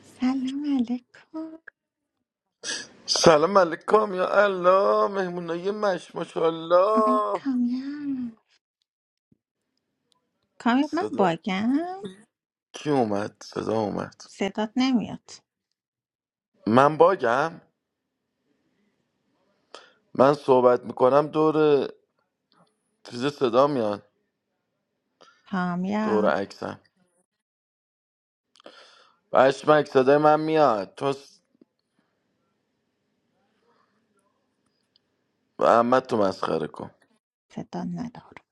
سلام علیکم سلام علیکم یا الله مهمونای مش آقای ماشاءالله کامیاب کامیاب من صدا باگم کی اومد صدا اومد صدات نمیاد من باگم من صحبت میکنم دور چیز صدا میاد دور کامیاب عکسم بشمک صدای من میاد تو س- احمد تو مسخره کن صدا ندارم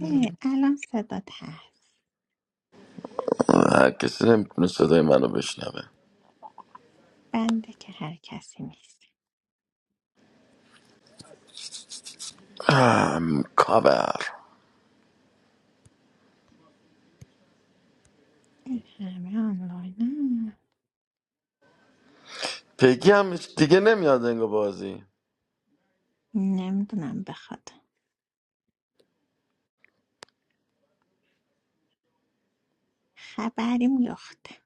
اه، الان صدات هست هر کسی نمیتونه صدای منو بشنوه بنده که هر کسی نیست ام، کاور این همه آنلاین پگی هم دیگه نمیاد انگار بازی نمیدونم بخواد خبریم یخته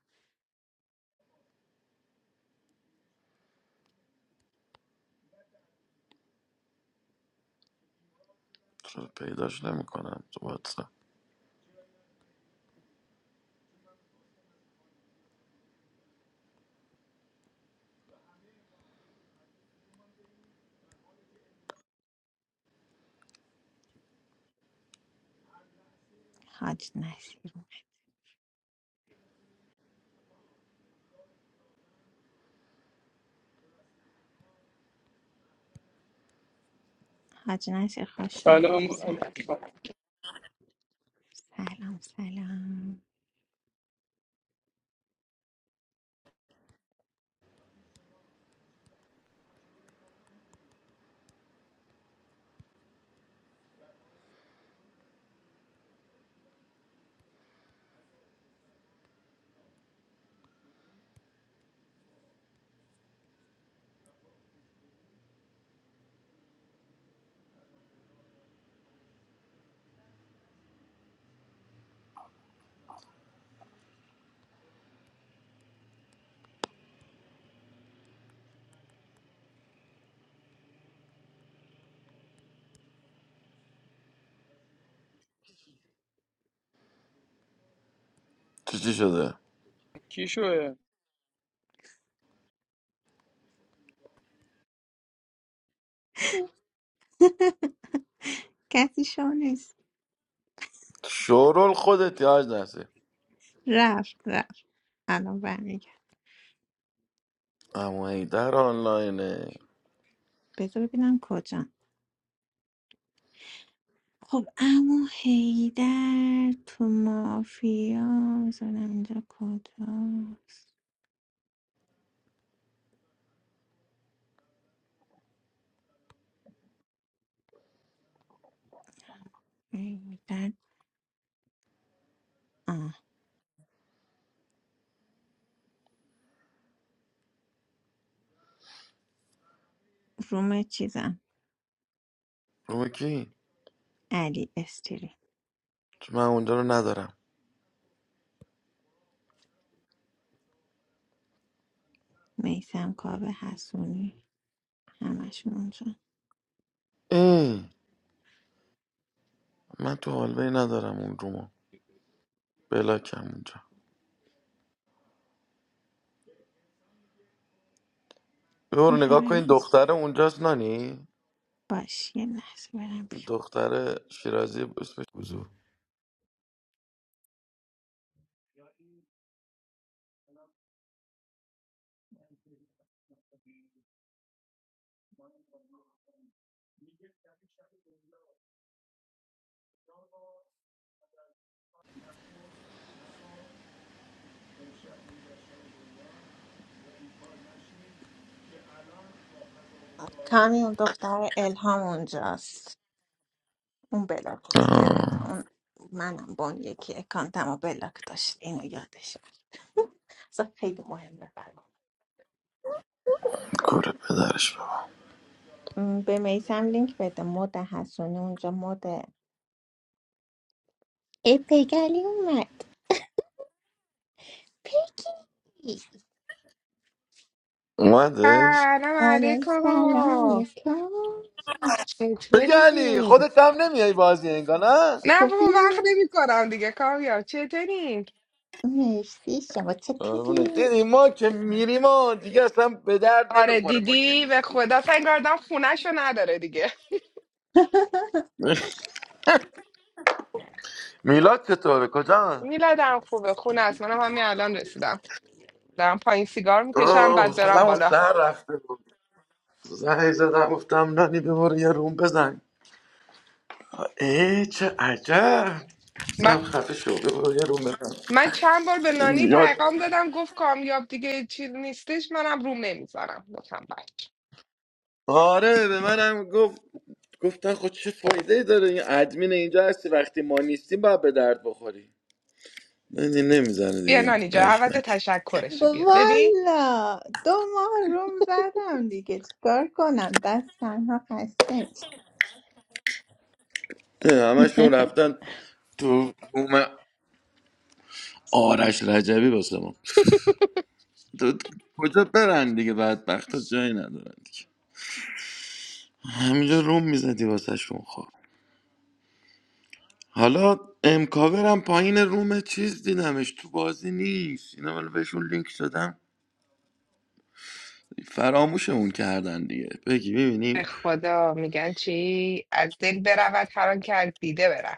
چرا پیداش نمیکنم تو واتساپ حاج نسیر حاج نسیر خوش I اومدی don't know. سلام What سلام سلام چی چی شده is it? کسی شو نیست شورول خودت یاج رفت رفت الان برمیگرد اما در آنلاینه بذار ببینم کجا خب اما هیدر تو مافیا بذارم اینجا کجاست هیدر آه روم چیزم روی کی؟ علی استری چون من اونجا رو ندارم میسم کاوه حسونی همشون اونجا ای من تو حالوی ندارم اون رومو بلاکم اونجا بیا برو میخوای نگاه کن برم این اس- دختر اونجاست نانی این باش یه لحظه برم بیام دختر شیرازی اسمش گوزو کامی اون دختر الهام اونجاست اون بلاکت کرد آه، اون منم با اون یکی اکانتم و بلاک داشت اینو یادش رفت اصلا خیلی مهمه کوره پدرش بابا. م، به میسم لینک بده مد حسونی اونجا مد ای پگلی اومد پگی اومدش سلام آره سلام علیکم علیکم بگه علی چطوری؟ خودت هم نمیای بازی انگار نه نه بابا خوبی وقت نمی کنم دیگه کامیاب چطوری؟ مرسی شما چطوری قربونت. دیدی ما که میریم و دیگه اصلا به درد آره نمیخوره ما که دیدی به نیستیم خدا سنگاردم خونهشو نداره دیگه میلاد چطوره کجا میلادم خوبه خونه است منم همین الان رسیدم دارم پایین سیگار میکشم اوه بعد برم سلام و بالا سر رفته زنگ زدم گفتم نانی ببر یه روم بزن ای چه عجب من, گفتم خفه شو ببر یه روم بزن من چند بار به نانی یاد پیغام دادم گفت کامیاب دیگه چیز نیستش منم روم نمیزنم گفتم بچه آره به منم گفت گفتن خود چه فایده ای داره این ادمین اینجا هستی وقتی ما نیستیم باید به درد بخوری نه نمیزنه بیا دیگه نانی جا عوض پشمک تشکرشه بیا ببین والا دو ماه روم زدم دیگه چیکار کنم دست تنها خسته نه، همشون رفتن تو روم آرش رجبی واسه ما تو تو- کجا برن دیگه بدبخت ها جایی ندارن دیگه همینجا روم میزدی واسه شون حالا امکاورم پایین روم چیز دیدمش تو بازی نیست اینا حالا بهشون لینک شدم فراموشمون کردن دیگه بگی به ببینیم خدا میگن چی از دل برود هر آن که از دیده برود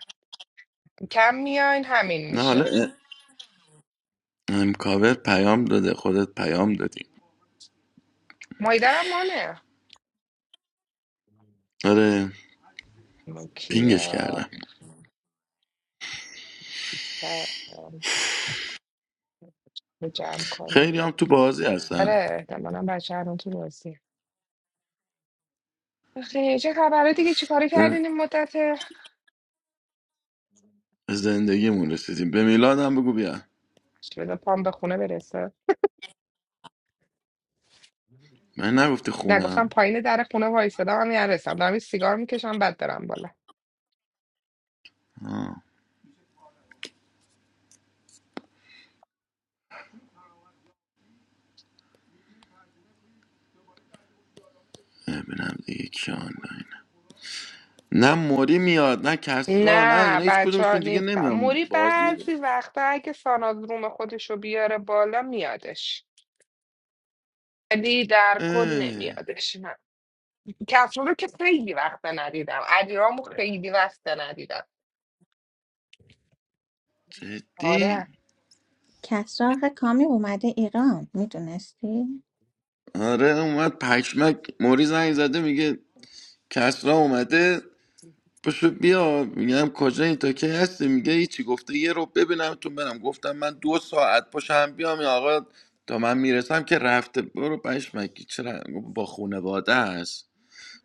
کم میاین همین نه حالا میشه ا- امکاور پیام داده خودت پیام دادی مایدرم مانه آره پینگش مکیا کردم رو جمع کنم خیلی هم تو بازی هستم آره احتمالا بچه هرون تو بازی خیلی چه خبره دیگه چی کاری به کردین این مدت زندگیمون رسیدیم به میلادم بگو بیا بذار پام به خونه برسه من نگفتی نگفتم خونم پایین در خونه وایستادم هم نرسم دارم یه سیگار میکشم بعد برم بالا آه. ببینم دیگه کیان اینا. نه موری میاد نه کسرا نه نه اینا هیچ بچه ها کدومشون دیگه نیستم نمیام موری بازی بعضی وقتا اگه ساناز روم خودشو بیاره بالا میادش ولی در کل اه. نمیادش کسرا رو که خیلی وقت ندیدم علیرامو خیلی وقت ندیدم جدی آره کسراق کامی اومده ایران میدونستی؟ آره اومد پشمک موری زنگ زده میگه کسرا اومده پشو بیا میگم کجا این تا کی هستی میگه هیچی گفته یه رو ببینم تو برم گفتم من دو ساعت پشم هم بیام این آقا تا من میرسم که رفته برو پشمکی چرا گفت با خونواده هست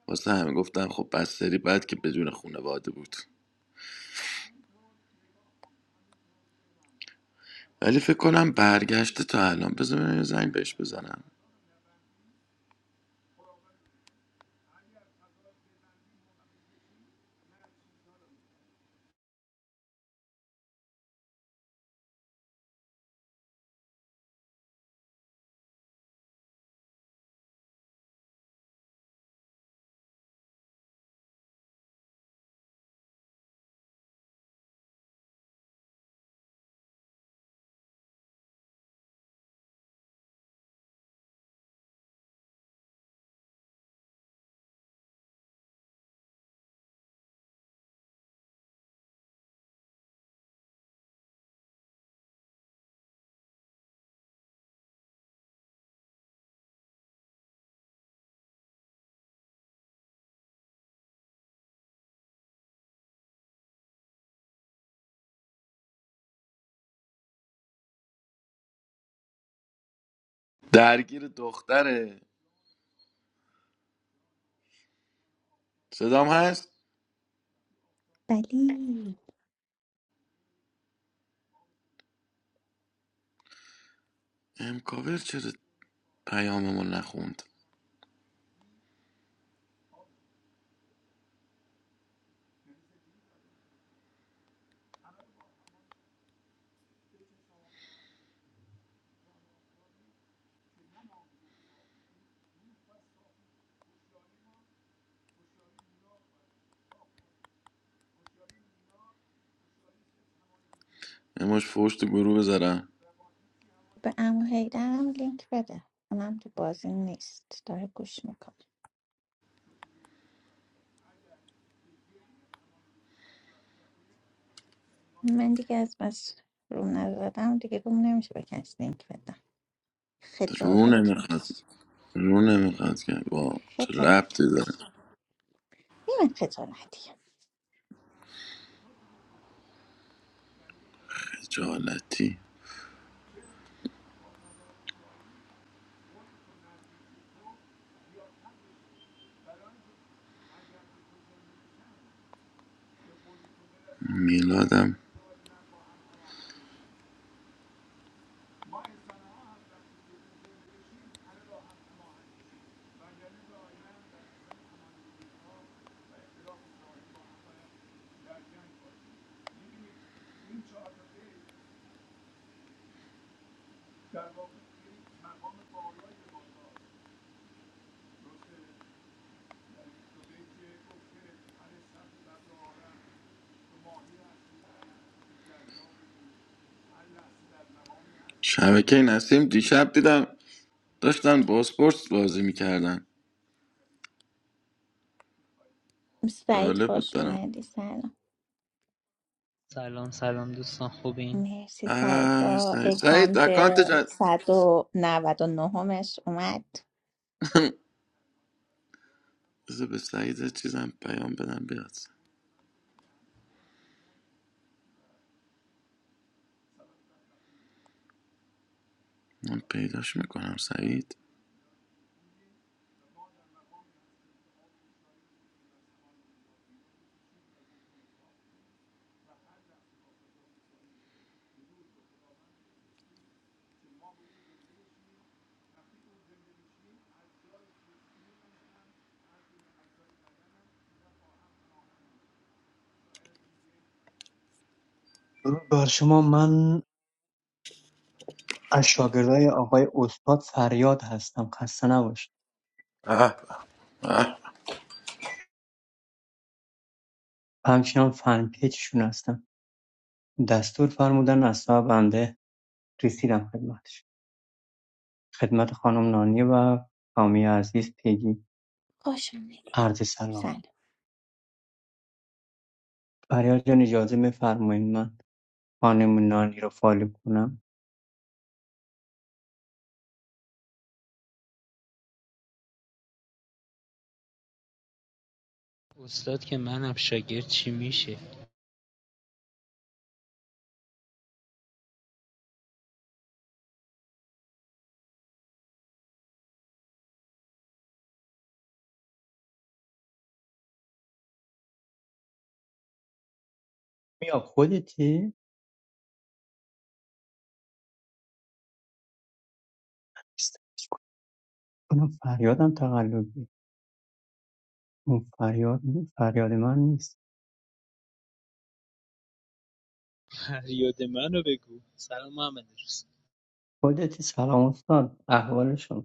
واسه همه گفتم خب بس سری بعد که بدون خونواده بود ولی فکر کنم برگشته تا الان بذار ببینم یه زنگ بهش بزنم درگیر دختره صدام هست بلی امکاور چرا پیاممون نخوند اماش فوش تو گروه بذارم به امو حیدرم لینک بده اونم تو بازی نیست داره گوش میکنه من دیگه از بس روم نزدم دیگه روم نمیشه به کسی لینک بدم رو خجالت نمیخواد میکش رو نمیخواد که با چه خجالت ربطی میکش داره من خجالتی خجالتی میلادم شبکه نسیم دیشب دیدم داشتن باسپورس بازی میکردن سعید جالب بود خوش برام اومدی سلام سلام سلام دوستان خوبین مرسی سعید آه، با سعید سعید اکانت اکانتش از- 199 مش اومد بذار به سعید چیزم پیام بدم بیاد من پیداش میکنم سعید درود بر شما من از شاگردای آقای استاد فریاد هستم خسته نباشید آه. آه. و همچنان فن پیجشون هستم دستور فرمودن از سوی بنده رسیدم خدمتش خدمت خانم نانی و خامی عزیز پیجی خوش اومدی عرض سلام سلام فریاد جان اجازه میفرمایید من خانم نانی رو فالو کنم استاد که منم شاگرد چی میشه میا خودتی نیست. کنم فریادم تقلبی اون فریاد فریاد من نیست فریاد منو بگو سلام محمد روز خودتی سلام استاد احوال شما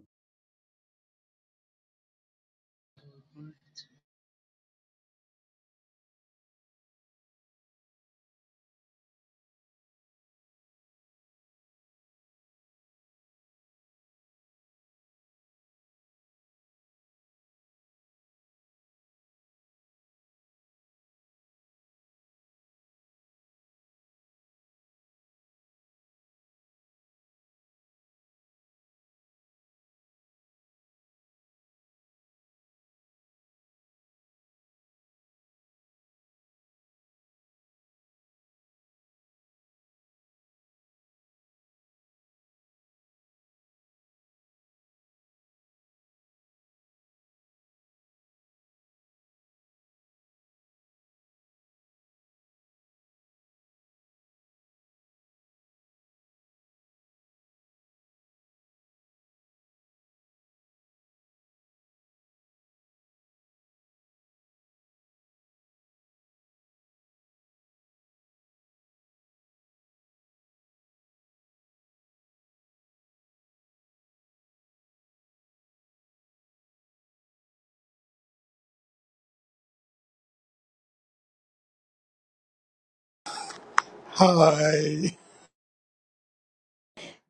های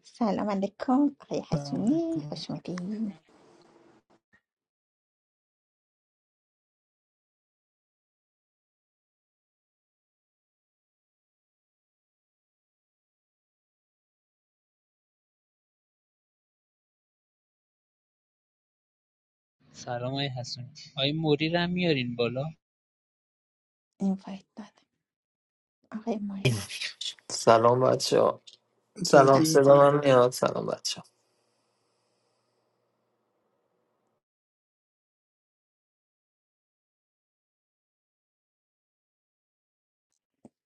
سلام علیکم آقای حسونی خوش اومدی سلام آقای حسونی آقای موری رو هم میارین بالا این فایت دادم آقای ماری خوش اومد. Salam, bacio. Salam, چاکیر سلام sedamani. فریاد Salam, bacio.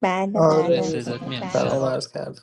بله آره آره بله آره صدات سلام. میاد بله صداتون Salam, سلام arskad.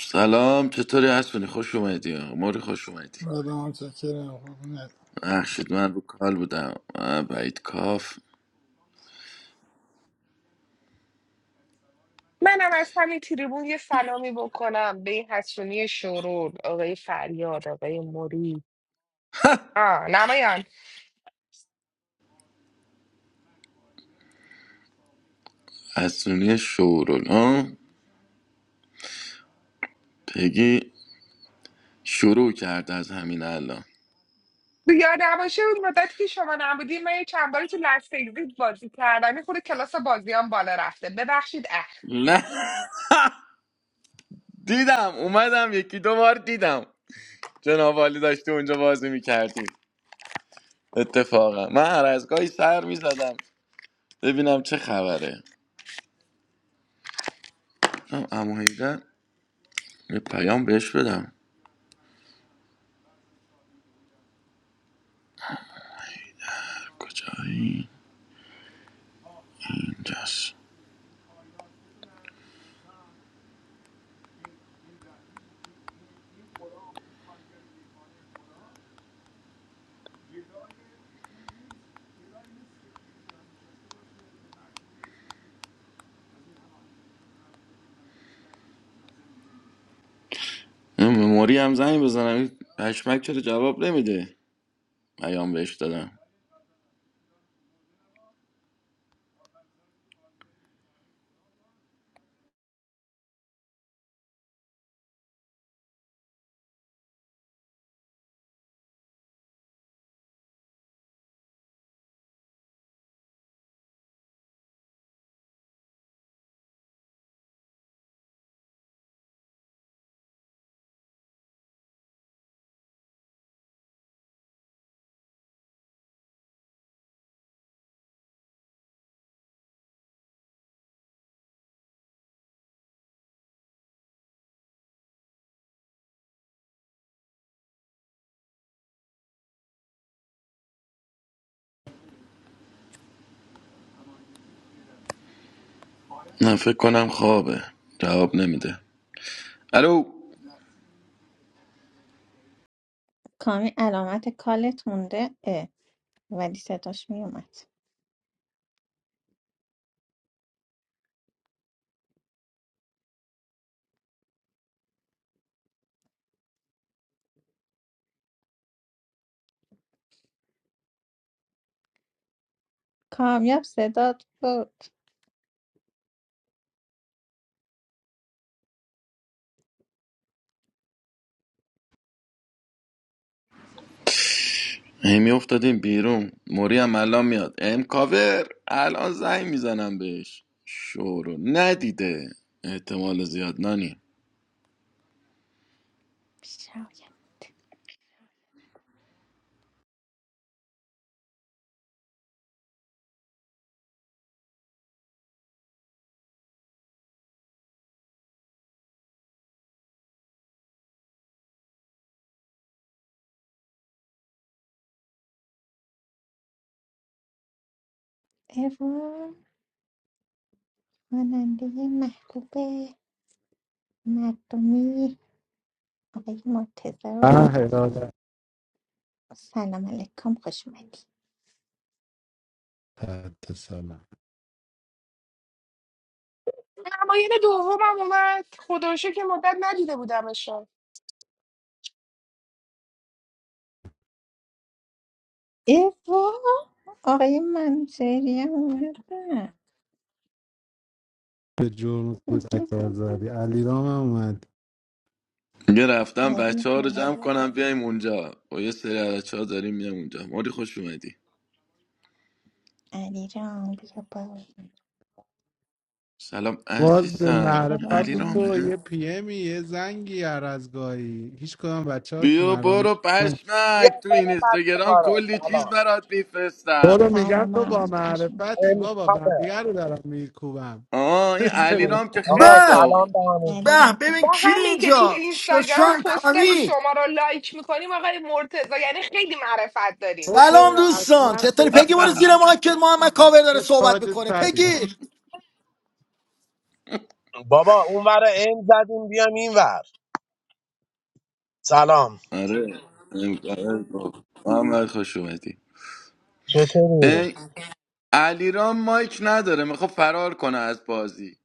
سلام چطوری هستونی خوش اومدی موری خوش اومدی آره متشکرم قربونت ببخشید من رو کال بودم آه، بعید کاف منم از همین تریبون یه سلامی بکنم به این حسونی شورون آقای فریاد آقای موری آه نمایان حسونی شورول ها پگی شروع کرد از همین الان تو یاد نباشه اون مدت که شما نبودی من یه چند باری تو لست اگزیت بازی کردم یه خود کلاس بازیام بالا رفته ببخشید اه نه دیدم اومدم یکی دو بار دیدم جناب عالی داشتی اونجا بازی میکردی اتفاقا من هر از گاهی سر میزدم ببینم چه خبره گفتم عمو حیدر، یه پیام بهش بدم کجایی اینجاست این مموری هم زنگ بزنم این پشمک چرا جواب نمیده پیام بهش دادم نه فکر کنم خوابه جواب نمیده الو کامی علامت کالت مونده ولی صداش میومد کامیاب صدات بود هی میافتادیم بیرون موری هم الان میاد ام کاور الان زنگ میزنم بهش شورو ندیده احتمال زیاد نانی شاید اوا خواننده محبوب مردمی آقای مرتضی آه رو هدایت سلام علیکم خوش اومدی تحت سلام نمایان دومم اومد خدا رو شکر که مدت ندیده بودمش اوا آقای منصری هم اومدن به جرم کوچک آزادی علی رام اومد یه رفتم بچه علی ها رو جمع رام کنم بیایم اونجا با یه سری از بچه ها داریم میام اونجا موری خوش اومدی علی رام بیا بالا سلام باز به عزیزم اوا علی معرفت تو محمد رامه یه پیمی یه زنگی هر از گاهی هیچ کدام بچه ها که بیا مردم برو بیا پشمک تو این بالا بچه اینستاگرام ها رو کلی چیز سلام برات میفرستم برو سلام میگم تو با محمد خوش اومد معرفتی بابا انتخابه بقیه رو دارم میرکوبم آه این چرا امکان علیرام که خوش آقا خیلی اومد به داغونه سلام به همگی علی به رام خوش ببین با کی همین که تو اینجا اینستاگرام شوشان پستای کامی شما رو لایک میکنیم آقای مرتضی یعنی خیلی معرفت داریم تو که سلام دوستان اصلا چطوری پگی برو پکستان زیر مایکت محمد کاور داره مثل صحبت تاج میکنه سری پگی بابا اون ور این زدیم بیام این ور سلام آره ام- آره گفت. محمد خوش اومدی چطوری؟ اه، علیرام مایک نداره میخواد فرار کنه از بازی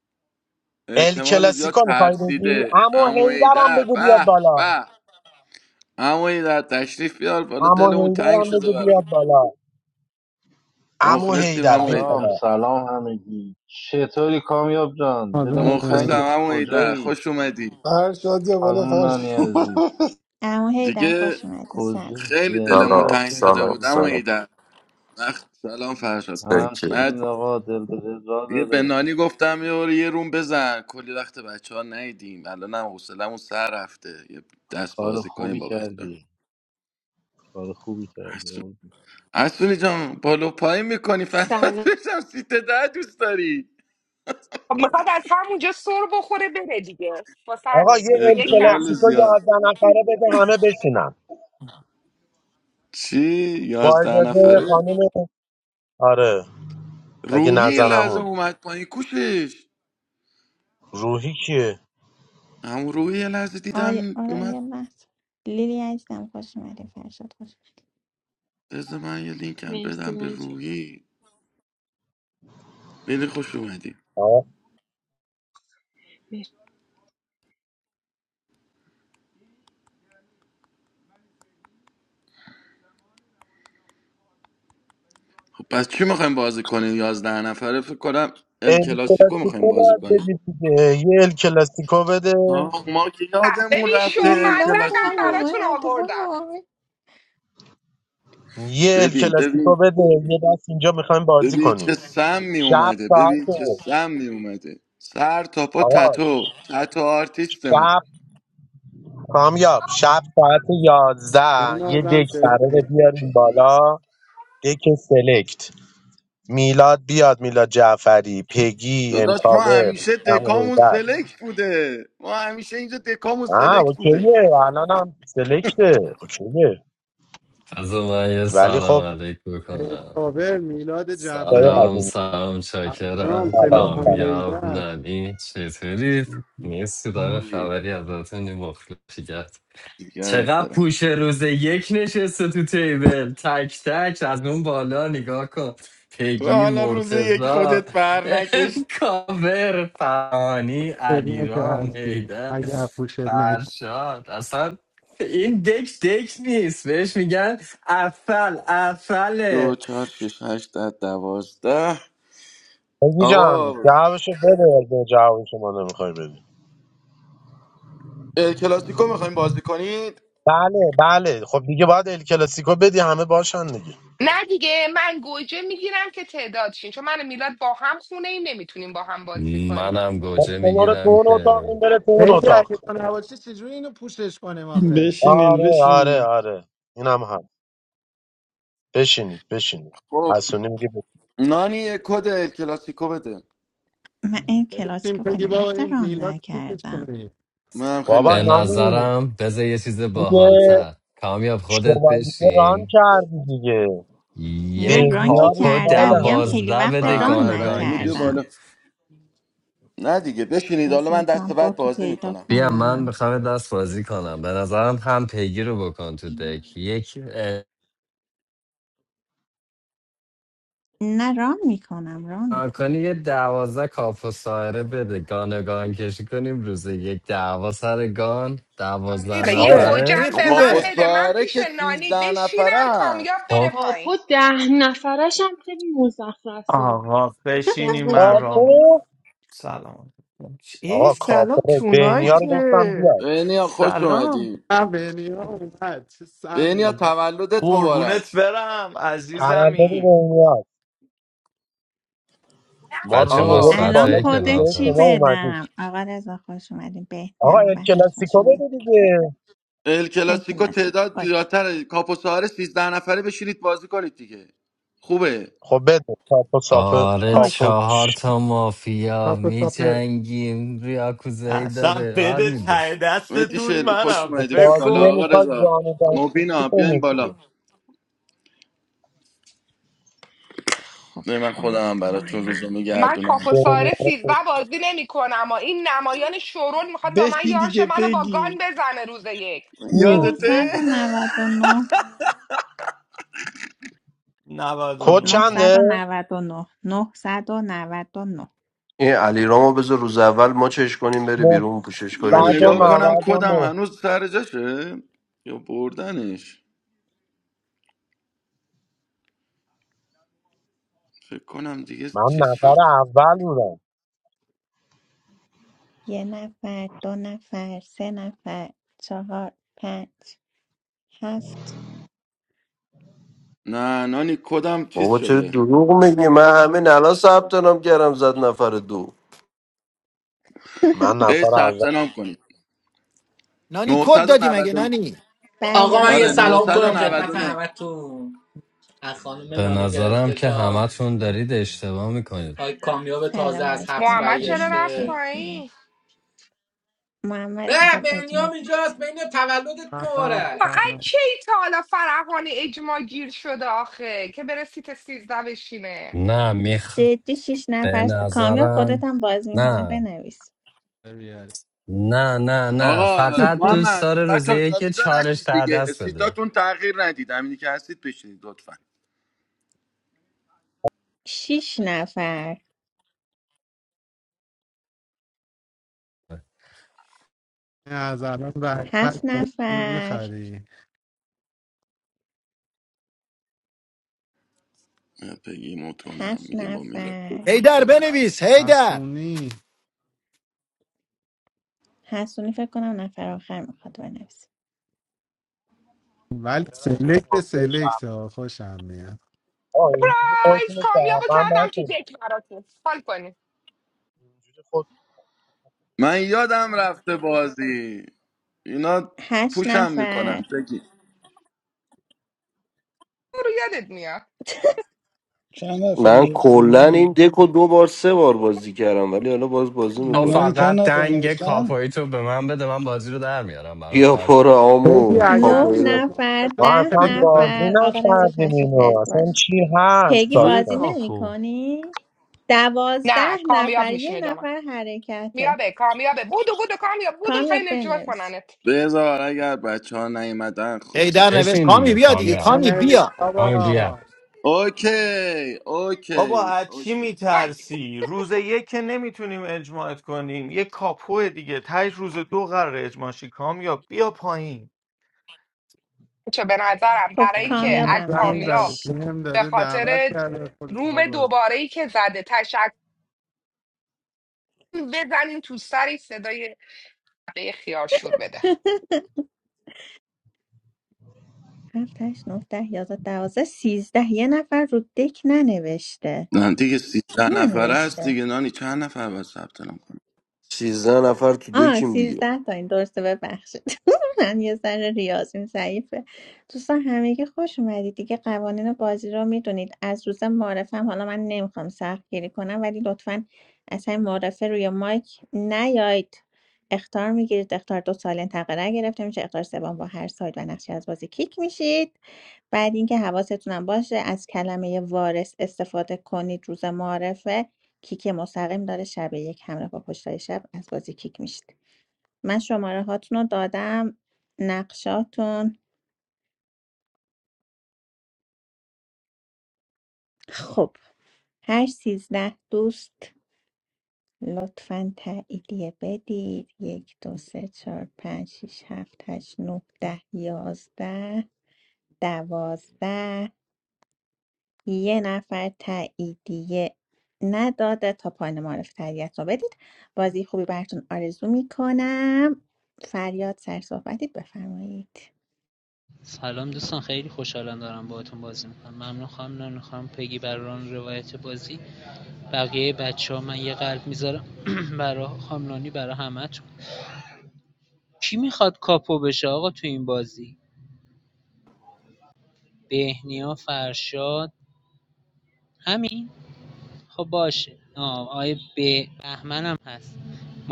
ال احتمال زیاد کلاسیکو میخوای بگی؟ ترسیده اما عمو هیدرم ایدر بگو بیاد به بالا به عمو ایدر تشریف بیار بالا اما دلمون تنگ هیدرم شده بگو برام بیاد بالا اما مخلصیم هیدر عمو بیا ایدر سلام بالا سلام همگی چطوری کامیاب جان آدم دلمون مخلصم تنگت اومد عمو ایدر کجایی خوش اومدی فرشاد یا بالا خانم نانی عزیز فرشاد اما هی در دیگه خوش اومدی کجا خیلی زنده دلمون سلام تنگ باشی شده سلام بود قربون عمو شد. سلام ایدر وقت سلام فرشاد گفت سکه همچنین آقا دل به دل را یه به داره نانی گفتم یه بار یه روم بزن کلی وقت بچه ها نیدیم الان هم حوصلمون سر رفته یه دست کار بازی کنیم خوبی با بچه ها کردی کار خوبی کردی قربون. اصولی جان بالا پایین میکنی فرداد سلام بشم سیت ده دوست داری خب میخواد از همونجا سر بخوره بره دیگه واسه آقا همین یه روز ال یک رفت احتمال کلاسیکو زیاد یازده نفره بده همه بشینن چی؟ با یازده اجازه نفره؟ خانم آره اگه روحی یه لحظه نزنمون اومد پایین کوشش روحی کیه؟ همون روحی یه لحظه آی دیدم آرای اومد مست لیلی عزیزم خوش اومدی فرشاد خوش از من یه لینک هم مرسی بدم به رنجه روحی خیلی خوش اومدی مرسی. خب پس چی میخوایم بازی کنیم یازده نفره فکر کنم ال ال کلاسیکو میخوایم کلاسیکو بازی باید کنیم بدید دیگه یه ال کلاسیکو بده آه ما که اه، یادمون ببین رفته شما ال میلاد لقم هم کلاسیکو براتون اومد آوردم وای یه ال ببین کلاسیکو ببین بده یه دست اینجا میخوایم بازی ببین چه کنیم سم می شب اومده ساعت ببین چه سم می اومده سر تا پا آقا تتو تتو آرتیستمون شب کامیاب شب ساعت یازده به یه آدم دک قراره جفری بیاریم بالا دک سلکت میلاد بیاد میلاد جعفری پگی داداش ما امکاور همیشه هم دکامون هیدر سلکت بوده ما همیشه اینجا دکامون آه سلکت بوده اوکیه الان هم سلکته اوکیه از من یه ولی سلام خب علیک بکنم کابر میلاد جعفری سلام بقدیم سلام انجام چاکرم سلام سلام. کامیاب تل ننی چطورید؟ نیستی داره اوه، خبری ازتون مخلصیت دیگرت چقدر دارم پوش روز یک نشسته تو تیبل تک تک از اون بالا نگاه کن تو پگی حالا روز یک مرتزا خودت بر نکش کاور فانی خدمت که علیرام هستی هیده اگر پوشت نک فرشاد اصلا این دک دک نیست بهش میگن افل دو افله چهار شش هشت ده دوازده بگی جان آقا جوابشو بده اگه جواب شما نمیخوای بدی ال کلاسیکو میخوایم بازی کنید بله بله خب دیگه باید ال کلاسیکو بدی همه باشن دیگه نه دیگه من گوجه میگیرم که تعداد شین چون من و میلاد با هم خونه ایم نمیتونیم با هم بازی کنیم منم خب گوجه شما رو تو میگیرم اون که اتاق این بره تو اون هی اگه اتاق تو نباشی چجوری اینو پوشش کنیم آخه بشینین آره آره بشینین آره اینم هم بشینید بشینید خب حسونی میگه بشین. نانی یه کد ال کلاسیکو بده من این کلاسیک تیم رو خیلی پگی بابا وقت این ران میلاد پوشش نکردم کنیم منم خیلی بابا به وقت بودم نانی نظرم بذار یه چیز دیگه باحالتر کامیاب خودت شوالیه بشین ران کردی دیگه یه نه ران بهنیا که رو کاپو سال کردم میگم همه خیلی دوازده وقت بده ران من گانگان رحیمی بیا کشی بالا نکردم نه دیگه بشینید حالا من بذار من دست با بعد تو بازی پیدا میکنم بیا من کنم میخوام دست بازی کنم به نظرم هم پیگیر رو بکن تو دک یک نه ران میکنم ران اه، میکنم کنی یه دوازده کاپو ساهره بده گانگان کشی کنیم روز یک دعوا سر گان این دوازده آره، یه آقا خوبه نفره این گوجم به من کاپو خوبه بده من پیش که نانی سیزده نفره بشینم کامیاب است بره خب پایین کاپو ده نفرش هم خیلی مزخرفه آقا بشینی من دوازده رام نفر کاپو میکنم سلام ای آقا سلام کاپو بهنیا سلام رو گفتم تونایته بیاد بینیا خوش سلام اومدیم من ها اومد چه سم بینیا میبر تولدت قربونت مبارک برم تولد عزیزمی بهنیا ما بچه روم آقا آوردیم مثبت الان بالا های دیدیم کد کلاب به چی شما هست اومدید بدم آقا رضا خوش اومدین آقا بهنیا ال و هم خوش کلاسیکو بده اومدین دیگه ال ال کلاسیکو کلاسیک تعداد اوکی زیادتره کاپو ساره سیزده نفره بشینید بازی کنید دیگه خوبه خب بده کاپو ساپو آره کاپو اوکی چهار چش. تا مافیا می کاکو کاپر میجنگیم ریاکوزایی اصلا داره حال بده میده ته مهدی دستتون شلبی خوش منم اومدی فکر بیا بازی بالا کن آقا نمیخواد جان رضا جانو دانشی مبینا بیاین کنید که. بالا خب نه من خودم هم براتون بازی روزو من میگردونم دنیا کاپوساره رو سیزده که بازی نمی کنم این نمایان شورون میخواد با من بشین یارش دیگه منو با گان بگی بزنه روز یک کی؟ یادته 999 خب کد 99 نهصد چنده؟ و 999 این علی رامو بذار روز اول ما چش کنیم بری بیرون پوشش من کنیم یکم نگاه بفهم کنم کدم 999 هنوز سر جاشه یا بردنش فکر کنم دیگه من چیز نفر شد اول بودم یه نفر دو نفر سه نفر چهار پنج هفت نه نانی کدم چیز بابا چرا شده دروغ میگی من همین الان ثبت نام کردم زد نفر دو من ای نفر ثبت اول نام کنید نانی کد دادی مگه 999 نانی بله آقا من یه آره بله سلام کنم خدمت 999 999 همتون از خانم به نانی نظرم گرفته که تا همتون دارید اشتباه میکنید آقای کامیاب سلام تازه از علیکم حبس محمد چرا ایمانی رفت برگشته پایین چهری به محمد میخواد اجماع بنیام اینجاست بگیرم بین تولدت سلام مبارک فقط سلام کی تا حالا فرحانه اجماع گیر شده آخه که بره سیت سیزده بشینه نه میخ جدی شیش به نفر س- کامیاب نظرم خودت هم باز میکنی نه بنویس بیاری نه نه نه آقا فقط دوست محمد داره بچه روزه ها یکی جابجا چالش نشید ته دیگه دست بده سیتاتون تغییر ندید همینی که هستید بشینید لطفا شیش نفر این از الان هفت برکت نفر میخری بگی موت کنم هفت میگه با میلاد نفر هیدر خونه بنویس هیدر حسونی حسونی فکر کنم نفر آخر میخواد بنویسه ولی سلکت حاضر شهر. سلکت ها خوشم میاد آه، اینجوری خودتون پرایز رو کامیاب شهروند کردم تو نکنید دک براتون حال کنی اینجوری خود من یادم رفته بازی اینا هشت پوشم نفر میکنن بگی رو یادت میاد چند نفر من نوشتن کلا نه این دک دو بار سه بار بازی کردم ولی حالا باز بازی تو نه میکنیم چند فقط نفر دنگ نوشتن کاپایی تو به من بده من بازی رو در میارم برات بیا پر فرشا آمو بگی اگر نه کاپویرو میلاد ما نفر تو ما ده اصلا بازی تلگرام نفر آقا رضا نکردیم تشریف اینو بیارید اصلا بالا چی هست پیگی کیه بازی داستانه نمی کاپو کنی؟ دوازده نه کامیاب نفر یه میشینه جامعه نفر حرکته میابه کامیابه بودو بودو کامیاب بودو کامیاب میخوای نجوت بنویس کننت بذار اگر بچه ها نیومدن خب هیدر باشیم نوشت بشین کامی دیگه بیا دیگه کامیاب کامی بنویس بیا کامی بابا بیا اوکی بابا اوکی از چی اوکی آی. میترسی روز یک که نمیتونیم اجماعت کنیم یه کاپو دیگه تای روز دو قراره اجماع شی کام یا بیا پایین چه به نظرم خب برای اینکه همه از کامیابم زنگ کامیاب زده نوشت هم به داده دعوت خاطر کرده خودت میخوای روم بازی دوباره ای که زده تشکر بزنین تو سری صدای به خیار شور بده هفتش نه ده یازده دوازده سیزده یه نفر رو دک ننوشته نه دیگه کی سیزده نفر ننوشته است دیگه نانی چند نفر باید ثبت نام کنم سیزده نفر تو آه دکیم دیگه سیزده تا این درسته ببخشید من یه ذره ریاضیم ضعیفه دوستان همگی خوش اومدید دیگه قوانین بازی رو میدونید از روز معرفم حالا من نمیخوام سخت گیری کنم ولی لطفا از همین معرفه روی مایک نیاید اختار میگیرید اختار دو سال انتقره گرفته میشه اختار سوم با هر ساید و نقشی از بازی کیک میشید بعد اینکه حواستونم باشه از کلمه وارث استفاده کنید روز معرفه کیک مستقیم داره شب یک همراه با پشتای شب از بازی کیک میشید من شماره هاتون رو دادم نقشاتون خب هر سیزده دوست لطفا تاییدیه بدید یک دو سه چهار پنج شیش هفت هشت نه ده یازده دوازده یه نفر تاییدیه نداده تا پایان معرف تریت رو بدید بازی خوبی براتون آرزو میکنم فریاد سر صحبتید بفرمایید سلام دوستان خیلی خوشحالم دارم باهاتون بازی میکنم ممنون خواهم نان خواهم پگی بران روایت بازی بقیه بچه ها من یه قلب میذارم برا خامنانی برا همتون کی میخواد کاپو بشه آقا تو این بازی بهنیا فرشاد همین خب باشه آه آقای به- بهمن هم هست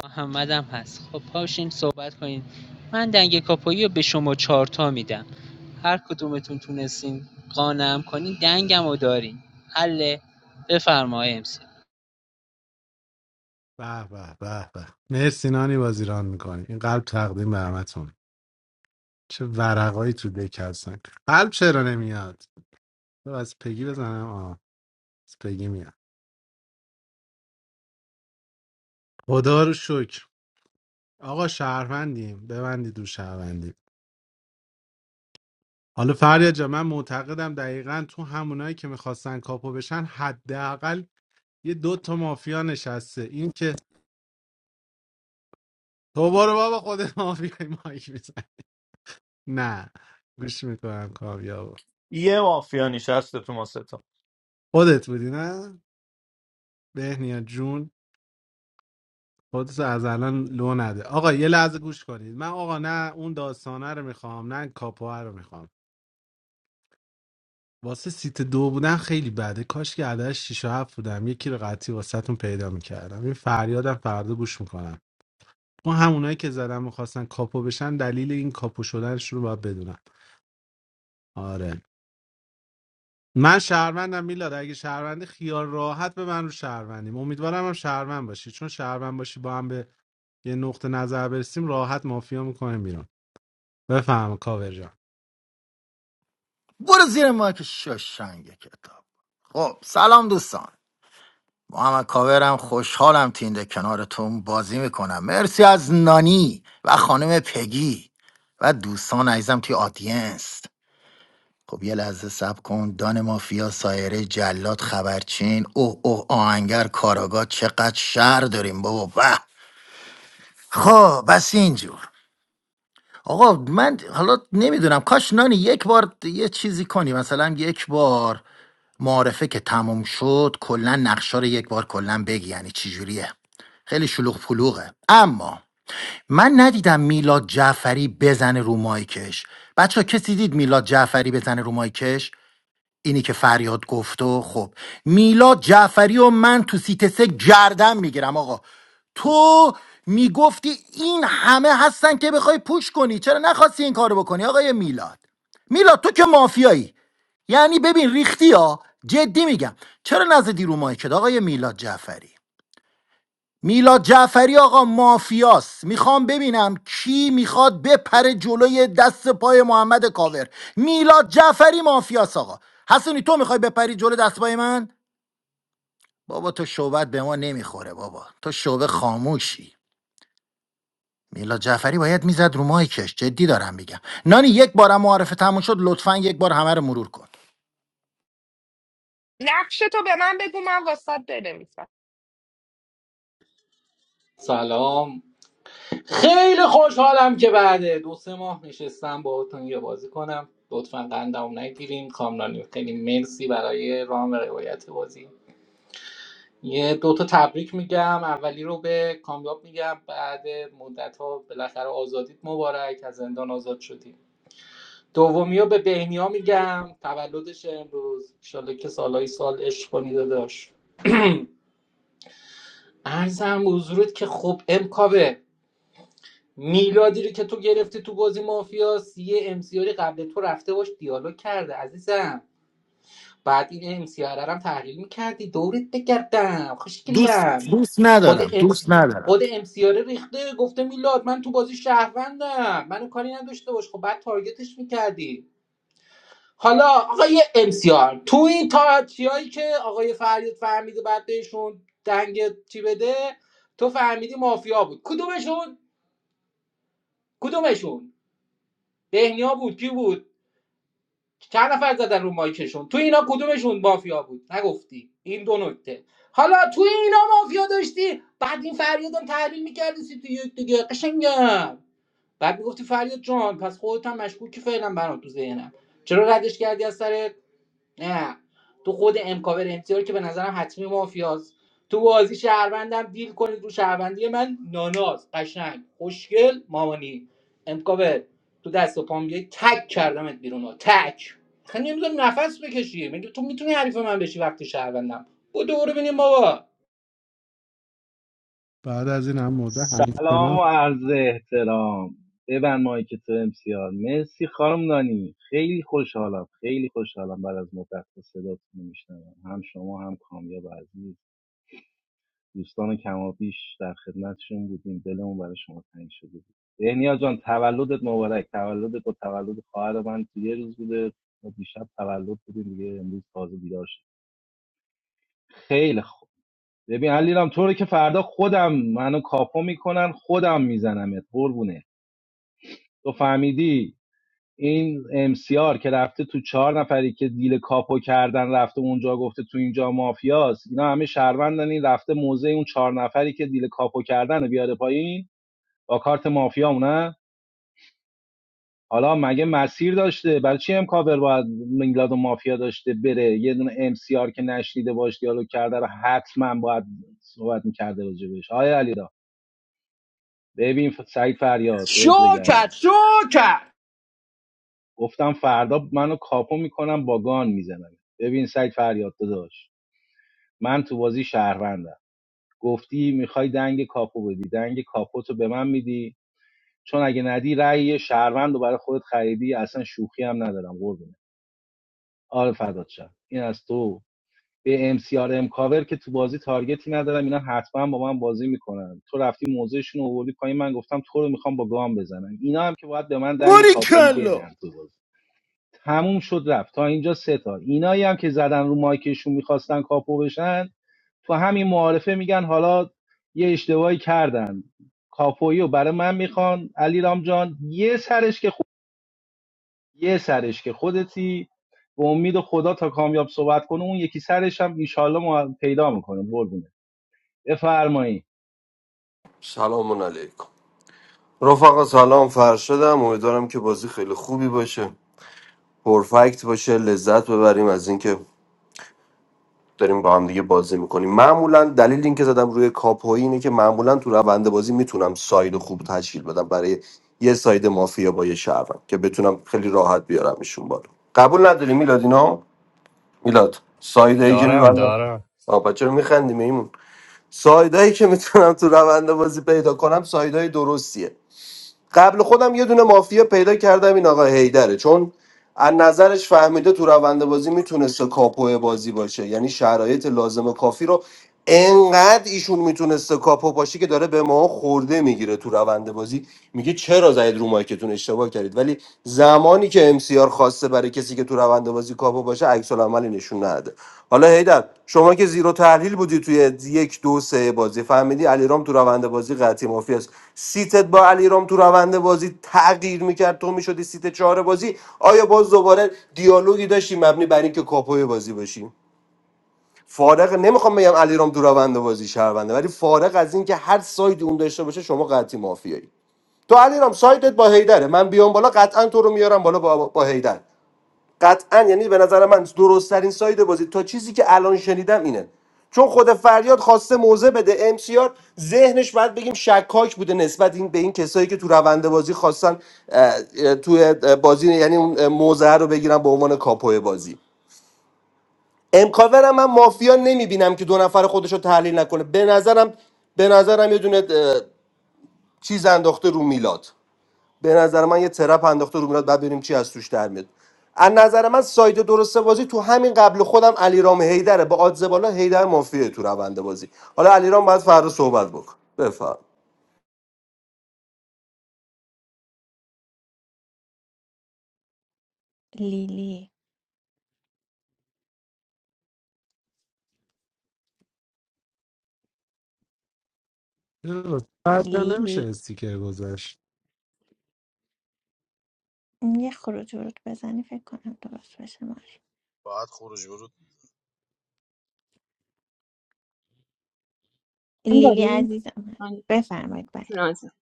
محمد هم هست خب پاشین صحبت کنین من دنگ کاپایی رو به شما چارتا میدم هر کدومتون تونستین قانعم کنین دنگم رو دارین حله بفرمایید امسی به به به به مرسی نانی بازیران میکنی این قلب تقدیم به همتون چه ورقایی تو دک هستن قلب چرا نمیاد بذار از پگی بزنم آه از پگی میاد خدا رو شکر آقا شهروندیم ببندید رو شهروندی حالا فریاد جا من معتقدم دقیقا تو همونایی که میخواستن کاپو بشن حداقل یه دو تا مافیا نشسته این که تو برو بابا خود مافیای مایک نه گوش میکنم کامیاب یه مافیا نشسته تو ما ستا. خودت بودی نه بهنیا جون خودت از الان لو نده آقا یه لحظه گوش کنید من آقا نه اون داستانه رو میخوام نه کاپوه رو میخوام واسه سیت دو بودن خیلی بده کاش که عدد 6 و 7 بودم یکی رو قطعی واسهتون پیدا میکردم این فریادم فردا گوش میکنم اون همونایی که زدم میخواستن کاپو بشن دلیل این کاپو شدنش رو باید بدونم آره من شهروندم میلاد اگه شهروندی خیال راحت به من رو شهروندیم امیدوارم هم شهروند باشی چون شهروند باشی با هم به یه نقطه نظر برسیم راحت مافیا میکنیم بیرون بفهم کاور جان برو زیر مایک شوشنگ کتاب خب سلام دوستان محمد کاورم خوشحالم تینده کنارتون بازی میکنم مرسی از نانی و خانم پگی و دوستان عزیزم توی آدینس خب یه لحظه سب کن دان مافیا سایره جلاد خبرچین اوه اوه آهنگر کاراگاه چقدر شهر داریم بابا به خب بس اینجور آقا من حالا نمیدونم کاش نانی یک بار یه چیزی کنی مثلا یک بار معارفه که تموم شد کلا نقشا رو یک بار کلا بگی یعنی چی جوریه خیلی شلوغ پلوغه اما من ندیدم میلاد جعفری بزنه رو مایکش بچه کسی دید میلاد جعفری بزنه رو مایکش اینی که فریاد گفت و خب میلاد جعفری و من تو سیت سه گردن میگیرم آقا تو میگفتی این همه هستن که بخوای پوش کنی چرا نخواستی این کارو بکنی آقای میلاد میلاد تو که مافیایی یعنی ببین ریختی ها جدی میگم چرا نزدی رو مایکت آقای میلاد جعفری میلاد جعفری آقا مافیاست میخوام ببینم کی میخواد بپره جلوی دست پای محمد کاور میلاد جعفری مافیاست آقا حسونی تو میخوای بپری جلو دست پای من بابا تو شعبت به ما نمیخوره بابا تو شعبه خاموشی میلاد جعفری باید میزد رو مایکش جدی دارم میگم نانی یک بارم معرفه تموم شد لطفا یک بار همه رو مرور کن نقش تو به من بگو من واسات بنویسم سلام خیلی خوشحالم که بعد دو سه ماه نشستم باهاتون یه بازی کنم لطفا قندم نگیریم کامرانی خیلی مرسی برای رام و روایت بازی یه دوتا تبریک میگم اولی رو به کامیاب میگم بعد مدت ها بالاخره آزادیت مبارک از زندان آزاد شدی دومی رو به بهنیا میگم تولدش امروز انشالله که سالهای سال عشق کنی داداش ارزم به حضورت که خب امکاوه میلادی رو که تو گرفتی تو بازی مافیا یه امسیاری قبل تو رفته باش دیالوگ کرده عزیزم بعد این امسیاره رو هم تحلیل میکردی دورت بگردم دوست خوشگلم دوست خود ندارم امسی دوست ندارم خود امسیاره ریخته گفته میلاد من تو بازی شهروندم منو کاری نداشته باش خب بعد تارگتش میکردی حالا آقای امسیار تو این تاچی هایی که آقای فریاد فهمیده بعد بهشون دنگ چی بده تو فهمیدی مافیا بود کدومشون کدومشون بهنیا بود کی بود چند نفر زدن رو مایکشون تو اینا کدومشون مافیا بود نگفتی این دو نکته حالا تو اینا مافیا داشتی بعد این فریادم تحلیل میکردی سی تو یک دیگه قشنگم بعد میگفتی فریاد جان پس خودت هم مشکوکی فعلا برام تو ذهنم چرا ردش کردی از سر نه تو خود امکاور امتیار که به نظرم حتمی مافیاست تو بازی شهروندم دیل کنید رو شهروندی من ناناز قشنگ خوشگل مامانی امکاور تو دست و پام بیای تک کردمت بیرون ها تک خیلی نمی‌ذاری نفس بکشی میگه تو میتونی حریف من بشی وقتی شهروندم با دوره ببینیم بابا بعد از این هم مورد سلام همچنان و عرض احترام ببن مایی که تو امسیار مرسی خانم نانی خیلی خوشحالم خیلی خوشحالم بعد از مدت صداتون میشنم هم شما هم کامیاب عزیز دوستان کمابیش در خدمتشون بودیم دلمون برای شما تنگ شده بود بهنیا جان تولدت مبارک تولدت با تولد خواهر من تو یه روز بوده ما دیشب تولد بودیم دیگه امروز تازه بیدار شد خیلی خوب ببین علیرام تو رو که فردا خودم منو کاپو میکنن خودم میزنمت قربونه تو فهمیدی این امسیار که رفته تو چهار نفری که دیل کاپو کردن رفته اونجا گفته تو اینجا مافیاست اینا همه شهروندن این رفته موزه اون چهار نفری که دیل کاپو کردن رو بیاره پایین با کارت مافیا نه حالا مگه مسیر داشته برای چی هم کاور باید میلاد و مافیا داشته بره یه دونه ام سی آر که نشنیده باش دیالوگ کرده رو حتما باید صحبت میکرده راجبش آیا علیرا ببین ف- سعید فریاد شو دورت بگردم کرد شو کرد گفتم فردا منو کاپو میکنم با گان میزنم ببین سعید فریاد داداش من تو بازی شهروندم گفتی میخوای دنگ کاپو بدی دنگ کاپو به من میدی چون اگه ندی رأی یه شهروند رو برای خودت خریدی اصلا شوخی هم ندارم قربونت آره فدات شم این از تو به ام سی ار ام کاور که تو بازی تارگتی ندارم اینا حتما با من بازی میکنن تو رفتی موضعشون رو آوردی پایین من گفتم تو رو میخوام با گام بزنن اینا هم که باید به من دنگ باری کاپویی کلا بدن تو بازی تموم شد رفت تا اینجا سه تا اینایی هم که زدن رو مایکشون میخواستن کاپو بشن تو همین معارفه میگن حالا یه اشتباهی کردن کاپویی رو برای من میخوان علی جان یه سرش که یه سرش که خودتی به امید خدا تا کامیاب صحبت کنه اون یکی سرش هم ایشالله ما پیدا میکنه قربونه بفرمایید سلام علیکم رفقا سلام فرشدم امیدوارم که بازی خیلی خوبی باشه پرفکت باشه لذت ببریم از اینکه داریم با هم دیگه بازی میکنیم معمولا دلیل اینکه زدم روی کاپوی اینه که معمولا تو روند بازی میتونم ساید خوب تشکیل بدم برای یه ساید مافیا با یه شهروند که بتونم خیلی راحت بیارمشون بالا قبول نداری میلاد اینا میلاد سایدایی که دارم میبندم دارم آه چرا رو میخندیم ایمون سایدایی که میتونم تو روند بازی پیدا کنم سایدای درستیه قبل خودم یه دونه مافیا پیدا کردم این آقا هیدره چون از نظرش فهمیده تو روند بازی میتونسته کاپو بازی باشه یعنی شرایط لازم و کافی رو انقدر ایشون میتونسته کاپو باشه که داره به ما خورده میگیره تو روند بازی میگه چرا زاید رو مایکتون اشتباه کردید ولی زمانی که ام سی آر خواسته برای کسی که تو روند بازی کاپو باشه عکس عملی نشون نده حالا هیدر شما که زیرو تحلیل بودی توی یک دو سه بازی فهمیدی علیرام تو روند بازی قطعی مافی است سیتت با علیرام تو روند بازی تغییر میکرد تو میشدی سیت چهار بازی آیا باز دوباره دیالوگی داشتی مبنی بر اینکه کاپوی بازی باشی فارغ نمیخوام بگم علیرام تو روند بازی شهرونده ولی فارغ از اینکه هر سایدی اون داشته باشه شما قطعی مافیایی تو علیرام سایدت با هیدره من بیام بالا قطعا تو رو میارم بالا با, با هیدر قطعا یعنی به نظر من درست ترین ساید بازی تا چیزی که الان شنیدم اینه چون خود فریاد خواسته موضع بده ام سی آر، ذهنش باید بگیم شکاک بوده نسبت این به این کسایی که تو روند بازی خواستن اه، اه، توی بازی یعنی اون موضع رو بگیرن به عنوان کاپوی بازی امکاور هم من مافیا نمیبینم که دو نفر خودش رو تحلیل نکنه به نظرم به نظرم یه دونه اه، چیز انداخته رو میلاد به نظر من یه ترپ انداخته رو میلاد بعد ببینیم چی از توش در میاد از نظر من ساید درست بازی تو همین قبل خودم علیرام هیدره با آدز بالا هیدر مافیه تو روند بازی حالا علیرام بعد فردا صحبت بکن بفهم لیلی بعد نمیشه لیلی استیکر گذاشت یه خروج ورود بزنی فکر کنم درست بشه ماری باید خروج ورود هم لیلی داریم عزیزم هست من بفرمایید بله جون عزیزم.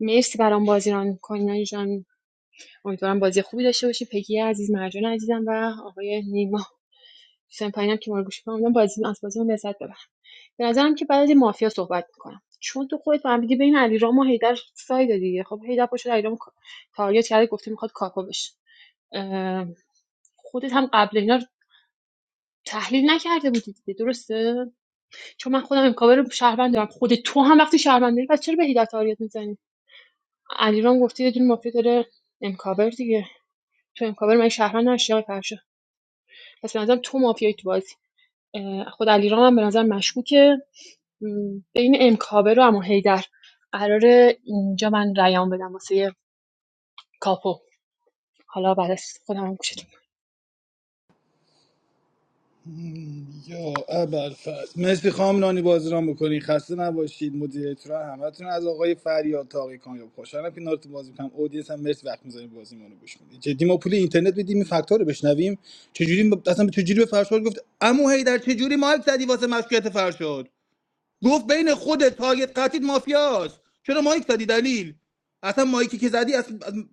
مرسی برام بازی ران میکنین جان امیدوارم بازی خوبی داشته باشی پگی عزیز مرجان عزیزم و آقای نیما دوستان پایینم که ما رو گوش میکنم بازی از بازی من لذت ببرم به نظرم که بعد از مافیا صحبت میکنم چون تو خودت فهمیدی بین علیرام و حیدر ساید دیگه خب حیدر پشت علیرام تارگت کرده گفته میخواد کاپو بشه اه، خودت هم قبل اینا تحلیل نکرده بودی دیگه درسته چون من خودم امکاور رو شهروند دارم خود تو هم وقتی شهروند داری پس چرا به هیدت آریت میزنی علیرام گفته یه دونه مافیا داره امکاور دیگه تو امکاور من شهروند نشی آقای فرشا پس به نظرم تو مافیایی تو بازی خود علیرام هم به نظر مشکوکه م، بین امکاور و اما هیدر قرار اینجا من رایان بدم واسه یه کاپو حالا بعد از خودم هم گوشتون. یا ابرفست مرسی خواهم نانی بازیران بکنین خسته نباشید مدیریتورا همتون از آقای فریاد تا آقای کامیاب خوشحالم که نارتون بازی میکنم اودینس هم مرسی وقت می‌ذارین بازی ما رو گوش کنید جدی ما پول اینترنت بدیم این فکت‌ها رو بشنویم چجوری ب- اصلا چجوری به فرشاد گفت عمو هیدر چجوری مایک زدی واسه مشکوکیت فرشاد گفت بین خودت تارگت قطید مافیاست چرا مایک زدی دلیل اصلا مایکی که زدی اصلا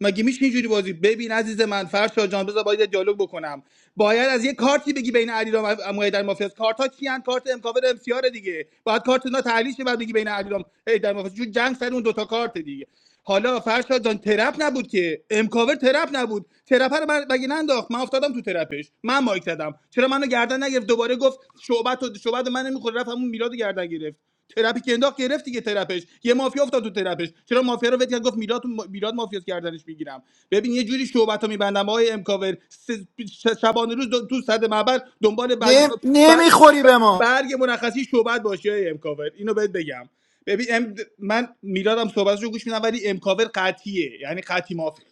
مگه میشه اینجوری بازی ببین عزیز من فرشا جان بذار باید دیالوگ بکنم باید از یه کارتی بگی بین علیرام و در مافیاس کارت کیان کارت امکاور ام سی آر دیگه باید کارت اونا تحلیل شه بعد بگی بین علیرام در مافیاس چون جنگ سر اون دوتا کارت دیگه حالا فرشا جان ترپ نبود که امکاور ترپ نبود ترپ رو من مگه ننداخت من افتادم تو ترپش من مایک زدم چرا منو گردن نگرفت دوباره گفت شعبت و شعبت من نمیخوره رفت همون میلاد رو گردن گرفت ترپی که انداخت گرفت دیگه ترپش یه مافیا افتاد تو ترپش چرا مافیا رو ول کرد گفت میلاد میلاد مافیاس کردنش میگیرم ببین یه جوری شعبتو میبندم آقای امکاور س- شبانه روز دو- تو صد معبر دنبال برگ خود بر... نمیخوری به بر- ما برگ مرخصی شعبت باشی آقای امکاور اینو بهت بگم ببین ام... من میلادم صحبتشو گوش میدم ولی امکاور قطعیه یعنی قطعی مافیا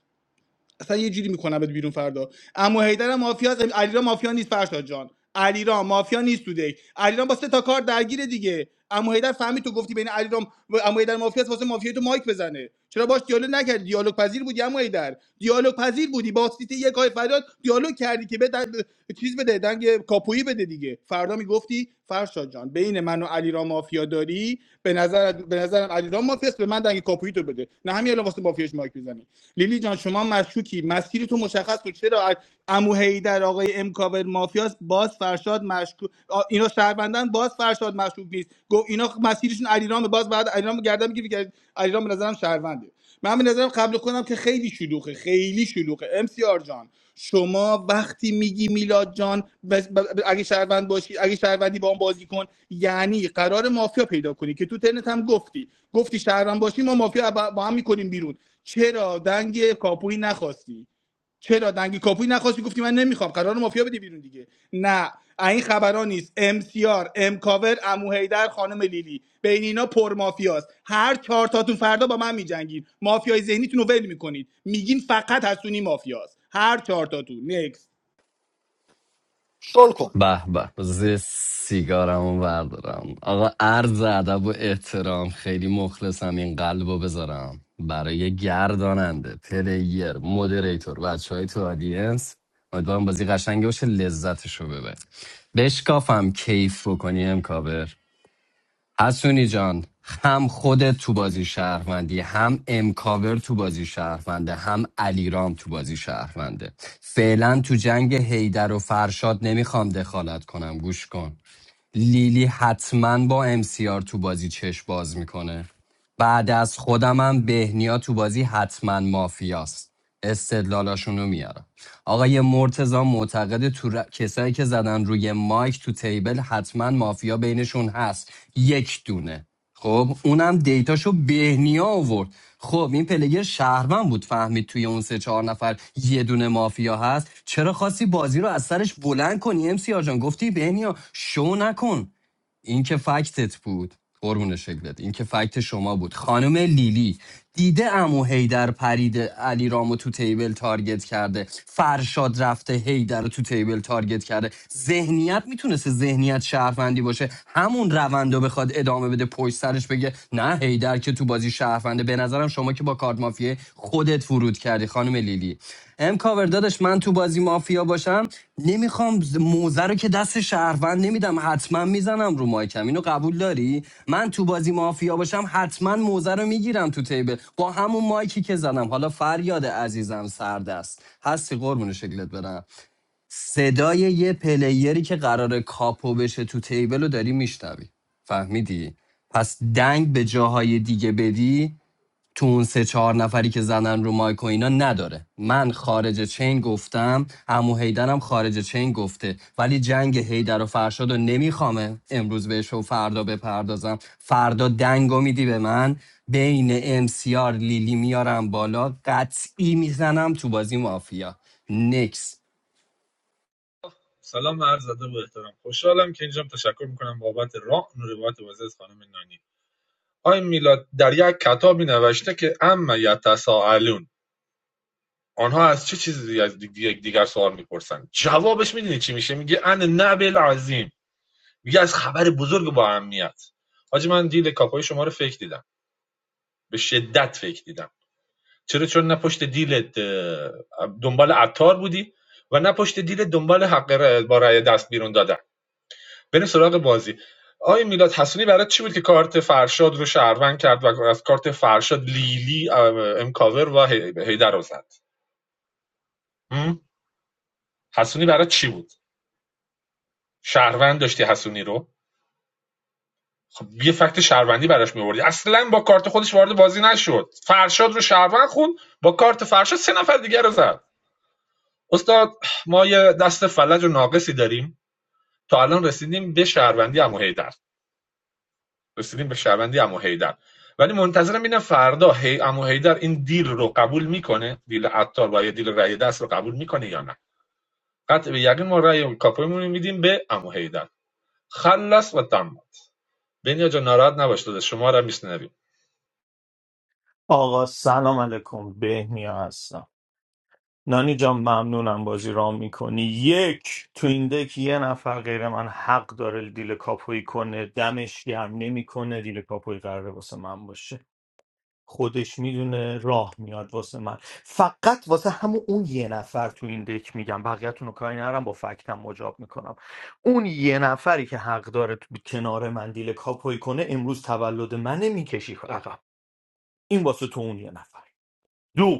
اصلا یه جوری میکنم بهت بیرون فردا اما هیدر مافیا است علیرا مافیا نیست فرشاد جان علیرا مافیا نیست تو دک علیرا با سه تا کار درگیره دیگه اما هیدر فهمید تو گفتی بین علیرام و اما هیدر مافیا است واسه مافیا تو مایک بزنه چرا باش دیالوگ نکردی دیالوگ پذیر بودی اما هیدر دیالوگ پذیر بودی با سیتی یک های فریاد دیالوگ کردی که بده چیز بده دنگ کاپویی بده دیگه. دیگه فردا میگفتی فرشاد جان بین من و علیرام مافیا داری به نظر به نظرم علیرام مافیاست به من دنگ کاپویی بده نه همین الان واسه مافیاش مایک میزنی لیلی جان شما مشکوکی مسیری تو مشخص کن چرا عمو در آقای امکاور مافیاست باز فرشاد مشکوک آ، اینا شهروندن باز فرشاد مشکوک نیست گفت اینا مسیرشون علیرام باز بعد علیرام گردن میگیره که علیرام به نظرم شهرونده من به نظرم قبل کنم که خیلی شلوغه خیلی شلوغه امسیار جان شما وقتی میگی میلاد جان بس- ب- ب- اگه شهروند باشی اگه شهروندی با اون بازی کن یعنی قرار مافیا پیدا کنی که تو ترنت هم گفتی گفتی شهروند باشی ما مافیا با با هم میکنیم بیرون چرا دنگ کاپوی نخواستی چرا دنگی کاپوی نخواستی گفتی من نمیخوام قرار مافیا بدی بیرون دیگه نه این خبران نیست ام سی آر ام کاور امو هیدر خانم لیلی بین اینا پر مافیاست هر چهار تاتون فردا با من میجنگین مافیای ذهنیتون رو ول میکنید میگین فقط حسونی مافیاست هر چهار تاتون شل کن به به بذار یه سیگارمو بردارم آقا عرض ادب و احترام خیلی مخلصم این قلبو بذارم برای گرداننده پلیر مدریتور بچه های تو آدینس امیدوارم بازی قشنگی باشه لذتشو ببر بشکافم کیف بکنی امکاور حسونی جان هم خودت تو بازی شهروندی هم امکاور تو بازی شهرونده هم علیرام تو بازی شهرونده فعلا تو جنگ هیدر و فرشاد نمیخوام دخالت کنم گوش کن لیلی حتما با امسیار تو بازی چشم باز میکنه بعد از خودم هم بهنیا تو بازی حتما مافیاست استدلالاشون رو میارم آقای مرتزا معتقد تو ر- کسایی که زدن روی مایک تو تیبل حتما مافیا بینشون هست یک دونه خب اونم دیتاشو بهنیا آورد خب این پلیر شهرمن بود فهمید توی اون سه چهار نفر یه دونه مافیا هست چرا خواستی بازی رو از سرش بلند کنی ام سی آجان گفتی بهنیا شو نکن این که فکتت بود قربون شکلت این که فکت شما بود خانم لیلی دیده امو هیدر پرید علی رامو تو تیبل تارگت کرده فرشاد رفته هیدر رو تو تیبل تارگت کرده ذهنیت میتونسته ذهنیت شهروندی باشه همون روند رو بخواد ادامه بده پشت سرش بگه نه هیدر که تو بازی شهرونده به نظرم شما ما که با کارت مافیا خودت فرود کردی خانم لیلی ام کاور داداش من تو بازی مافیا باشم نمیخوام ز- موزه رو که دست شهروند نمیدم حتما میزنم رو مایکم اینو قبول داری من تو بازی مافیا باشم حتما موزه رو میگیرم تو تیبل با همون مایکی که زدم حالا فریاد عزیزم سردست هستی قربون شکلت برم صدای یه پلیری که قرار کاپو بشه تو تیبل رو داری میشنوی فهمیدی پس دنگ به جاهای دیگه بدی تو اون سه چهار نفری که زدن رو مایک و اینا نداره من خارج چین گفتم عمو هیدرم خارج چین گفته ولی جنگ هیدر و فرشاد رو نمیخوامه امروز بهش و فردا بپردازم فردا دنگو میدی به من بین امسیار لیلی میارم بالا قطعی میزنم تو بازی مافیا نکس سلام و عرض ادب و احترام خوشحالم که اینجام تشکر میکنم بابت راه و روایت واضح خانم نانی آقای میلاد در یک کتابی نوشته که اما یتساءلون آنها از چه چیزی از دیگ- دیگر سوال میپرسن جوابش میدونی چی میشه میگه ان نبل عظیم میگه از خبر بزرگ با اهمیت حاجی من دیل کاپای شما رو فکر دیدم به شدت فکر دیدم چرا چون نه پشت دیلت دنبال عطار بودی و نه پشت دیلت دنبال حق رأی- با رأی دست بیرون دادن بریم سراغ بازی آقای میلاد حسونی برای چی بود که کارت فرشاد رو شهروند کرد و از کارت فرشاد لیلی امکاور و هی- هیدر رو زد حسونی برای چی بود شهروند داشتی حسونی رو خب یه فکت شهروندی براش میوردی اصلا با کارت خودش وارد بازی نشد فرشاد رو شهروند خون با کارت فرشاد سه نفر دیگر رو زد استاد ما یه دست فلج و ناقصی داریم تا الان رسیدیم به شهروندی امو هیدر رسیدیم به شهروندی عمو حیدر ولی منتظرم ببینم فردا هی عمو حیدر این دیل رو قبول میکنه دیل عطار و یا دیل رأی دست رو قبول میکنه یا نه قطع به یقین ما رأی کاپویمون رو میدیم به عمو حیدر خلص و تم بنیا جا ناراحت نباش داده شما رو میشنویم آقا سلام علیکم بهنیا هستم نانی جان ممنونم بازی رام میکنی یک تو این دک یه نفر غیر من حق داره دیل کاپوی کنه دمش گرم نمیکنه دیل کاپوی قراره واسه من باشه خودش میدونه راه میاد واسه من فقط واسه همون اون یه نفر تو این دک میگم بقیه‌تون رو کاری نرم با فکتم مجاب میکنم اون یه نفری که حق داره تو کنار من دیل کاپوی کنه امروز تولد منه میکشی عقب این واسه تو اون یه نفر دو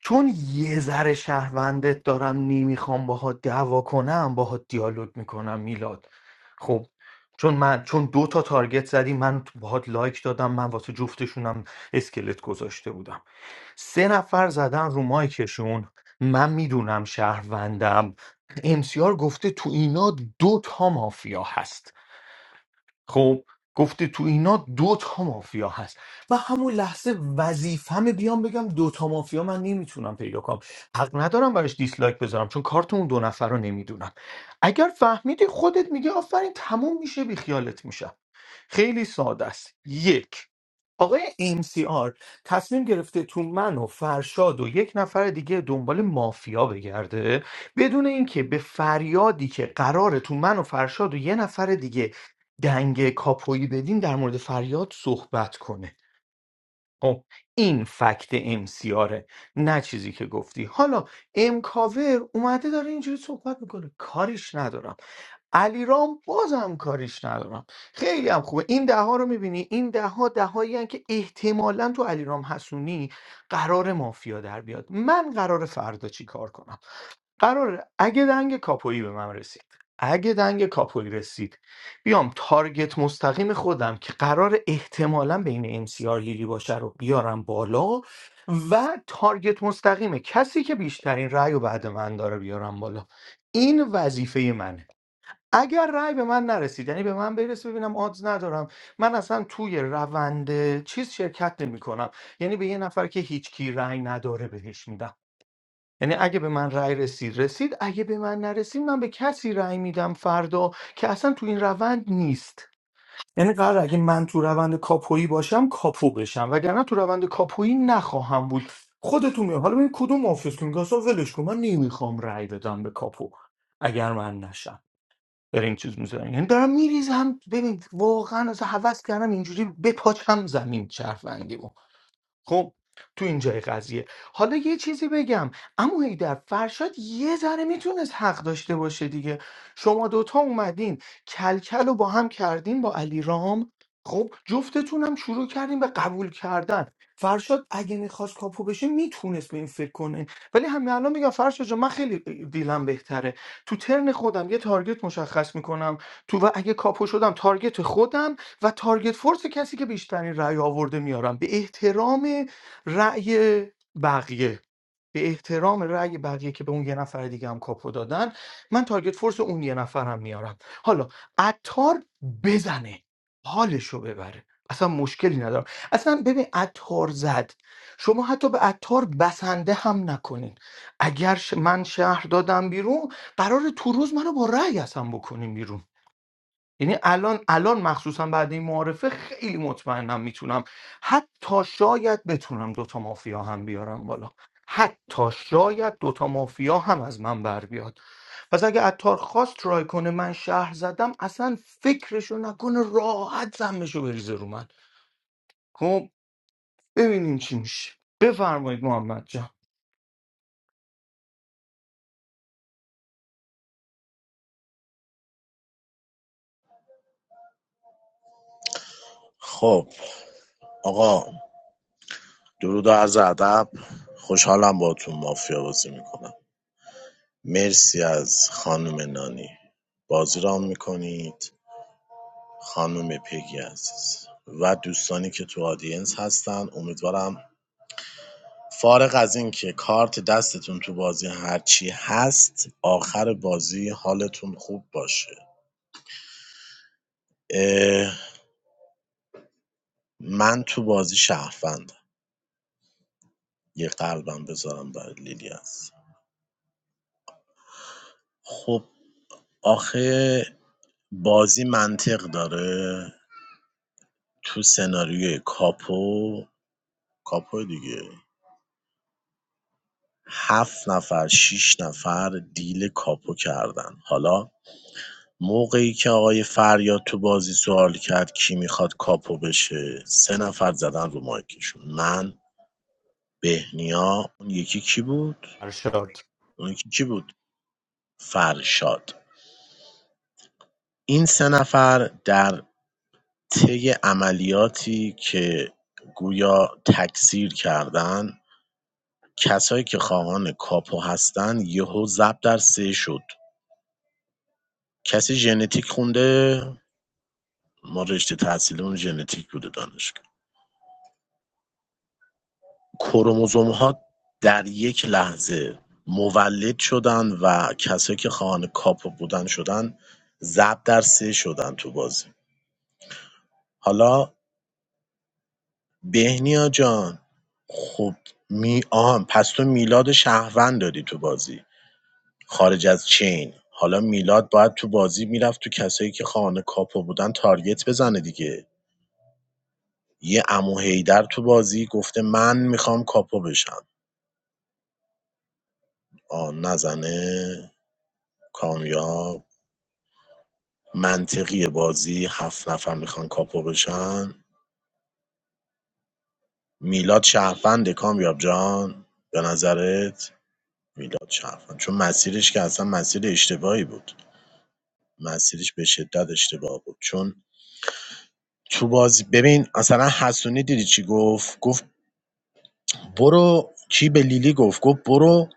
چون یه ذره شهروندت دارم نمیخوام باهات دعوا کنم باهات دیالوگ میکنم میلاد خب چون من چون دو تا تارگت زدی من باهات لایک دادم من واسه جفتشونم اسکلت گذاشته بودم سه نفر زدن رو مایکشون من میدونم شهروندم امسیار گفته تو اینا دو تا مافیا هست خب گفته تو اینا دو تا مافیا هست و همون لحظه وظیفمه بیام بگم دو تا مافیا من نمیتونم پیدا کنم حق ندارم براش دیسلایک بذارم چون کارت اون دو نفر رو نمیدونم اگر فهمیدی خودت میگه آفرین تموم میشه بیخیالت میشه خیلی ساده است یک آقای MCR تصمیم گرفته تو من و فرشاد و یک نفر دیگه دنبال مافیا بگرده بدون اینکه به فریادی که قراره تو من و فرشاد و یه نفر دیگه دنگ کاپویی بدین در مورد فریاد صحبت کنه خب این فکت امسیاره نه چیزی که گفتی حالا امکاور اومده داره اینجوری صحبت میکنه کاریش ندارم علیرام بازم کاریش ندارم خیلی هم خوبه این ده ها رو میبینی این ده ها ده هایی که احتمالا تو علیرام حسونی قرار مافیا در بیاد من قرار فردا چی کار کنم قرار اگه دنگ کاپویی به من رسید اگه دنگ کاپویی رسید بیام تارگت مستقیم خودم که قرار احتمالا بین ام سی آر لیلی باشه رو بیارم بالا و تارگت مستقیم کسی که بیشترین رأی و بعد من داره بیارم بالا این وظیفه منه اگر رأی به من نرسید یعنی به من برسه ببینم آدز ندارم من اصلا توی روند چیز شرکت نمی کنم. یعنی به یه نفر که هیچ کی رأی نداره بهش میدم یعنی اگه به من رأی رسید رسید اگه به من نرسید من به کسی رأی میدم فردا که اصلا تو این روند نیست یعنی قرار اگه من تو روند کاپویی باشم کاپو بشم وگرنه تو روند کاپویی نخواهم بود خودتون میگم حالا ببین کدوم آفیس که میگه ولش کن من نمیخوام رأی بدم به کاپو اگر من نشم برای این چیز میزنم یعنی دارم میریزم ببین واقعا از هوس کردم اینجوری بپاچم زمین چرفندیمو خب تو این جای قضیه حالا یه چیزی بگم اما هیدر فرشاد یه ذره میتونست حق داشته باشه دیگه شما دوتا اومدین کلکل رو با هم کردین با علی رام خب جفتتون هم شروع کردین به قبول کردن فرشاد اگه میخواست کاپو بشه میتونست به این فکر کنه ولی همین الان میگم فرشاد جان من خیلی دیلم بهتره تو ترن خودم یه تارگت مشخص میکنم تو و اگه کاپو شدم تارگت خودم و تارگت فورس کسی که بیشترین رأی آورده میارم به احترام رأی بقیه به احترام رأی بقیه که به اون یه نفر دیگه هم کاپو دادن من تارگت فورس اون یه نفر هم میارم حالا عطار بزنه حالشو ببره اصلا مشکلی ندارم اصلا ببین عطار زد شما حتی به عطار بسنده هم نکنین اگر ش- من شهر دادم بیرون قرار تو روز منو با رأی اصلا بکنین بیرون یعنی الان الان مخصوصا بعد این معارفه خیلی مطمئنم میتونم حتی شاید بتونم دوتا مافیا هم بیارم بالا حتی شاید دوتا مافیا هم از من بر بیاد پس اگه عطار خواست ترای کنه من شهر زدم اصلا فکرشو نکنه راحت زمشو بریزه رو من خب ببینیم چی میشه بفرمایید محمد جان خب آقا درود و عرض ادب خوشحالم باهاتون مافیا بازی میکنم مرسی از خانم نانی بازی رام میکنید خانم پگی عزیز و دوستانی که تو آدینس هستن امیدوارم فارغ از این که کارت دستتون تو بازی هرچی هست آخر بازی حالتون خوب باشه اه، من تو بازی شهروندم یه قلبم بذارم برای لیلی هست خب آخه بازی منطق داره تو سناریوی کاپو کاپو دیگه هفت نفر شیش نفر دیل کاپو کردن حالا موقعی که آقای فریاد تو بازی سوال کرد کی میخواد کاپو بشه سه نفر زدن رو مایکشون من بهنیا اون یکی کی بود ارشاد اون یکی کی بود فرشاد این سه نفر در طی عملیاتی که گویا تکثیر کردن کسایی که خواهان کاپو هستن یهو زب در سه شد کسی ژنتیک خونده ما رشته تحصیلمون ژنتیک بوده دانشگاه کروموزوم ها در یک لحظه مولد شدن و کسایی که خواهان کاپو بودن شدن زب در سه شدن تو بازی حالا بهنیا جان خب می آهان پس تو میلاد شهروند داری تو بازی خارج از چین حالا میلاد باید تو بازی میرفت تو کسایی که خانه کاپو بودن تارگت بزنه دیگه یه امو هیدر تو بازی گفته من میخوام کاپو بشم آ نزنه کامیاب منطقی بازی هفت نفر میخوان کاپو بشن میلاد شهروند کامیاب جان به نظرت میلاد شهروند چون مسیرش که اصلا مسیر اشتباهی بود مسیرش به شدت اشتباه بود چون تو بازی ببین اصلا حسونی دیدی چی گفت گفت برو کی به لیلی گفت گفت برو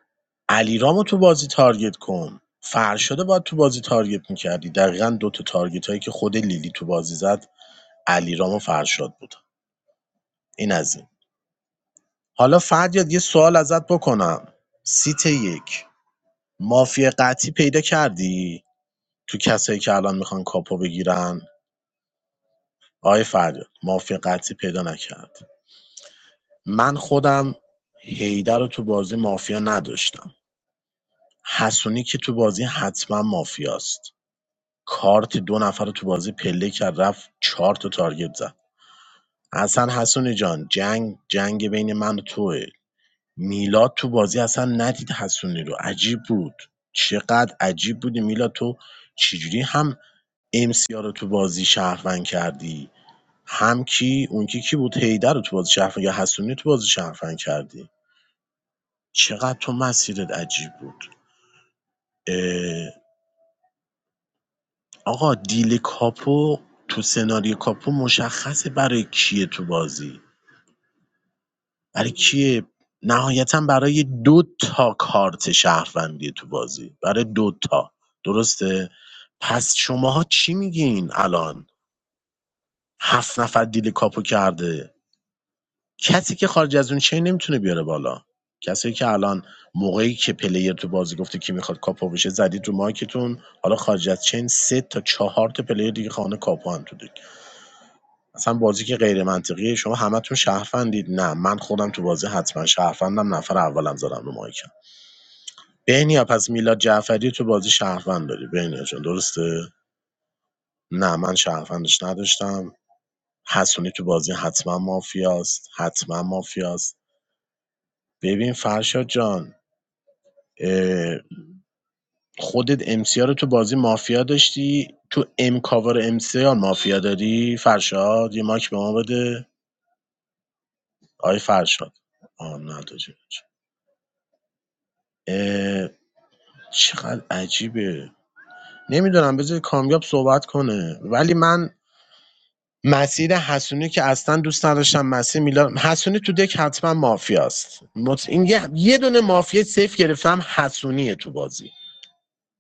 علیرامو تو بازی تارگت کن فرشاد باید تو بازی تارگت میکردی دقیقا دو تا تارگت هایی که خود لیلی تو بازی زد علیرام و فرشاد بود این از این حالا فردیاد یه سوال ازت بکنم سیت یک مافیا قطعی پیدا کردی تو کسایی که الان میخوان کاپو بگیرن آقای فردیاد مافیا قطعی پیدا نکرد من خودم هیدر رو تو بازی مافیا نداشتم حسونی که تو بازی حتما مافیاست کارت دو نفر رو تو بازی پله کرد رفت چهار تا تارگت زد اصلا حسونی جان جنگ جنگ بین من و توه میلاد تو بازی اصلا ندید حسونی رو عجیب بود چقدر عجیب بودی میلاد تو چجوری هم سیا رو تو بازی شهروند کردی هم کی اون کی کی بود هیدر رو تو بازی شهروند یا حسونی تو بازی شهروند کردی چقدر تو مسیرت عجیب بود اه، آقا دیل کاپو تو سناریو کاپو مشخصه برای کیه تو بازی برای کیه نهایتا برای دو تا کارت شهروندی تو بازی برای دو تا درسته پس شماها چی میگین الان هفت نفر دیل کاپو کرده کسی که خارج از اون چین نمیتونه بیاره بالا کسی که الان موقعی که پلیر تو بازی گفته کی میخواد کاپو بشه زدید رو مایکتون حالا خارج از چین سه تا چهار تا پلیر دیگه خانه کاپو هم تو دیگه. اصلا بازی که غیر منطقیه شما همتون شهروندید نه من خودم تو بازی حتما شهروندم نفر اولم زدم رو مایکم بهنیا پس میلاد جعفری تو بازی شهروند داری بهنیا جان درسته نه من شهروندش نداشتم حسونی تو بازی حتما مافیاست حتما مافیاست ببین فرشاد جان اه، خودت امسیا رو تو بازی مافیا داشتی تو ام کاور امسیا مافیا داری فرشاد یه ماک به ما بده آی فرشاد آه نداری چقدر عجیبه نمیدونم بذار کامیاب صحبت کنه ولی من مسیر حسونی که اصلا دوست نداشتم مسیر میلان حسونی تو دک حتما مافیاست مط... این یه... یه دونه مافیا سیف گرفتم حسونیه تو بازی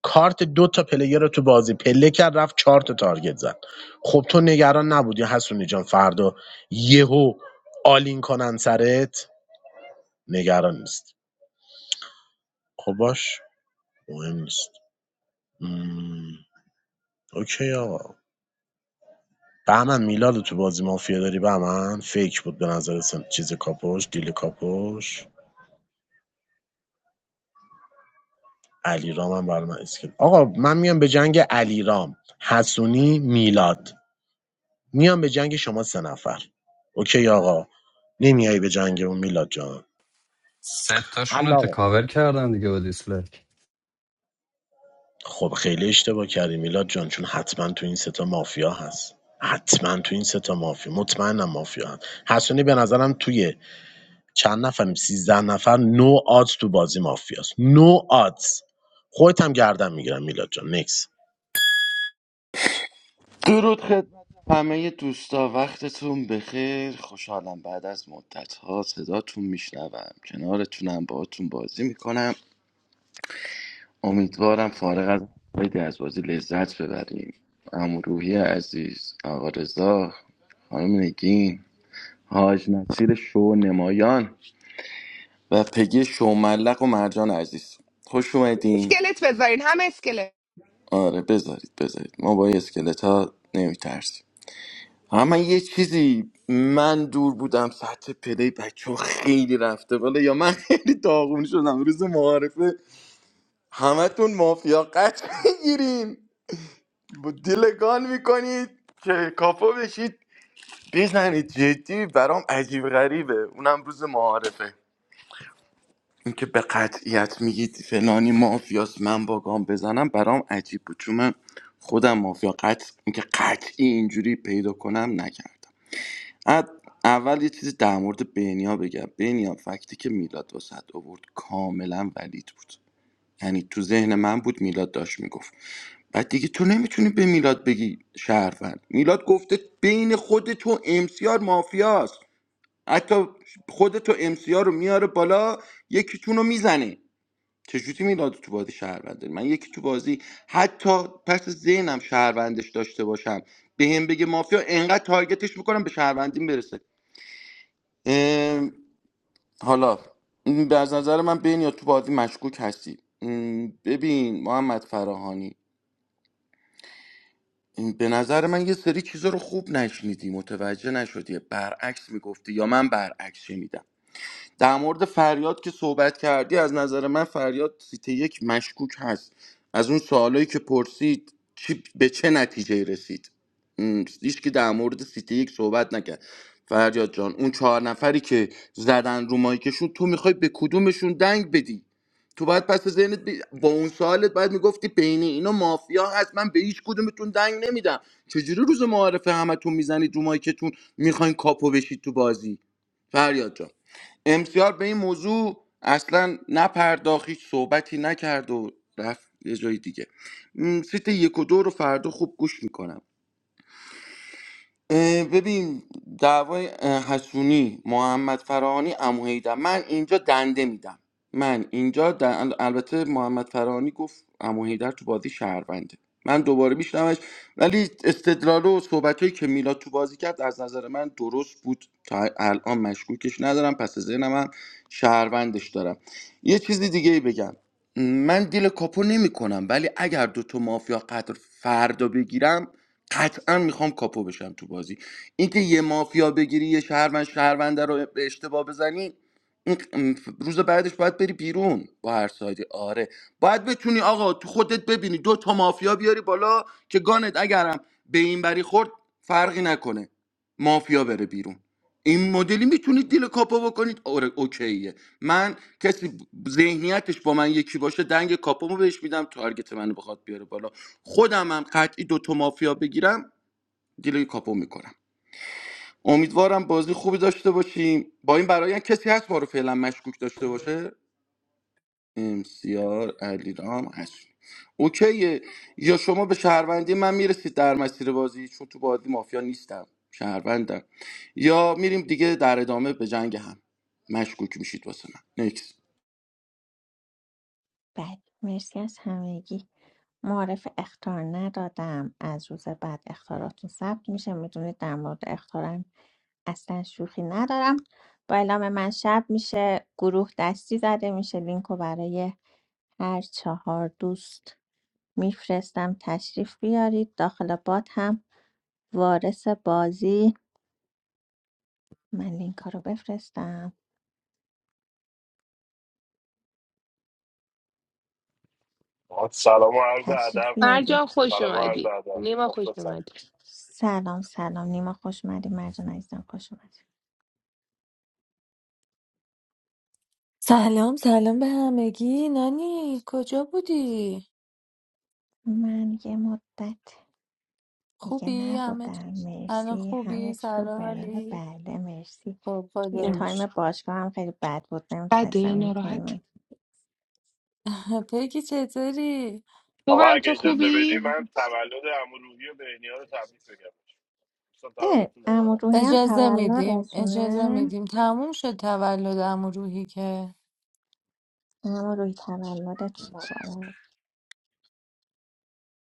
کارت دو تا پلیر رو تو بازی پله کرد رفت چهار تا تارگت زد خب تو نگران نبودی حسونی جان فردا یهو آلین کنن سرت نگران نیست خب باش مهم نیست مم. اوکی آقا بهمن میلاد تو بازی مافیا داری بهمن فیک بود به نظر سن. چیز کاپوش دیل کاپوش علیرام هم برای من اسکل آقا من میام به جنگ علیرام حسونی میلاد میام به جنگ شما سه نفر اوکی آقا نمیای به جنگ اون میلاد جان سه تاشون رو حل آقا تکاور کردم دیگه با دیسلک خب خیلی اشتباه کردی میلاد جان چون حتما تو این ستا مافیا هست حتما تو این ستا مافیا مطمئنم مافیا هست حسونی به نظرم توی چند نفریم 13 نفر نو آدز تو بازی مافیاست نو آدز خودت هم گردن میگیرم میلاد جان نکس درود خدمت همه دوستا وقتتون بخیر خوشحالم بعد از مدت ها صداتون میشنوم کنارتونم باهاتون بازی میکنم امیدوارم فارغ از بدی از بازی لذت ببریم عمو روحی عزیز آقا رضا خانم نگین حاج نصیر شو نمایان و پگی شو ملق و مرجان عزیز خوش اومدین اسکلت بذارین همه اسکلت آره بذارید بذارید ما با اسکلت ها نمیترسیم اما یه چیزی من دور بودم سطح پلی بچه ها خیلی رفته بالا یا من خیلی داغون شدم روز معارفه همتون مافیا قطع میگیرین با دیلگان میکنید که کافا بشید بزنید جدی برام عجیب غریبه اونم روز معارفه اینکه به قطعیت میگید فلانی مافیاست من با گام بزنم برام عجیب بود چون من خودم مافیا قطع اینکه قطعی اینجوری پیدا کنم نکردم اد- اول یه چیزی در مورد بینیا بگم بینیا فکتی که میلاد واسد آورد کاملا ولید بود یعنی تو ذهن من بود میلاد داشت میگفت بعد دیگه تو نمیتونی به میلاد بگی شهروند میلاد گفته بین خود تو امسیار مافیاست حتی خود تو امسیار رو میاره بالا یکیتون رو میزنه چجوری میلاد تو بازی شهروند داری؟ من یکی تو بازی حتی پس ذهنم شهروندش داشته باشم به هم بگه مافیا انقدر تارگتش میکنم به شهروندیم برسه ام، حالا ام، به از نظر من بین یا تو بازی مشکوک هستی ام، ببین محمد فراهانی این به نظر من یه سری چیزا رو خوب نشنیدی متوجه نشدی برعکس میگفتی یا من برعکس شنیدم در مورد فریاد که صحبت کردی از نظر من فریاد سیت یک مشکوک هست از اون سوالایی که پرسید چی به چه نتیجه رسید م، هیچ که در مورد سیت یک صحبت نکرد فریاد جان اون چهار نفری که زدن رو مایکشون تو میخوای به کدومشون دنگ بدی تو باید پس ذهنت بی- با اون سوالت باید میگفتی بین اینا مافیا هست من به هیچ کدومتون دنگ نمیدم چجوری روز معارفه همتون میزنید رو مایکتون میخواین کاپو بشید تو بازی فریاد جان امسیار به این موضوع اصلا نپرداخت هیچ صحبتی نکرد و رفت یه جای دیگه م، سیت یک و دو رو فردا خوب گوش میکنم اه، ببین دعوای اه، حسونی محمد فرهانی عمو حیدر من اینجا دنده میدم من اینجا دن- ال- البته محمد فرهانی گفت عمو حیدر تو بازی شهرونده من دوباره میشنمش ولی استدلال و صحبتهایی که میلاد تو بازی کرد از نظر من درست بود تا الان مشکوکش ندارم پس ذهنم هم شهروندش دارم یه چیز دیگه بگم من دیل کاپو نمی کنم، ولی اگر دوتا مافیا قدر فردا بگیرم قطعا میخوام کاپو بشم تو بازی اینکه یه مافیا بگیری یه شهروند شهرونده رو به اشتباه بزنی این روز بعدش باید بری بیرون با هر سایدی آره باید بتونی آقا تو خودت ببینی دو تا مافیا بیاری بالا که گانت اگرم به این بری خورد فرقی نکنه مافیا بره بیرون این مدلی میتونید دیل کاپو بکنید آره اوکیه من کسی ذهنیتش با من یکی باشه دنگ کاپومو بهش میدم تارگت منو بخواد بیاره بالا خودم هم قطعی دوتا مافیا بگیرم دیلوی کاپو میکنم امیدوارم بازی خوبی داشته باشیم با این برای کسی هست ما رو فعلا مشکوک داشته باشه امسیار علیرام هست اوکیه یا شما به شهروندی من میرسید در مسیر بازی چون تو بازی مافیا نیستم شهروندم یا میریم دیگه در ادامه به جنگ هم مشکوک میشید واسه من نیکس بله مرسی از همگی معرف اختار ندادم از روز بعد اختاراتون ثبت میشه میدونید در مورد اختارم اصلا شوخی ندارم با اعلام من شب میشه گروه دستی زده میشه لینک رو برای هر چهار دوست میفرستم تشریف بیارید داخل بات هم وارث بازی من لینک رو بفرستم آقا سلام و عرض تشریف ادب بیارید مرجان خوش سلام و عرض اومدی ادب نیما خوش مخلصم اومدی سلام سلام نیما خوش اومدی مرجان عزیزم خوش اومدی سلام سلام به همگی نانی کجا بودی من یه مدت دیگه خوبی همه چ- نبودم الان مرسی همه خوبی چی رو سلام برای حالی بله مرسی خب یه خدا رو تایم شکر. باشگاه هم خیلی بد بود بده نمیتونستم این ناراحت تایم پگی چطوری آقا خوبم اگه تو اجازه بدی خوبی من تولد امروحی و بهنیا رو تبریک بگم دوستان اه تولدتون عمو مبارک روحی هم اجازه میدیم اجازه تولدشونه میدیم تموم شد تولد عمو روحی که عمو روحی تولدت مبارک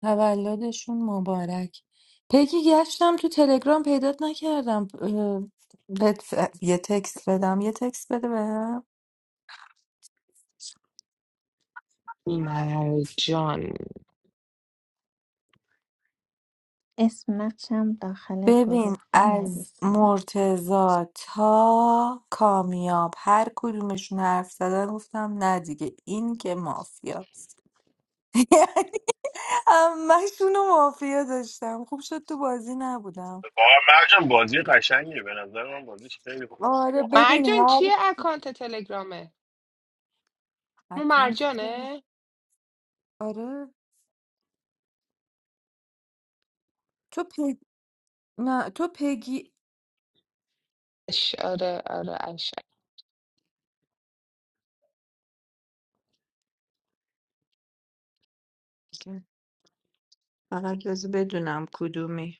تولدشون مبارک پگی گشتم تو تلگرام پیدات نکردم اه، بهت یه تکست بدم یه تکست بده بهم مرجان اسم نقشم داخل ببین گروه از بنویسید مرتضا تا کامیاب هر کدومشون حرف زدن گفتم نه دیگه این که مافیاست یعنی همشون رو مافیا داشتم خوب شد تو بازی نبودم واقعا مرجان بازی قشنگیه به نظر من بازیش خیلی خوبه آره باحاله ببین مرجان هر چیه اکانت تلگرامه اون اکانت تو- مرجانه آره تو پی نه تو پگی اش آره آره اش اوکی. فقط لازم بدونم کدومی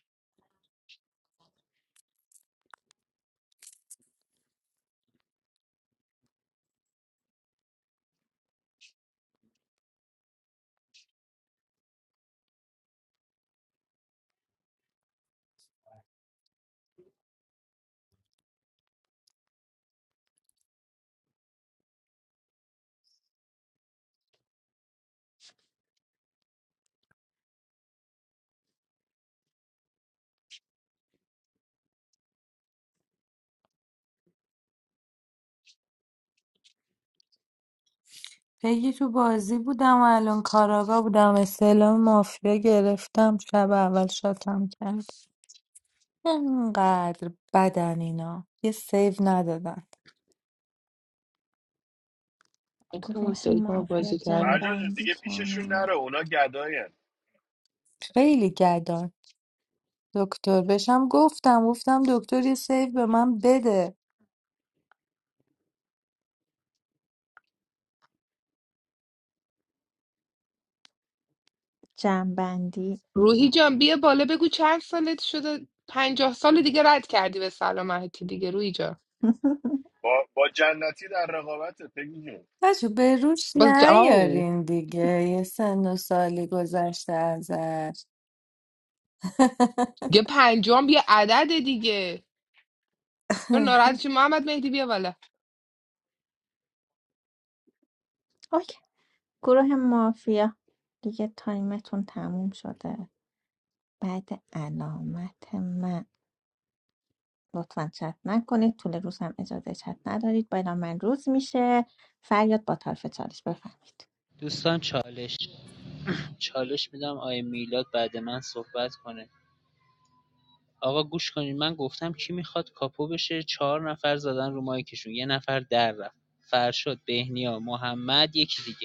پگی تو بازی بودم و الان کاراگاه بودم استعلام مافیا گرفتم شب اول شاتم کرد انقدر بدن اینا یه سیو ندادن اون گروه سری که ما مافیا بازی کردیم مرجان جون جنبندی دیگه پیششون کنیم نره اونا گداین خیلی گدان دکتر بشم گفتم گفتم دکتر یه سیو به من بده جنبندی روحی جان بیا بالا بگو چند سالت شده پنجاه سال دیگه رد کردی به سلامتی دیگه روحی جان با, با جنتی در رقابت بگی بچه به روش باز ج... آو نیارین دیگه یه سن و سالی گذشته ازش دیگه پنجام بیا عدد دیگه تو ناراحت چی محمد مهدی بیا بالا اوکی گروه مافیا دیگه تایمتون تموم شده بعد علامت من لطفا چت نکنید طول روز هم اجازه چت ندارید بالا من روز میشه فریاد با طرف چالش بفهمید دوستان چالش چالش میدم آقای میلاد بعد من صحبت کنه آقا گوش کنین من گفتم کی میخواد کاپو بشه چهار نفر زدن رو مایکشون یه نفر در رفت فرشاد بهنیا محمد یکی دیگه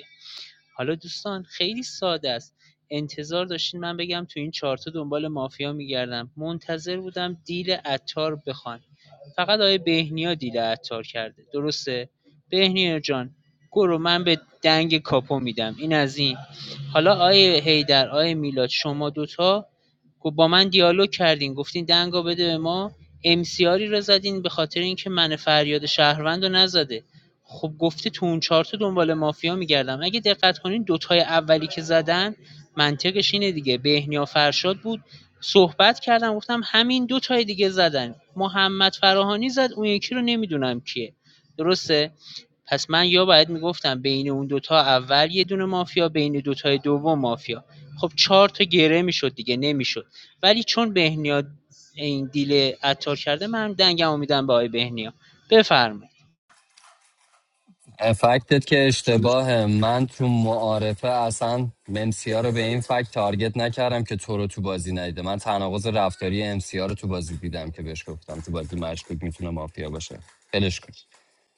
حالا دوستان خیلی ساده است انتظار داشتین من بگم تو این چارتا دنبال مافیا میگردم منتظر بودم دیل عطار بخوان فقط آیه بهنیا دیل عطار کرده درسته بهنیا جان گرو من به دنگ کاپو میدم این از این حالا آیه هیدر آیه میلاد شما دوتا گو- با من دیالوگ کردین گفتین دنگا بده به ما امسیاری رو زدین به خاطر اینکه من فریاد شهروند رو نزده خب گفته تو اون چهار تا دنبال مافیا میگردم اگه دقت کنین دوتای اولی که زدن منطقش اینه دیگه بهنیا فرشاد بود صحبت کردم گفتم همین دوتای دیگه زدن محمد فراهانی زد اون یکی رو نمیدونم کیه درسته پس من یا باید میگفتم بین اون دوتا اول یه دونه مافیا بین دوتای دوم مافیا خب چهار تا گره میشد دیگه نمیشد ولی چون بهنیا این دیل عطار کرده من دنگم میدم به آقای بهنیا بفرمایید فکتت که اشتباهه من تو معارفه اصلا امسیا رو به این فکت تارگت نکردم که تو رو تو بازی ندیده من تناقض رفتاری امسیا رو تو بازی دیدم که بهش گفتم تو بازی مشکوک میتونه مافیا باشه فلش کن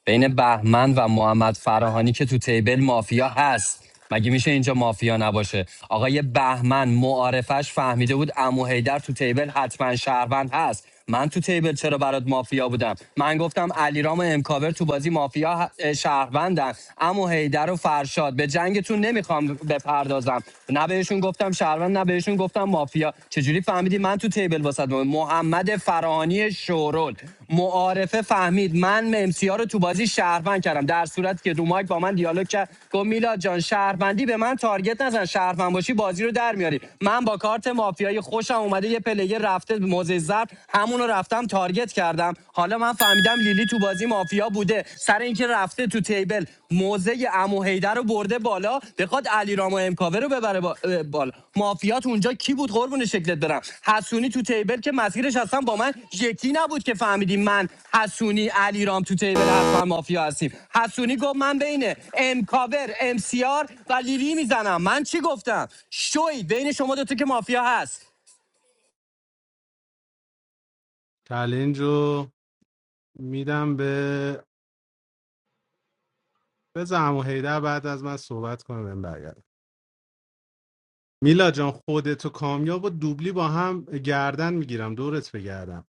بین بهمن و محمد فراهانی که تو تیبل مافیا هست مگه میشه اینجا مافیا نباشه آقای بهمن معارفش فهمیده بود امو هیدر تو تیبل حتما شهروند هست من تو تیبل چرا برات مافیا بودم من گفتم علیرام و امکاور تو بازی مافیا ه- اه، شهروندن امو هیدر و فرشاد به جنگتون نمیخوام بپردازم نه بهشون گفتم شهروند نه بهشون گفتم مافیا چجوری فهمیدی من تو تیبل واسد محمد فرانی شورول معارفه فهمید من ممسی رو تو بازی شهروند کردم در صورتی که دومایک با من دیالوگ کرد گفت میلاد جان شهروندی به من تارگت نزن شهروند باشی بازی رو در میاری من با کارت مافیایی خوشم اومده یه پلیر رفته موزه ضرب همون رو رفتم تارگت کردم حالا من فهمیدم لیلی تو بازی مافیا بوده سر این که رفته تو تیبل موزه امو هیدر رو برده بالا بخواد علی رام و امکاوه رو ببره با... اه، بالا مافیات اونجا کی بود قربون شکلت برم حسونی تو تیبل که مسیرش اصلا با من یکی نبود که فهمیدیم من حسونی علیرام تو تیبل حتما مافیا هستیم حسونی گفت من بین امکاور امسیار و لیلی میزنم من چی گفتم شوی بین شما دو تا که مافیا هست چلنج رو میدم به بزن و هیده بعد از من صحبت کنه بهم برگرد میلا جان خودت و کامیاب و دوبلی با هم گردن میگیرم دورت بگردم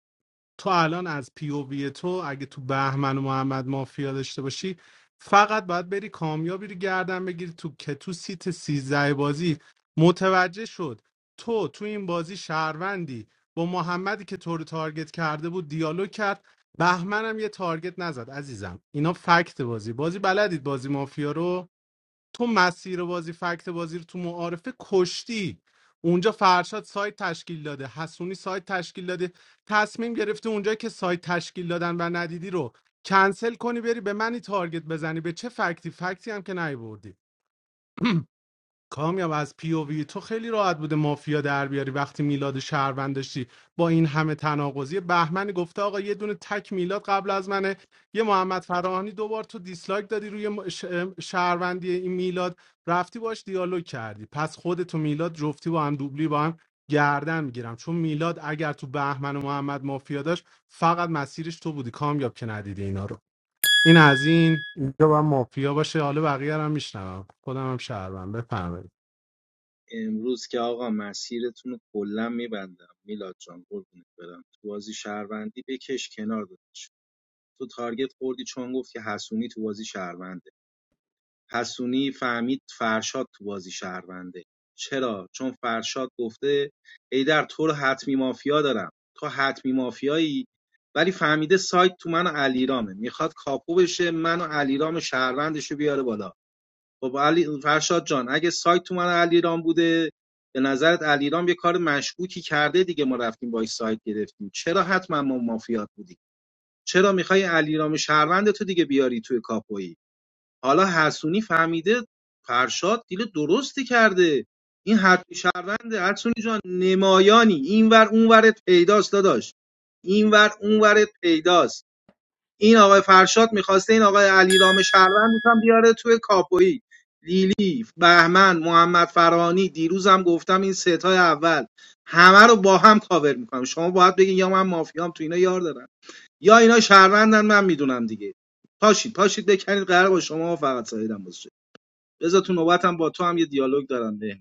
تو الان از پی او وی تو اگه تو بهمن و محمد مافیا داشته باشی فقط باید بری کامیابی رو گردن بگیری تو که تو سیت سیزده بازی متوجه شد تو تو این بازی شهروندی با محمدی که تو رو تارگت کرده بود دیالوگ کرد بهمنم یه تارگت نزد عزیزم اینا فکت بازی بازی بلدید بازی مافیا رو تو مسیر بازی فکت بازی رو تو معارفه کشتی اونجا فرشاد سایت تشکیل داده حسونی سایت تشکیل داده تصمیم گرفته اونجا که سایت تشکیل دادن و ندیدی رو کنسل کنی بری به منی تارگت بزنی به چه فکتی فکتی هم که نیوردی کامیاب از پی او وی تو خیلی راحت بوده مافیا در بیاری وقتی میلاد شهروند داشتی با این همه تناقضی بهمنی گفته آقا یه دونه تک میلاد قبل از منه یه محمد فراهانی دوبار تو دیسلایک دادی روی م- شهروندی این میلاد رفتی باش دیالوگ کردی پس خودتو میلاد جفتی با هم دوبلی با هم گردن میگیرم چون میلاد اگر تو بهمن و محمد مافیا داشت فقط مسیرش تو بودی کامیاب که ندیدی اینا رو این از این اینجا با مافیا باشه حالا بقیه رو هم میشنوم خودم هم شهروند بفهمید امروز که آقا مسیرتون رو کلا میبندم میلاد جان قربونت برم تو بازی شهروندی بکش کنار دادش تو تارگت خوردی چون گفت که حسونی تو بازی شهروند حسونی فهمید فرشاد تو بازی شهرونده چرا چون فرشاد گفته ایدر تو رو حتمی مافیا دارم تو حتمی مافیایی ولی فهمیده سایت تو من و علیرامه میخواد کاپو بشه من و علیرام شهروندش بیاره بالا خب علی فرشاد جان اگه سایت تو من و علیرام بوده به نظرت علیرام یه کار مشکوکی کرده دیگه ما رفتیم باش سایت گرفتیم چرا حتما ما مافیات بودی چرا میخوای علیرام شهروند تو دیگه بیاری توی کاپویی حالا حسونی فهمیده فرشاد دیل درستی کرده این حتمی شهرونده حسونی جان نمایانی اینور اونورت پیداست داداش اینور اونورت پیداست این آقای فرشاد میخواسته این آقای علیرام شهروند هم بیاره توی کاپویی لیلی بهمن محمد فرانی دیروزم گفتم این ستای اول همه رو با هم کاور میکنم شما باید بگین یا من مافیام تو اینا یار دارم یا اینا شهروندن من میدونم دیگه پاشید پاشید بکنید قرار با شما فقط سایدم باشه بذار تو نوبتم با تو هم یه دیالوگ دارم به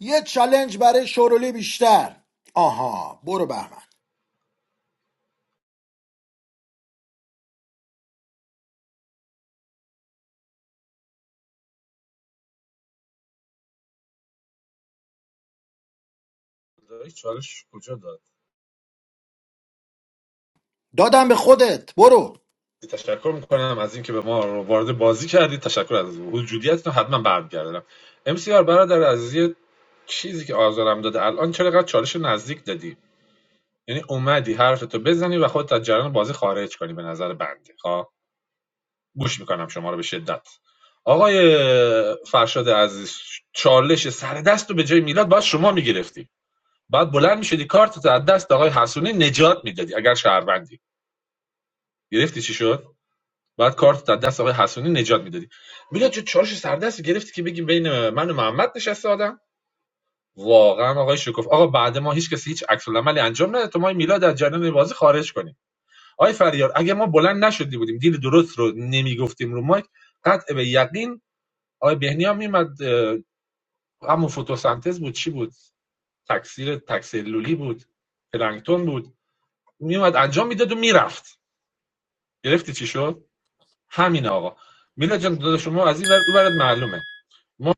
یه چلنج برای شورولی بیشتر آها برو بهمن چالش کجا داد دادم به خودت برو تشکر میکنم از اینکه به ما رو وارد بازی کردید تشکر از وجودیتتون حتما برمیگردم ام سی آر برادر عزیز یه چیزی که آزارم داده الان چرا قد چالش نزدیک دادی یعنی اومدی حرفتو بزنی و خودت از جریان بازی خارج کنی به نظر بنده خب گوش میکنم شما رو به شدت آقای فرشاد عزیز چالش سر دست رو به جای میلاد باید شما میگرفتی بعد بلند میشدی کارت از دست آقای حسونی نجات میدادی اگر شهروندی گرفتی چی شد بعد کارت از دست آقای حسونی نجات میدادی میلاد چه چالش سر دست گرفتی که بگیم بین من و محمد نشسته آدم واقعا آقای شکوف آقا بعد ما هیچ کسی هیچ عکس العملی انجام نده تو ما میلاد از جریان بازی خارج کنی آقای فریار اگه ما بلند نشدی بودیم دیل درست رو نمیگفتیم رو مایک قطع به یقین آقای بهنیا هم میمد همون فتوسنتز بود چی بود تکثیر تکسلولی بود پلانکتون بود میومد انجام میداد و میرفت گرفتی چی شد همین آقا میلا جان داداش شما از این ورد او ورد معلومه ما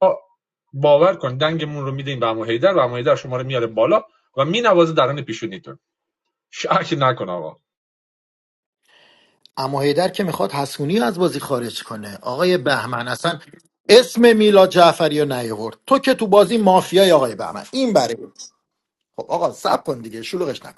باور کن دنگمون رو میدیم به عمو حیدر و عمو حیدر شما رو میاره بالا و مینوازه درون پیشونیتون شک نکن آقا اما هیدر که میخواد حسونی از بازی خارج کنه آقای بهمن اصلا اسم میلاد جعفری رو نیاورد تو که تو بازی مافیای آقای بهمن این برای خب آقا سب کن دیگه شلوغش نکن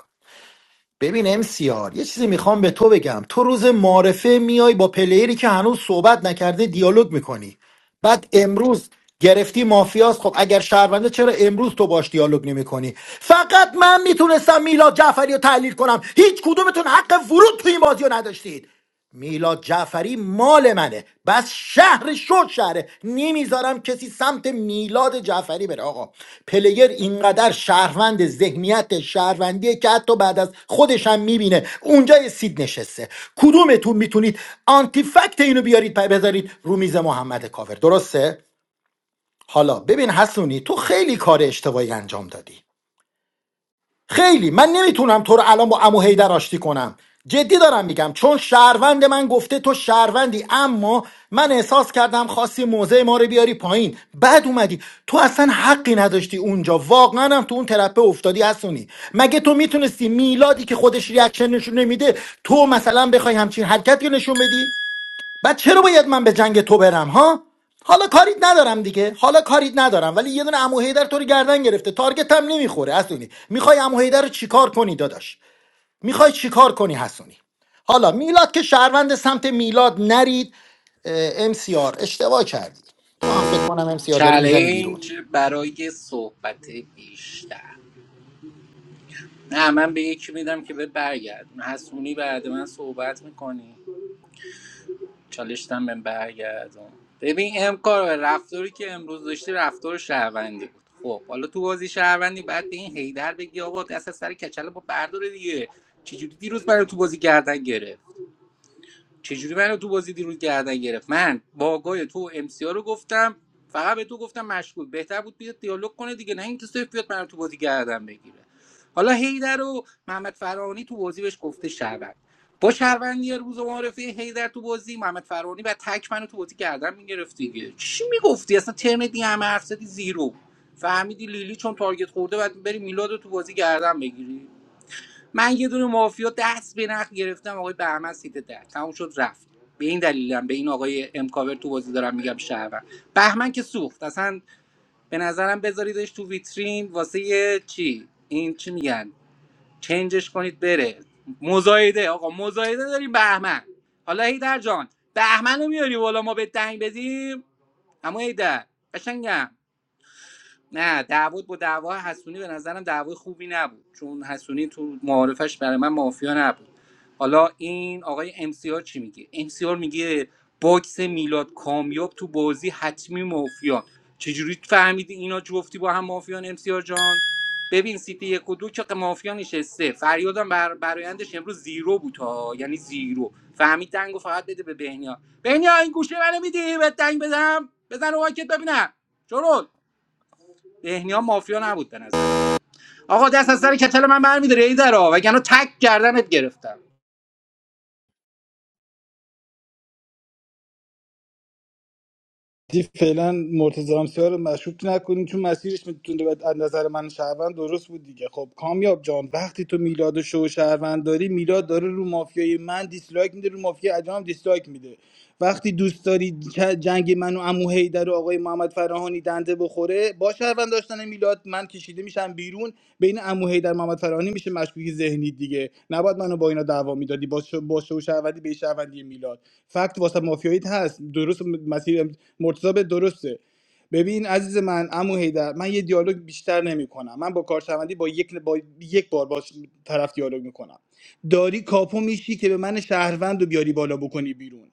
ببین ام سی آر یه چیزی میخوام به تو بگم تو روز معارفه میای با پلیری که هنوز صحبت نکرده دیالوگ میکنی بعد امروز گرفتی مافیاست خب اگر شهرونده چرا امروز تو باش دیالوگ نمیکنی فقط من میتونستم میلاد جعفری رو تحلیل کنم هیچ کدومتون حق ورود تو این بازی رو نداشتید میلاد جعفری مال منه بس شهر شد شهره نمیذارم کسی سمت میلاد جعفری بره آقا پلیر اینقدر شهروند ذهنیت شهروندیه که حتی بعد از خودش هم میبینه اونجا یه سید نشسته کدومتون میتونید آنتی فکت اینو بیارید پای بذارید رو میز محمد کاور درسته حالا ببین حسونی تو خیلی کار اشتباهی انجام دادی خیلی من نمیتونم تو رو الان با امو هیدر آشتی کنم جدی دارم میگم چون شهروند من گفته تو شهروندی اما من احساس کردم خواستی موضع ما رو بیاری پایین بعد اومدی تو اصلا حقی نداشتی اونجا واقعا هم تو اون ترپه افتادی هستونی مگه تو میتونستی میلادی که خودش ریاکشن نشون نمیده تو مثلا بخوای همچین حرکتی رو نشون بدی بعد چرا باید من به جنگ تو برم ها حالا کاریت ندارم دیگه حالا کاریت ندارم ولی یه دونه عمو حیدر تو رو گردن گرفته تارگت هم نمیخوره حسونی میخوای عمو حیدر رو چیکار کنی داداش میخوای چیکار کنی حسونی حالا میلاد که شهروند سمت میلاد نرید ام سی آر اشتباه کردی تو هم فکر کنم ام سی آر داری میزنی بیرون چلنج برای صحبت بیشتر نه من به یکی میدم که به برگرد حسونی بعد من صحبت میکنی چالشتم بهم برگردم ببین امکار رفتاری که امروز داشتی رفتار شهروندی بود خب حالا تو بازی شهروندی بعد به این هیدر بگی آقا دست از سر کچله با برداره دیگه چجوری دیروز برای تو بازی گردن گرفت چجوری منو تو بازی دیروز گردن گرفت من باگای تو و ام سی رو گفتم فقط به تو گفتم مشغول بهتر بود بیاد دیالوگ کنه دیگه نه اینکه صرف بیاد منو تو بازی گردن بگیره حالا هیدر و محمد فرانی تو بازی بهش گفته شهروند با شهروندی روز معرفه هیدر تو بازی محمد فرانی و تک منو تو بازی گردن میگرفت دیگه چی میگفتی اصلا ترن دی همه حرف زدی زیرو فهمیدی لیلی چون تارگت خورده بعد بری میلاد رو تو بازی گردن بگیری من یه دونه مافیا دست به نخ گرفتم آقای بهمن سیت ده تموم شد رفت به این دلیلم به این آقای امکاور تو بازی دارم میگم شهروند بهمن که سوخت اصلا به نظرم بذاریدش تو ویترین واسه یه چی این چی میگن چنجش کنید بره مزایده آقا مزایده داریم بهمن حالا هیدر جان بهمن رو میاری بالا ما به دنگ بدیم اما هیدر قشنگم نه دعوت با دعوا حسونی به نظرم دعوای خوبی نبود چون حسونی تو معارفش برای من مافیا نبود حالا این آقای امسیار چی میگه امسیار میگه باکس میلاد کامیاب تو بازی حتمی مافیان چجوری فهمیدی اینا جفتی با هم مافیان امسیار جان ببین سیتی یک و دو که مافیا نشسته فریادم بر برایندش امروز زیرو بود ها یعنی زیرو فهمید دنگو فقط بده به بهنیا بهنیا این گوشه منو میدی به دنگ بزنم بزن رو واکت ببینم شروع بهنیا مافیا نبود به نظرم آقا دست از سر کتل من برمیداره این درا وگرنه تک گردنت گرفتم دی فعلا مرتضی امسیار رو مشروط نکنین چون مسیرش میتونه به از نظر من شهروند درست بود دیگه خب کامیاب جان وقتی تو میلاد شو شهروند داری میلاد داره رو مافیای من دیسلایک میده رو مافیای عجام دیسلایک میده وقتی دوست داری ج- جنگ من و عمو رو آقای محمد فراهانی دنده بخوره با شهروند داشتن میلاد من کشیده میشم بیرون بین عمو در محمد فراهانی میشه مشکوکی ذهنی دیگه نباید منو با اینا دعوا میدادی با شو با شو شهروندی به شهروندی میلاد فکت واسه مافیاییت هست درست مسیر مرتضی به درسته ببین عزیز من عمو حیدر من یه دیالوگ بیشتر نمیکنم من با کارشوندی با یک با یک بار با طرف دیالوگ میکنم داری کاپو میشی که به من شهروند رو بیاری بالا بکنی بیرون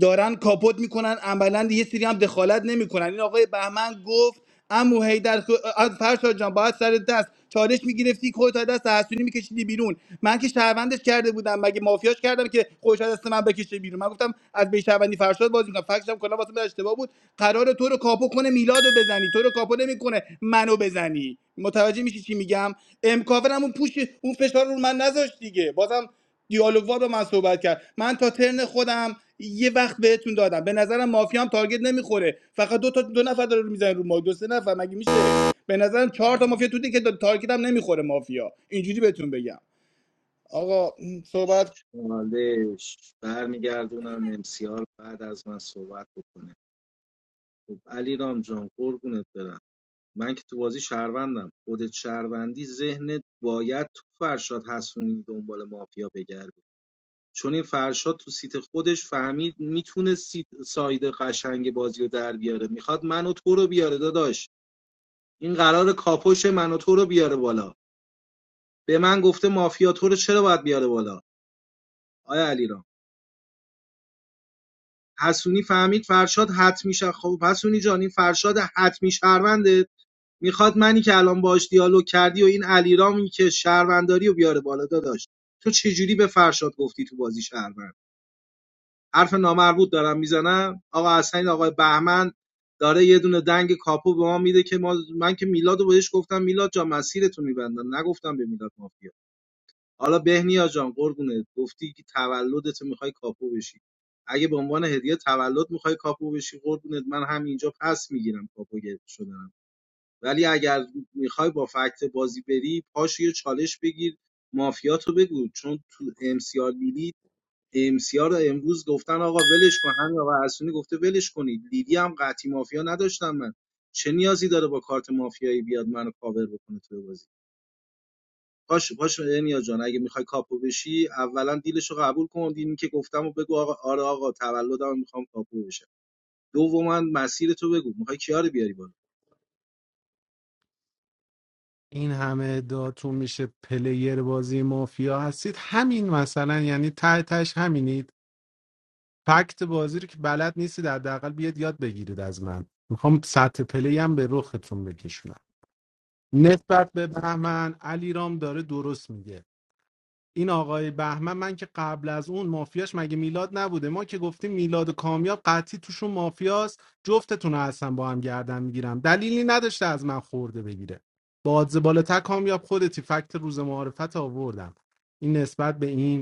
دارن کاپوت میکنن عملا یه سری هم دخالت نمیکنن این آقای بهمن گفت امو هیدر فرشاد جان باید سر دست چالش میگرفتی خودت از دست حسونی میکشیدی بیرون من که شهروندش کرده بودم مگه مافیاش کردم که خودش از دست من بکشه بیرون من گفتم از به شهروندی فرشاد بازی میکنم فکرشم کلا واسه من اشتباه بود قرار تو رو کاپو کنه میلادو بزنی تو رو کاپو نمیکنه منو بزنی متوجه میشی چی میگم امکاور هم اون پوش اون فشار رو من نذاشت دیگه بازم دیالوگوار با من صحبت کرد من تا ترن خودم یه وقت بهتون دادم به نظرم مافیا هم تارگت نمیخوره فقط دو تا دو نفر داره رو میزنه رو ما دو سه نفر مگه میشه به نظرم چهار تا مافیا تو دیگه که تارگت هم نمیخوره مافیا اینجوری بهتون بگم آقا م، صحبت چالش برمیگردونم امسیار بعد از من صحبت بکنه خب علی رام جان قربونت برم من که تو بازی شهروندم خودت شهروندی ذهنت باید تو فرشاد حسونی دنبال مافیا بگردی چون این فرشاد تو سیت خودش فهمید میتونه سایده ساید قشنگ بازی رو در بیاره میخواد من و تو رو بیاره داداش این قراره کاپوش من و تو رو بیاره بالا به من گفته مافیا تو رو چرا باید بیاره بالا آیا علیرام حسونی فهمید فرشاد حتمی شه خب حسونی جان این فرشاد حتمی شهرونده میخواد منی که الان باش دیالوگ کردی و این علیرامی که شهرونداری رو بیاره بالا داداش تو چجوری به فرشاد گفتی تو بازی شهروند حرف نامربوط دارم میزنم آقا حسین آقای بهمن داره یه دونه دنگ کاپو به ما میده که ما من که میلادو رو بهش گفتم میلاد جا مسیرتون میبندم نگفتم به میلاد مافیا حالا بهنیا جان قربونت گفتی که تولدت میخوای کاپو بشی اگه به عنوان هدیه تولد میخوای کاپو بشی قربونت من همینجا پس میگیرم کاپو گرفت شدنم ولی اگر میخوای با فکت بازی بری پاش یه چالش بگیر مافیاتو بگو چون تو ام امسیار لیلی امسیار رو امروز گفتن آقا ولش کن همین آقا حسونی گفته ولش کنید لیلی هم قطعی مافیا نداشتم من چه نیازی داره با کارت مافیایی بیاد منو کاور بکنه تو بازی باشه باشه دنیا جان اگه میخوای کاپو بشی اولا دیلشو قبول کن دینی که گفتم و بگو آقا آره آقا تولدم میخوام کاپو بشم دوما مسیر تو بگو میخوای کیا رو بیاری بالا این همه ادعاتون میشه پلیر بازی مافیا هستید همین مثلا یعنی ته تهش همینید فکت بازی رو که بلد نیستید حداقل بیاد یاد بگیرید از من میخوام سطح پلی هم به رختون بکشونم نسبت به بهمن علیرام داره درست میگه این آقای بهمن من که قبل از اون مافیاش مگه میلاد نبوده ما که گفتیم میلاد و کامیاب قطعی توشون مافیاست جفتتون رو اصلا با هم گردن میگیرم دلیلی نداشته از من خورده بگیره با آدز بالاتر کامیاب خودتی فکت روز معارفت آوردم این نسبت به این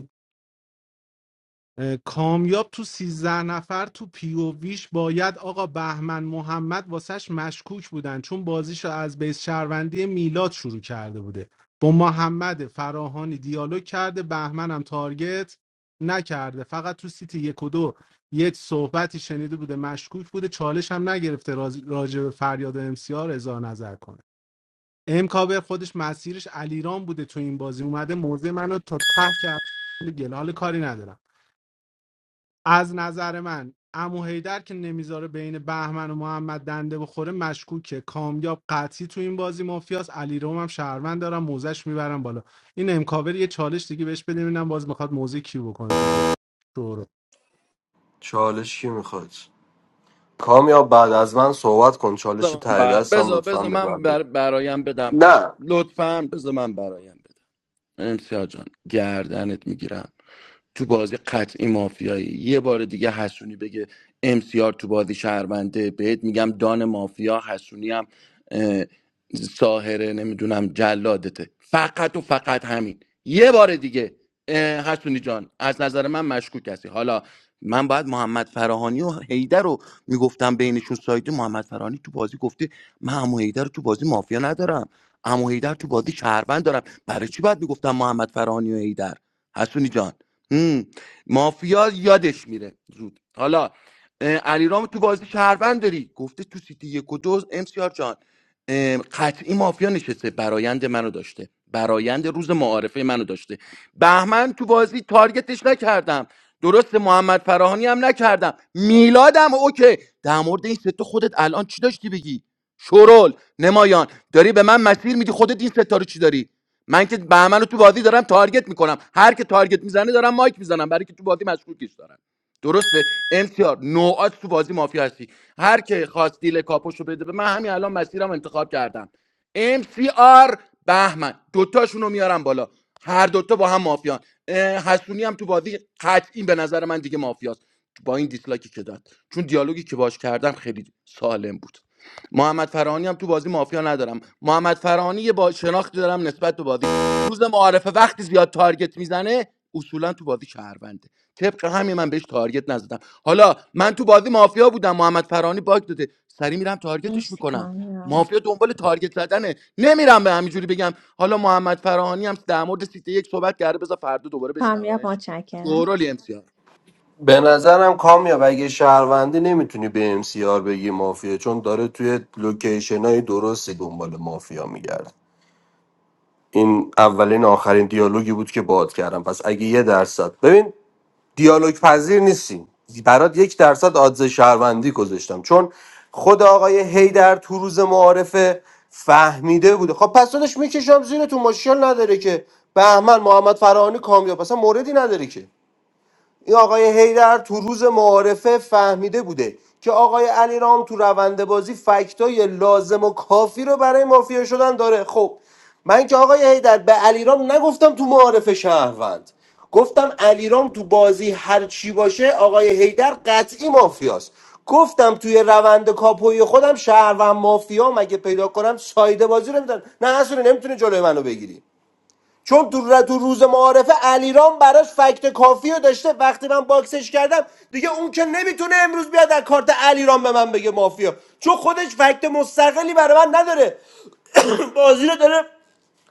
اه، کامیاب تو 13 نفر تو پی او ویش باید آقا بهمن محمد واسش مشکوک بودن چون بازیشو از بیس شهروندی میلاد شروع کرده بوده با محمد فراهانی دیالوگ کرده بهمن هم تارگت نکرده فقط تو سیت یک و دو یک صحبتی شنیده بوده مشکوک بوده چالش هم نگرفته راز- راجع به فریاد امسیار اظهار نظر کنه امکابر خودش مسیرش علیرام بوده تو این بازی اومده موضع منو تا ته کرد گل حال کاری ندارم از نظر من عمو حیدر که نمیذاره بین بهمن و محمد دنده بخوره مشکوکه کامیاب قطعی تو این بازی مافیاس علی هم شهروند دارم موزش میبرم بالا این امکاور یه چالش دیگه بهش بده ببینم باز میخواد موزه کیو بکنه تو گل شورو چالش کی میخواد کامیاب بعد از من صحبت کن چالش بذار من ته بر- دستم بذار- لطفا بذار به من من بده بر- برایم بدم نه لطفا بذار من برایم بدم امسیار جان گردنت میگیرم تو بازی قطعی مافیایی یه بار دیگه حسونی بگه امسیار تو بازی شهرونده بهت میگم دان مافیا حسونی هم اه، ساهره نمیدونم جلادته فقط و فقط همین یه بار دیگه اه، حسونی جان از نظر من مشکوک هستی حالا من باید محمد فراهانی و حیدر رو میگفتم بینشون سایده محمد فراهانی تو بازی گفته من هم حیدر رو تو بازی مافیا ندارم عمو هیدر تو بازی شهروند دارم برای چی باید میگفتم محمد فرانی و هیدر حسونی جان هم. مافیا یادش میره زود حالا اه، علیرام تو بازی شهروند داری گفته تو سیتی یک و دو امسیار جان اه، قطعی مافیا نشسته برایند منو داشته برایند روز معارفه منو داشته بهمن تو بازی تارگتش نکردم درست محمد فراهانی هم نکردم میلادم اوکی در مورد این سه تا خودت الان چی داشتی بگی شورول نمایان داری به من مسیر میدی خودت این ستاره چی داری من که بهمن رو تو بازی دارم تارگت میکنم هر که تارگت میزنه دارم مایک میزنم برای که تو بازی مشکوکش دارم درسته امتیار نوعات تو بازی مافیا هستی هر که خواست دیل کاپوشو بده به من همین الان مسیرم انتخاب کردم ام سی آر بهمن دوتاشون رو میارم بالا هر دوتا با هم مافیان اه، حسونی هم تو بازی قطعی به نظر من دیگه مافیاست با این دیسلایکی که داد چون دیالوگی که باش کردم خیلی سالم بود محمد فرانی هم تو بازی مافیا ندارم محمد فرانی یه با شناختی دارم نسبت به بازیش روز معارفه وقتی زیاد تارگت میزنه اصولا تو بازی شهرونده طبق همین من بهش تارگت نزدم حالا من تو بازی مافیا بودم محمد فرانی باگ داده سری میرم تارگتش مرسی میکنم کامیاب مافیا دنبال تارگت زدنه نمیرم به همینجوری بگم حالا محمد فرانی هم در مورد سیته یک صحبت کرده بذار فردا دوباره کامیاب بشنومش متشکرم دورالی امسیار به نظرم کامیاب اگه شهروندی نمیتونی به ام سی آر بگی مافیا چون داره توی لوکیشن های درستی دنبال مافیا میگرده این اولین آخرین دیالوگی بود که باهات کردم پس اگه یه درصد ببین دیالوگ پذیر نیستیم برات یک درصد آدز شهروندی گذاشتم چون خود آقای هیدر تو روز معارفه فهمیده بوده خب پس داداش میکشم زیر تو مشکل نداره که بهمن محمد فرهانی کامیاب اصلا موردی نداره که این آقای هیدر تو روز معارفه فهمیده بوده که آقای علیرام تو روند بازی فکتای لازم و کافی رو برای مافیا شدن داره خب من که آقای هیدر به علیرام نگفتم تو معارفه شهروند گفتم علیرام تو بازی هر چی باشه آقای هیدر قطعی مافیاست گفتم توی روند کاپوی خودم شهروند مافیا مگه پیدا کنم سایده بازی رو میدن نه اصلا نمیتونه جلوی منو بگیری چون تو, ر- تو روز معارفه علیرام براش فکت کافی رو داشته وقتی من باکسش کردم دیگه اون که نمیتونه امروز بیاد از کارت علیرام به من بگه مافیا چون خودش فکت مستقلی برای من نداره بازی رو داره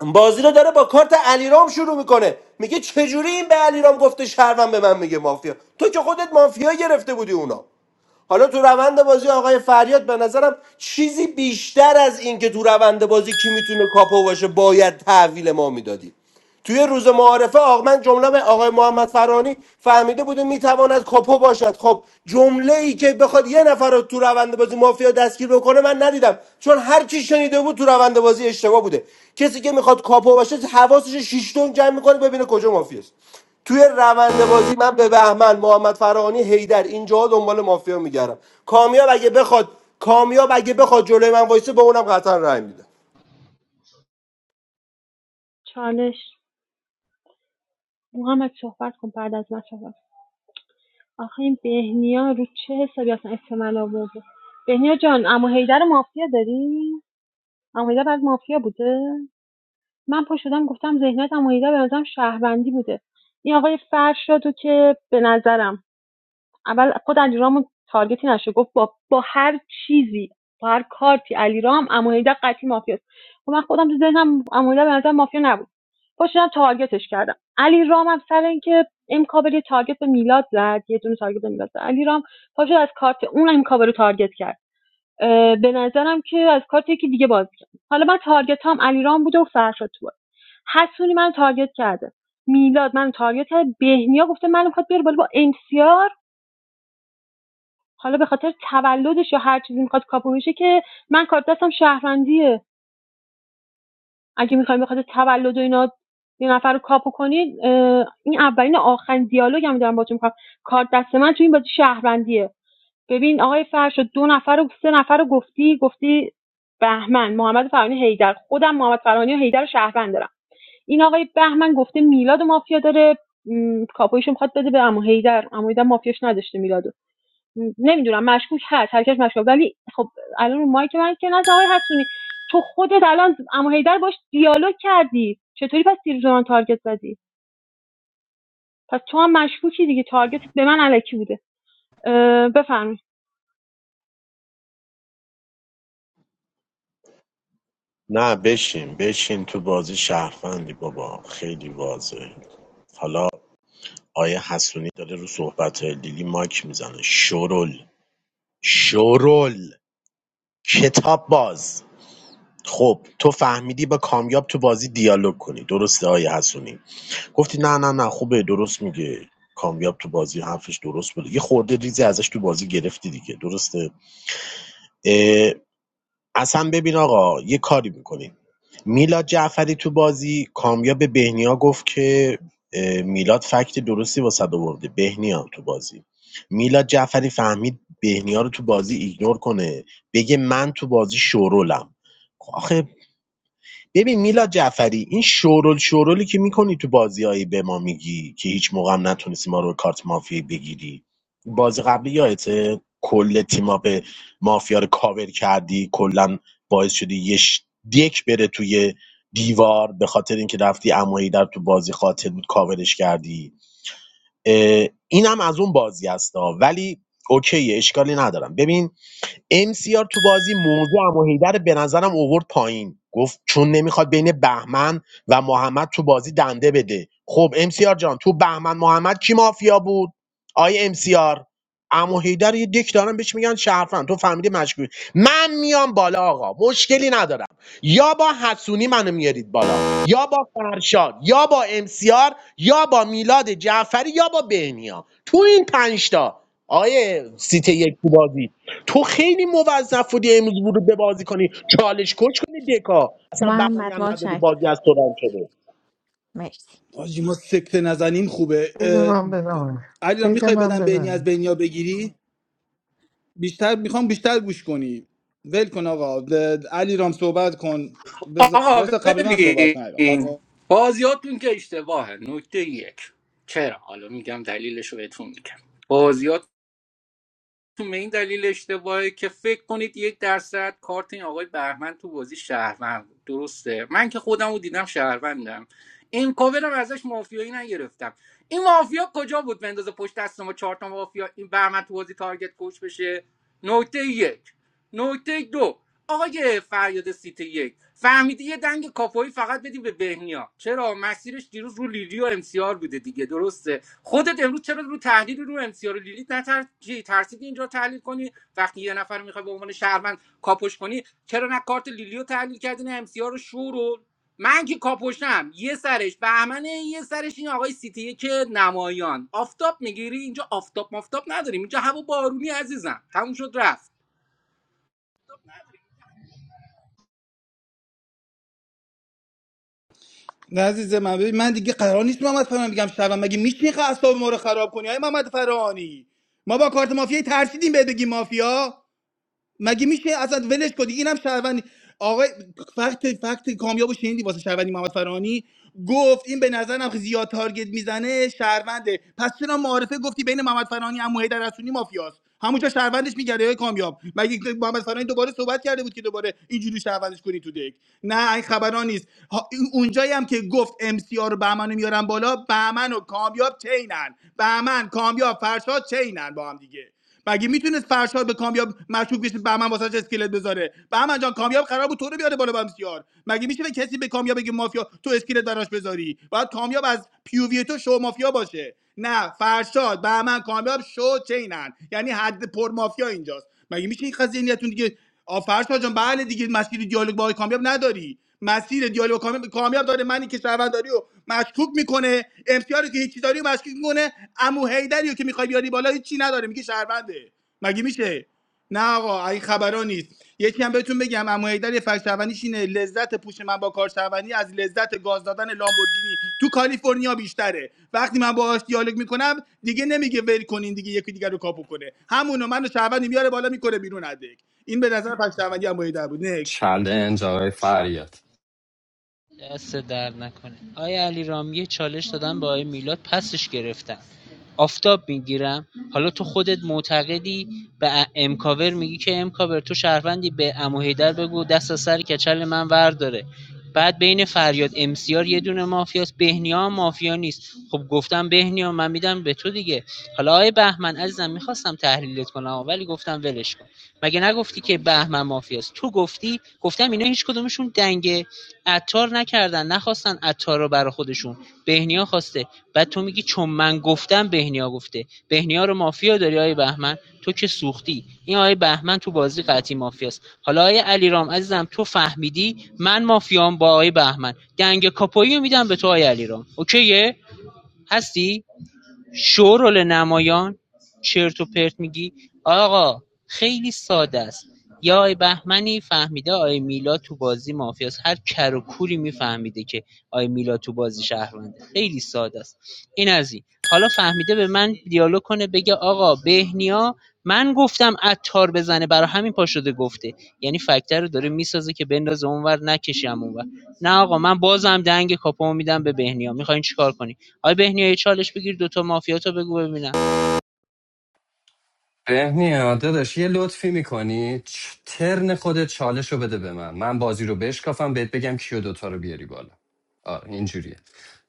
بازی رو داره با کارت علیرام شروع میکنه میگه چجوری این به علیرام گفته شهروند به من میگه مافیا تو که خودت مافیا گرفته بودی اونا حالا تو روند بازی آقای فریاد به نظرم چیزی بیشتر از این که تو روند بازی کی میتونه کاپو باشه باید تحویل ما میدادی توی روز معارفه آقمن جمله به آقای محمد فرانی فهمیده بوده میتواند کاپو باشد خب جمله ای که بخواد یه نفر رو تو روند بازی مافیا دستگیر بکنه من ندیدم چون هر کی شنیده بود تو روند بازی اشتباه بوده کسی که میخواد کاپو باشه حواسش رو شیش تون جمع میکنه ببینه کجا مافیاست توی روند بازی من به بهمن محمد فرهانی هیدر اینجاها دنبال مافیا میگردم کامیاب اگه بخواد کامیاب اگه بخواد جلوی من وایسه به اونم قطعا رای میده چالش محمد صحبت کن بعد از من صحبت آخه این بهنیا رو چه حسابی اصلا اسم من آورده بهنیا جان عمو حیدر مافیا داری عمو حیدر بعد مافیا بوده من پا شدم گفتم ذهنیت عمو حیدر بعد بوده این آقام اولمون تارگت زی با خب من نبود پا شدم کردم علی که امکلات تارگت نمیداد علی رام پا شد اون هم کاور رو تارگت کرد اه، نظرم که از کارت یکی دیگه باز کرد. حالا من تارگت هم علی رام بوده و فرشاد تو حسونی من تارگت کرده میلاد من تارگت کرد بهنیا گفته من میخواد بره بالا با ام سی آر حالا به خاطر تولدش یا هر چیزی میخواد کاپو بشه که من کارت دستم شهروندیه اگه میخوایم به خاطر تولد و اینا یه نفر رو کاپو کنید این اولین آخرین دیالوگ هم دارم باتون میکنم کارت دست من تو این بازی شهروندیه ببین آقای فرش دو نفر و سه نفر رو گفتی گفتی بهمن محمد فرانی هیدر خودم محمد فرانی و هیدر شهروند دارم این آقای بهمن گفته میلاد مافیا داره م، کاپویشو میخواد بده به عمو هیدر عمو هیدر مافیاش نداشته میلادو نمیدونم مشکوک هست هرکس مشکوک ولی خب الان رو مایک من که نه آقای حسونی تو خودت الان اما هیدر باش دیالوگ کردی چطوری پس دیروز به من تارگت زدی پس تو هم مشکوکی دیگه تارگت به من علکی بوده اه، بفرمایید نه بشین بشین تو بازی شهروندی بابا خیلی واضحه حالا آیه حسونی داره رو صحبت لیلی ماک میزنه شرل شرل کتاب باز خب تو فهمیدی با کامیاب تو بازی دیالوگ کنی درسته آیه حسونی گفتی نه نه نه خوبه درست میگه کامیاب تو بازی حرفش درست بود یه خورده ریزی ازش تو بازی گرفتی دیگه درسته اه، اصلا ببین آقا یه کاری میکنین میلاد جعفری تو بازی کامیاب بهنیا گفت که اه، میلاد فکت درستی واسه آورده بهنیا تو بازی میلاد جعفری فهمید بهنیا رو تو بازی ایگنور کنه بگه من تو بازی شورولم خب آخه ببین میلاد جعفری این شورول شورولی که میکنی تو بازیایی به ما میگی که هیچ موقع هم نتونستی ما رو کارت مافیا بگیری بازی قبلی یادته کل تیما به مافیا رو کاور کردی کلا باعث شدی یه ش- دک بره توی دیوار به خاطر اینکه رفتی امایی در تو بازی خاطر بود کاورش کردی اه، اینم از اون بازی هستا ولی اوکیه اشکالی ندارم ببین امسیار تو بازی موضع عمو حیدر به نظرم اوورد پایین گفت چون نمیخواد بین بهمن و محمد تو بازی دنده بده خب امسیار جان تو بهمن محمد کی مافیا بود آی امسیار عمو حیدر یه دک دارن بهش میگن شرفن تو فهمیدی مشکوک من میام بالا آقا مشکلی ندارم یا با حسونی منو میارید بالا یا با فرشاد یا با امسیار یا با میلاد جعفری یا با بهنیا تو این پنج تا آیه سیت یک تو بازی تو خیلی موظف بودی امروز ورود به بازی کنی چالش کش کنی دکا محمد هم نداری متشکرم بازی از تو رام شده مرسی آجی ما سکته نزنیم خوبه بده اه، من بدم علی را بده میخوای من بدم بینی از بدم بینیا بگیری بیشتر میخوام بیشتر گوش کنی ول کن آقا د- علی رام صحبت کن بز- آقا وایسا قبل من صحبت کن علی قبل ببین بازیاتون که اشتباهه نکته یک چرا حالا میگم دلیلش رو بهتون میگم بازی به این دلیل اشتباهه که فکر کنید یک درصد کارت این آقای بهمن تو بازی شهروند بود. درسته من که خودم رو دیدم شهروندم این کوورم ازش مافیایی نگرفتم این مافیا کجا بود بندازه پشت دست ما چهار تا مافیا این بهمن تو بازی تارگت کش بشه نکته یک نکته دو آقای فریاد سیت یک فهمیدی یه دنگ کاپوی فقط بدی به بهنیا چرا مسیرش دیروز رو لیلی و امسیار بوده دیگه درسته خودت امروز چرا رو تحلیل رو امسیار و لیلیت نتر چی ترسیدی اینجا تحلیل کنی وقتی یه نفر میخوای به عنوان شهروند کاپوش کنی چرا نه کارت لیلی تحلیل کردی نه امسیار رو شو من که کاپوشم یه سرش بهمنه یه سرش این آقای سیتی که نمایان آفتاب میگیری اینجا آفتاب مافتاب نداریم اینجا هوا بارونی عزیزم تموم شد رفت نه عزیز من من دیگه قرار نیست محمد فرهانی بگم شبم مگه میشه اعصاب ما رو خراب کنی آ محمد فرهانی ما با کارت مافیایی ترسیدیم بهت بگیم مافیا مگه میشه اصلا ولش کنی اینم شهروندی آقای فقط فقط کامیاب و شنیدی واسه شهروندی محمد فرانی گفت این به نظرم که زیاد تارگت میزنه شهرونده پس چرا معارفه گفتی بین محمد فرانی عمو حیدر رسولی مافیاست همونجا شهروندش میگرده های کامیاب مگه که محمد فرانی دوباره صحبت کرده بود که دوباره اینجوری شهروندش کنی تو دک نه این خبران نیست ها- اونجایی هم که گفت ام سی رو بهمن میارن بالا بهمن و کامیاب چینن بهمن کامیاب فرشاد چینن با هم دیگه مگه میتونست فرشاد به کامیاب مشکوک بشه بهمن واسش اسکلت بذاره بهمن جان کامیاب قرار بود تو رو بیاره بالا بمسیار مگه میشه به کسی به کامیاب بگه مافیا تو اسکلت براش بذاری باید کامیاب از پیووی تو شو مافیا باشه نه فرشاد بهمن کامیاب شو چینن یعنی حد پر مافیا اینجاست مگه میشه این قضیه نیتون دیگه آ فرشاد جان بله دیگه مسیر دیالوگ با آقای کامیاب نداری مسیر دیالوگ کامیاب داره منی که شهرونداری رو مشکوک میکنه امسیار که هیچی داری رو مشکوک میکنه امو هیدری رو که میخوای بیاری بالا هیچی نداره میگه شهرونده مگه میشه نه آقا این خبرا نیست یکی هم بهتون بگم امو هیدر یه فکر شهروندیش اینه لذت پوش من با کار شهروندی از لذت گاز دادن لامبورگینی تو کالیفرنیا بیشتره وقتی من باهاش دیالوگ میکنم دیگه نمیگه ول کنین دیگه یکی دیگر رو کاپو کنه همونو منو شهروندی میاره بالا میکنه بیرون ادک این به نظر فکر شهروندی امو هیدر بود نکست چلنج آقای فریاد دست در نکنه آقای علیرامی چالش دادن به آقای میلاد پسش گرفتن آفتاب میگیرم حالا تو خودت معتقدی به ا- امکاور میگی که امکاور تو شهروندی به عمو حیدر بگو دست از سر کچل من ورداره بعد بین فریاد امسیار یه دونه مافیاست بهنیا مافیا نیست خب گفتم بهنیا من میدم به تو دیگه حالا آقای بهمن عزیزم میخواستم تحلیلت کنم ولی گفتم ولش کن مگه نگفتی که بهمن مافیاست تو گفتی گفتم اینا هیچ کدومشون دنگ عطار نکردن نخواستن عطار رو برا خودشون بهنیا خواسته بعد تو میگی چون من گفتم بهنیا گفته بهنیا رو مافیا داری آقای بهمن تو که سوختی این آقای بهمن تو بازی قطعی مافیاست حالا آقای علیرام عزیزم تو فهمیدی من مافیام با آقای بهمن دنگ کاپویی میدم به تو آقای علیرام اوکیه هستی شورول نمایان، چرت و پرت میگی آقا خیلی ساده است یه آقای بهمنی فهمیده آی میلاد تو بازی مافیاست هر کر و کوری میفهمیده که آی میلاد تو بازی شهرونده خیلی ساده است این از این حالا فهمیده به من دیالوگ کنه بگه آقا بهنیا من گفتم عطار بزنه برای همین پا شده گفته یعنی فکتر رو داره میسازه که بندازه اونور نکشیم اونور نه آقا من بازم دنگ کاپو میدم به بهنیا میخواین چیکار کنین آقای بهنیا یه چالش بگیر دوتا مافیا تو بگو ببینم بهنیا داداش یه لطفی میکنی ترن خودت چالش رو بده به من من بازی رو بشکافم بهت بگم کیو دوتا رو بیاری بالا آه اینجوریه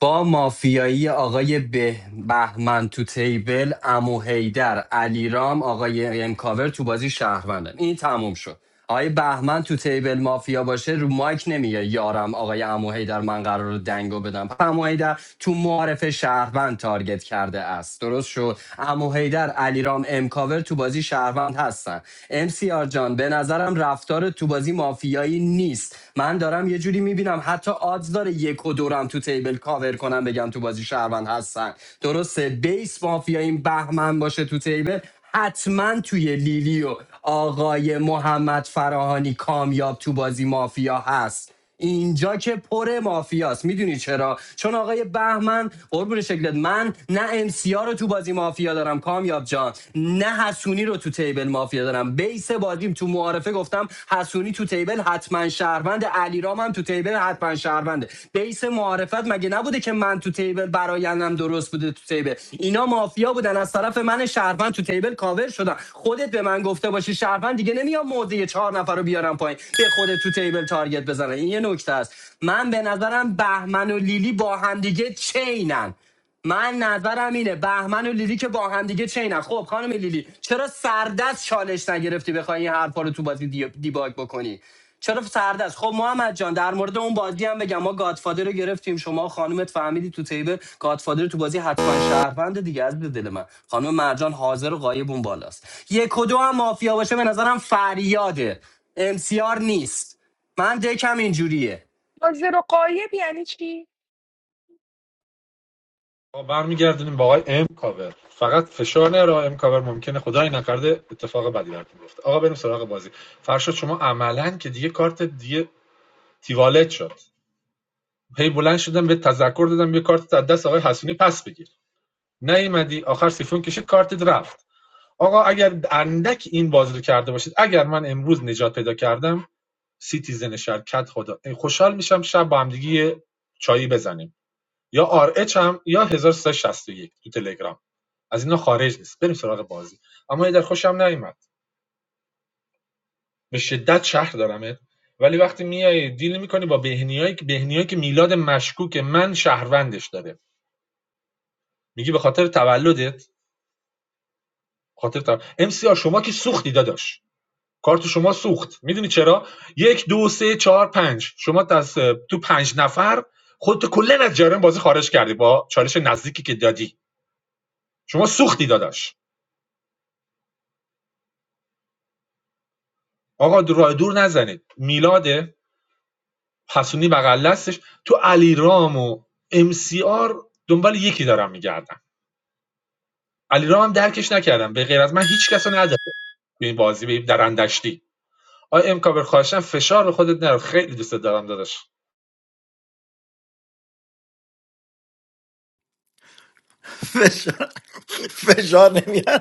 با مافیایی آقای به بهمن تو تیبل امو هیدر علیرام آقای امکاور تو بازی شهروندن این تموم شد آقای بهمن تو تیبل مافیا باشه رو مایک نمیگه یارم آقای امو هیدر من قرار رو دنگو بدم امو هیدر تو معارف شهروند تارگت کرده است درست شد امو هیدر علیرام امکاور تو بازی شهروند هستن ام سی آر جان به نظرم رفتار تو تو بازی مافیایی نیست من دارم یه جوری میبینم حتی آدز داره یک و دورم تو تیبل کاور کنم بگم تو بازی شهروند هستن درسته بیس مافیایی بهمن باشه تو تیبل حتما توی لیلی و آقای محمد فراهانی کامیاب تو بازی مافیا هست اینجا که پر مافیاست میدونی چرا چون آقای بهمن قربون شکلت من نه امسیا رو تو بازی مافیا دارم کامیاب جان نه حسونی رو تو تیبل مافیا دارم بیس بازیم تو معارفه گفتم حسونی تو تیبل حتما شهروند علیرام هم تو تیبل حتما شهرونده بیس معارفت مگه نبوده که من تو تیبل برایندم درست درست بوده تو تیبل اینا مافیا بودن از طرف من شهروند تو تیبل کاور شدن خودت به من گفته باشی شهروند دیگه نمیام موضع چهار نفر رو بیارم پایین به خودت تو تیبل تارگت بزنن این یه نکته است من به نظرم بهمن و لیلی با همدیگه چینن من نظرم اینه بهمن و لیلی که با هم دیگه چینن خب خانم لیلی چرا سردست چالش نگرفتی بخوای این حرفا رو تو بازی دی- دیباگ بکنی چرا سرد است خب محمد جان در مورد اون بازی هم بگم ما گادفادر رو گرفتیم شما خانومت فهمیدی تو تیبل گادفادر تو بازی حتما شهروند دیگه از به دل من خانم مرجان حاضر و غایب اون بالاست یک و دو هم مافیا باشه به نظرم فریاده امسیار نیست من دکم اینجوریه باز زیرو قایب یعنی چی ما برمیگردونیم با آقای ام کاور فقط فشار نیاره آقای ام کاور ممکنه خدای نکرده اتفاق بدی براتون بیفته آقا بریم سراغ بازی فرشاد شما عملا که دیگه کارت دیگه تیوالت شد هی بلند شدم به تذکر دادم یه کارت از دست آقای حسونی پس بگیر نیومدی آخر سیفون کشید کارت رفت آقا اگر اندک این بازی رو کرده باشید اگر من امروز نجات پیدا کردم سیتیزن شرکت خدا خوشحال میشم شب با همدیگه یه چایی بزنیم یا آر اچ هم یا 1361 تو تلگرام از اینا خارج نیست بریم سراغ بازی اما یه در خوشم نیومد به شدت شهر دارمت ولی وقتی میای دیل میکنی با بهنیایی که بهنیایی که میلاد مشکوک من شهروندش داره میگی به خاطر تولدت خاطر تولد. ام سی آر شما که سوختی داداش کارت شما سوخت میدونی چرا یک دو سه چهار پنج شما از تو پنج نفر خودتو کلا از جریان بازی خارج کردی با چالش نزدیکی که دادی شما سوختی داداش آقا دو- راه دور نزنید میلاد حسونی بغل دستش تو علیرام و ام سی آر دنبال یکی دارم میگردم علیرام هم درکش نکردم به غیر از من هیچ کسو نداره تو این بازی به این درندشتی آیا ام کابر خواهشم فشار به خودت نرو خیلی دوست دارم داداش فشار فشار نمیاد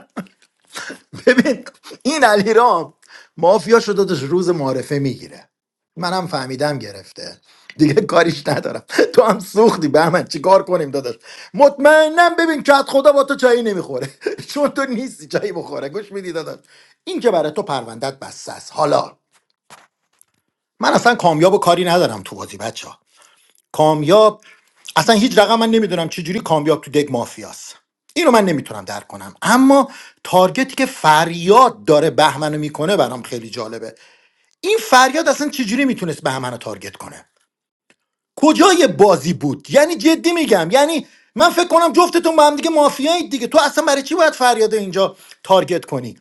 ببین این علیرام مافیا شده داشت روز معارفه میگیره منم فهمیدم گرفته دیگه کاریش ندارم تو هم سوختی به من چیکار کنیم داداش مطمئنم ببین کت خدا با تو چایی نمیخوره چون تو نیستی چایی بخوره گوش میدی داداش این که برای تو پروندت بسته است حالا من اصلا کامیاب و کاری ندارم تو بازی بچه کامیاب اصلا هیچ رقم من نمیدونم چجوری کامیاب تو دگ مافیاست اینو من نمیتونم درک کنم اما تارگتی که فریاد داره بهمنو میکنه برام خیلی جالبه این فریاد اصلا چجوری میتونست بهمنو تارگت کنه کجای بازی بود یعنی جدی میگم یعنی من فکر کنم جفتتون با هم دیگه مافیایید دیگه تو اصلا برای چی باید فریاد اینجا تارگت کنی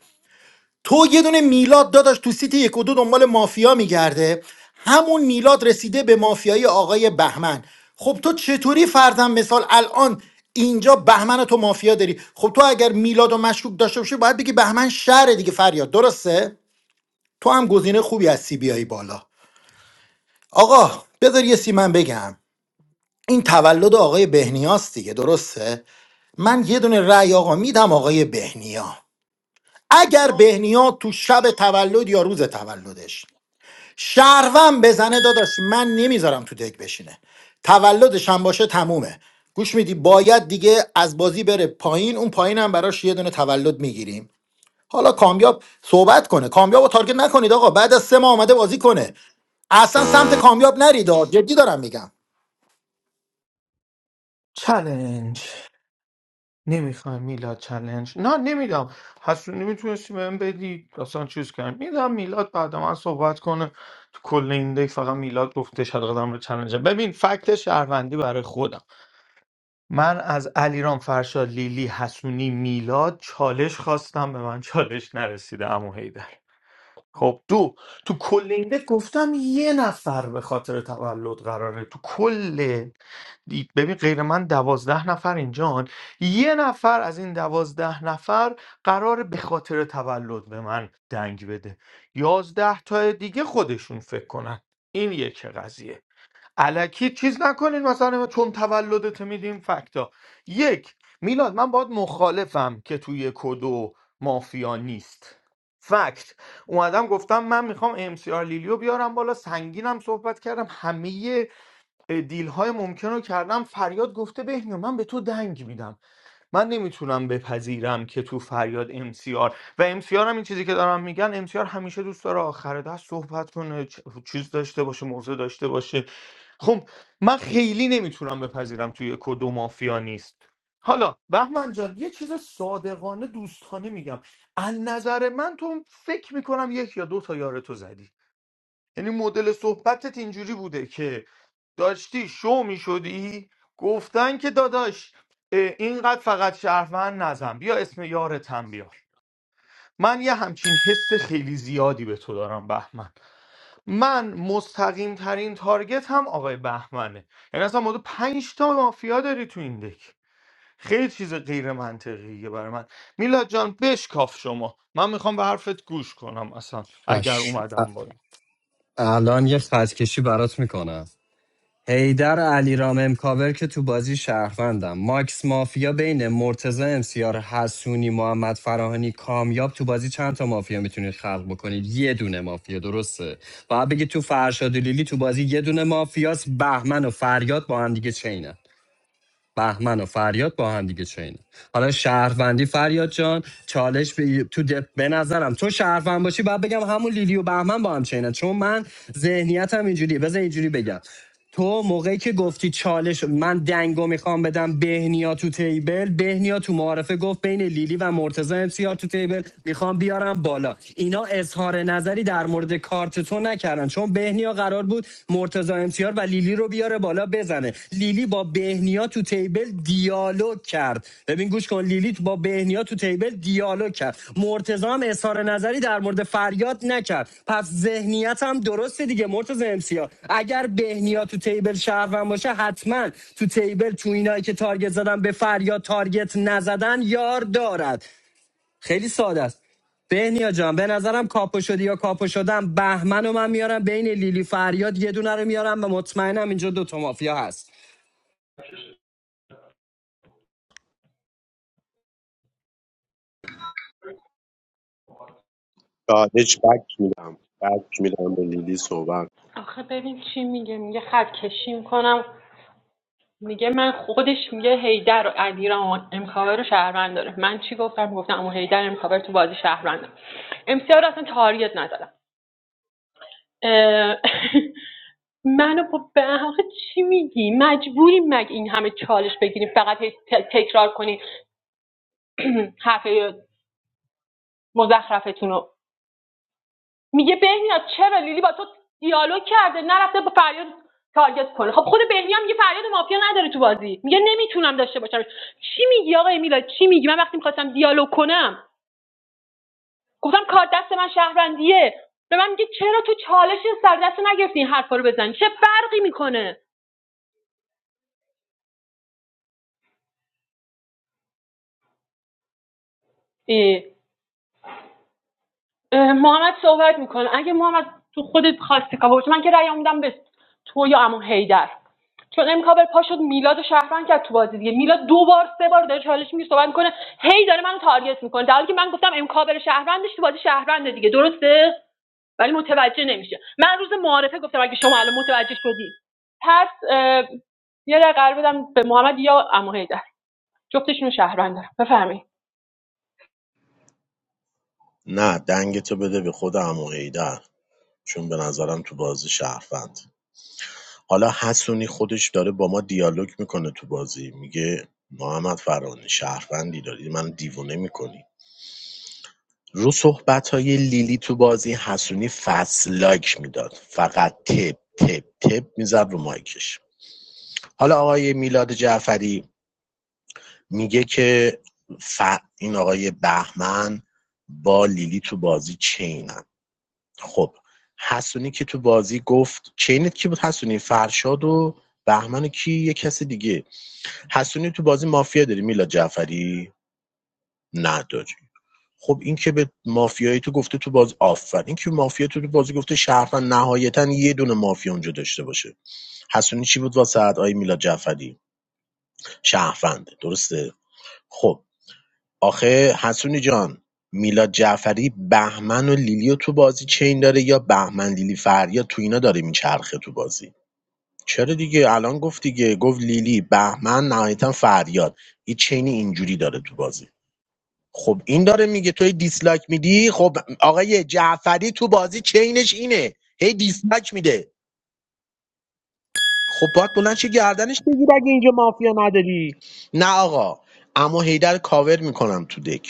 تو یه دونه میلاد داداش تو سیت یک و دو دنبال مافیا میگرده همون میلاد رسیده به مافیایی آقای بهمن خب تو چطوری فرضاً مثال الان اینجا بهمن تو مافیا داری خب تو اگر میلاد و مشکوک داشته باشی باید بگی بهمن شهر دیگه فریاد درسته تو هم گزینه خوبی هستی بیای بالا آقا بذار یه سی من بگم این تولد آقای بهنیاست دیگه درسته من یه دونه رأی آقا میدم آقای بهنیا اگر بهنیا تو شب تولد یا روز تولدش شهروند بزنه داداش من نمیذارم تو دک بشینه تولدش هم باشه تمومه گوش میدی باید دیگه از بازی بره پایین اون پایین هم براش یه دونه تولد میگیریم حالا کامیاب صحبت کنه کامیاب رو تارگت نکنید آقا بعد از سه ماه آمده بازی کنه اصلا سمت کامیاب نرید آ. جدی دارم میگم چلنج نمیخوای میلاد چلنج نه نمیدم حسونی میتونستی بهم بدی اصلا چیز کرد میدم میلاد بعد من صحبت کنه تو کل این دیگه فقط میلاد گفتش هر قدم رو چلنج ببین فکت شهروندی برای خودم من از علیرام فرشاد لیلی حسونی میلاد چالش خواستم به من چالش نرسیده امو هیدر خب دو تو کل این دک گفتم یه نفر به خاطر تولد قراره تو کل دی- ببین غیر من دوازده نفر اینجان یه نفر از این دوازده نفر قرار به خاطر تولد به من دنگ بده یازده تا دیگه خودشون فکر کنن این یک قضیه الکی چیز نکنین مثلا چون تولدت میدیم فکتا یک میلاد من باید مخالفم که توی کدو مافیا نیست فکت اومدم گفتم من میخوام ام سی آر لیلیو بیارم بالا سنگینم صحبت کردم همه دیل های ممکن رو کردم فریاد گفته بهنیا من به تو دنگ میدم من نمیتونم بپذیرم که تو فریاد امسیار و امسیار هم این چیزی که دارم میگن امسیار همیشه دوست داره آخر دست صحبت کنه چ- چیز داشته باشه موضوع داشته باشه خب من خیلی نمیتونم بپذیرم توی کدو مافیا نیست حالا بهمن جان یه چیز صادقانه دوستانه میگم از نظر من تو فکر میکنم یک یا دو تا یار تو زدی یعنی مدل صحبتت اینجوری بوده که داشتی شو می شدی گفتن که داداش اه، اینقدر فقط شرفن نزن بیا اسم یارتم بیار من یه همچین حس خیلی زیادی به تو دارم بهمن من مستقیم ترین تارگت هم آقای بهمنه یعنی اصلا ما پنج تا مافیا داری تو این دک خیلی چیز غیر منطقیه برای من میلاد جان بشکاف شما من میخوام به حرفت گوش کنم اصلا اگر چش. ا- اومدم بالا الان یه خط کشی برات میکنم حیدر علیرام امکاور که تو بازی شهروندم ماکس مافیا بین مرتزا امسیار حسونی محمد فراهانی کامیاب تو بازی چند تا مافیا میتونید خلق بکنید یه دونه مافیا درسته و بگید تو فرشاد و لیلی تو بازی یه دونه مافیاس بهمن و فریاد با هم دیگه چینه بهمن و فریاد با هم دیگه چینه حالا شهروندی فریاد جان چالش به تو دپ به نظرم تو شهروند باشی بعد بگم همون لیلی و بهمن با هم چینه چون من ذهنیتم اینجوریه بذار اینجوری بگم تو موقعی که گفتی چالش من دنگو میخوام بدم بهنیا تو تیبل بهنیا تو معارفه گفت بین لیلی و مرتزا امسیار تو تیبل میخوام بیارم بالا اینا اظهار نظری در مورد کارت تو نکردن نکردن چون بهنیا قرار بود مرتضی امسیار و لیلی رو بیاره بالا بزنه لیلی با بهنیا تو تیبل دیالوگ کرد ببین گوش کن لیلی با بهنیا تو تیبل دیالوگ کرد مرتضی هم اظهار نظری در مورد فریاد نکرد پس ذهنیت هم درسته دیگه مرتضی امسیار اگر بهنیا تو تیبل شهروند باشه حتما تو تیبل تو اینایی که تارگت زدن به فریاد تارگت نزدن یار دارد خیلی ساده است بهنیا جان به نظرم کاپو شدی یا کاپو شدم بهمن و من میارم بین لیلی فریاد یه دونه رو میارم و مطمئنم اینجا دوتا مافیا هست دادش بک میدم بک میدم به لیلی صحبت آخه ببین چی میگه میگه خط کشی میکنم میگه من خودش میگه هیدر و علیرام امکاور رو شهروند داره من چی گفتم گفتم اما هیدر امکاور تو بازی شهروند امسیار اصلا تاریت ندارم منو با به حق چی میگی مجبوریم مگه این همه چالش بگیریم فقط تکرار کنی حرف مزخرفتون رو میگه بهنیا چرا لیلی با تو دیالوگ کرده نرفته با فریاد تارگت کنه خب خود بهنیا میگه فریاد مافیا نداره تو بازی میگه نمیتونم داشته باشم چی میگی آقای میلاد چی میگی من وقتی میخواستم دیالوگ کنم گفتم کار دست من شهروندیه به من میگه چرا تو چالش سر دست نگرفتی این حرفا رو بزنی چه فرقی میکنه ای محمد صحبت میکنه اگه محمد تو خودت خواستی کاور کنی، من که رأی میدم به تو یا عمو حیدر چون ام کابر پا شد میلاد و شهروند کرد تو بازی دیگه میلاد دو بار سه بار داره چالش میگیره صحبت میکنه هی داره منو تارگت میکنه در حالی که من گفتم ام کابر شهروندش تو بازی شهرونده دیگه درسته ولی متوجه نمیشه من روز معارفه گفتم اگه شما الان متوجه شدی پس یه رأی قرار بدم به محمد یا عمو حیدر جفتشون رو شهروند دارم بفرمایید نه دنگتو بده به خود عمو حیدر چون به نظرم تو بازی شهروند حالا حسونی خودش داره با ما دیالوگ میکنه تو بازی میگه محمد فرانی شهروندی داری من دیوونه میکنی رو صحبت های لیلی تو بازی حسونی فصل لایک میداد فقط تپ تپ تپ میزد رو مایکش حالا آقای میلاد جعفری میگه که ف... این آقای بهمن با لیلی تو بازی چینن خب حسونی که تو بازی گفت چینت کی بود حسونی فرشاد و بهمن کی یه کس دیگه حسونی تو بازی مافیا داری میلاد جعفری نداری خب این که به مافیایی تو گفته تو باز آفر این که مافیا تو تو بازی گفته شهروند نهایتا یه دونه مافیا اونجا داشته باشه حسونی چی بود واسه آقای میلاد جعفری شهرونده درسته خب آخه حسونی جان میلاد جعفری بهمن و لیلی تو بازی چین داره یا بهمن لیلی فریاد تو اینا داره میچرخه تو بازی چرا دیگه الان گفت دیگه گفت لیلی بهمن نهایتا فریاد یه چینی اینجوری داره تو بازی خب این داره میگه توی دیسلایک میدی خب آقای جعفری تو بازی چینش اینه هی دیسلایک میده خب باید بلند شی گردنش بگیر اگه اینجا مافیا نداری نه آقا اما هیدر کاور میکنم تو دک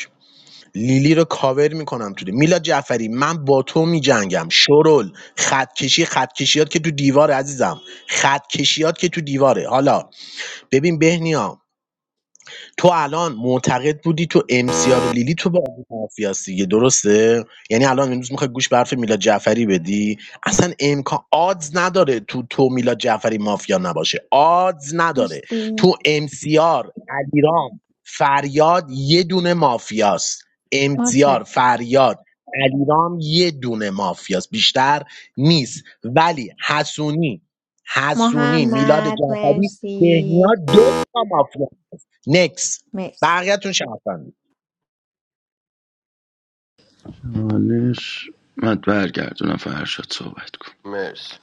لیلی رو کاور میکنم تو دی- میلاد جعفری من با تو میجنگم شرول خط کشی خط کشیات که تو دیواره عزیزم خط کشیات که تو دیواره حالا ببین بهنیا تو الان معتقد بودی تو امسیار لیلی تو بازی مافیاست دیگه درسته یعنی الان امروز میخوای گوش به حرف میلاد جعفری بدی اصلا امکان آدز نداره تو تو میلاد جعفری مافیا نباشه آدز نداره مرسی تو امسیار علیرام فریاد یه دونه مافیاست امسیار متشکرم فریاد علیرام یه دونه مافیاست بیشتر نیست ولی حسونی حسونی میلاد محمد جعفری بهنیا مرسی دو تا مافیا نکس مرسی بقیه‌تون شهروندی حالش من برگردونم فرشاد صحبت کن مرسی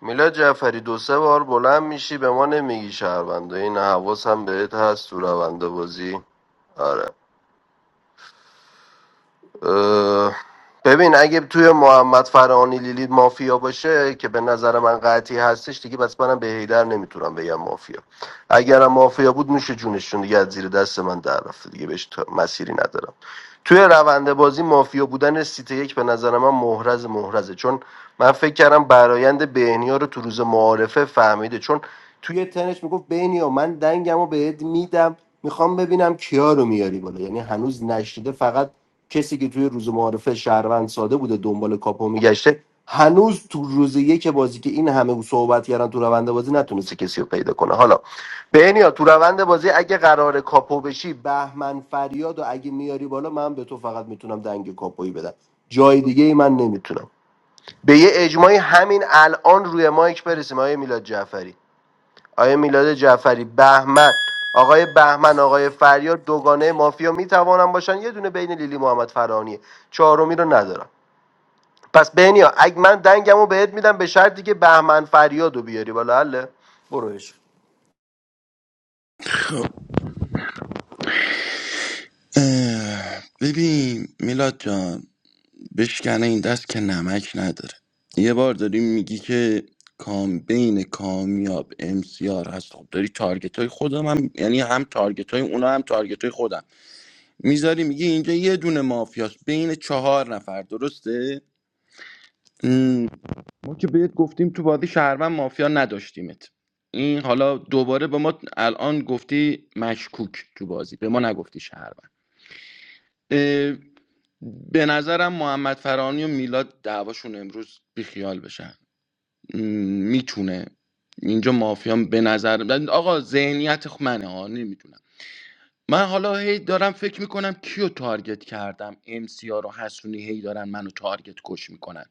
میلاد جعفری دو سه بار بلند میشی به ما نمیگی شهرونده این حواس هم بهت هست تو رونده بازی آره اه، ببین اگه توی محمد فرانی لیلی مافیا باشه که به نظر من قطعی هستش دیگه بس منم به هیدر نمیتونم بگم مافیا اگرم مافیا بود میشه جونشون دیگه از زیر دست من در رفته دیگه بهش تا- مسیری ندارم توی روند بازی مافیا بودن سیت یک به نظر من محرز محرزه چون من فکر کردم برایند بهنیا رو تو روز معارفه فهمیده چون توی تنش میگفت بهنیا من دنگم رو بهت میدم میخوام ببینم کیا رو میاری بالا یعنی هنوز نشده فقط کسی که توی روز معارفه شهروند ساده بوده دنبال کاپو میگشته هنوز تو روز یک بازی که این همه صحبت کردن تو روند بازی نتونسته کسی رو پیدا کنه حالا بهنیا تو روند بازی اگه قرار کاپو بشی بهمن فریاد و اگه میاری بالا من به تو فقط میتونم دنگ کاپویی بدم جای دیگه ای من نمیتونم به یه اجماعی همین الان روی مایک برسیم آیه میلاد جعفری آقای میلاد جعفری بهمن آقای بهمن آقای فریاد دوگانه مافیا میتوانن باشن یه دونه بین لیلی محمد فرانی چهارمی رو ندارم پس بهنیا اگه من دنگمو بهت میدم به شرطی که بهمن فریاد رو بیاری بالا حله بروش اه، ببین میلاد جان بشکنه این دست که نمک نداره یه بار داری میگی که کام بین کامیاب امسیار هست خب داری تارگت های خودم هم یعنی هم تارگت های اونا هم تارگت های خودم میذاری میگی اینجا یه دونه مافیاست بین چهار نفر درسته ام، ما که بهت گفتیم تو بازی شهروند مافیا نداشتیمت این حالا دوباره به ما الان گفتی مشکوک تو بازی به ما نگفتی شهروند اه، به نظرم محمد فرانی و میلاد دعواشون امروز بیخیال بشن م، میتونه اینجا مافیام به نظر آقا ذهنیت خ- منه ها نمیدونم من حالا هی دارم فکر میکنم کیو تارگت کردم ام سی رو حسونی هی دارن منو تارگت کش میکنن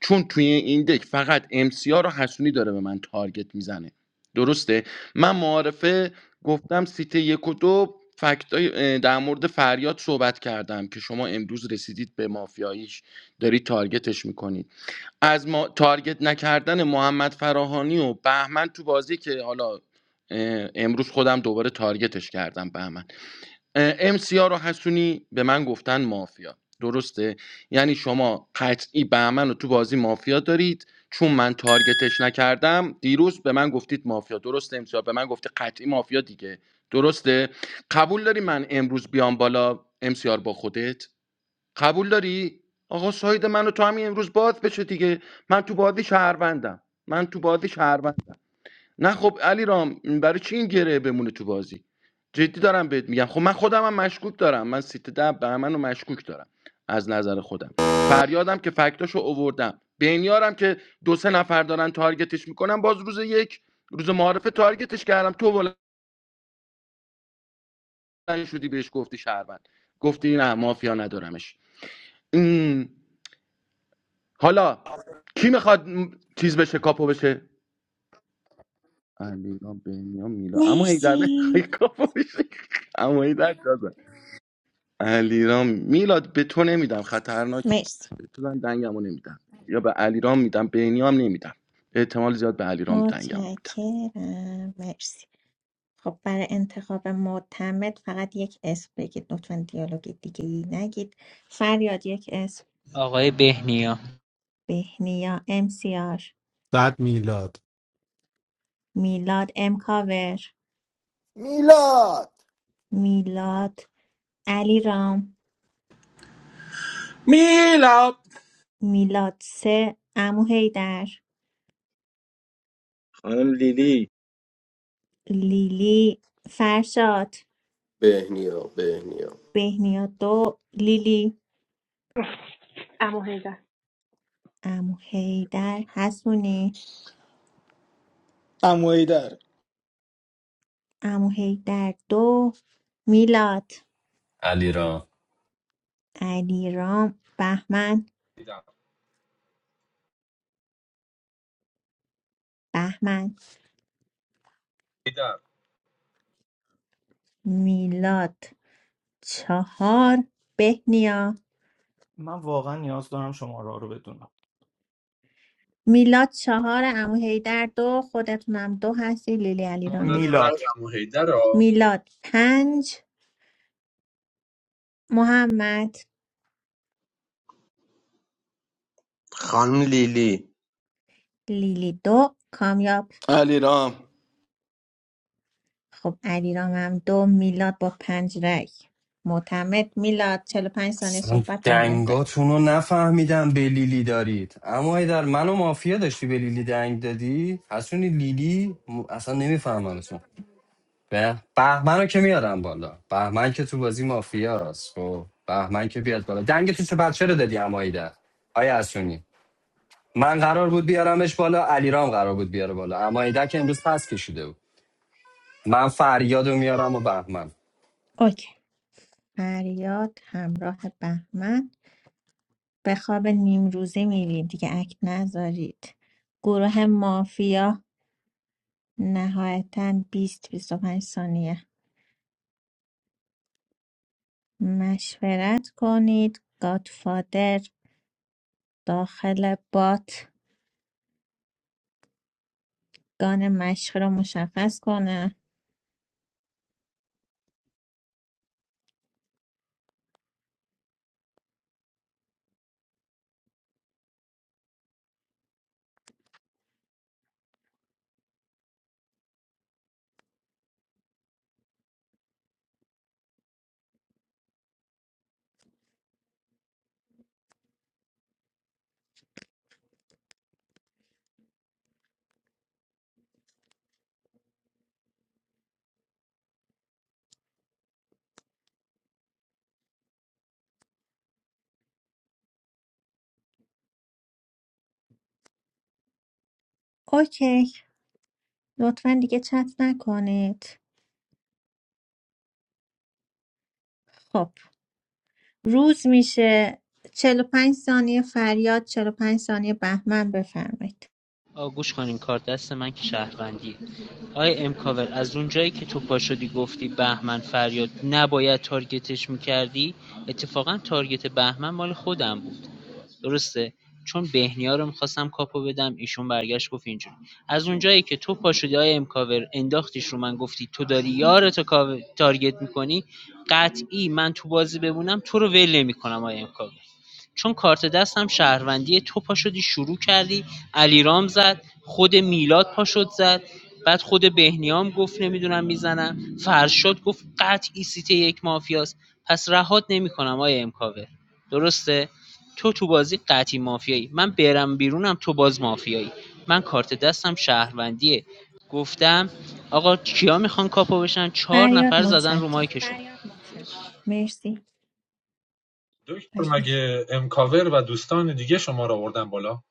چون توی این دک فقط ام سی رو حسونی داره به من تارگت میزنه درسته من معارفه گفتم سیت یک و دو فکتای- اه، در مورد فریاد صحبت کردم که شما امروز رسیدید به مافیاییش دارید تارگتش میکنید از ما تارگت نکردن محمد فراهانی و بهمن تو بازی که حالا اه، امروز خودم دوباره تارگتش کردم بهمن ام سی رو حسونی به من گفتن مافیا درسته یعنی شما قطعی بهمن رو تو بازی مافیا دارید چون من تارگتش نکردم دیروز به من گفتید مافیا درسته ام به من گفته قطعی مافیا دیگه درسته قبول داری من امروز بیام بالا ام با خودت قبول داری آقا ساید منو تو همین امروز باز بشه دیگه من تو بازی شهروندم من تو بازی شهروندم نه خب علی رام برای چی این گره بمونه تو بازی جدی دارم بهت میگم خب من خودم هم مشکوک دارم من سیت ده بهمن مشکوک دارم از نظر خودم فریادم که فکتاشو اووردم بنیارم که دو سه نفر دارن تارگتش میکنن باز روز یک روز معارفه تارگتش کردم تو بلند شدی بهش گفتی شهروند گفتی نه مافیا ندارمش این- حالا کی میخواد م، چیز بشه کاپو بشه علیرام بنیام میلا اما هیدر نمیخوای مرسی کاپو بشه اما هیدر علیرام میلاد به تو نمیدم خطرناکی مرسی به تو من دنگمو نمیدم یا به علیرام میدم به اینیام نمیدم احتمال زیاد به علیرام دنگمو میدم متشکرم مرسی خب برای انتخاب معتمد فقط یک اسم بگید لطفا دیالوگ دیگه ای نگید فریاد یک اسم آقای بهنیا بهنیا امسیار بعد میلاد میلاد امکاور میلاد میلاد علی رام میلاد میلاد سه امو هیدر خانم لیلی لیلی فرشاد بهنیا بهنیا بهنیا دو لیلی عمو حیدر امو هیدر حسونی عمو حیدر امو هیدر دو میلاد علی را علی رام بهمن هیدر بهمن هیدر. میلاد چهار بهنیا من واقعا نیاز دارم شماره رو بدونم میلاد چهار عمو حیدر دو خودتونم دو هستی لیلی علیرام مادر این یک رد میلاد عمو هیدر ها. میلاد پنج محمد لیلی لیلی دو کامیاب علیرام خب علیرام هم دو میلاد با پنج رای معتمد میلاد چهل و پنج ثانیه اصلا صحبت به همراه داره دنگاتون رو نفهمیدم به لیلی دارید اما ای در منو مافیا داشتی به لیلی دنگ دادی حسونی لیلی م- اصلا نمیفهمم اتون به بهمن رو که میارم بالا بهمن که تو بازی مافیا است خب بهمن که بیاد بالا دنگ تو چه بچه رو دادی اما ای در آیا حسونی من قرار بود بیارمش بالا علیرام قرار بود بیاره بالا اما ایدک امروز پس کشیده بود من فریاد میارم و بهمن اوکی فریاد همراه بهمن به خواب نیم روزی میریم دیگه اکت نذارید گروه مافیا نهایتا 20 25 ثانیه مشورت کنید گادفادر داخل بات گان مشق رو مشخص کنه اوکی لطفا دیگه چت نکنید خب روز میشه 45 ثانیه فریاد 45 ثانیه بهمن بفرمایید آقا گوش کنین کار دست من که شهروندیه آقای امکاور از اونجایی که تو پا شدی گفتی بهمن فریاد نباید تارگتش میکردی اتفاقا تارگت بهمن مال خودم بود درسته چون بهنیا رو میخواستم کاپو بدم ایشون برگشت گفت اینجوری از اونجایی که تو پاشودی های امکاور انداختیش رو من گفتی تو داری یارتو کاو- تارگت میکنی قطعی من تو بازی بمونم تو رو ول نمیکنم آقای امکاور چون کارت دستم شهروندی تو پا شروع کردی علیرام زد خود میلاد پا زد بعد خود بهنیام گفت نمیدونم میزنم فرشاد گفت قطعی سیته یک مافیاست پس رهات نمیکنم آیا امکاور درسته تو تو بازی قطعی مافیایی من برم بیرونم تو باز مافیایی من کارت دستم شهروندیه گفتم آقا کیا میخوان کاپو بشن چهار فریاد نفر زدن رو متشکرم مایکشون مرسی دکتر بهمن. مگه امکاور و دوستان دیگه شما رو آوردن بالا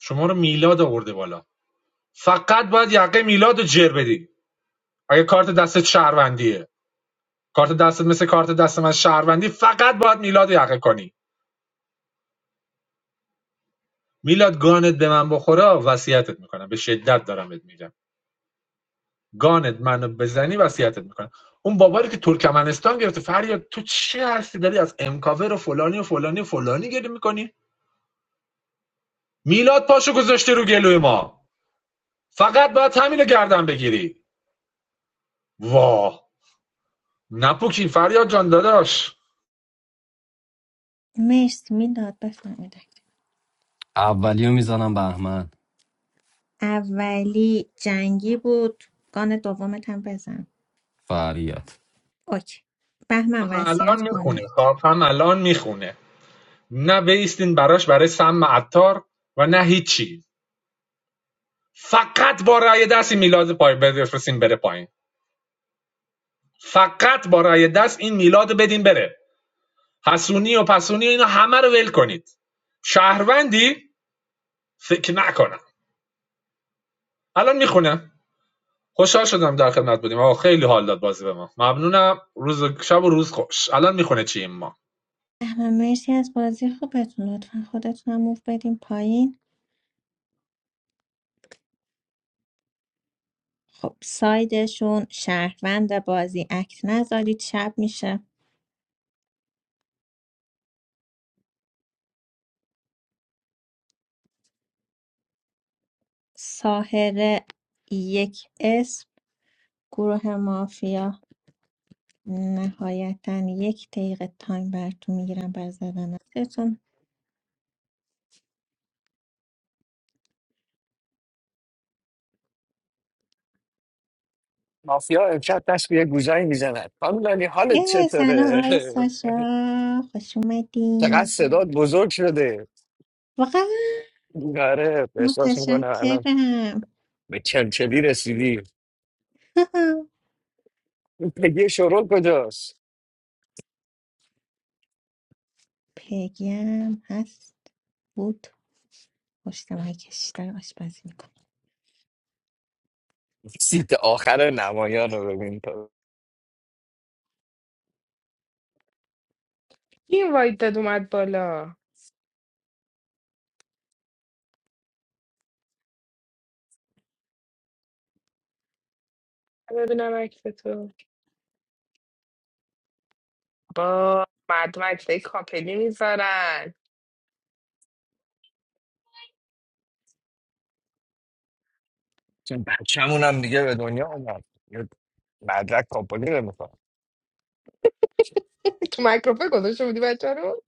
شما رو میلاد آورده بالا فقط باید یقه میلاد رو جر بدی اگه کارت دست شهروندیه کارت دستت مثل کارت دست من شهروندی فقط باید میلاد رو یقه کنی میلاد گانت به من بخوره وصیتت میکنم به شدت دارم بهت میگم گانت منو بزنی وصیتت میکنم اون باباری که ترکمنستان گرفته فریاد تو چی هستی داری از امکاور و فلانی و فلانی و فلانی گری میکنی میلاد پاشو گذاشته رو گلوی ما فقط باید همینو گردن بگیری واه نپوکی فریاد جان داداش مرسی میداد بفرمایید اولی رو میزنم بهمن اولی جنگی بود گان دومت هم بزن فریاد اوکی بهمن هم وصیت الان میخونه کنید هم الان میخونه نه بایستین براش برای سم عطار و نه هیچی فقط با رأی دست این میلاد پای بفرستین بره پایین فقط با رأی دست این میلاد بدین بره حسونی و پسونی و اینا همه رو ول کنید شهروندی فکر نکنم الان میخونم خوشحال شدم در خدمت بودیم آقا خیلی حال داد بازی به ما ممنونم روز شب و روز خوش الان میخونه چی ما احمد مرسی از بازی خوبتون لطفا خودتون هم موف بدین پایین خب سایدشون شهروند بازی اکت نذارید شب میشه ساهره یک اسم گروه مافیا نهایتا یک دقیقه تایم براتون میگیرم بر زدن اکتتون mafia. I'm sure they have a good time. I'm not in a اه، good سلام آقای mood. ساشا خوش I'm اومدین just a little bit bored. I'm واقعا going to go to the متشکرم cinema. Where are you going? پیگی هم هست بود پشت مایکش داره آشپزی میکنه Sit at the end of the movie. I'm going to این واید داد اومد بالا ببینم عکس تو با مردم عکسای کاپلی میذارن see a movie. I'm going تو مایکروفون گذاشته بودی بچه رو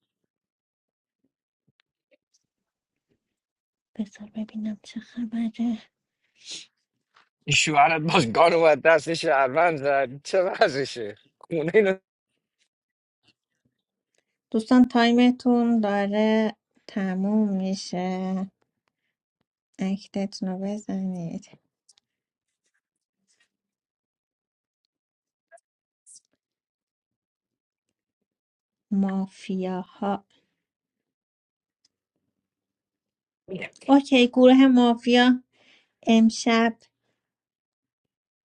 بذار ببینم چه خبره دوستان تایمتون داره تموم میشه اکتتون رو بزنید مافیاها میدم اوکی گروه مافیا امشب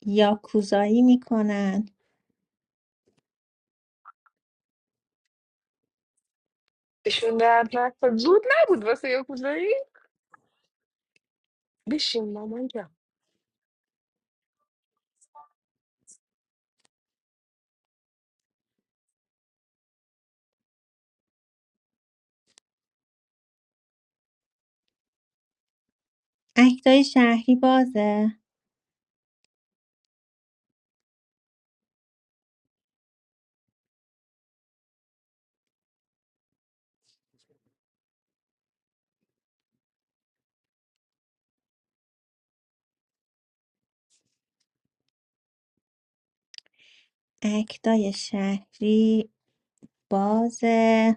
یاکوزایی میکنن بهشون درد نکن زود نبود واسه یه کوزایی بشین مامان جان اکتای شهری بازه اکتای شهری بازه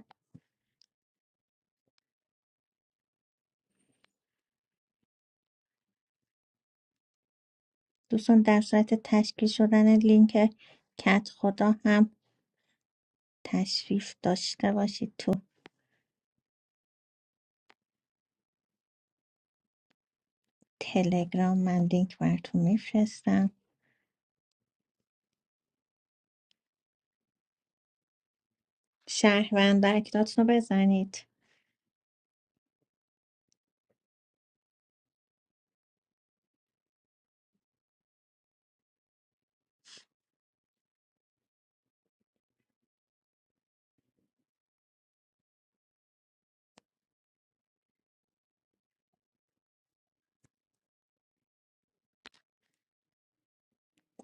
دوستان در صورت تشکیل شدن لینک کت خدا هم تشریف داشته باشید تو تلگرام من لینک براتون میفرستم شهروند اکتاتون رو بزنید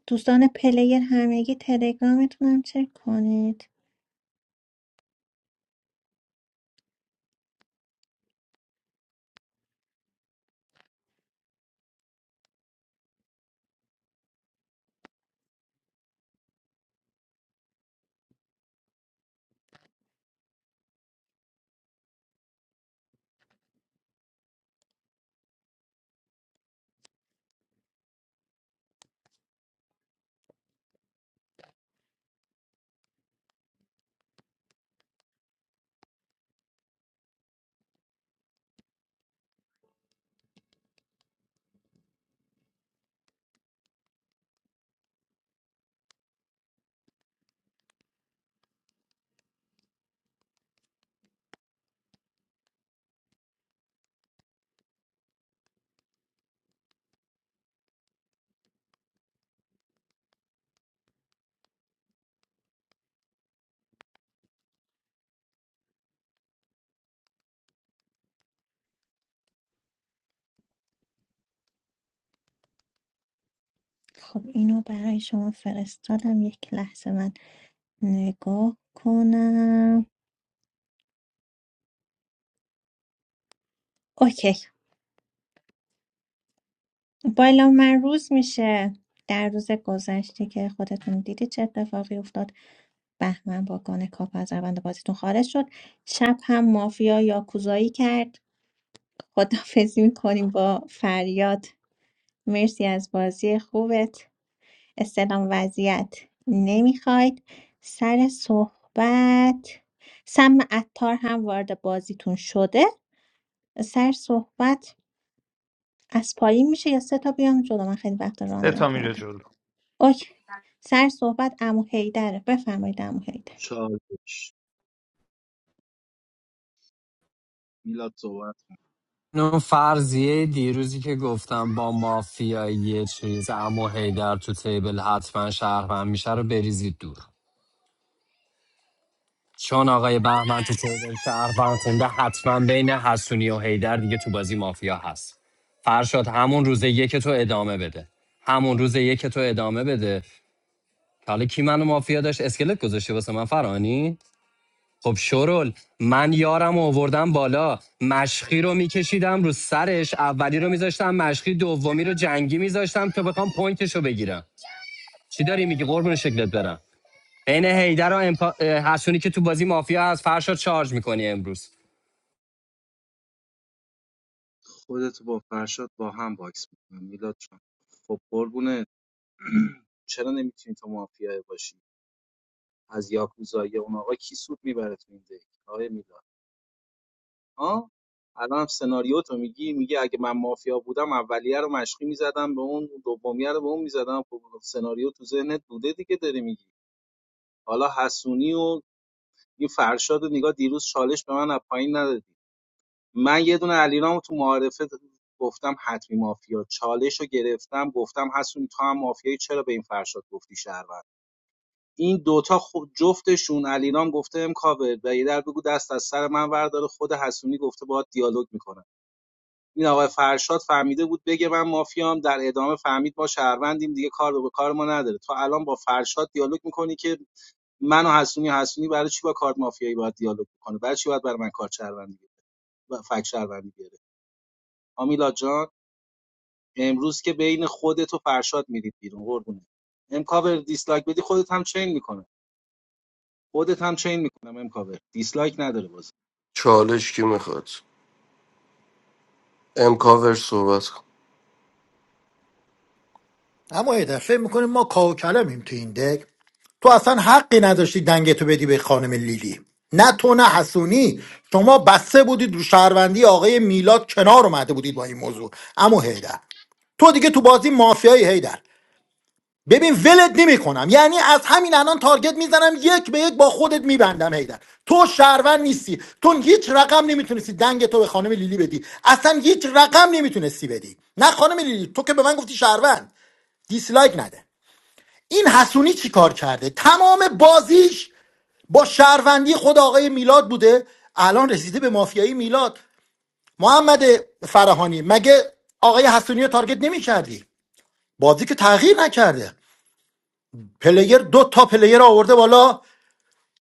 دوستان پلیر همگی تلگرامتون هم چک کنید خب اینو برای شما فرستادم یک لحظه من نگاه کنم اوکی بالا من روز میشه در روز گذشته که خودتون دیدید چه اتفاقی افتاد بهمن با گان کاپ از روند بازیتون خارج شد شب هم مافیا یاکوزایی کرد خداحافظی میکنیم با فریاد مرسی از بازی خوبت استلام وضعیت نمیخواید سر صحبت سم عطار هم وارد بازیتون شده سر صحبت از پایین میشه یا سه تا بیام جلو من خیلی وقت سه ران تا میره نکردم جلو اوکی سر صحبت عمو حیدره بفرمایید عمو حیدر چالش میلاد صحبت اون فرضیه دیروزی که گفتم با مافیا یه چیز اما هیدر تو تیبل حتما شهروند میشه رو بریزید دور چون آقای بهمن تو تیبل شهروند خونده حتما بین حسونی و هیدر دیگه تو بازی مافیا هست فرشاد همون روز یک تو ادامه بده همون روز یک تو ادامه بده حالا کی منو مافیا داشت اسکلت گذاشته واسه من فرانی خب شرل من یارم رو آوردم بالا مشخی رو میکشیدم رو سرش اولی رو میذاشتم مشخی دومی رو جنگی میذاشتم تا بخوام پوینتش رو بگیرم چی داری میگی قربون شکلت برم بین هیدر و امپا... حسونی که تو بازی مافیا از فرشا چارج میکنی امروز خودت با فرشاد با هم باکس میکنم میلاد جان خب قربونه چرا نمیتونی تو مافیا باشی از یاکوزایی اون آقا کی سود میبره تو این دک آقای میلاد ها الان هم سناریو تو میگی میگه اگه من مافیا بودم اولیه رو مشقی میزدم به اون دومیه رو به اون میزدم خب سناریو تو ذهنت بوده دیگه داری میگی حالا حسونی و این فرشاد و نگاه دیروز چالش به من از پایین ندادی من یه دونه علیرامو تو معارفه گفتم حتمی مافیا چالش رو گرفتم گفتم حسونی تو هم مافیایی چرا به این فرشاد گفتی شهروند این دوتا خود جفتشون علیرام گفته امکاور و یه در بگو دست از سر من ورداره خود حسونی گفته باهات دیالوگ میکنه این آقای فرشاد فهمیده بود بگه من مافیام در ادامه فهمید ما شهروندیم دیگه کار به کار ما نداره تو الان با فرشاد دیالوگ میکنی که من و حسونی حسونی برای چی با کارت مافیایی باید دیالوگ کنه برای چی باید برای من کارت شهروندی بیاره و فک شهروندی بیاره آمیلا جان امروز که بین خودت و فرشاد میرید بیرون قربونه امکاور دیسلایک بدی خودت هم چین میکنه خودت هم چین میکنم امکاور دیسلایک نداره باز چالش کی میخواد امکاور صحبت کن اما ایده فکر میکنیم ما کاوکلمیم تو این دک تو اصلا حقی نداشتی دنگتو بدی به خانم لیلی نه تو نه حسونی شما بسته بودید رو شهروندی آقای میلاد کنار اومده بودید با این موضوع اما هیدر تو دیگه تو بازی مافیایی هیدر ببین ولت نمیکنم یعنی از همین الان تارگت میزنم یک به یک با خودت میبندم هیدر تو شهروند نیستی تو هیچ رقم نمیتونستی دنگ تو به خانم لیلی بدی اصلا هیچ رقم نمیتونستی بدی نه خانم لیلی تو که به من گفتی شهروند دیسلایک نده این حسونی چی کار کرده تمام بازیش با شهروندی خود آقای میلاد بوده الان رسیده به مافیایی میلاد محمد فراهانی مگه آقای حسونی رو تارگت نمیکردی. بازی که تغییر نکرده پلیر دو تا پلیر آورده بالا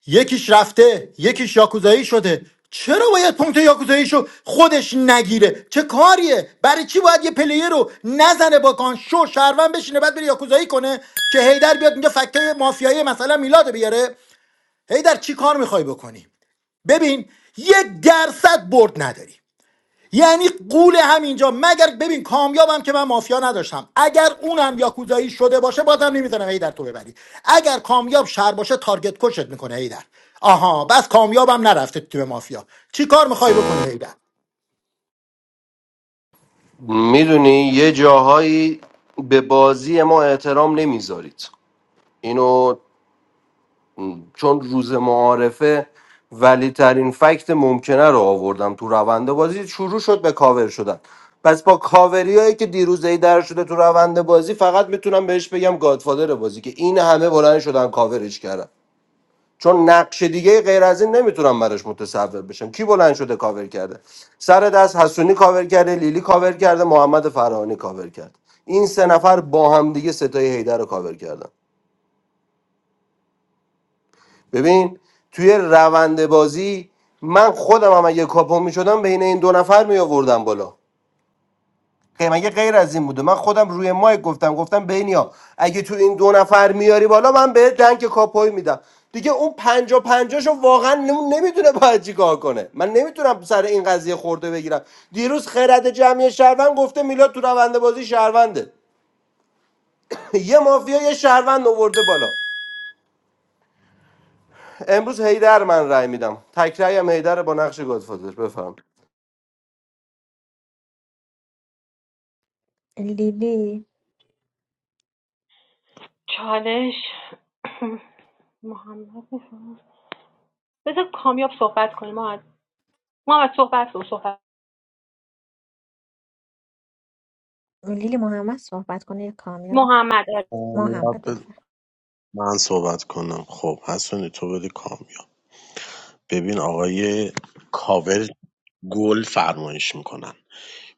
یکیش رفته یکیش یاکوزایی شده چرا باید پونت یاکوزاییشو خودش نگیره چه کاریه برای چی باید یه پلیر رو نزنه با کان شو شهروند بشینه بعد بره یاکوزایی کنه که هیدر بیاد اینجا فکته مافیایی مثلا میلاد بیاره هیدر چی کار میخوای بکنی ببین یک درصد برد نداری یعنی قول همینجا مگر ببین کامیابم که من مافیا نداشتم اگر اونم یاکوزایی شده باشه بازم نمیزنم هیدر تو ببری اگر کامیاب شر باشه تارگت کشت میکنه هیدر آها بس کامیابم نرفته تو تیم مافیا چی کار میخوای بکنی هیدر میدونی یه جاهایی به بازی ما احترام نمیذارید اینو چون روز معارفه ولی ترین فکت ممکنه رو آوردم تو روند بازی شروع شد به کاور شدن پس با کاوری هایی که دیروز ای در شده تو روند بازی فقط میتونم بهش بگم گادفادر بازی که این همه بلند شدن کاورش کردن چون نقش دیگه غیر از این نمیتونم براش متصور بشم کی بلند شده کاور کرده سر دست حسونی کاور کرده لیلی کاور کرده محمد فرهانی کاور کرد این سه نفر با هم دیگه ستای هیدر رو کاور کردن ببین توی روند بازی من خودم هم اگه کاپو می شدم بین این دو نفر می آوردم بالا غیر- مگه غیر از این بوده من خودم روی مایک گفتم گفتم بینیا اگه تو این دو نفر میاری بالا من به دنگ کاپوی میدم دیگه اون پنجا پنجاشو واقعا نمیدونه باید چیکار کنه من نمیتونم سر این قضیه خورده بگیرم دیروز خرد جمعی شهروند گفته میلاد تو روند بازی شهرونده یه مافیا یه شهروند آورده بالا امروز حیدر من رای میدم تک رأی هم هیدر با نقش گادفادر بفهم لیلی چالش محمد بفرمایید. بذار کامیاب صحبت کنیم محمد محمد صحبت رو صحبت لیلی محمد صحبت کنه یا کامیاب محمد آره. محمد کامیاب بفرم من صحبت کنم خب حسونی تو بده کامیاب ببین آقای کاور گل فرمایش میکنن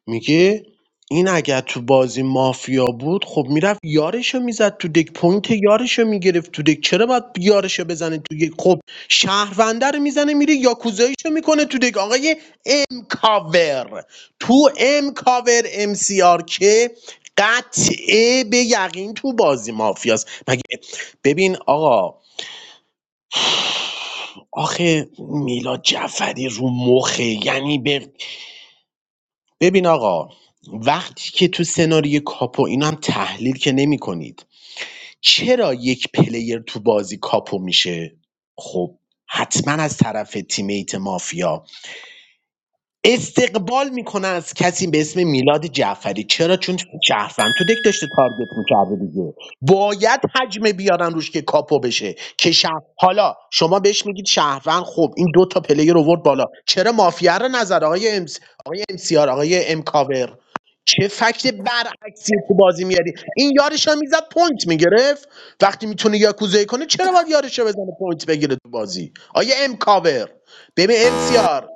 میگه این اگر تو بازی مافیا بود خب میرفت یارشو میزد تو دک پوینت یارشو میگرفت تو دک چرا باید یارشو بزنه تو دک خب شهرونده رو میزنه میره یاکوزاییشو میکنه تو دک آقای ام کاور تو ام کاور ام سی آر که قطعه به یقین تو بازی مافیاست مگه ببین آقا آخه میلاد جعفری رو مخه یعنی به ببین آقا وقتی که تو سناریو کاپو اینا هم تحلیل که نمی کنید چرا یک پلیر تو بازی کاپو میشه خب حتما از طرف تیمیت مافیا استقبال میکنه از کسی به اسم میلاد جعفری چرا چون شهروند تو دک داشته تارگت میکرده دیگه باید حجمه بیارن روش که کاپو بشه که شهر... حالا شما بهش میگید شهروند خب این دو تا پلیر رو ورد بالا چرا مافیا رو نظر آقای ام آقای ام سی آر آقای ام کاور چه فکت برعکسی تو بازی میاری این یارش هم میزد پوینت میگرفت وقتی میتونه یاکوزایی کنه چرا باید یارش رو بزنه پوینت بگیره تو بازی آیا ام کاور ببین ام سی آر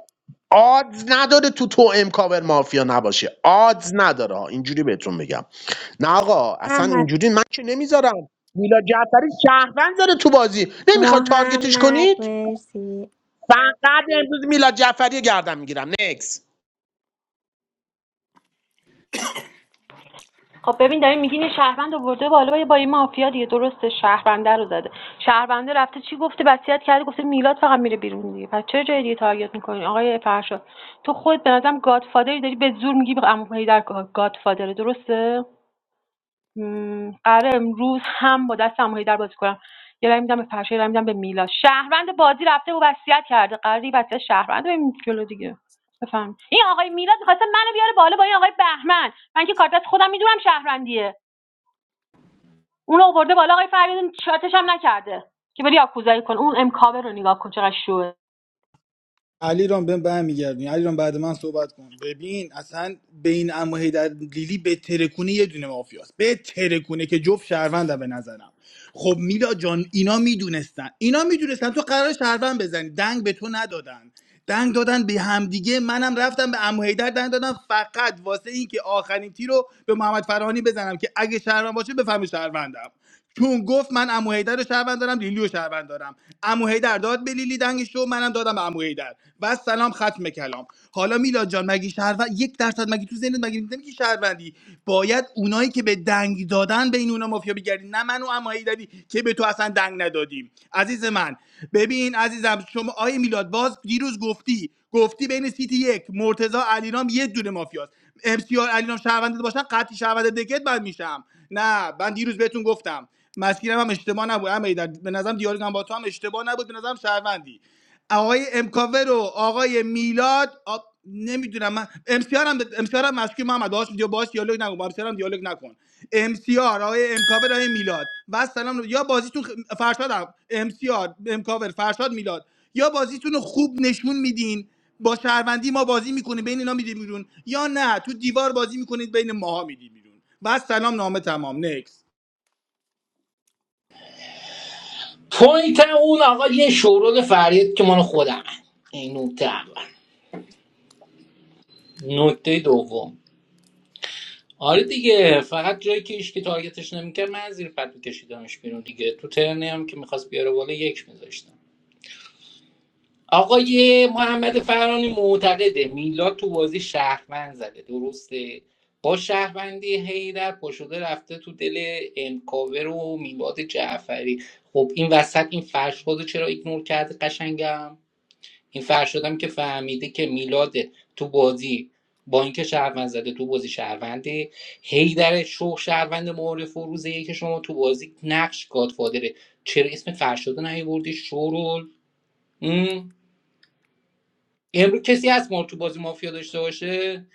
آدز نداره تو تو ام کاور مافیا نباشه آدز نداره ها. اینجوری بهتون بگم نه آقا اصلا محمد اینجوری من که نمیذارم میلاد جعفری شهروند داره تو بازی نمیخواد تارگتش محمد کنید مرسی فقط امروز میلاد جعفری رو گردن میگیرم نکس خب ببین داری میگین یه شهروند آورده بالا با یه مافیا دیگه درسته شهرونده رو زده شهرونده رفته چی گفته وصیت کرده گفته میلاد فقط میره بیرون دیگه پس چرا جای دیگه تارگت میکنی آقای فرشاد تو خود به نظرم گادفادری داری به زور میگی عمو در گادفادره درسته م، قراره امروز هم با دست اماهی در بازی کنم یه رای میدم به فرشه یه رای میدم به میلاد شهروند بازی رفته و وصیت کرده قراره این وصیت شهروند بریم جلو دیگه بفهم این آقای میلاد میخواسته منو بیاره بالا با این آقای بهمن من که کارت دست خودم میدونم شهروندیه اون آورده بالا آقای فریدون شاتش هم نکرده که بری آکوزایی کن اون امکابه رو نگاه کن چقدر شوه علی رام بهم برمیگردونی علی رام بعد من صحبت کن ببین اصلا بین اماهی در لیلی به ترکونه یه دونه مافیاست به ترکونه که جفت شهروندم به نظرم خب میلا جان اینا میدونستن اینا میدونستن تو قرار شهروند بزنی دنگ به تو ندادن دنگ دادن به همدیگه منم رفتم به عمو حیدر دنگ دادم فقط واسه این که آخرین تیر رو به محمد فرهانی بزنم که اگه شهروند باشه بفهمه شهروندم چون گفت من عمو حیدر رو شهروند دارم لیلی رو شهروند دارم عمو حیدر داد به لیلی دنگش رو منم دادم به عمو حیدر و سلام ختم کلام حالا میلاد جان مگه شهروند یک درصد مگی تو ذهنت مگه نمیگی شهروندی باید اونایی که به دنگ دادن بین اونا مافیا بگردی نه من و عمو حیدری که به تو اصلا دنگ ندادیم عزیز من ببین عزیزم شما آی میلاد باز دیروز گفتی گفتی بین سیتی یک مرتضی علیرام یه دونه مافیاست ام سی آر علیرام شهرونده باشن قطعی شهرونده دکت من میشم نه من دیروز بهتون گفتم مسیرم هم اشتباه نبود هم در به نظرم دیالوگم با تو هم اشتباه نبود به نظرم شهروندی آقای امکاوه و آقای میلاد آ... نمیدونم من امسیار هم امسیار هم مسکی محمد باش دیگه باش دیالوگ نکن با امسیار هم دیالوگ نکن امسیار آقای امکاور آقای میلاد و سلام یا بازیتون خ- فرشاد هم امسیار امکاور فرشاد میلاد یا بازیتون رو خوب نشون میدین با شهروندی ما بازی میکنید بین اینا میدیم بیرون یا نه تو دیوار بازی میکنید بین ماها میدیم بیرون و سلام نامه تمام نکس پوینت اون آقا یه شورول فریاد که مال خودمه این نکته اول نکته دوم آره دیگه فقط جایی که هیچ که تارگتش نمیکرد من زیر پد میکشیدمش بیرون دیگه تو ترنی هم که میخواست بیاره بالا یک میذاشتم آقای محمد فرانی معتقده میلاد تو بازی شهروند زده درسته با شهروندی هیدر پاشده رفته تو دل امکاور و میلاد جعفری خب این وسط این فرشاد رو چرا ایگنور کرده قشنگم این فرشادم که فهمیده که میلاد تو بازی با اینکه شهروند زده تو بازی شهرونده هیدر شو شهروند معارف و روز که شما تو بازی نقش گادفادره چرا اسم فرشاد رو نیاوردی شورول امروز کسی هست ما تو بازی مافیا داشته باشه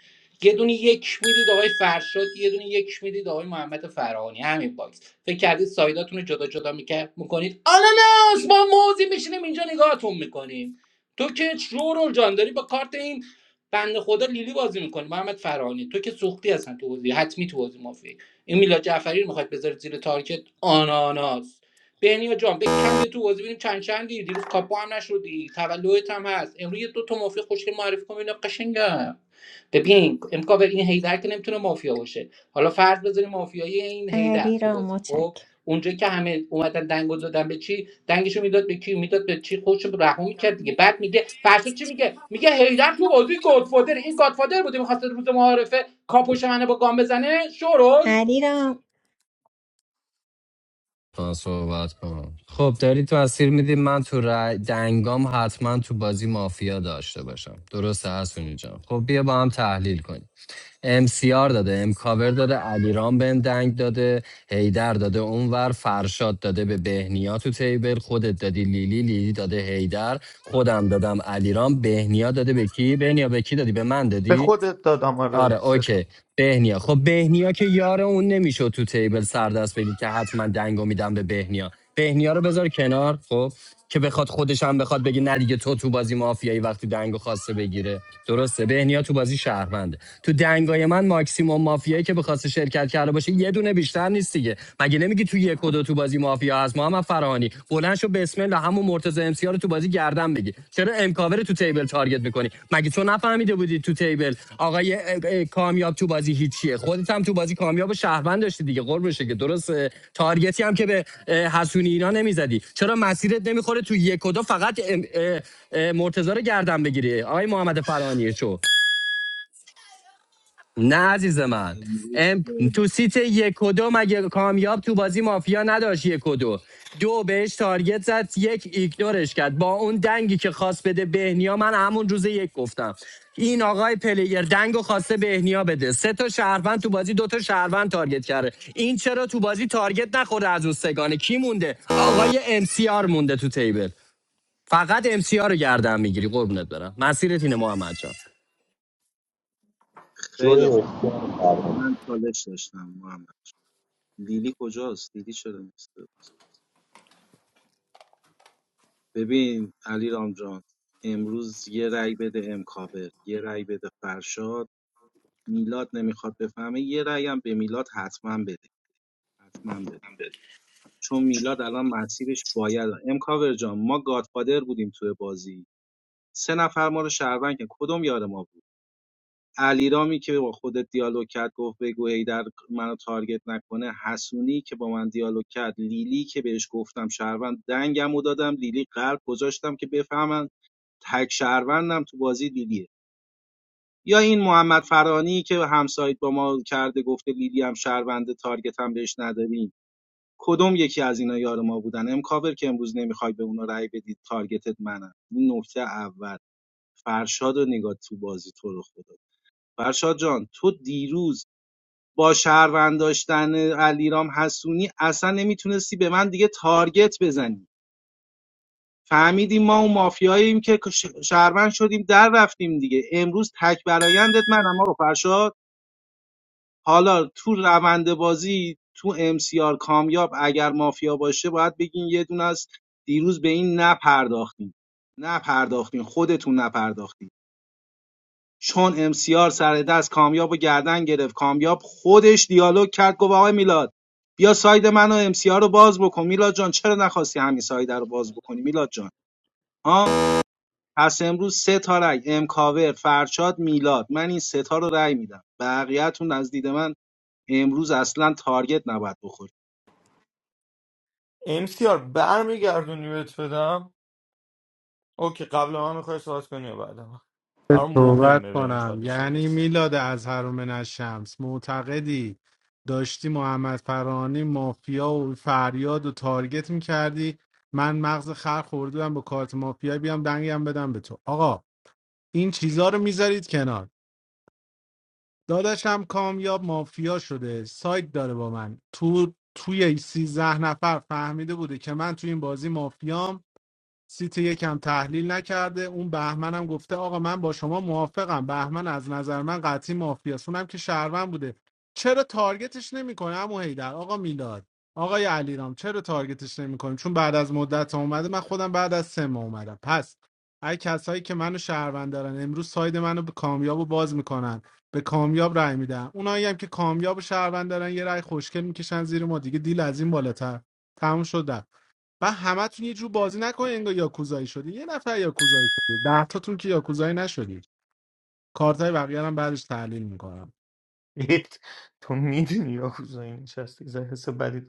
یه دونه یک میدید آقای فرشاد یه دونه یک میدید آقای محمد فرهانی همین باکس فکر کردید سایداتون رو جدا جدا میکرد میکنید آناناس ما موزی میشینیم اینجا نگاهتون میکنیم تو که شورول جان داری با کارت این بنده خدا لیلی بازی میکنی محمد فرهانی تو که سوختی هستن تو بازی حتمی تو بازی مافیا این میلاد جعفری رو میخواد بذارید زیر تارکت آناناس بهنیا جان بک کم بیا تو بازی ببینیم چند چندی دیروز کاپو هم نشدی تولدت هم هست امروز یه دو تا مافیا خوشگل معرفی کن اینا قشنگم ببین امکا به این هیدر که نمیتونه مافیا باشه حالا فرض بذاریم مافیایی این هیدر تو علیرام بازی خب مچک اونجا که همه اومدن دنگو دادن به چی دنگشو میداد به کی میداد به چی خودشو رها میکرد دیگه بعد میگه فرشو چی میگه میگه هیدر تو بازی گادفادر این گادفادر بوده میخواست روز معارفه کاپوش منو با گام بزنه شورول علیرام من صحبت کنم خب داری تو اسیر میدی من تو رای دنگام حتما تو بازی مافیا داشته باشم درسته حسونی جان خب بیا با هم تحلیل کنیم امسیار داده امکاور داده علیرام بهم دنگ داده هیدر داده اونور فرشاد داده به بهنیا تو تیبل خودت دادی لیلی لیلی داده هیدر خودم دادم علیرام بهنیا داده به کی بهنیا به کی دادی به من به دادی خودت دادم آره آره سه تا اوکی بهنیا خب بهنیا که یار اون نمیشه تو تیبل سردست بگی که حتما دنگو میدم به بهنیا بهنیا رو بذار کنار خب که بخواد خودش هم بخواد بگی نه دیگه تو تو بازی مافیایی وقتی دنگو خواسته بگیره درسته بهنیا تو بازی شهرونده تو دنگای من ماکسیموم مافیایی که بخواسته شرکت کرده باشه یه دونه بیشتر نیست دیگه مگه نمیگی تو یک و دو تو بازی مافیا هست ما هم محمد فراهانی بلند شو بسم الله همون مرتضی امسیا رو تو بازی گردن بگی چرا امکاور رو تو تیبل تارگت میکنی مگه تو نفهمیده بودی تو تیبل آقای کامیاب تو بازی هیچیه خودت هم تو بازی کامیاب و شهروند داشتی دیگه قرب بشه که درست تارگتی هم که به اه، حسونی اینا نمیزدی چرا مسیرت نمیخوره تو یک و دو فقط ام- مرتضی رو گردن بگیری آقای محمد فرانی شو نه عزیز من امروز ام تو سیت یک و دو مگه کامیاب تو بازی مافیا نداشت یک و دو دو بهش تارگت زد یک ایگنورش کرد با اون دنگی که خواست بده بهنیا من همون روز یک گفتم این آقای پلیر دنگو خواسته بهنیا بده سه تا شهروند تو بازی دو تا شهروند تارگت کرده این چرا تو بازی تارگت نخورده از اون سگانه کی مونده آقای ام سی آر مونده تو تیبل فقط ام سی آر رو گردن میگیری قربونت برم مسیرت اینه محمد جان خیلی جوی خوب بسیار من چالش داشتم محمد لیلی کجاست لیلی چرا نیست ببین علی رامجان امروز یه رأی بده امکاور یه رأی بده فرشاد میلاد نمیخواد بفهمه یه رأی هم به میلاد حتما بده حتما بده چون میلاد الان مسیرش باید امکاور جان ما گادفادر بودیم توی بازی سه نفر ما رو شهروند که کدوم یار ما بود علیرامی که با خودت دیالوگ کرد گفت بگو هیدر منو تارگت نکنه حسونی که با من دیالوگ کرد لیلی که بهش گفتم شهروند دنگمو دادم لیلی قلب گذاشتم که بفهمن تک شهروندم تو بازی لیلیه یا این محمد فرانی که همسایت با ما کرده گفته لیلی هم شهرونده تارگت هم بهش نداریم کدوم یکی از اینا یار ما بودن امکاور که امروز نمیخوای به اونا رأی بدید تارگتت منم این نکته اول فرشاد رو نگاه تو بازی تو رو خدا فرشاد جان تو دیروز با شهروند داشتن علیرام حسونی اصلا نمیتونستی به من دیگه تارگت بزنی فهمیدیم ما اون مافیاییم که ش- شهروند شدیم در رفتیم دیگه امروز تک برایندت منم آقا فرشاد حالا تو روند بازی تو امسیار کامیاب اگر مافیا باشه باید بگین یه دونه از دیروز به این نپرداختیم نپرداختین خودتون نپرداختین چون امسیار سر دست کامیاب و گردن گرفت کامیاب خودش دیالوگ کرد گفت آقای میلاد بیا ساید من و امسیار رو باز بکن میلاد جان چرا نخواستی همین ساید رو باز بکنی میلاد جان ها پس امروز سه تا رای امکاور فرشاد میلاد من این سه تا رو رای میدم بقیه‌تون از دید من امروز اصلا تارگت نباید بخورید امسیار برمیگردونی بهت بدم اوکی قبل من میخوای صحبت کنی یا بعد من برام صحبت مهمه به این کنم چالش یعنی برسم میلاد از هرومن از شمس معتقدی داشتی محمد فرانی مافیا و فریاد و تارگت میکردی من مغز خر خوردم با کارت مافیا بیام دنگم بدم به تو آقا این چیزا رو میذارید کنار داداشم کامیاب مافیا شده سایت داره با من تو توی این سیزده نفر فهمیده بوده که من توی این بازی مافیام سیتی یکم تحلیل نکرده اون بهمنم گفته آقا من با شما موافقم بهمن از نظر من قطعی مافیاست اونم که شهروند بوده چرا تارگتش نمیکنه عمو هیدر آقا میلاد آقای علیرام چرا تارگتش نمیکنیم چون بعد از مدت ها اومده من خودم بعد از سه ماه اومدم پس ای کسایی که منو شهروند دارن امروز ساید منو به کامیابو باز میکنن به کامیاب رای میدن اونایی هم که کامیابو و شهروند دارن یه رای خوشگل میکشن زیر ما دیگه دیل از این بالاتر تموم شد و همتون یه جور بازی نکنین انگار یاکوزایی شدی یه نفر یاکوزایی شده ده تاتون که یاکوزایی نشدی کارتای بقیه هم بعدش تحلیل میکنم. ایت، تو میدونی یا اینجاست یه حس بدی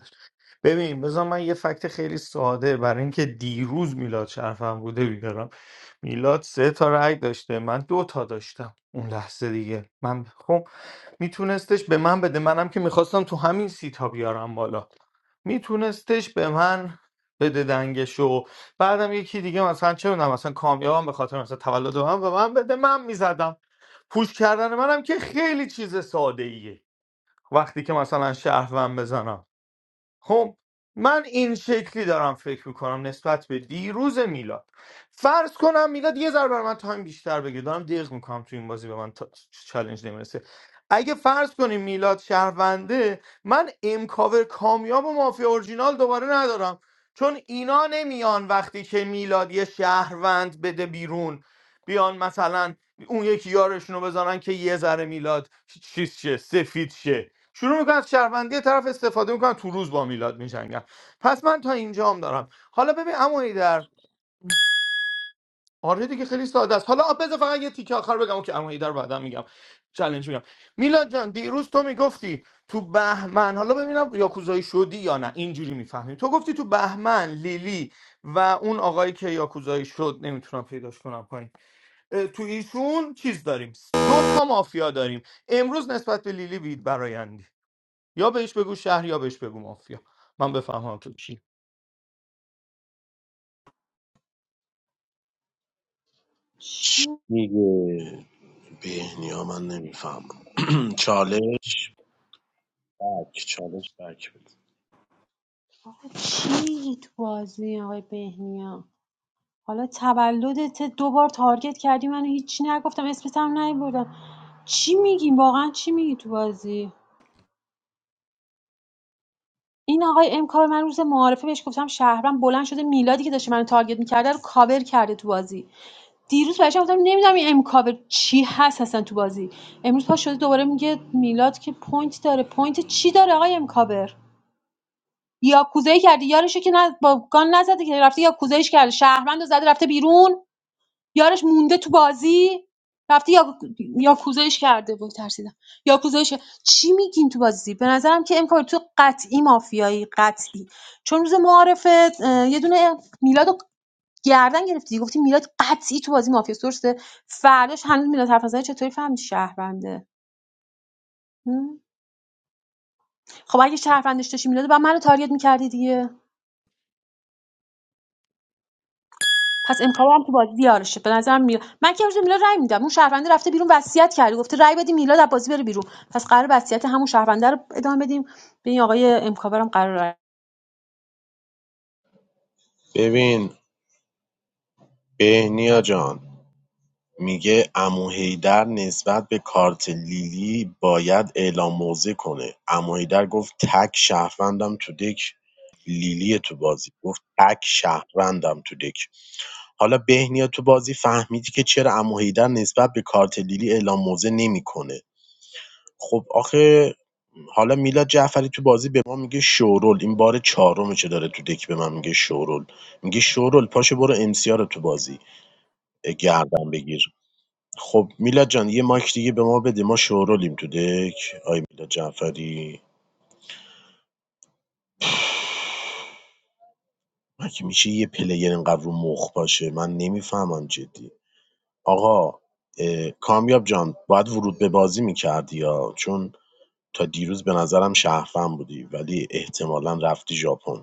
ببین بذار من یه فکت خیلی ساده برای اینکه دیروز میلاد شرفم بوده بیارم میلاد سه تا رأی داشته من دو تا داشتم اون لحظه دیگه من خب میتونستش به من بده منم که میخواستم تو همین سیتا بیارم بالا میتونستش به من بده دنگشو بعدم یکی دیگه مثلا چه میدونم مثلا کامیابم به خاطر مثلا تولد من به من بده من میزدم پوش کردن منم که خیلی چیز ساده ایه وقتی که مثلا شهروند بزنم خب من این شکلی دارم فکر میکنم نسبت به دیروز میلاد فرض کنم میلاد یه ذره برای من تایم بیشتر بگیر دارم دق میکنم تو این بازی به من تا... چالش نمیرسه اگه فرض کنیم میلاد شهرونده من امکاور کامیاب و مافیا اورجینال دوباره ندارم چون اینا نمیان وقتی که میلاد یه شهروند بده بیرون بیان مثلا اون یکی یارشون رو بزنن که یه ذره میلاد چیز شه سفید شه شروع میکنن از شهروندی طرف استفاده میکنن تو روز با میلاد میجنگن پس من تا اینجا هم دارم حالا ببین عمو در آره دیگه خیلی ساده است حالا بذار فقط یه تیکه آخر بگم که عمو در بعدا میگم چالش میگم میلاد جان دیروز تو میگفتی تو بهمن حالا ببینم یاکوزایی شدی یا نه اینجوری میفهمیم تو گفتی تو بهمن لیلی و اون آقایی که یاکوزایی شد نمیتونم پیداش کنم پایین اه، تو ایشون چیز داریم دو تا مافیا داریم امروز نسبت به لیلی بید یا بهش بگو شهر یا بهش بگو مافیا من بفهمم تو چی چی چی میگه بهنیا من نمیفهمم چالش بک چالش بک بده. آقا چی تو بازی آقای بهنیا حالا تولدت دو بار تارگت کردی منو هیچی نگفتم اسمت هم نیبردم چی میگی واقعا چی میگی تو بازی این آقای امکار من روز معارفه بهش گفتم شهرم بلند شده میلادی که داشته منو تارگت میکرده رو کاور کرده تو بازی دیروز بهش گفتم نمیدونم این امکاور چی هست اصلا تو بازی امروز پا شده دوباره میگه میلاد که پوینت داره پوینت چی داره آقای امکاور یا کوزه کردی یارشو که نه با گان نزده که رفته یا کوزه کرده شهروندو زده رفته بیرون یارش مونده تو بازی رفته یا یاکوزایش کرده بود ترسیدم یاکوزایش چی میگین تو بازی به نظرم که امکان تو قطعی مافیایی قطعی چون روز معارفه اه، یه دونه میلاد رو گردن گرفتی گفتی میلاد قطعی تو بازی مافیاست درسته فرداش هنوز میلاد حرف نزنه چطوری فهمیدی شهرونده هم؟ خب اگه شهروندش داشتی میلاد بعد منو تارگت میکردی دیگه پس امکاوم هم تو بازی بیارشه به نظرم میلا من که امروز به میلا رأی میدم اون شهرونده رفته بیرون وصیت کرده گفته رأی بدیم میلاد از بازی بره بیرون پس قرار وصیت همون شهرونده رو ادامه بدیم به این آقای امکاور هم قرار رأی ببین بهنیا جان می‌گه عموحیدر نسبت به کارت لیلی باید اعلام موضع کنه عموحیدر گفت تک شهروندم تو دک لیلی تو بازی گفت تک شهروندم تو دک حالا بهنیا تو بازی فهمیدی که چرا عموحیدر نسبت به کارت لیلی اعلام موضع نمیکنه خب آخه حالا میلاد جعفری تو بازی به ما میگه شورول این بار چهارمشه داره تو دک به من میگه شورول میگه شورول پاشو برو امسیا رو تو بازی گردن بگیر خب میلاد جان یه مایک دیگه به ما بده ما شورولیم تو دک آی میلاد جعفری مگه میشه یه پلیر اینقدر رو مخ باشه من نمیفهمم جدی آقا کامیاب جان باید ورود به بازی میکردی یا چون تا دیروز به نظرم شهروند بودی ولی احتمالا رفتی ژاپن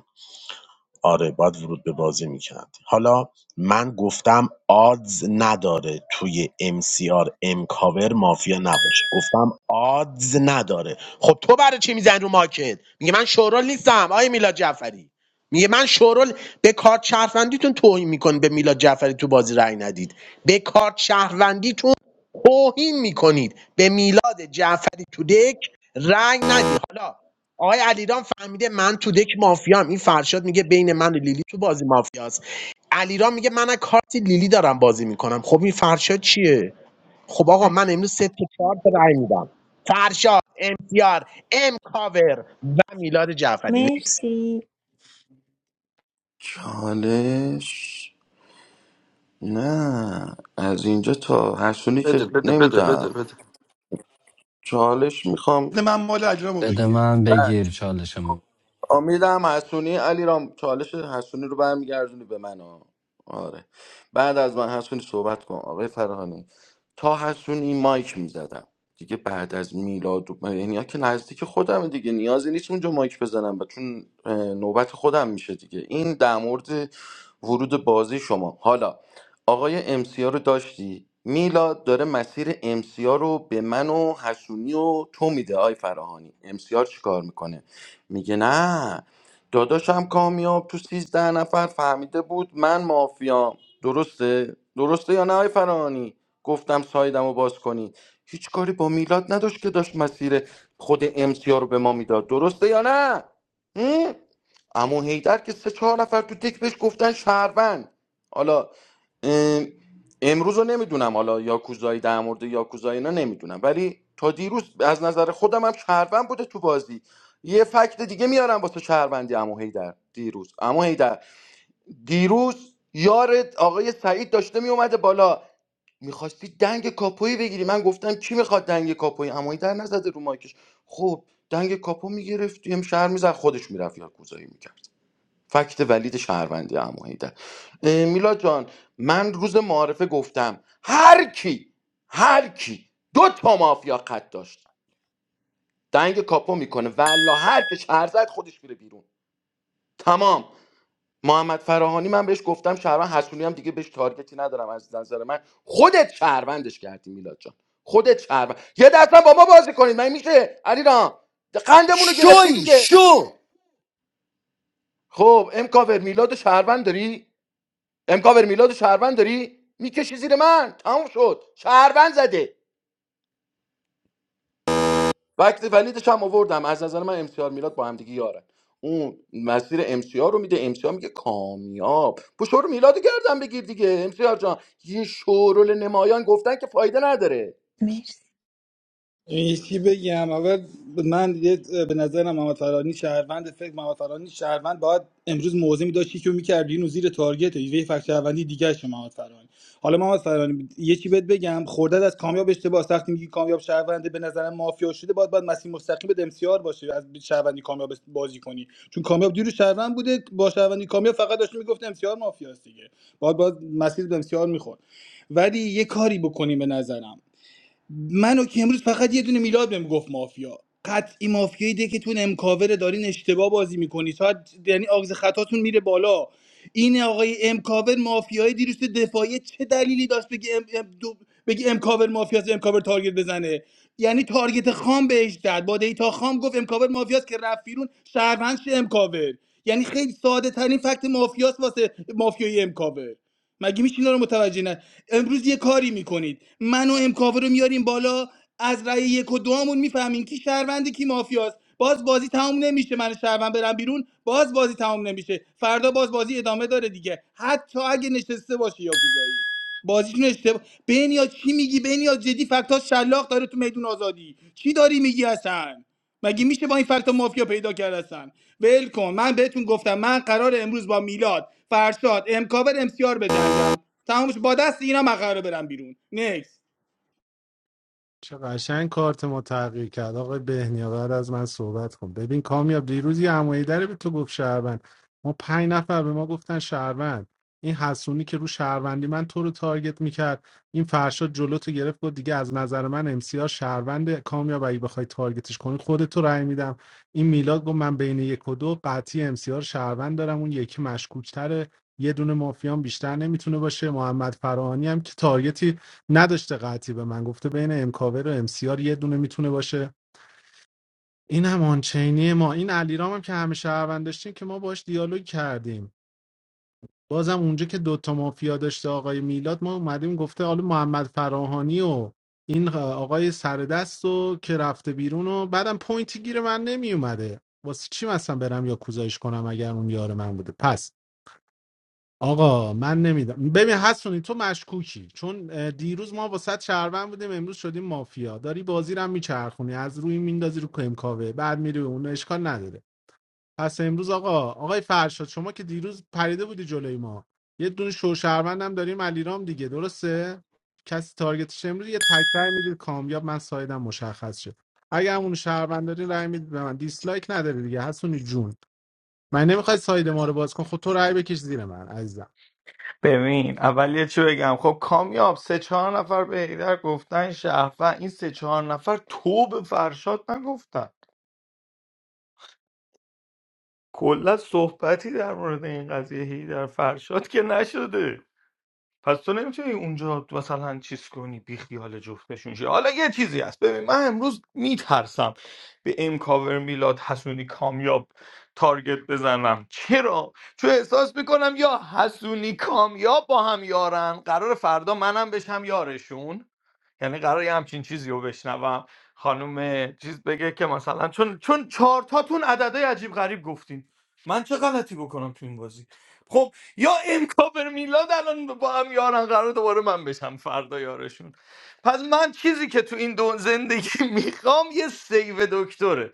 آره باید ورود به بازی میکرد حالا من گفتم آدز نداره توی MCR امکاور مافیا نباشه گفتم آدز نداره خب تو برای چی میزنی رو ماکت میگه من شورول نیستم آیه میلاد جعفری میگه من شورول به کارت شهروندیتون توهین میکنید به میلاد جعفری تو بازی رأی ندید به کارت شهروندیتون توهین میکنید به میلاد جعفری تو دک رأی ندید. حالا آقای علیرام فهمیده من تو دک مافیام این فرشاد میگه بین من و لیلی تو بازی مافیاست علیرام میگه من از کارت لیلی دارم بازی میکنم خب این فرشاد چیه خب آقا مچک من امروز سه تا چهار تا رای میدم فرشاد امتیار ام کاور و میلاد جعفری نیکس مرسی چالش نه از اینجا تا هشتونی بده که بده بده بده نمیدم بده چالش میخوام من مال اجرامو بده بگیر من بگیر چالشمو امیدم حسونی علی رام چالش حسونی رو برمیگردونی به من ها. آره بعد از من حسونی صحبت کن آقای فرهانی تا حسونی مایک میزدم دیگه بعد از میلاد و من- یعنی ها که نزدیک خودم دیگه نیازی نیست اونجا مایک بزنم و چون اه، نوبت خودم میشه دیگه این در مورد ورود بازی شما حالا آقای امسیا رو داشتی میلاد داره مسیر امسیا رو به من و حسونی و تو میده آی فراهانی امسیار چیکار میکنه میگه نه داداشم کامیاب تو سیزده نفر فهمیده بود من مافیام درسته درسته یا نه آی فرانی گفتم سایدم رو باز کنی هیچ کاری با میلاد نداشت که داشت مسیر خود امسیا رو به ما میداد درسته یا نه هم؟ امو هیدر که سه چهار نفر تو تک بهش گفتن شهروند حالا ام، امروز رو نمیدونم حالا یاکوزایی در مورد یاکوزایی اینا نمیدونم ولی تا دیروز از نظر خودم هم شهروند بوده تو بازی یه فکت دیگه میارم واسه شهروندی عمو هیدر دیروز عمو هیدر دیروز یار آقای سعید داشته میومده بالا میخواستی دنگ کاپویی بگیری من گفتم کی میخواد دنگ کاپویی عمو هیدر نزده رو مایکش خب دنگ کاپو میگرفت هم شهر میزد خودش میرفت یاکوزایی میکرد فکت ولید شهروندی عمو حیدر اه، میلاد جان من روز معارفه گفتم هر کی هر کی دو تا مافیا قد داشت دنگ کاپو میکنه والا هر کی شهر زد خودش میره بیرون تمام محمد فراهانی من بهش گفتم شهروند حسونی هم دیگه بهش تارگتی ندارم از نظر من خودت شهروندش کردی میلاد جان خودت شهروند یه دست هم با ما بازی کنید من میشه علی رام قندمون رو گرفتی شوی دیگه شو خب امکاور میلاد و شهروند داری امکاور میلاد شهروند داری میکشی زیر من تموم شد شهروند زده وقتی ولیدش هم آوردم از نظر من امسیار میلاد با هم دیگه یارن اون مسیر امسیار رو میده امسیار میگه کامیاب پشور میلاد رو گردن بگیر دیگه امسیار جان یه شورول نمایان گفتن که فایده نداره مرسی این چی بگم اول من یه به نظرم محمد فرانی شهروند فکر محمد فرانی شهروند باید امروز موضع میداشت که میکردی اینو زیر تارگت یه فکر شهروندی دیگه شما محمد فرانی حالا محمد فرانی یه چی بهت بگم خوردت از کامیاب اشتباه است. وقتی میگی کامیاب شهرونده به نظرم مافیا شده باید باید مسیر مستقیم به امسیار باشه از شهروندی کامیاب بازی کنی چون کامیاب دیروز شهروند بوده با شهروندی کامیاب فقط داشت میگفت امسیار مافیاست دیگه باید باید مسیر به امسیار میخورد ولی یه کاری بکنیم به نظرم منو که امروز فقط یه دونه میلاد بهم گفت مافیا قطعی مافیایی ده که تون امکاور دارین اشتباه بازی میکنی تا یعنی آغز خطاتون میره بالا این آقای امکاور مافیای دیروز تو دفاعی چه دلیلی داشت بگی ام ام دو بگی امکاور مافیاس امکاور تارگت بزنه یعنی تارگت خام بهش داد با دیتا خام گفت امکاور مافیاس که رفت بیرون شهروند شه امکاور یعنی خیلی ساده ترین فکت مافیاس واسه مافیای امکاور مگه میشه اینا رو متوجه نه امروز یه کاری میکنید من و امکاوه رو میاریم بالا از رأی یک و دومون میفهمین کی شهرونده کی مافیاست باز بازی تموم نمیشه من شهروند برم بیرون باز بازی تموم نمیشه فردا باز بازی ادامه داره دیگه حتی اگه نشسته باشه یا گوزایی بازیتون اشتباه بنیا چی میگی بنیا جدی فکتاش شلاق داره تو میدون آزادی چی داری میگی اصلا مگه میشه با این فکت مافیا پیدا کرد هستن ول کن من بهتون گفتم من قرار امروز با میلاد فرشاد امکاور امسیار بجنگم تمامش با دست اینا من قراره برم بیرون نکس چه قشنگ کارت ما تغییر کرد آقای بهنیا بعد از من صحبت کن ببین کامیاب دیروز یه عمویی داره به تو گفت شهروند ما پنج نفر به ما گفتن شهروند این حسونی که رو شهروندی من تو رو تارگت میکرد این فرشاد جلو تو گرفت گفت دیگه از نظر من امسیار شهروند کامیاب اگه بخوای تارگتش کنی خودت تو رأی میدم این میلاد گفت من بین یک و دو قطعی امسیار شهروند دارم اون یکی مشکوکتره یه دونه مافیان بیشتر نمیتونه باشه محمد فراهانی هم که تارگتی نداشته قطعی به من گفته بین امکاور و امسیار یه دونه میتونه باشه این هم آنچینی ما این علیرام هم که همه شهروند داشتیم که ما باش دیالوگ کردیم بازم اونجا که دوتا مافیا داشته آقای میلاد ما اومدیم گفته حالا محمد فراهانی و این آقای سردست و که رفته بیرون و بعدم پوینتی گیر من نمی اومده واسه چی مثلا برم یا کوزایش کنم اگر اون یار من بوده پس آقا من نمیدم ببین حسونی تو مشکوکی چون اه، دیروز ما با صد شهروند بودیم امروز شدیم مافیا داری بازی رو هم میچرخونی از روی میندازی رو کمکاوه بعد میری به اون اشکال نداره پس امروز آقا آقای فرشاد شما که دیروز پریده بودی جلوی ما یه دونه شو شهروند هم داریم علیرام دیگه درسته کسی تارگتش امروز یه تکرار میدید کامیاب من سایدم مشخص شد اگه همون شهروند داری رای میدید به من دیسلایک نداره دیگه حسونی جون من نمیخوای ساید ما رو باز کن خود تو رای بکش زیر من عزیزم ببین اول یه چی بگم خب کامیاب سه چهار نفر به هیدر گفتن شهر و این سه چهار نفر تو به فرشاد نگفتن کلا صحبتی در مورد این قضیه هیدر فرشاد که نشده پس تو نمیتونی اونجا مثلا چیز کنی بی خیال جفتشون شی حالا یه چیزی هست ببین من امروز میترسم به ام کاور میلاد حسونی کامیاب تارگت بزنم چرا چون احساس میکنم یا حسونی کامیاب با هم یارن قرار فردا منم بشم یارشون یعنی قراره یه همچین چیزی رو بشنوم خانم چیز بگه که مثلا چون چون چهار تاتون عددهای عجیب غریب گفتین من چه غلطی بکنم تو این بازی خب یا امکاور میلاد الان با هم یارن قرار دوباره من بشم فردا یارشون پس من چیزی که تو این دو زندگی میخوام یه سیو دکتره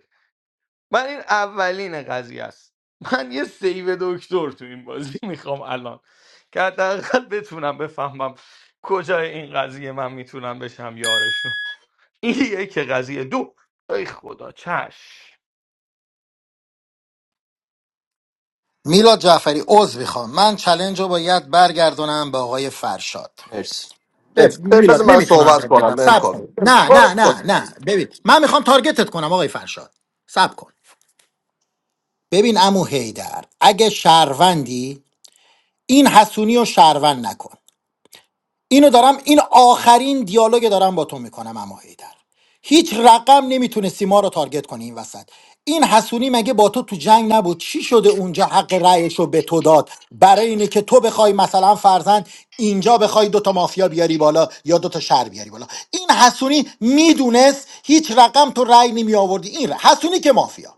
من این اولین قضیه است من یه سیو دکتر تو این بازی میخوام الان که حداقل بتونم بفهمم کجای این قضیه من میتونم بشم یارشون این یک قضیه دو ای خدا چش میلاد جعفری عضو میخوام من چلنج رو باید برگردونم به آقای فرشاد مرسی به مرسی ب- بذار میلاد من نمیتونم صحبت بهت کنم بدم بهم سب کافی کن نه برو نه خود نه نه ببین من میخوام تارگتت کنم آقای فرشاد سب کن ببین امو هیدر اگه شهروندی این حسونی رو شهروند نکن اینو دارم این آخرین دیالوگ دارم با تو میکنم امو هیدر هیچ رقم نمیتونستی ما رو تارگت کنی این وسط این حسونی مگه با تو تو جنگ نبود چی شده اونجا حق رأیش رو به تو داد برای اینه که تو بخوای مثلا فرزند اینجا بخوای دوتا مافیا بیاری بالا یا دوتا شهر بیاری بالا این حسونی میدونست هیچ رقم تو رأی نمی آوردی این ر- حسونی که مافیا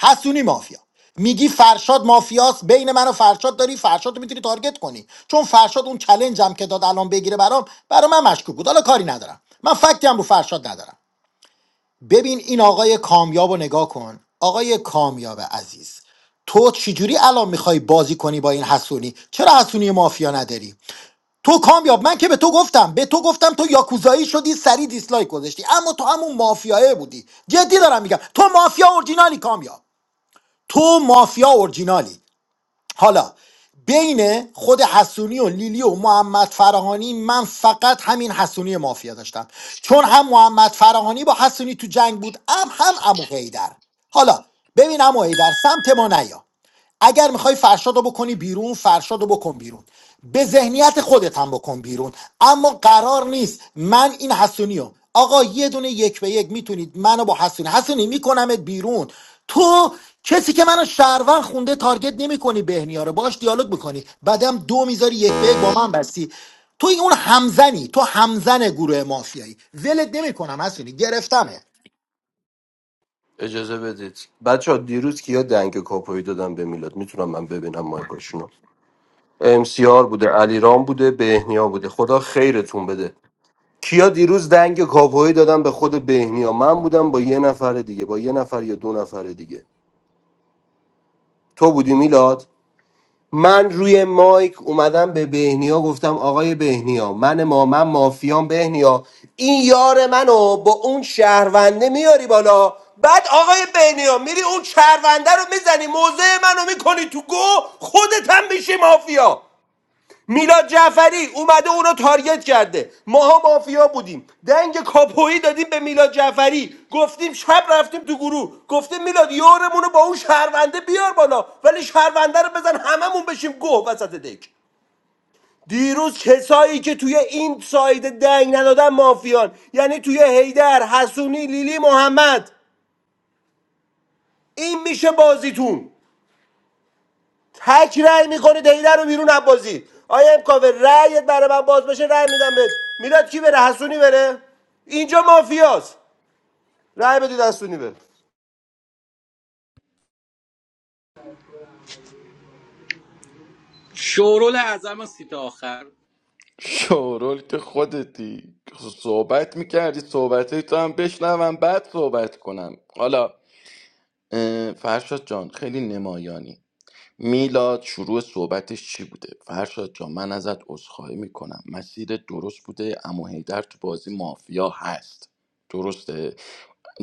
حسونی مافیا میگی فرشاد مافیاست بین من و فرشاد داری فرشاد رو میتونی تارگت کنی چون فرشاد اون چلنجم که داد الان بگیره برام برام من مشکوک بود حالا کاری ندارم من فکتی هم رو فرشاد ندارم ببین این آقای کامیاب رو نگاه کن آقای کامیاب عزیز تو چجوری الان میخوای بازی کنی با این حسونی چرا حسونی مافیا نداری تو کامیاب من که به تو گفتم به تو گفتم تو یاکوزایی شدی سری دیسلایک گذاشتی اما تو همون مافیاه بودی جدی دارم میگم تو مافیا اورجینالی کامیاب تو مافیا اورجینالی حالا بین خود حسونی و لیلی و محمد فراهانی من فقط همین حسونی مافیا داشتم چون هم محمد فراهانی با حسونی تو جنگ بود هم هم امو حیدر حالا ببین امو حیدر سمت ما نیا اگر میخوای فرشاد رو بکنی بیرون فرشاد رو بکن بیرون به ذهنیت خودت هم بکن بیرون اما قرار نیست من این حسونی رو آقا یه دونه یک به یک میتونید منو با حسونی حسونی میکنمت بیرون تو کسی که منو شهروند خونده تارگت نمیکنی بهنیا رو باش دیالوگ میکنی بعدم دو میذاری یک به یک با من بستی تو اون همزنی تو همزن گروه مافیایی ولت نمیکنم حسونی گرفتمه اجازه بدید بچه ها دیروز کیا دنگ کاپوی دادم به میلاد میتونم من ببینم مایکاشونو ام سی آر بوده علیرام بوده بهنیا بوده خدا خیرتون بده کیا دیروز دنگ کاپوی دادم به خود بهنیا من بودم با یه نفر دیگه با یه نفر یا دو نفر دیگه تو بودی میلاد من روی مایک اومدم به بهنیا گفتم آقای بهنیا من ما من مافیام بهنیا این یار منو با اون شهرونده میاری بالا بعد آقای بهنیا میری اون شهرونده رو میزنی موزه منو میکنی تو گو خودت هم میشی مافیا میلاد جعفری اومده او رو تارگت کرده ماها مافیا بودیم دنگ کاپویی دادیم به میلاد جعفری گفتیم شب رفتیم تو گروه گفتیم میلاد یارمون رو با اون شهرونده بیار بالا ولی شهرونده رو بزن هممون بشیم گوه وسط دک دیروز کسایی که توی این ساید دنگ ندادن مافیان یعنی توی هیدر حسونی لیلی محمد این میشه بازیتون تک رأی میکنه دیده رو بیرون از بازی آیا امکاوه رأیت برای من باز بشه رأی میدم بهت میلاد کی بره حسونی بره اینجا مافیاست رأی بدید حسونی بره شورول اعظم از سیت آخر شورول که خودتی صحبت میکردی صحبت تو هم بشنوم بعد صحبت کنم حالا اه، فرشاد جان خیلی نمایانی میلاد شروع صحبتش چی بوده فرشاد جان من ازت عذرخواهی میکنم مسیر درست بوده اما هیدر تو بازی مافیا هست درسته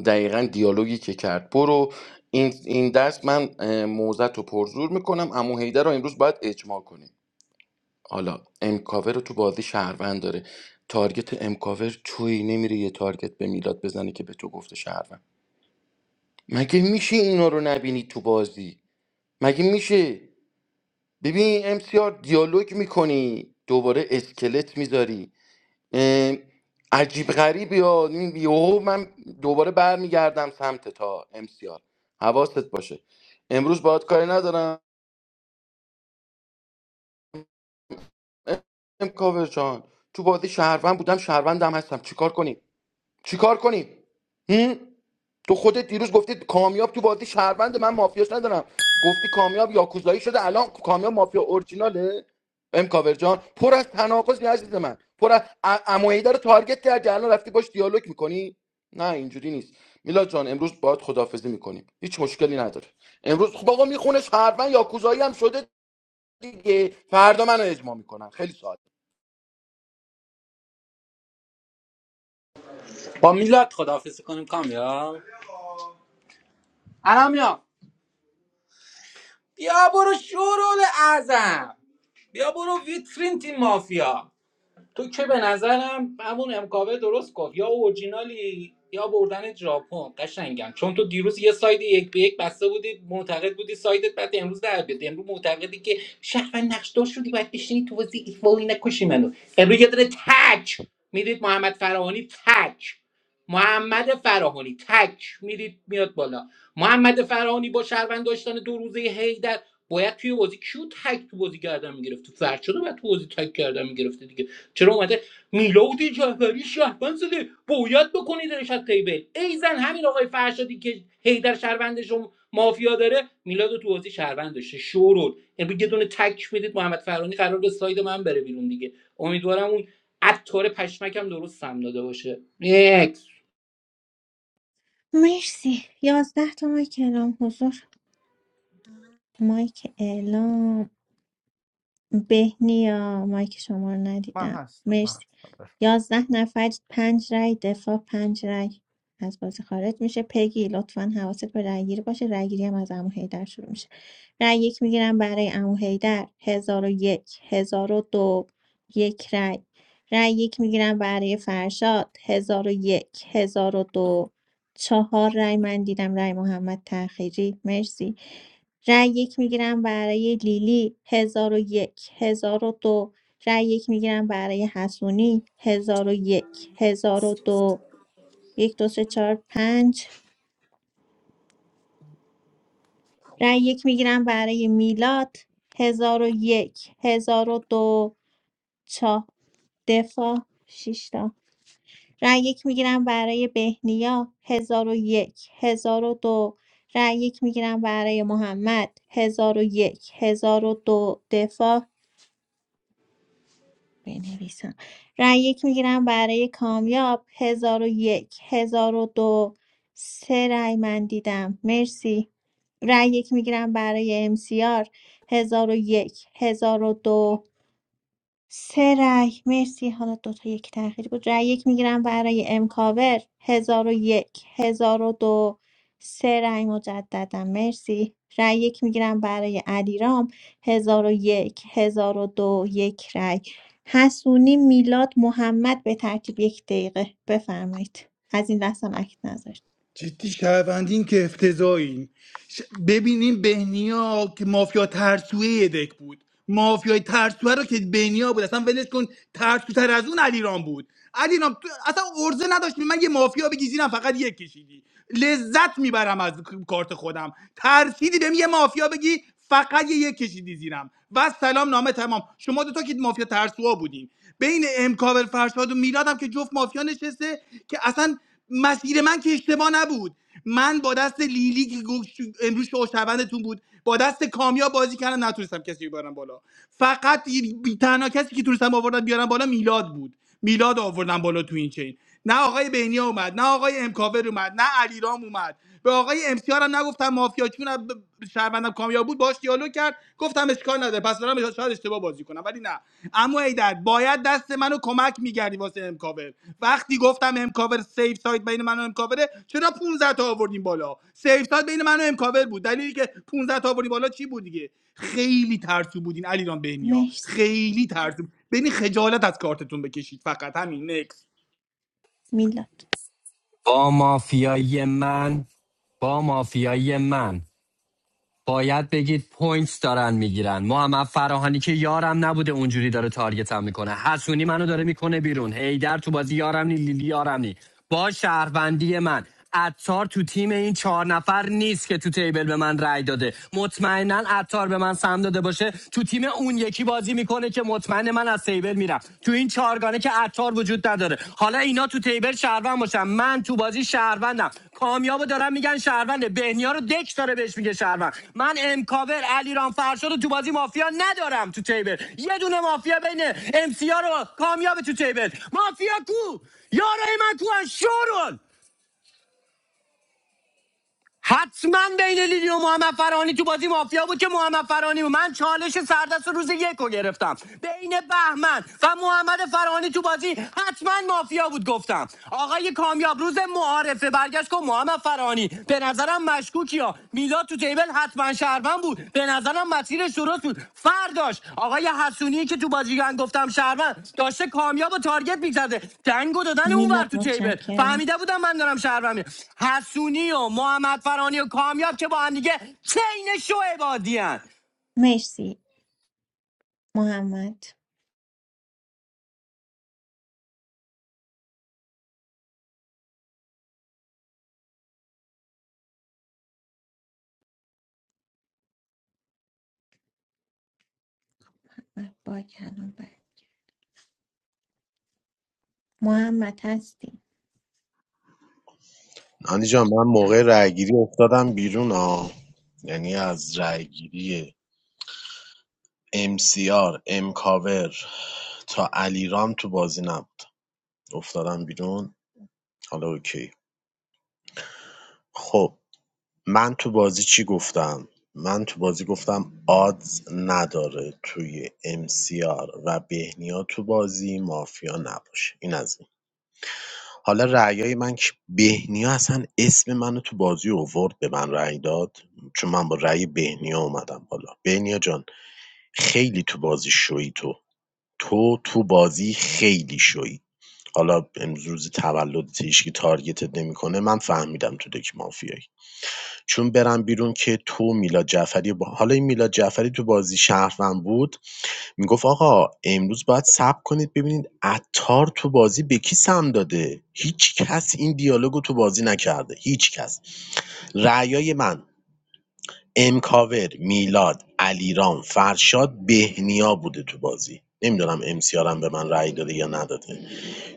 دقیقا دیالوگی که کرد برو این, این دست من اه، موزت رو پرزور میکنم امو هیدر رو امروز باید اجماع کنیم حالا امکاور رو تو بازی شهروند داره تارگت امکاور توی نمیره یه تارگت به میلاد بزنه که به تو گفته شهروند مگه میشه اینا رو نبینی تو بازی مگه میشه ببین امسیار دیالوگ میکنی دوباره اسکلت میذاری اه، عجیب غریبی ها این یهو من دوباره برمیگردم سمت تا امسیار حواست باشه امروز باید کاری ندارم ام کاور جان تو بازی شهروند بودم شهروندم هستم چیکار کنیم چیکار کنیم هم؟ تو خودت دیروز گفتی کامیاب تو بازی شهروند من مافیاش ندارم گفتی کامیاب یاکوزایی شده الان کامیاب مافیا اورجیناله ام کاور جان پر از تناقض عزیز من پر از عمویده رو تارگت کردی الان رفتی باش دیالوگ میکنی نه اینجوری نیست میلاد جان امروز باید خدافزی میکنیم هیچ مشکلی نداره امروز خب آقا میخونه شهروند یاکوزایی هم شده دیگه فردا منو اجماع میکنن خیلی ساده با میلاد خداحافظی کنیم کامیاب الان بیا برو شورول اعظم بیا برو ویترین تیم مافیا تو که به نظرم همون امکاوه درست گفت یا اورجینالی یا بردن ژاپن قشنگم چون تو دیروز یه ساید یک به یک بسته بودی معتقد بودی سایدت بعد امروز در بیاد امروز معتقدی که شهروند نقش شدی باید بشینی تو بازی ایفوری نکشی منو امروز یه داره تک میرید محمد فراهانی تک محمد فراهانی تک میرید میاد بالا محمد فراهانی با شهروند داشتن دو روزه هیدر باید توی بازی کیو تک تو بازی کردن میگرفتی فرشاد رو باید تو بازی تک کردن میگرفتی چرا اومده میلاد جعفری شهروند زده باید بکنیدش از تیبل ای زن همین آقای فرشادی که هیدر شهروندش رو مافیا داره میلاد تو بازی شهروند داشته شورول یعنی یه دونه تک میدید محمد فرانی قرار به ساید من بره بیرون دیگه امیدوارم اون عطار پشمکم درست سم داده باشه نیکس مرسی یازده تا مایک اعلام حضور مایک اعلام بهنیا مایک شما رو من ندیدم هستم من مرسی هستم بفهم یازده نفر پنج رای دفاع پنج رای از بازی خارج میشه پگی لطفا حواست به رای گیری باشه رای گیری هم از عمو حیدر شروع میشه رای یک میگیرم برای عمو حیدر هزار و یک هزار و دو یک رای رای یک میگیرم برای فرشاد هزار و یک هزار و دو چهار رای من دیدم رای محمد تاخیری مرسی رای یک میگیرم برای لیلی 1001 دو رای یک میگیرم برای حسونی 1001 دو یک دو سه چهار پنج رای یک میگیرم برای میلاد 1001 دو 4 دفاع شش تا رای یک میگیرم برای بهنیا 1001 دو رای یک میگیرم برای محمد 1001 دو دفاع بنویسم رأی یک میگیرم برای کامیاب هزار و یک هزار و دو سه رأی من دیدم مرسی رأی یک میگیرم برای امسیار هزار و یک هزار و دو سه رای مرسی حالا دوتا یک تأخیری بود رای یک میگیرم برای امکاور هزار و یک هزار و دو سه رای مجددا مرسی رای یک میگیرم برای علیرام هزار و یک هزار و دو یک رای حسونی میلاد محمد به ترتیب یک دقیقه بفرمایید از این دستم اکت نذاشت جدی شهروندین که افتضاحین ش... ببینیم بهنیا که مافیا ترسویه یه دک بود مافیای ترسوه رو که بهنیا بود اصلا ولش کن ترسوتر از اون علیرام بود علیرام تو اصلا ارزه نداشت به من یه مافیا بگی زیرم فقط یک کشیدی لذت میبرم از کارت خودم ترسیدی بهم یه مافیا بگی فقط یه یک کشیدی زیرم و سلام نامه تمام شما دو تا که مافیا ترسوها بودین بین امکاور فرشاد و میلادم که جفت مافیا نشسته که اصلا مسیر من که اشتباه نبود من با دست لیلی که گفت شو- امروز شوشوندتون بود با دست کامیا بازی کردم نتونستم کسی رو بیارم بالا فقط یه- بی- تنها کسی که تونستم آوردم بیارم بالا میلاد بود میلاد آوردم بالا تو این چین نه آقای بهنیا اومد نه آقای امکاور اومد نه علیرام اومد به آقای امسیار هم نگفتم مافیا چون هم ب- شهروندم کامیا بود باش دیالوگ کرد گفتم اشکال نداره پس دارم شاید اشتباه بازی کنم ولی نه اما ایدر باید دست منو کمک میگردی واسه امکاور وقتی گفتم امکاور سیف سایت بین من و امکاوره چرا 15 تا آوردیم بالا سیف سایت بین من و امکاور بود دلیلی که 15 تا آوردیم بالا چی بود دیگه خیلی ترسو بودین علیران بهنیا مرسی خیلی ترسو ببین خجالت از کارتتون بکشید فقط همین نکس میلاد با مافیای من با مافیای من باید بگید پوینتس دارن میگیرن محمد فراهانی که یارم نبوده اونجوری داره تارگتم میکنه حسونی منو داره میکنه بیرون هیدر تو بازی یارم نی لیلی یارم نی با شهروندی من عطار تو تیم این چهار نفر نیست که تو تیبل به من رای داده مطمئنا عطار به من سم داده باشه تو تیم اون یکی بازی میکنه که مطمئن من از از تیبل میرم تو این چهارگانه که عطار وجود نداره حالا اینا تو تیبل شهروند باشن من تو بازی شهروندم کامیابو دارن میگن شهرونده بهنیا رو دک داره بهش میگه شهروند من امکاور علیرام رام فرشاد رو تو بازی مافیا ندارم تو تیبل یه دونه مافیا بین امسیا رو کامیاب تو تیبل مافیا کو یارای من کو شورون حتما بین لیلی و محمد فرانی تو بازی مافیا بود که محمد فرانی بود. من چالش سردست روز یک رو گرفتم بین بهمن و محمد فرانی تو بازی حتما مافیا بود گفتم آقای کامیاب روز معارفه برگشت که محمد فرانی به نظرم مشکوکی ها میلاد تو تیبل حتما شهروند بود به نظرم مسیرش درست بود فرداش آقای حسونی که تو بازیگان گفتم شهروند داشته کامیاب و تارگت میزده دنگو دادن اون ور میلاد تو تیبل متشکرم فهمیده بودم من دارم شهروند میرم حسونی و محمد فرانی و کامیاب که با هم دیگه چین شو عبادی ان. مرسی محمد من باگ الان بر- محمد هستی نانی جان من موقع رأیگیری افتادم بیرون ها یعنی از رأیگیری MCR امکاور تا علیرام تو بازی نبود افتادم بیرون حالا اوکی خب من تو بازی چی گفتم من تو بازی گفتم آدز نداره توی امسیار و بهنیا تو بازی مافیا نباشه این از این حالا رأیای من که بهنیا اصلا اسم منو تو بازی اوورد به من رأی داد چون من با رأی بهنیا اومدم بالا بهنیا جان خیلی تو بازی شوی تو تو تو بازی خیلی شوی حالا امروز تولدت هیچکی تارگتت نمیکنه من فهمیدم تو دک مافیایی چون برم بیرون که تو میلاد جعفری با حالا این میلاد جعفری تو بازی شهروند بود میگفت آقا امروز باید صبر کنید ببینید عطار تو بازی به کی سم داده هیچ کس این دیالوگو تو بازی نکرده هیچ کس رأیای من امکاور میلاد علیرام فرشاد بهنیا بوده تو بازی نمیدونم امسیارم به من رأی داده یا نداده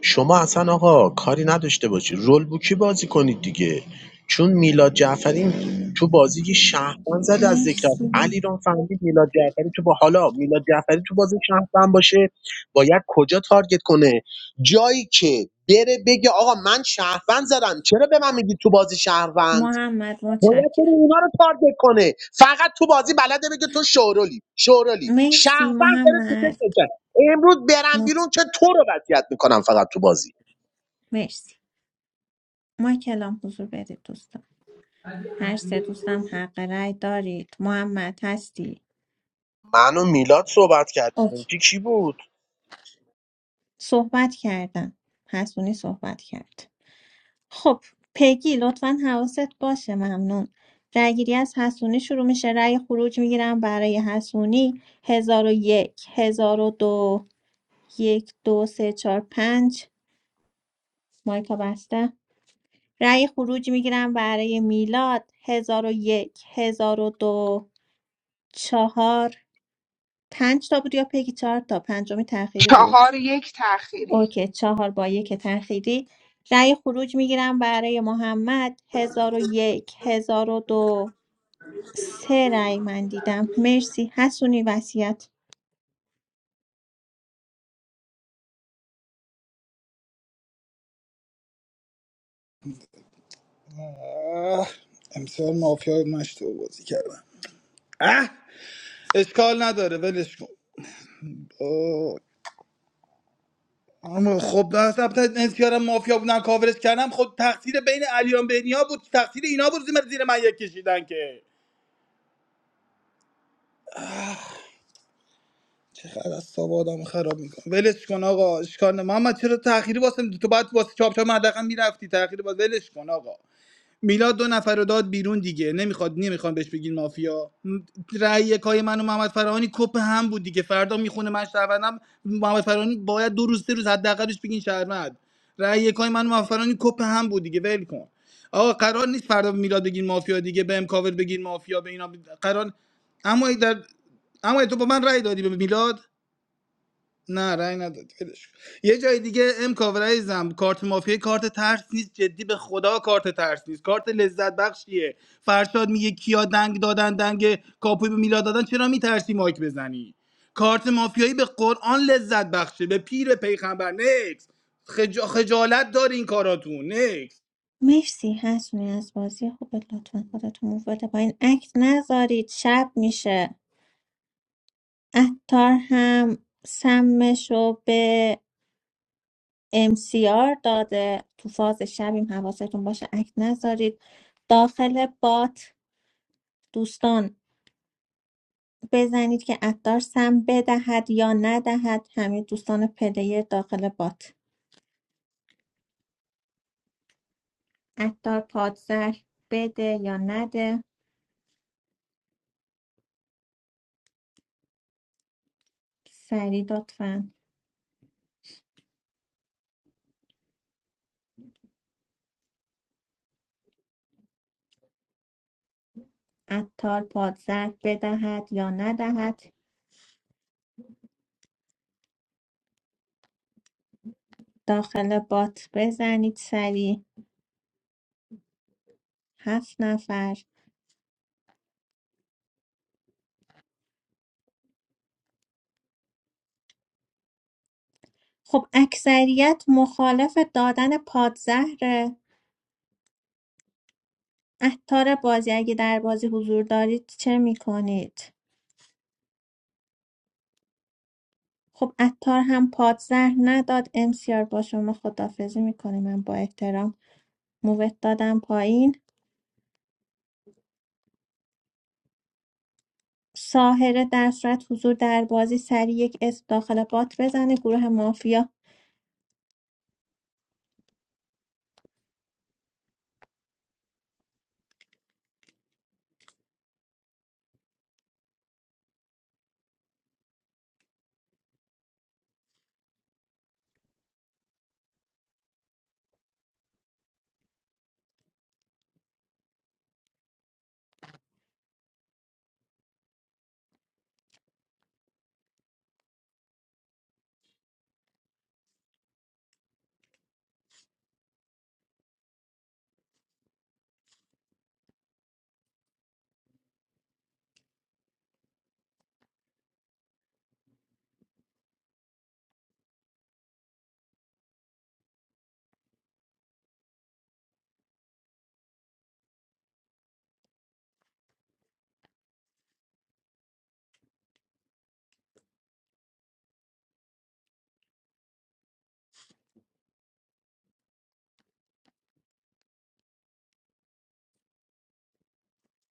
شما اصلا آقا کاری نداشته باشی. باشید رول‌بوکی بازی کنید دیگه چون میلاد جعفری تو بازی که شهروند زد از ذکر مرسی علیرام فهمید میلاد جعفری تو با حالا میلاد جعفری تو بازی شهروند باشه باید کجا تارگت کنه جایی که بره بگه آقا من شهروند زدم چرا به من میگی تو بازی شهروند محمد باید بره متشکرم اونا رو تارگت کنه فقط تو بازی بلده بگه تو شورولی شورولی مرسی شهروند داره تو محمد فکر امروز برم مت... بیرون که تو رو وضعیت میکنم فقط تو بازی مرسی ما کلام حضور بدید دوستان هر سه دوستم حق رأی دارید محمد هستی من و میلاد صحبت کردیم اوکی کی کی بود صحبت کردم حسونی صحبت کرد خب پگی لطفا حواست باشه ممنون رأیگیری از حسونی شروع میشه رأی خروج میگیرم برای حسونی هزار و یک هزار و دو یک دو سه چهار پنج مایکا بسته رأی خروج میگیرم برای میلاد 1001 1002 4 5 تا بود یا پگی 4 تا پنجمی تأخیری بود چهار یک تاخیری اوکی 4 با یک تأخیری رأی خروج میگیرم برای محمد 1001 1002 سه رأی من دیدم مرسی حسونی وصیت آه، امسال مافیا مشتو بازی کردم اه اشکال نداره ولش کن اما خب نسبت انسیارم مافیا بودن کاورش کردم خب تقصیر بین علیان بهنیا بود تقصیر اینا بود زیر من، زیر من یک کشیدن که بعد از صبح آدم خراب میکنه ولش کن آقا اشکال نه محمد چرا تأخیری واسه می‌دی؟ تو بعد واسه چاپ چاپ حداقل میرفتی تأخیری باز ولش کن آقا میلاد دو نفر رو داد بیرون دیگه نمیخواد نمیخوان بهش بگین مافیا م، رأی کای من و محمد فرهانی کپ هم بود دیگه فردا میخونه من شهروندم محمد فرهانی باید دو روز سه روز حداقلش بگین شهروند رأی کای من و محمد فرهانی کپ هم بود دیگه ول کن آقا قرار نیست فردا به میلاد بگین مافیا دیگه به امکاور بگین مافیا به اینا ب- قرار اما در اما تو با من رأی دادی به میلاد نه رأی نداد ولش کن. یه جای دیگه ام کاورایزم کارت مافیا کارت ترس نیست جدی به خدا کارت ترس نیست کارت لذت بخشیه فرشاد میگه کیا دنگ دادن دنگ کاپوی به میلاد دادن چرا میترسی مایک بزنی کارت مافیایی به قرآن لذت بخشه به پیر پیغمبر نکس خجا... خجالت دار این کاراتون نکس مرسی حسونی از بازی خوبت لطفا خودتون موو بده پایین عکس نذارید شب میشه عطار هم سمش رو به امسیار داده تو فاز شبیم حواستون باشه اکت نذارید داخل بات دوستان بزنید که اتار سم بدهد یا ندهد همه دوستان پلیر داخل بات اتار پادزر بده یا نده سری لطفا اتار پادزر بدهد یا ندهد داخل بات بزنید سری هفت نفر خب اکثریت مخالف دادن پادزهره عطار بازی اگه در بازی حضور دارید چه میکنید؟ خب عطار هم پادزهر نداد امسیار با شما خدافزی میکنه من با احترام مووت دادم پایین ساهره در صورت حضور در بازی سریع یک اسم داخل بات بزنه گروه مافیا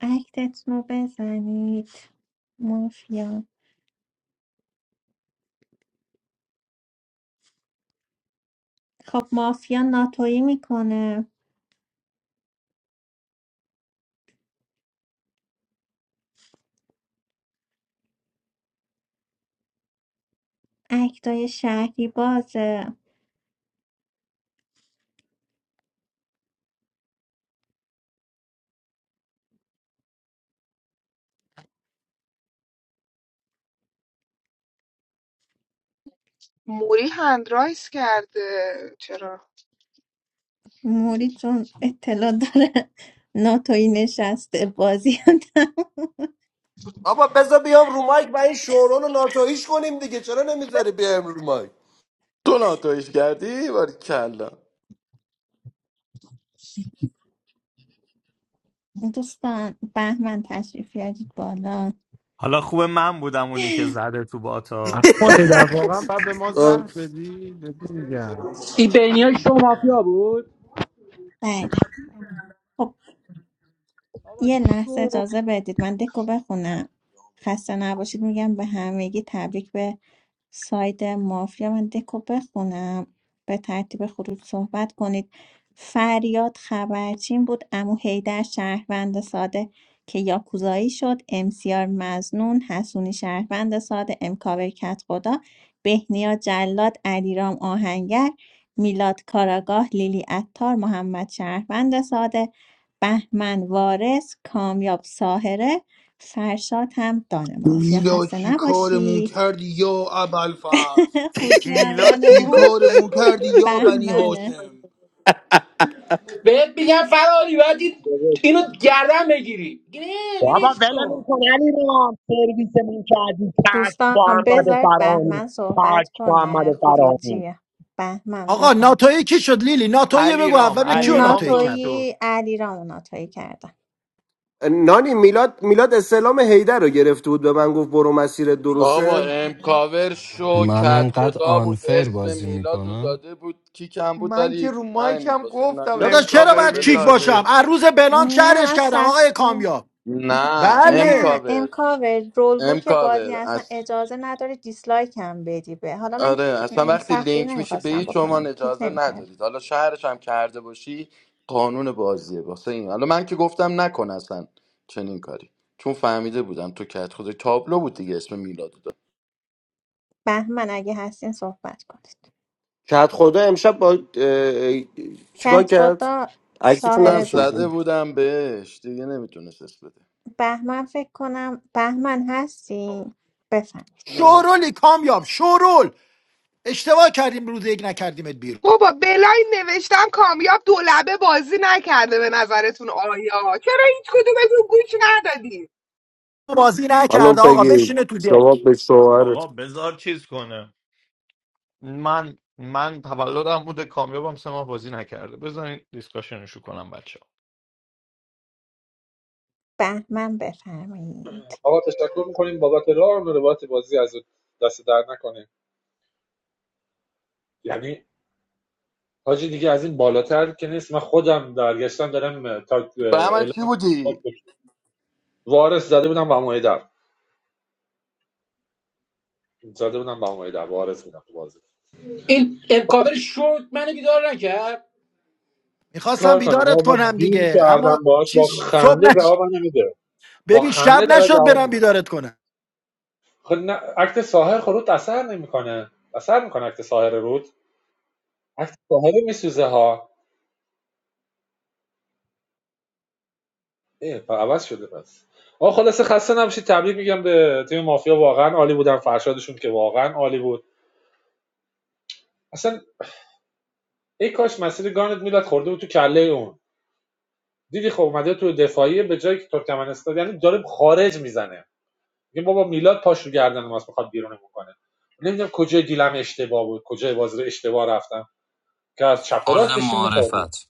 اکتتون رو بزنید مافیا خب مافیا ناتویی میکنه اکتای شهری بازه موری هندرایس کرده چرا موری چون اطلاع داره ناتوی نشسته بازی بابا بذار بیام رو مایک و این شورون رو ناتویش کنیم دیگه چرا نمیذاری بیام رو مایک تو ناتویش کردی باری کلا دوستان بهمن تشریف بیارید بالا حالا خوبه من بودم اونی که زده تو باتا اما هیدر واقعا بعد به ما آه. زهر بدی جدی میگم های شو مافیا بله خب یه لحظه اجازه بدید من دکو بخونم خسته نباشید میگم به همگی تبریک به ساید مافیا من دکو بخونم به ترتیب خروج صحبت کنید فریاد خبرچین بود امو حیدر شهروند ساده که یاکوزایی شد امسیار مزنون حسونی شهروند ساده امکاور کت خدا بهنیا جلاد علیرام آهنگر میلاد کاراگاه لیلی اتار محمد شهروند ساده بهمن وارث کامیاب ساهره فرشاد هم دانه مافیا میلا خسته چی کارمون نباشید کردی یا ابوالفضل خورجی میلاد کی چی اولمون بود کارمون کردی یا بنی بهمنه هاشم بهت میگم فرانی باید درست. اینو گردن بگیری نه بابا ولش ول کن میکن علی رام سرویس من کردی تک دوستان محمد بذارید فرانی بهمن صحبت تک محمد کنه فرانی خروجی بهمن آقا بفهم ناتوی کی شد لیلی ناتوی علی بگو رام اول بگو علی کیو رام ناتوی کردم دکتر ناتویی علی را ناتویی کردن نانی میلاد میلاد استعلام هیدر رو گرفته بود به من گفت برو مسیر بابا درسته امکاور شو من کت انقدر خدا بود آنفیر اسم بازی میلاد رو میکنم داده بود کیکم بود من که ولی رو من مایکم واسه گفتم نانی داداش چرا امکاور نوشتم باید کیک ولش کن باشم میلاده از روز بلان نه شهرش من کردم آقای سختی کامیاب نه نه بله امکاور امکاور رول بوک بازی امکاور اصلا از اجازه نداره دیسلایک هم بدی به حالا من آره کیک... اصلا وقتی سختگیری لینک میشی به نمیخواستم هیچ بکنم عنوان کیک اجازه نمیکرد ندارید حالا شهرش هم کرده باشی قانون بازیه واسه این حالا من که گفتم نکن اصلا چنین کاری چون فهمیده بودم تو کت خدا تابلو بود دیگه اسم میلاد رو داد. بهمن اگه هستین صحبت کنید کت خدا امشب با اه، اه، چیکار کت کرد خدا عکستون من ساهره زده زده بود نکشید بودم بهش دیگه نمیتونست اسم بده بهمن فکر کنم بهمن هستی بفرمایید شورولی کامیاب شورول اشتباه کردیم روز یک نکردیمت بیرون بابا بلاین نوشتم کامیاب دولبه بازی نکرده به نظرتون آیا چرا هیچ کدومتون گوش ندادی بازی خانم نکرده آقا بگی بشینه تو دک شما آقا بذار چیز کنه من من تولدم بوده کامیابم سه ماه بازی نکرده بذارین دیسکاشنشو کنم بچه بهمن بفرمایید آقا تشکر میکنیم بابت راه و روایت بازی از دست در نکنه یعنی حاجی دیگه از این بالاتر که نیست من خودم برگشتم دارم تا به من چی اعلام بودی وارث زده بودم با مایدر زده بودم با مایدر وارث بودم تو بازی این خب، امکاور شورت منو بیدار نکرد میخواستم کار کنم آقا بیدارت من کنم دیل دیگه اما کردم باش با چیز صبح خنده نش... جواب نمیده با ببین شب خنده داره نشد جواب برم میده بیدارت کنم خب اکت ساحر خب رود اثر نمیکنه اثر میکنه اکت ساحر رود اکت ساحر میسوزه ها اه پس عوض شده پس آقا خلاصه خسته نباشید تبریک میگم به تیم مافیا واقعا عالی بودن فرشادشون که واقعا عالی بود اصلا ای کاش مسیر گانت میلاد خورده بود تو کله اون دیدی خب اومده تو دفاعیه به جای که ترکمنستان یعنی داره خارج میزنه میگه بابا میلاد پاش رو گردن ماست میخواد بیرونمون کنه نمیدونم کجای دیلم اشتباه بود کجای بازی رو اشتباه رفتم که از چپ و حال راستش میخوردی معرفت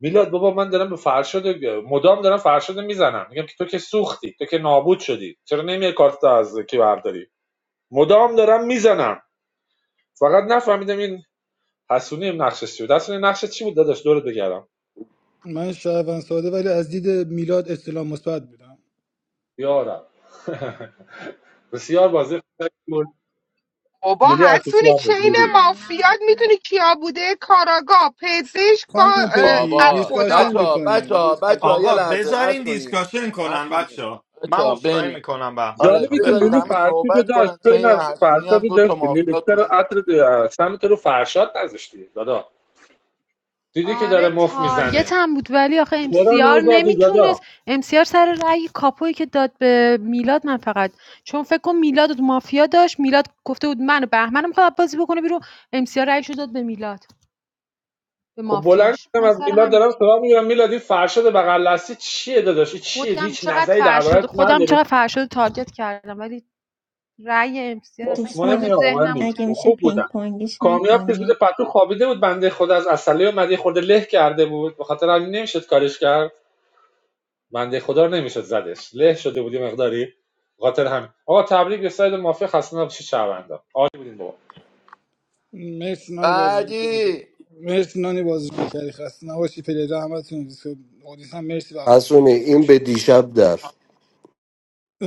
میلاد بابا من دارم به فرشاد مدام دارم فرشاد میزنم میگم که تو که سوختی تو که نابود شدی چرا نمیای کارت از کی برداری مدام دارم میزنم فقط نفهمیدم این حسونی نقشش چی بود حسونی نقشش چی بود داداش دورت بگردم من شهروند ساده ولی از دید میلاد استلام مثبت بودم یارم بسیار واضح بود. بابا لیلی هستونی عطوفیان بود چین لیلی مافیات میتونی کیا بوده کاراگاه پزشک با خانم اه، پگی کت بابا دیسکاشن خدا بچه ها بچه میکنیم ها بچه ها یه آقا لحظه بذارین هستونی دیسکاشن کنن هستونی بچه ها من بچه ها عذرخواهی بینیا میکنم بهمن آره جالبه جان که بذارید لیلی همه بفرمایید فرسی رو صحبت داشت کنن چه فکر این کنم هستونی فرشاد هم رو دو تا داشتی لیلی مافیا چرا توش عطر بود د- سمت رو فرشاد نذاشتی دادا دیدی که داره آره مف تارگت میزنه هم بود ولی آخه چرا امسیار نزدی دادا نمیتونست امسیار سر رأی کاپویی که داد به میلاد من فقط چون فکر کن میلاد و مافیا داشت میلاد گفته بود من و بهمنم میخواد بازی بکنه بیرون امسیار رأیشو داد به میلاد به خب بلند مافیاش شدم من از سر میلاد دارم هم سلام میگم میلاد این فرشاد بغل دستی چیه داداش این چیه خودم هیچ چقدر نظری فرشاد دربارت خودم نداری چقدر فرشاد تارگت کردم ولی رأی امسیار اصلا اف مهم کل دوستان نیم آقا مهم ذهنمو نیم. اگه چرا میشه خوب پینگ بودن. پونگیش کامیاب که زود نکنیم پتو خوابیده بود بنده خود از اصله اومده خورده له کرده بود به خاطر همین نمیشد کارش کرد بنده خدا رو نمیشد زدش له شده بودی مقداری خاطر همین آقا تبریک به ساید مافیا خسته نباشید شهروندا عالی بودین بابا مرسی نانی بازرگان کردی بعدی مرسی نانی بازرگان کردی خسته نباشی پلیره همتون دیسکو اودیس هم مرسی وقت گذاشتین حسونی بازی این گوش به کردیم دیشب در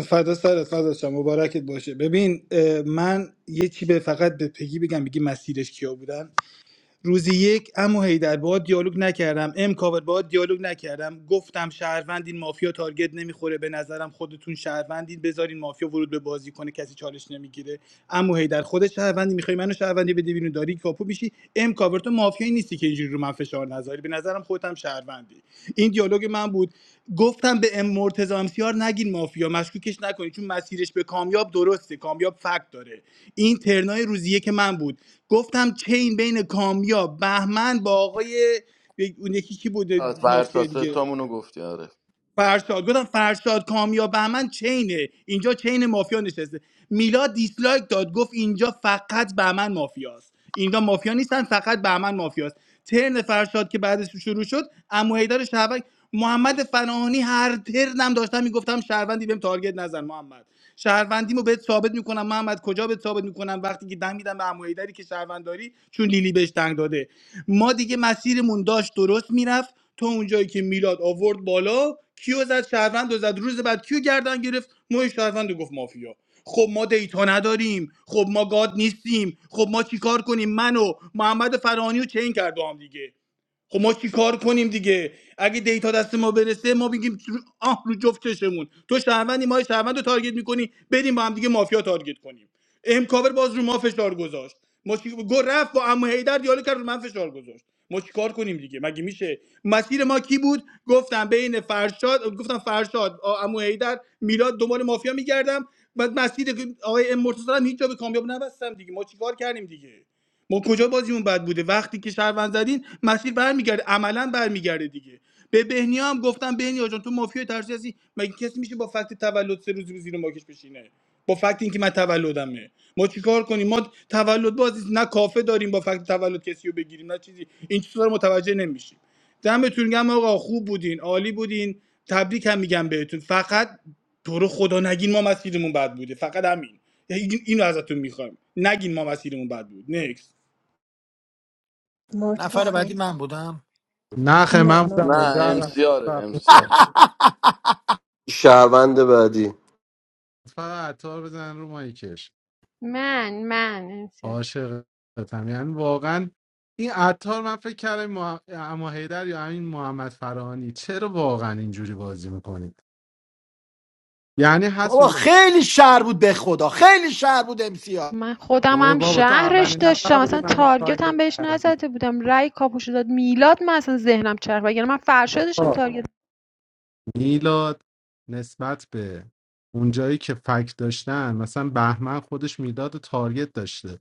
فدا سرت فدا شم مبارکت باشه ببین اه، من یه چی به فقط به پگی بگم بگی مسیرش کیا بودن روزی یک امو هیدر باهات دیالوگ نکردم ام کاور باهات دیالوگ نکردم گفتم شهروندین مافیا تارگت نمیخوره به نظرم خودتون شهروندین بذارین مافیا ورود به بازی کنه کسی چالش نمیگیره امو هیدر خودت شهروندی میخوای منو شهروندی بده بیرون داری کاپو میشی ام کاور تو مافیایی نیستی که اینجوری رو من فشار نذاری نداره به نظرم خودت هم شهروندی این دیالوگ من بود گفتم به ام مرتضی امسیار نگین مافیا مشکوکش نکنید چون مسیرش به کامیاب درسته کامیاب فکت داره این ترنای روزیه که من بود گفتم چین بین کامیاب بهمن با آقای اون یکی کی بوده فرشا مافیا سه دیگه تامونو گفتی آره فرشاد گفتم فرشاد کامیاب بهمن چینه اینجا چین مافیا نشسته میلاد دیسلایک داد گفت اینجا فقط بهمن مافیاست اینجا مافیا نیستن فقط بهمن مافیاست ترن فرشاد که بعدش شروع شد عمو حیدر شهبک محمد فناهانی هر ترنم داشتم میگفتم شهروندی بهم تارگت نزن محمد شهروندیمو بهت ثابت میکنم محمد کجا بهت ثابت میکنم وقتی که دم میدم به عمو حیدری که شهروند چون لیلی بهش دنگ داده ما دیگه مسیرمون داشت درست میرفت تا اونجایی که میلاد آورد بالا کیو زد شهروند و زد روز بعد کیو گردن گرفت موی شهروند رو گفت مافیا خب ما دیتا نداریم خب ما گاد نیستیم خب ما چیکار کنیم منو محمد فرانی و چین کرد با هم دیگه خب ما چی کار کنیم دیگه اگه دیتا دست ما برسه ما میگیم رو- آه رو جفت چشمون تو شهروندی ما شهروند رو تارگت میکنی بریم با هم دیگه مافیا تارگت کنیم ام کاور باز رو ما فشار گذاشت ما چی... گل رفت با عمو حیدر دیالو کرد رو من فشار گذاشت ما چی کار کنیم دیگه مگه میشه مسیر ما کی بود گفتم بین فرشاد گفتم فرشاد آ- عمو حیدر میلاد دنبال مافیا میگردم بعد مسیر آقای ام مرتضی رو هم هیچ جا به کامیاب نبستم دیگه ما چیکار کردیم دیگه ما کجا بازیمون بد بوده وقتی که شهروند زدین مسیر برمیگرده عملا برمیگرده دیگه به بهنیا هم گفتم بهنیا جان تو مافیای ترسی هستی مگه کسی میشه با فکت تولد سه روز زیر ماکش بشینه با فکت اینکه من تولدمه ما چیکار کنیم ما تولد بازی نه کافه داریم با فکت تولد کسی رو بگیریم نه چیزی این چیزا رو متوجه نمیشیم دمتون گم آقا خوب بودین عالی بودین تبریک هم میگم بهتون فقط تو رو خدا نگین ما مسیرمون بد بوده فقط همین یعنی این- اینو ازتون میخوایم نگین ما مسیرمون بد بود نکست نفر مرتزا بعدی من بودم نخ نه من بودم با نه مرتزا زهر امسیاره امسیار رفتم. شهروند بعدی فقط عطار بزن رو مایکش امسیار عاشقتم یعنی واقعا این عطار من فکر کردم مح... اما هیدر یا همین محمد فرانی چرا واقعا اینجوری بازی میکنید یعنی بابا حسون خیلی شهر بود به خدا خیلی شهر بود امسیار من خودم برو هم بابا تو شهرش اولین داشتم نفر بودی اصلا منو تارگت هم تارگت بهش کردی نزده بودم رأی کاپوشو داد میلاد من اصلا ذهنم چرخ یعنی من فرشا داشتم تارگت میلاد نسبت به اونجایی که فکت داشتن مثلا بهمن خودش میلاد رو تارگت داشته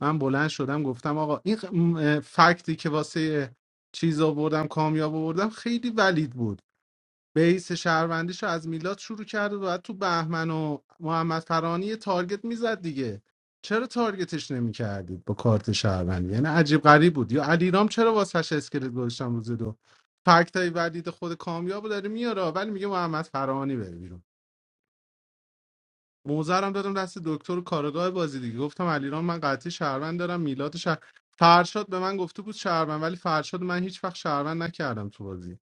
من بلند شدم گفتم آقا این ق- م- فکتی که واسه چیز آوردم کامیاب آوردم خیلی ولید بود بیس شهروندیش رو از میلاد شروع کرده و بعد تو بهمن و محمد فرانی یه تارگت میزد دیگه چرا تارگتش نمی نمیکردید با کارت شهروندی یعنی عجیب غریب بود یا علیرام چرا واسش اسکلت گذاشتم روز دو فکت های ولید خود کامیاب رو داره میاره ولی میگه محمد فرانی بره بیرون موزرم دادم دست دکتر و کارگاه بازی دیگه گفتم علیرام من قطعی شهروند دارم میلاد شهر... فرشاد به من گفته بود شهروند ولی فرشاد من هیچ وقت شهروند نکردم تو بازی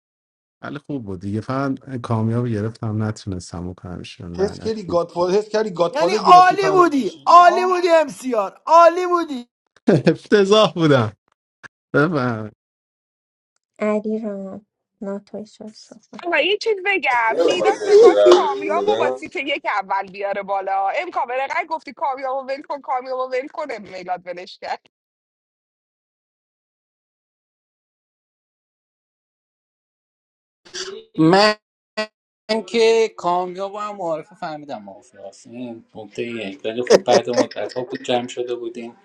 ولی خوب بود دیگه فقط کامیاب گرفتم نتونستم بکنم ایشون حس لعنت کردی بود گادفادر حس کردی یعنی گادفادر گرفتی عالی پنجو بودی کشید عالی یا بودی امسیار عالی بودی افتضاح بودم علی رام ناتوی شد صحبت آقا یه چیز بگم میلاد چه میخواست کامیاب و با بدم سیت یک اول بیاره بالا امکان به رقم گفتی کامیاب و ول کن کامیاب و ول کن میلاد ولش کرد من که کامیاب و هم معارفه فهمیدم مافیا هست این نکته یک ولی خب بعد مدت ها بود جمع شده بودیم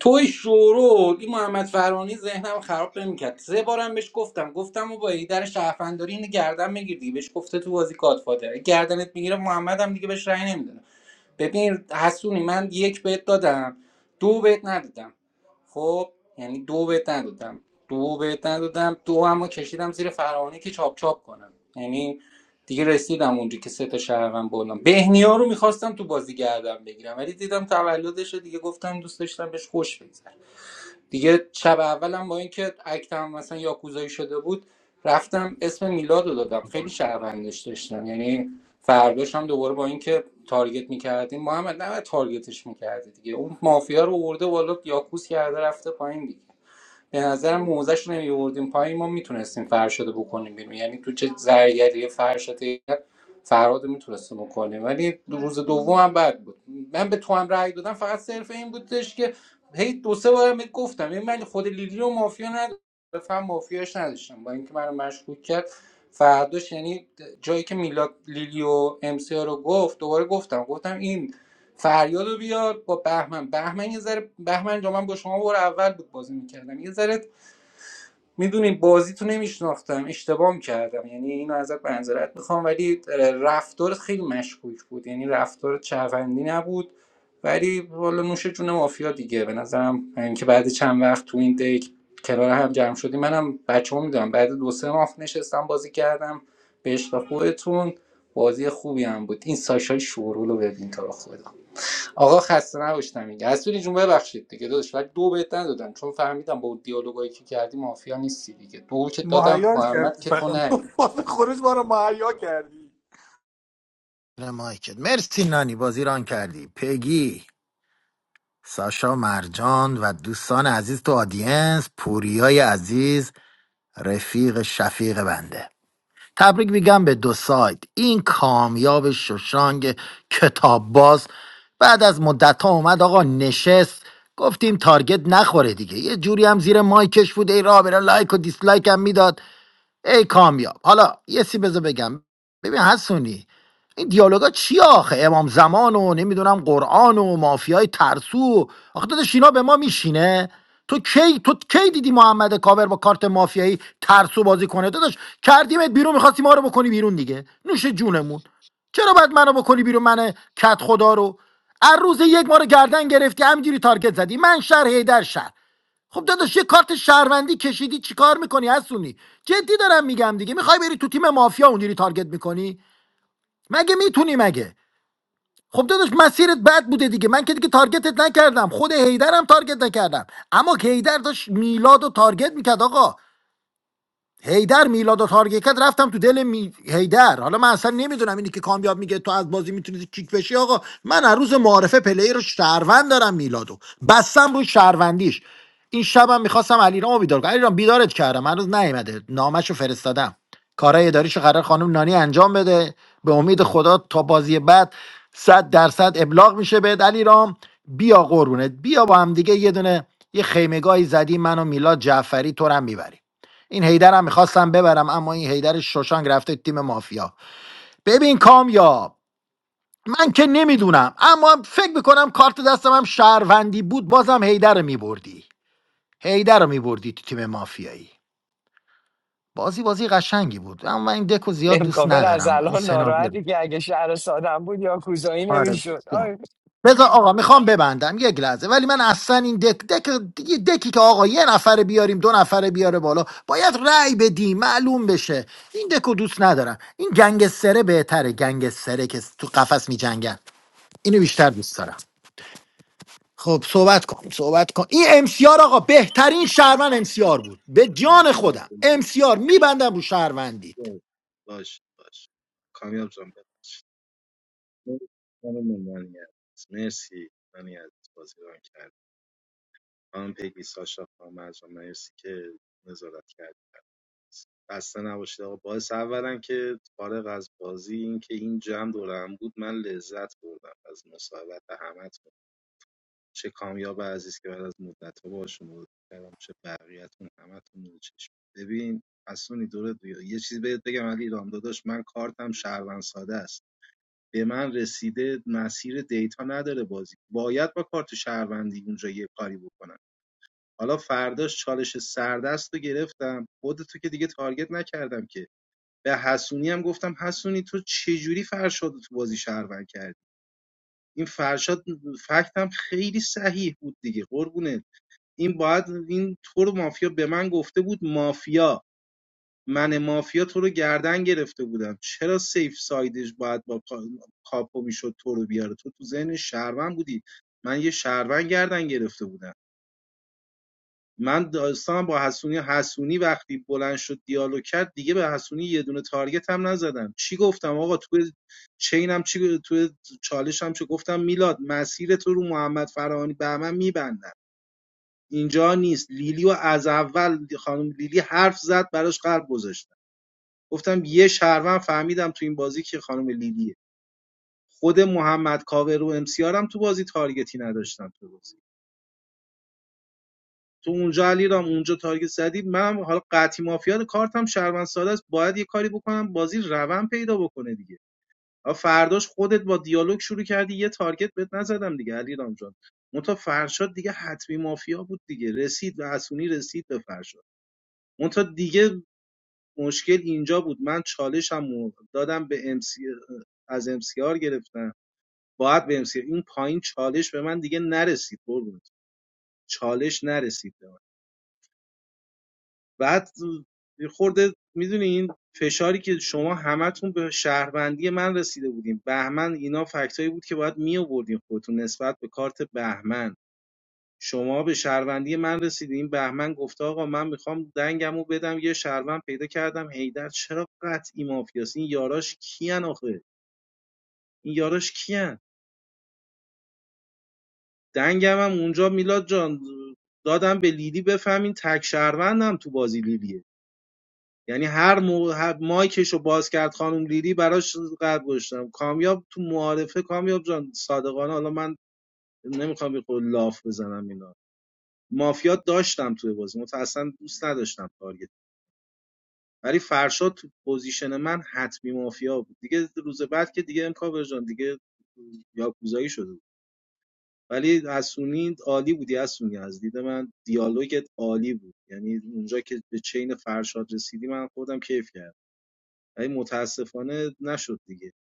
توی شورول این محمد فرانی ذهنم خراب نمیکرد سه بارم بهش گفتم گفتم و با در شهرونداری اینو گردن میگیری دیگه بهش گفته تو بازی گادفادر گردنت میگیره محمد هم دیگه بهش رأی نمیدونه ببین حسونی من یک بهت دادم دو بهت ندادم خب یعنی دو بهت ندادم دو بهت ندادم دو هم کشیدم زیر فرهانی که چاپ چاپ کنم یعنی دیگه رسیدم اونجا که سه تا شهروند بردم بهنیا رو میخواستم تو بازی گردم بگیرم ولی دیدم تولدشه دیگه گفتم دوست داشتم بهش خوش بگذره دیگه شب اولم با اینکه اکتم مثلا یاکوزایی شده بود رفتم اسم میلاد رو دادم خیلی شهروندش داشتم یعنی فرداش هم دوباره با اینکه تارگت میکردیم محمد نه تارگتش میکردی دیگه اون مافیا رو ورده بالا یاکوز کرده رفته پایین دیگه به نظرم موزش رو نمیوردیم پایین ما میتونستیم فرشاد رو بکنیم بیرون یعنی تو چه زرگری فرشاد فرهاد میتونستیم بکنیم ولی روز دوم هم بد بود من به تو هم رأی دادم فقط صرف این بودش که هی دو سه بارم بهت گفتم یعنی من خود لیلی رو مافیا نداشتم بفهم مافیاش نداشتم با اینکه منو مشکوک کرد فرداش یعنی جایی که میلاد لیلی و ام سی رو گفت دوباره گفتم گفتم این فریادو بیار با بهمن بهمن یه ذره بهمن جا من با شما بار اول بود بازی میکردم یه ذره میدونین بازی تو نمیشناختم اشتباه میکردم یعنی اینو ازت منظرت میخوام ولی رفتارت خیلی مشکوک بود یعنی رفتار چرفندی نبود ولی والا نوش جون مافیا دیگه به نظرم اینکه بعد چند وقت تو این دک کنار هم جمع شدیم منم بچه‌ها میدونم بعد دو سه ماه نشستم بازی کردم به عشق خودتون بازی خوبی هم بود این ساشا شورول رو ببین تا خدا آقا خسته نباشتم میگه حسونی جون ببخشید دیگه داداش ولی دو بهت ندادم چون فهمیدم با اون دیالوگایی که کردی مافیا نیستی دیگه دو که دادم مهیاش محمد کردی که تو فقط نری فاز خروج ما رو مهیا کردی نه مایکل مرسی نانی بازی ران کردی پگی ساشا مرجان و دوستان عزیز تو آدینس پوریای عزیز رفیق شفیق بنده تبریک میگم به دو سایت این کامیاب ششانگ کتاب باز بعد از مدت ها اومد آقا نشست گفتیم تارگت نخوره دیگه یه جوری هم زیر مایکش بود ای راه بره لایک و دیسلایک هم میداد ای کامیاب حالا یه سی بذار بگم ببین حسونی این دیالوگا چی آخه امام زمان و نمیدونم قرآن و مافیای ترسو آخه داداش اینا به ما میشینه تو کی تو کی دیدی محمد کاور با کارت مافیایی ترسو بازی کنه داداش کردیمت بیرون میخواستی ما رو بکنی بیرون دیگه نوش جونمون چرا باید منو بکنی بیرون من کت خدا رو هر روز یک ما رو گردن گرفتی همینجوری تارگت زدی من شهر هیدر شهر خب داداش یه کارت شهروندی کشیدی چیکار میکنی حسونی جدی دارم میگم دیگه میخوای بری تو تیم مافیا اونجوری تارگت میکنی مگه میتونی مگه خب داداش مسیرت بد بوده دیگه من که دیگه تارگتت نکردم خود هیدرم تارگت نکردم اما که هیدر داشت میلاد و تارگت میکرد آقا هیدر میلاد و تارگت رفتم تو دل می... هیدر حالا من اصلا نمیدونم اینی که کامیاب میگه تو از بازی میتونی کیک بشی آقا من هر روز معارفه پلی رو شهروند دارم میلادو بستم روی شهروندیش این شبم میخواستم علیرامو بیدار کنم علیرام بیدارت کردم هنوز نیومده نامشو فرستادم کارهای اداریشو قرار خانم نانی انجام بده به امید خدا تا بازی بعد صد درصد ابلاغ میشه بهت علیرام بیا قربونت بیا با هم دیگه یه دونه یه خیمگاهی زدی من و میلاد جعفری تو رو هم میبریم این هیدر هم میخواستم ببرم اما این هیدر شوشانگ رفته تیم مافیا ببین کامیاب من که نمیدونم اما فکر میکنم کارت دستم هم شهروندی بود بازم هیدر رو میبردی هیدر رو میبردی تو تیم مافیایی بازی بازی قشنگی بود اما من این دکو زیاد دوست ندارم این سناریو to see a movie. آره بذار آقا میخوام ببندم یک لحظه ولی من اصلا این دک دک دیگه دکی که آقا یه نفر بیاریم دو نفر بیاره بالا باید رأی بدیم معلوم بشه این دکو دوست ندارم این گنگستره بهتره گنگستره که تو قفس میجنگن اینو بیشتر دوست دارم خب صحبت کن صحبت کن این امسیار آقا بهترین شهروند امسیار بود به میگی. جان خودم آفرین. امسیار میبندم رو شهروندید درست. باش باش کامیاب جان ببخش. مرسی. مرسی من از بازی رو کردی. خانم پگی ساشا خانم مرجان مرسی که نظارت کردید خسته نباشید آقا باعث اولا که فارغ از بازی این که این جمع دورم بود من لذت بردم از مصاحبت همتون چه کامیاب عزیز که بعد از مدت ها باشون بود کردم چه بقیه‌تون همتون نور چشم ببین حسونی دور یه چیز بهت بگم علی رام داداش من کارتم شهروند ساده است به من رسیده مسیر دیتا نداره بازی باید با کارت شهروندی اونجا یه کاری بکنم حالا فرداش چالش سردست رو گرفتم خودتو که دیگه تارگت نکردم که به حسونی هم گفتم حسونی تو چجوری فرشاد رو تو بازی شهروند کردی این فرشاد فکت هم خیلی صحیح بود دیگه قربونه این باید این تو رو مافیا به من گفته بود مافیا من مافیا تو رو گردن گرفته بودم چرا سیف سایدش باید با کا- کاپو میشد تو رو بیاره تو تو ذهن شهروند بودی من یه شهروند گردن گرفته بودم من داستان با حسونی حسونی وقتی بلند شد دیالوگ کرد دیگه به حسونی یه دونه تارگت هم نزدم چی گفتم آقا تو چینم چی تو چالشم چی گفتم میلاد مسیر تو رو محمد فرهانی به من میبندم اینجا نیست لیلی و از اول خانم لیلی حرف زد براش قلب گذاشتم گفتم یه شهروند فهمیدم تو این بازی که خانم لیلیه خود محمد کاور و امسیارم تو بازی تارگتی نداشتم تو بازی تو اونجا علیرام اونجا تارگت زدی من حالا قطعی مافیا کارتم شهروند ساده است باید یه کاری بکنم بازی روند پیدا بکنه دیگه آ فرداش خودت با دیالوگ شروع کردی یه تارگت بهت نزدم دیگه علیرام جان منتها فرشاد دیگه حتمی مافیا بود دیگه رسید به حسونی رسید به فرشاد منتها دیگه مشکل اینجا بود من چالشم دادم به امسی از امسیار گرفتم باید به امسیار این پایین چالش به من دیگه نرسید قربونت چالش نرسید بعد یه خورده میدونی این فشاری که شما همتون به شهروندی من رسیده بودیم بهمن اینا فکتایی بود که باید می آوردین خودتون نسبت به کارت بهمن شما به شهروندی من رسیدین بهمن گفته آقا من میخوام دنگمو بدم یه شهروند پیدا کردم هیدر چرا قطعی مافیاست این یاراش کیان آخه این یاراش کیان دنگم هم اونجا میلاد جان دادم به لیلی بفهمین تک شهروندم تو بازی لیلیه یعنی هر موقع هر مایکش رو باز کرد خانم لیلی براش قلب گذاشتم کامیاب تو معارفه کامیاب جان صادقانه حالا من نمیخوام به قول لاف بزنم اینا مافیا داشتم توی بازی متأسفانه دوست نداشتم تارگت ولی فرشاد تو پوزیشن من حتمی مافیا بود دیگه روز بعد که دیگه امکاور جان دیگه یاکوزایی شده بود ولی حسونی عالی بودی حسونی از دید من دیالوگت عالی بود یعنی اونجا که به چین فرشاد رسیدی من خودم کیف کردم ولی متاسفانه نشد دیگه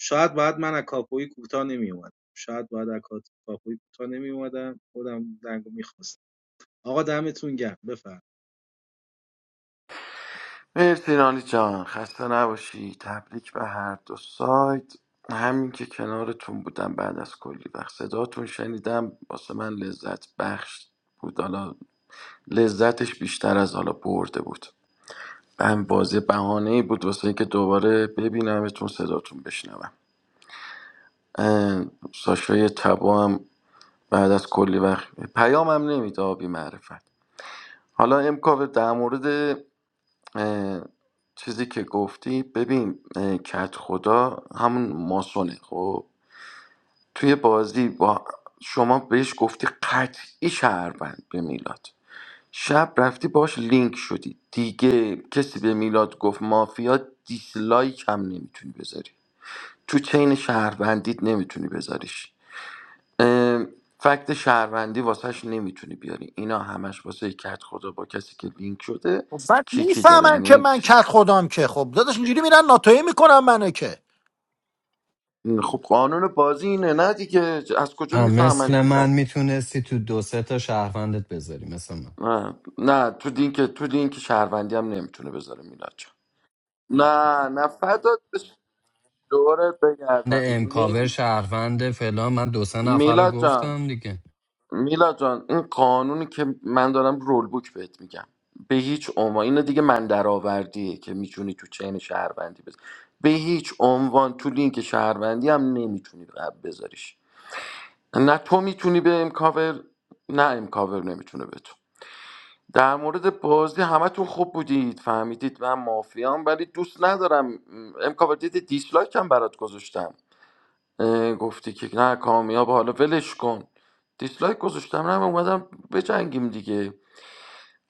شاید بعد من از کاپوی کوتاه نمی اومدم شاید بعد از کات- کاپوی کوتاه نمی اومدم خودم دنگو میخواستم آقا دمتون گرم بفرم مرسی نانی جان خسته نباشی تبریک به هر دو سایت همین که کنارتون بودم بعد از کلی وقت صداتون شنیدم واسه من لذت بخش بود حالا لذتش بیشتر از حالا برده بود هم بازی بهانه ای بود واسه اینکه دوباره ببینمتون صداتون بشنوم اه، ساشای تبا هم بعد از کلی وقت پیام هم نمیده آبی معرفت حالا امکاوه در مورد اه، چیزی که گفتی ببین اه، کت خدا همون ماسونه خب توی بازی با شما بهش گفتی قطعی شهروند به میلاد شب رفتی باش لینک شدی دیگه کسی به میلاد گفت مافیا دیسلایک هم نمیتونی بذاری تو چین شهروندیت نمیتونی بذاریش ام، فکت شهروندی واسهش نمیتونی بیاری اینا همش واسه کت خدا با کسی که لینک شده خب بعد کیکی داره میفهمن یعنی که این من چیز- کرد خودم که خب داداش اینجوری میرن ناتوی میکنم منو که خب قانون بازی اینه نه دیگه از کجا میفهمن مثل تو من کت میتونستی تو دو سه تا شهروندت بذاری مثل من نه, نه تو لینک تو لینک شهروندی هم نمیتونه بذاره میلاد جان نه نه فدات بشه دورت بگردم امکاور نیم شهروند فلان من دو سه نفر رو میلاد جان گفتم دیگه میلا جان این قانونی که من دارم رول بوک بهت میگم به هیچ عنوان اینو دیگه من درآوردیه که میتونی تو چین شهروندی بذاری به هیچ عنوان تو لینک شهروندی هم نمیتونی بذاریش نه تو میتونی به امکاور نه امکاور نمیتونه به تو در مورد بازی همتون خوب بودید فهمیدید من مافیام ولی دوست ندارم امکاور دیدی دیسلایک هم برات گذاشتم اه، گفتی که نه کامیاب حالا ولش کن دیسلایک گذاشتم نه من اومدم بجنگیم دیگه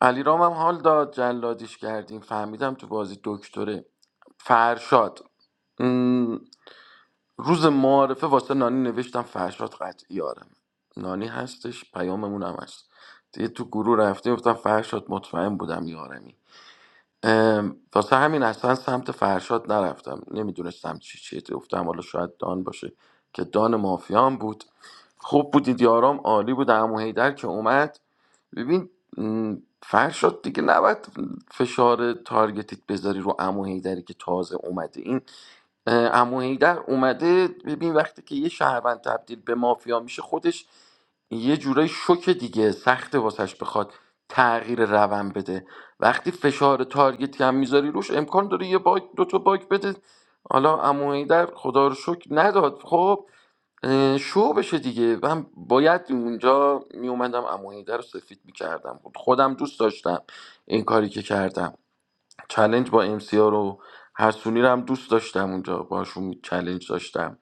علی رام هم حال داد جلادیش کردیم فهمیدم تو بازی دکتره فرشاد م، روز معارفه واسه نانی نوشتم فرشاد قطعی آرم نانی هستش پیاممون هم هست دیگه تو گروه رفتیم گفتم فرشاد مطمئن بودم یارمی ام، واسه همین اصلا سمت فرشاد نرفتم نمیدونستم چی چیه گفتم حالا شاید دان باشه که دان مافیان بود خوب بودید یارام عالی بود عمو حیدر که اومد ببین م، فرشاد دیگه نباید فشار تارگتیت بذاری رو عمو حیدری که تازه اومده این امو هیدر اومده ببین وقتی که یه شهروند تبدیل به مافیا میشه خودش یه جورای شوکه دیگه سخته واسش بخواد تغییر روند بده وقتی فشار تارگت هم میذاری روش امکان داره یه باگ دو تا باگ بده حالا عمو در خدا رو شکر نداد خب اه، شو بشه دیگه من باید اونجا میومدم عمو هیدر رو سفید میکردم خودم دوست داشتم این کاری که کردم چلنج با ام سی آر رو حسونی رو هم دوست داشتم اونجا باشون چلنج داشتم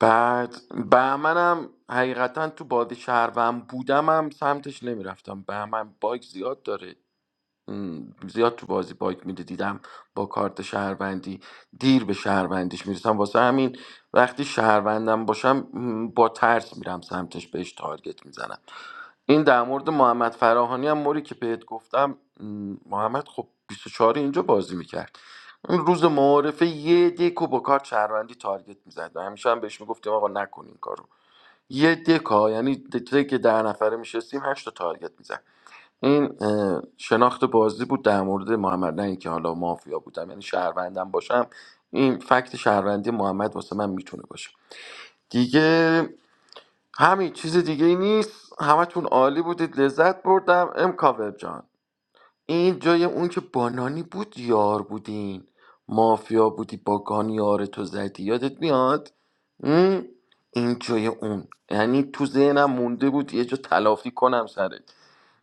بعد بهمنم حقیقتا تو بادی شهروند بودم هم سمتش نمیرفتم بهمن باگ زیاد داره م، زیاد تو بازی باگ میده دیدم با کارت شهروندی دیر به شهروندیش میرسم واسه همین وقتی شهروندم باشم م، با ترس میرم سمتش بهش تارگت میزنم این در مورد محمد فراهانی هم موری که بهت گفتم م، محمد خب 24 اینجا بازی میکرد اون روز معارفه یه دکو با کار شهروندی تارگت میزد همیشه هم بهش میگفتیم آقا نکن این کارو یه دکا یعنی دکی که در نفره میشستیم هشت تا تارگت میزد این اه، شناخت بازی بود در مورد محمد نه اینکه حالا مافیا بودم یعنی شهروندم باشم این فکت شهروندی محمد واسه من میتونه باشه دیگه همین چیز دیگه ای نیست همتون عالی بودید لذت بردم ام کاور جان این جای اون که بانانی بود یار بودین مافیا بودی با گان یار تو زدی یادت میاد م؟ این جای اون یعنی تو ذهنم مونده بود یه جا تلافی کنم سرت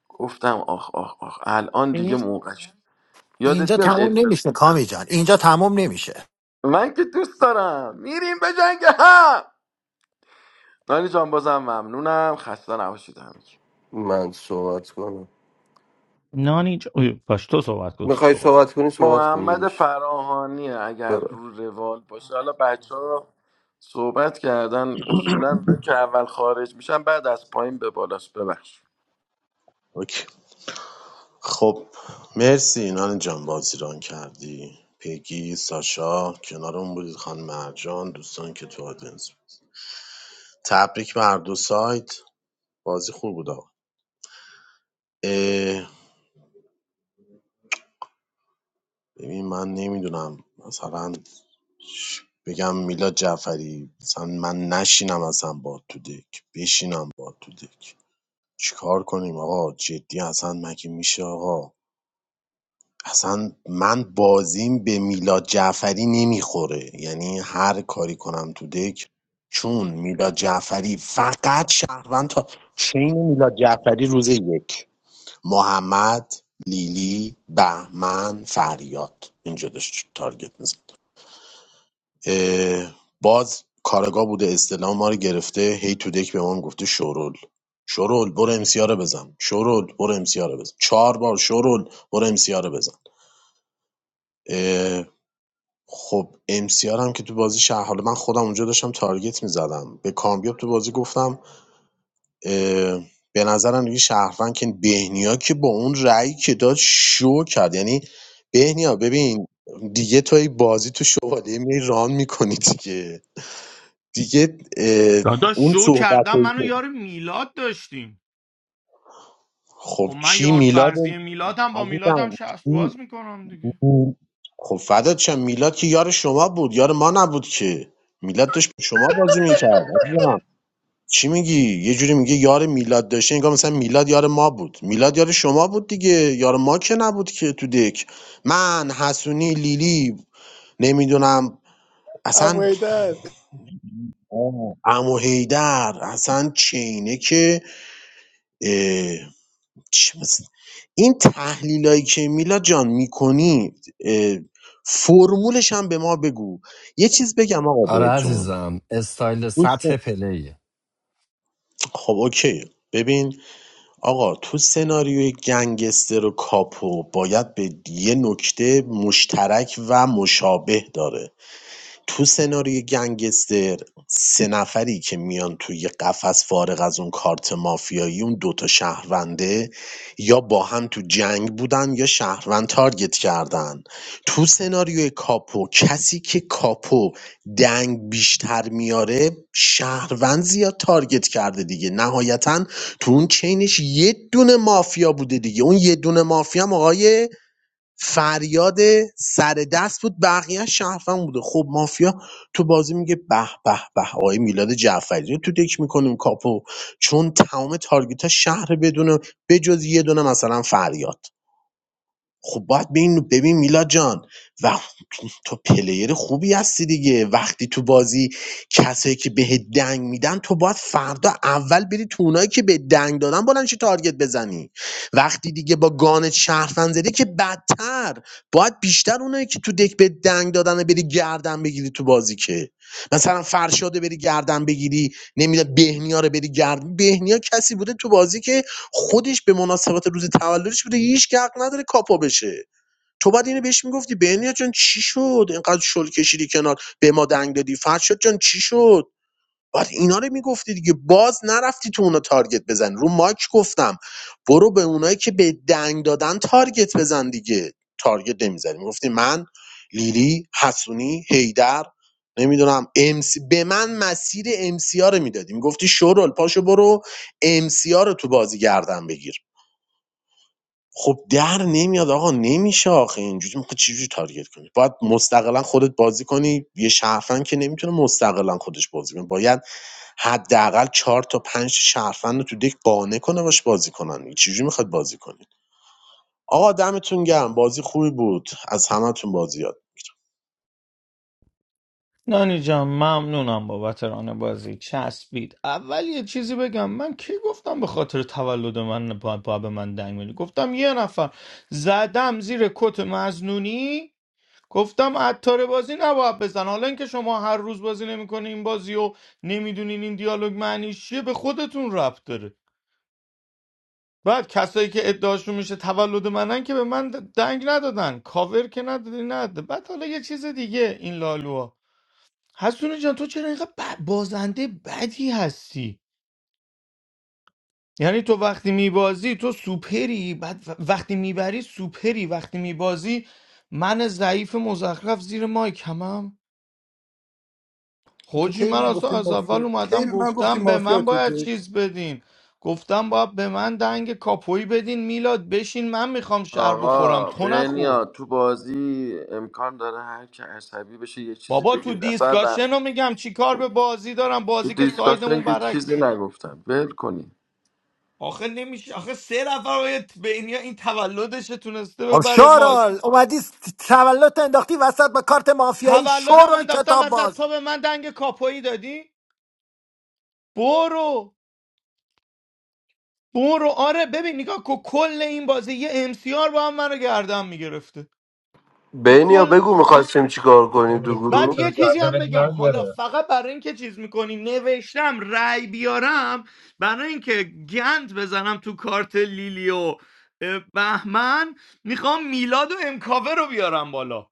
گفتم آخ آخ آخ الان دیگه موقعش یادت اینجا میاد تموم الفل نمیشه کامی جان اینجا تموم نمیشه من که دوست دارم میریم به جنگ هم نانی جان بازم ممنونم خسته نباشید همگی من صحبت کنم نانی ج... اوی، باش تو صحبت کن تو میخوای صحبت صحبت کن کنی صحبت کن محمد دادش فراهانی اگر برو رو روال باشه حالا بچه ها صحبت کردن اصولا اونایی که اول خارج میشن بعد از پایین به بالاست ببخش اوکی. خب مرسی نان جان بازی ران کردی پگی ساشا کنارمون بودید خانم مرجان دوستان که تو آدنس تبریک به هر دو سایت بازی خوب بود آقا اه، ببین من نمیدونم مثلا بگم میلاد جعفری مثلا من نشینم اصلا با تو دک بشینم با تو دک چیکار کنیم آقا جدی اصلا مگه میشه آقا اصلا من بازیم به میلاد جعفری نمیخوره یعنی هر کاری کنم تو دک چون میلاد جعفری فقط شهروند تا چین میلاد جعفری روز یک محمد لیلی بهمن فریاد اینجا داشت تارگت می‌زد. اه، باز کارگاه بوده استلام ما رو گرفته هی تو دک به ما گفته شورول شورول برو امسیا رو بزن شورول برو امسیا رو بزن چهار بار شورول برو امسیا رو بزن اه، خب امسیار هم که تو بازی شهر حالا من خودم اونجا داشتم تارگت میزدم به کامیاب تو بازی گفتم اه، به نظرم دیگه شهروند که بهنیا که با اون رأی که داد شو کرد یعنی بهنیا ببین دیگه توی بازی تو شوالیه می ران میکنی دیگه دیگه اه، داداش اون شو صحبت کردم منو که یار میلاد داشتیم خب خب من کی یار میلاد فرضی میلادم با میلادم عزیزم شست کی باز میکنم دیگه خب فدات شم میلاد که یار شما بود یار ما نبود که میلاد داشت با شما بازی میکرد عزیزم چی میگی یه جوری میگه یار میلاد داشته انگار مثلا میلاد یار ما بود میلاد یار شما بود دیگه یار ما که نبود که تو دک من حسونی لیلی نمیدونم ام اصلا حیدر، عمو هیدر اصلا چینه که چه مثل- این تحلیلایی که میلا جان میکنی فرمولش هم به ما بگو یه چیز بگم آقا آره بهتون عزیزم استایل سطح پلی خب اوکی ببین آقا تو سناریوی گنگستر و کاپو باید به یه نکته مشترک و مشابه داره تو سناریوی گنگستر سه نفری که میان توی قفس فارغ از اون کارت مافیایی اون دوتا شهرونده یا با هم تو جنگ بودن یا شهروند تارگت کردن تو سناریوی کاپو کسی که کاپو دنگ بیشتر میاره شهروند زیاد تارگت کرده دیگه نهایتا تو اون چینش یه دونه مافیا بوده دیگه اون یه دونه مافیا هم آقای فریاد سر دست بود بقیه شهروند بوده خب مافیا تو بازی میگه به به به آقای میلاد جعفری رو تو دک میکنیم کاپو چون تمام تارگت ها شهر بدونه بجز یه دونه مثلا فریاد خب باید ببین ببین میلاد جان و تو پلیر خوبی هستی دیگه وقتی تو بازی کسایی که به دنگ میدن تو باید فردا اول بری تو اونایی که به دنگ دادن بلند شی تارگت بزنی وقتی دیگه با گانت شرفن زدی که بدتر باید بیشتر اونایی که تو دک به دنگ دادن رو بری گردن بگیری تو بازی که مثلا فرشاده بری گردن بگیری نمیدونم بهنیا رو بری گردن بهنیا کسی بوده تو بازی که خودش به مناسبت روز تولدش بوده هیچ که حق نداره کاپا بشه تو باید اینو بهش میگفتی بهنیا جان چی شد اینقدر شل کشیدی کنار به ما دنگ دادی فرشاد جان چی شد باید اینا رو میگفتی دیگه باز نرفتی تو اونا تارگت بزن رو ماک گفتم برو به اونایی که به دنگ دادن تارگت بزن دیگه تارگت نمیزنی میگفتی من لیلی حسونی هیدر نمیدونم امسی به من مسیر ام سی رو میدادی میگفتی شورال پاشو برو ام سی رو تو بازی گردن بگیر خب در نمیاد آقا نمیشه آخه اینجوری میخوای چجوری تارگت کنی باید مستقلا خودت بازی کنی یه شهروند که نمیتونه مستقلا خودش بازی کنه باید حداقل چهار تا پنج تا شهروند رو تو دک قانع کنه باش بازی کنن چجوری میخواد بازی کنید آقا دمتون گرم بازی خوبی بود از همتون بازی یاد نانی جان ممنونم بابت ران بازی چسبید اول یه چیزی بگم من کی گفتم به خاطر تولد من با, با به من دنگ بدی گفتم یه نفر زدم زیر کت مزنونی گفتم عطار بازی نباید بزن حالا اینکه شما هر روز بازی نمیکنین این بازی و نمیدونین این دیالوگ معنیش چیه به خودتون ربط داره بعد کسایی که ادعاشون میشه تولد منن که به من دنگ ندادن کاور که ندادی نداده بعد حالا یه چیز دیگه این لالوها حسونه جان تو چرا اینقدر ب- بازنده بدی هستی یعنی تو وقتی میبازی تو سوپری بعد و- وقتی میبری سوپری وقتی میبازی من ضعیف مزخرف زیر مایک همم تو خوجی کی به من من اصلا گفتی از اول مافیا کی اومدم به من گفتی گفتم به مافیا من تو باید دک چیز بدین گفتم باید به من دنگ کاپوی بدین میلاد بشین من میخوام شهر بخورم آقا تو نخور بنیا تو بازی امکان داره هر که عصبی بشه یه چیزی بابا تو بگید اصلا ر- دیسکاشن رو میگم چی کار به بازی دارم تو بازی که دیسکاشن سایدمون که چیزی برعکسه نگفتم ول کنی آخه نمیشه آخه سه نفر به این این تولدش تونسته خب ببره ما شورال اومدی تولد انداختی وسط با کارت مافیایی تولدم شورال انداختم کتاب وسط باز تو به من دنگ کاپویی دادی برو برو آره ببین نگاه کو کل این بازی یه امسیار با هم منو گردم میگرفته تو بینیا کل بگو میخواستیم چیکار کنیم تو ریخته تو بعد گروه سر یه چیزی هم گردنت بگم حالا نداره فقط برای اینکه چیز میکنی نوشتم رأی بیارم برای اینکه گند بزنم تو کارت لیلیو بهمن میخوام میلاد و امکاوه رو بیارم بالا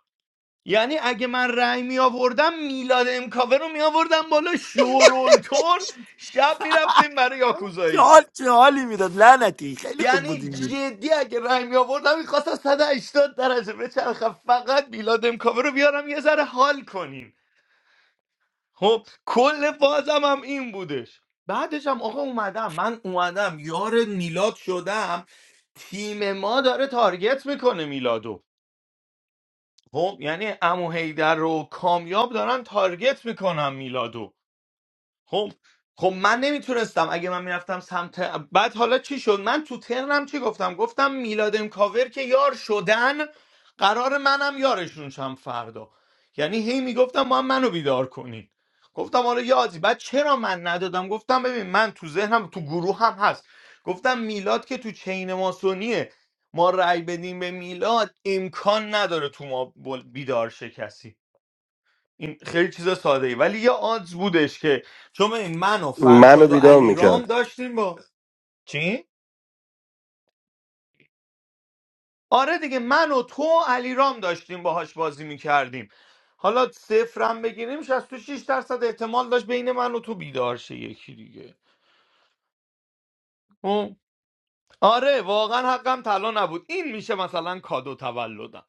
یعنی اگه من رأی می آوردم میلاد امکاوه رو می آوردم بالا شورولتور شب می رفتیم برای چه یاکوزایی حال چه حالی میداد لعنتی خیلی خوب یعنی بودیم جدی اگه رأی می آوردم میخواستم 180 درجه بچرخم فقط میلاد امکاوه رو بیارم یه ذره حال کنیم خب کل بازم هم این بودش بعدش هم آقا اومدم من اومدم یار میلاد شدم تیم ما داره تارگت میکنه میلادو خب یعنی امو هیدر رو کامیاب دارن تارگت میکنم میلادو خب خب من نمیتونستم اگه من میرفتم سمت بعد حالا چی شد من تو ترنم چی گفتم گفتم میلاد کاور که یار شدن قرار منم یارشون شم فردا یعنی هی میگفتم ما هم منو بیدار کنین گفتم حالا یادی بعد چرا من ندادم گفتم ببین من تو ذهنم تو گروه هم هست گفتم میلاد که تو چین ماسونیه ما رأی بدیم به میلاد امکان نداره تو ما بل- بیدار شه کسی این خیلی چیز ساده ای ولی یه آدز بودش که چون این من و منو فرشاد و بیدار علیرام میکرد داشتیم با چی آره دیگه من و تو و علیرام داشتیم باهاش بازی میکردیم حالا صفرم بگیریم 66 درصد احتمال داشت بین من و تو بیدار شه یکی دیگه اون- آره واقعا حقم طلا نبود این میشه مثلا کادو تولدم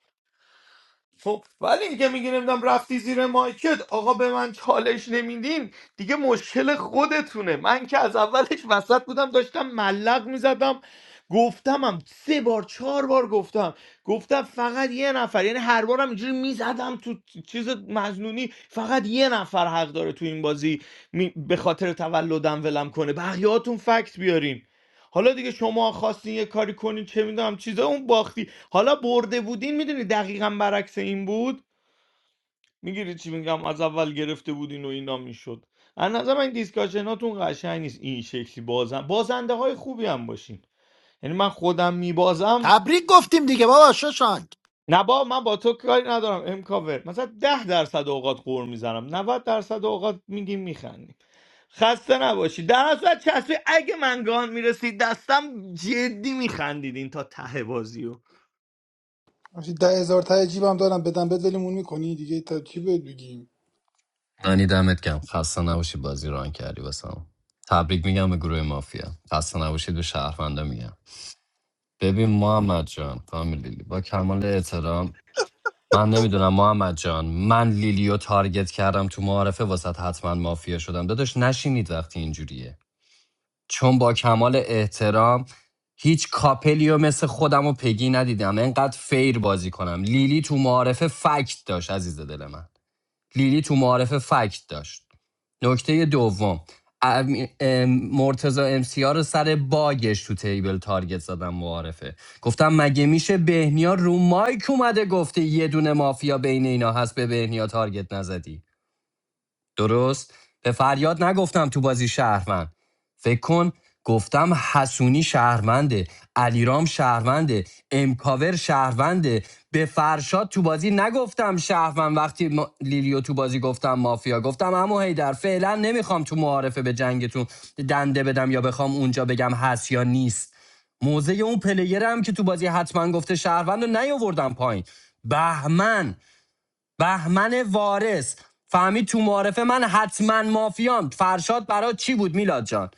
خب ولی اینکه میگی نمیدونم رفتی زیر مایکت آقا به من چالش نمیدین دیگه مشکل خودتونه من که از اولش وسط بودم داشتم ملق میزدم گفتمم سه بار چهار بار گفتم گفتم فقط یه نفر یعنی هر بارم اینجوری میزدم تو چیز مجنونی فقط یه نفر حق داره تو این بازی می- به خاطر تولدم ولم کنه بقیهاتون فکت بیارین حالا دیگه شما خواستین یه کاری کنین چه میدونم چیزا اون باختی حالا برده بودین میدونی دقیقا برعکس این بود میگیری چی میگم از اول گرفته بودین و اینا میشد از نظر من دیسکاشناتون قشنگ نیست این شکلی بازن بازنده های خوبی هم باشین یعنی من خودم میبازم تبریک گفتیم دیگه بابا ششانگ نه با من با تو کاری ندارم امکاور مثلا ده درصد اوقات قور میزنم 90 درصد اوقات میگیم میخندیم خسته نباشی در اصل چسبی اگه من گان میرسید دستم جدی میخندیدین تا ته بازیو آجی، ده هزار تای جیبم دارم بدم بد ولمون میکنی دیگه تا چی بهت بگیم یعنی دمت گم خسته نباشی بازی ران کردی واسم تبریک میگم به گروه مافیا خسته نباشید به شهروندا میگم ببین محمد جان خانم لیلی با کمال احترام من نمیدونم محمد جان من لیلیو تارگت کردم تو معارفه واسط حتما مافیا شدم داداش نشینید وقتی اینجوریه چون با کمال احترام هیچ کاپلیو مثل خودم و پگی ندیدم انقدر فیر بازی کنم لیلی تو معارفه فکت داشت عزیز دل من لیلی تو معارف فکت داشت نکته دوم مرتزا امسیار رو سر باگش تو تیبل تارگت زدم معارفه گفتم مگه میشه بهنیا رو مایک اومده گفته یه دونه مافیا بین اینا هست به بهنیا تارگت نزدی درست؟ به فریاد نگفتم تو بازی شهروند فکر کن گفتم حسونی شهرونده علیرام شهرونده امکاور شهرونده به فرشاد تو بازی نگفتم شهروند وقتی ما... لیلیو تو بازی گفتم مافیا گفتم اما هیدر فعلا نمیخوام تو معارفه به جنگتون دنده بدم یا بخوام اونجا بگم هست یا نیست موزه اون پلیرم که تو بازی حتما گفته شهروند رو نیاوردم پایین بهمن بهمن وارث فهمید تو معارفه من حتما مافیام فرشاد برای چی بود میلاد جان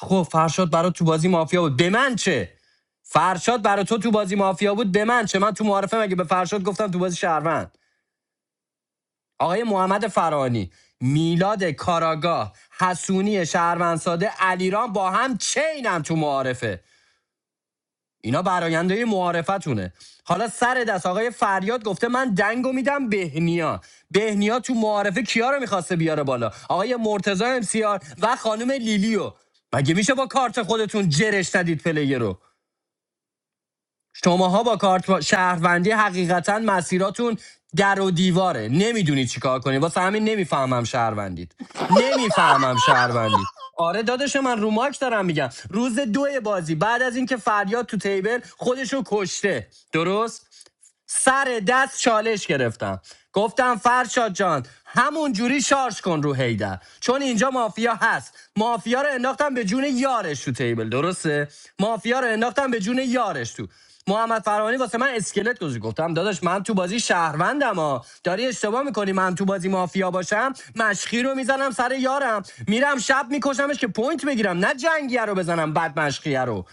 خب فرشاد برا تو بازی مافیا بود به من چه فرشاد برا تو تو بازی مافیا بود به من چه من تو معارفه مگه به فرشاد گفتم تو بازی شهروند آقای محمد فرانی میلاد کاراگاه حسونی شهروند ساده علیرام با هم چینم تو معارفه اینا براینده معارفتونه حالا سر دست آقای فریاد گفته من دنگو میدم بهنیا بهنیا تو معارفه کیا رو میخواسته بیاره بالا آقای مرتضی امسیار و خانم لیلیو مگه میشه با کارت خودتون جرش ندید پلیه رو شماها با کارت شهروندی حقیقتا مسیراتون در و دیواره نمیدونی چیکار کنی واسه همین نمیفهمم شهروندید نمیفهمم شهروندید آره داداش من رو ماک دارم میگم روز دوی بازی بعد از اینکه فریاد تو تیبل خودشو کشته درست سر دست چالش گرفتم گفتم فرشاد جان همون جوری شارژ کن رو هیدر چون اینجا مافیا هست مافیا رو انداختم به جون یارش تو تیبل درسته مافیا رو انداختم به جون یارش تو محمد فرانی واسه من اسکلت گذاشت گفتم داداش من تو بازی شهروندم ها داری اشتباه میکنی من تو بازی مافیا باشم مشخی رو میزنم سر یارم میرم شب میکشمش که پوینت بگیرم نه جنگیه رو بزنم بعد مشخیه رو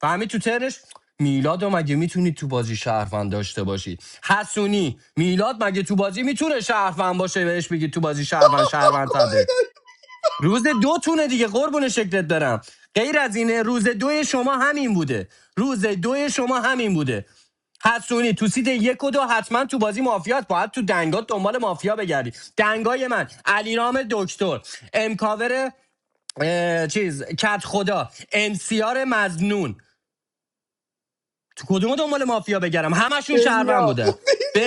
فهمید تو ترش میلاد و مگه میتونید تو بازی شهروند داشته باشید حسونی میلاد مگه تو بازی میتونه شهروند باشه بهش بگی تو بازی شهروند شهروند تده روز دو تونه دیگه قربون شکلت برم غیر از اینه روز دوی شما همین بوده روز دوی شما همین بوده حسونی تو سید یک و دو حتما تو بازی مافیات باید تو دنگات دنبال مافیا بگردی دنگای من علیرام دکتر امکاور چیز کت خدا امسیار مزنون تو کدوم دنبال مافیا بگردم همشون شهروند بینیا بودن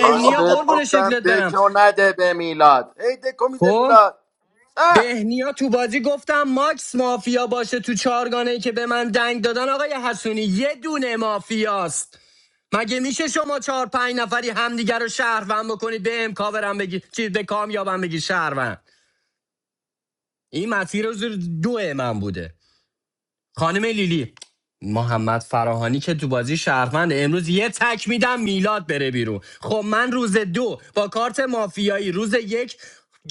آنی بهت قربون گفتم شکلت برم دکو نده به میلاد ای دکو میده خب میلاد اه! بهنیا تو بازی گفتم ماکس مافیا باشه تو چارگانه ای که به من دنگ دادن آقای حسونی یه دونه مافیاست مگه میشه شما چهار پنج نفری همدیگر رو شهروند بکنید به کاورم بگی چیز به کامیابم بگی شهروند این مسیر رو زیر دو من بوده خانم لیلی محمد فراهانی که تو بازی شهروند امروز یه تک میدم میلاد بره بیرون خب من روز دو با کارت مافیایی روز یک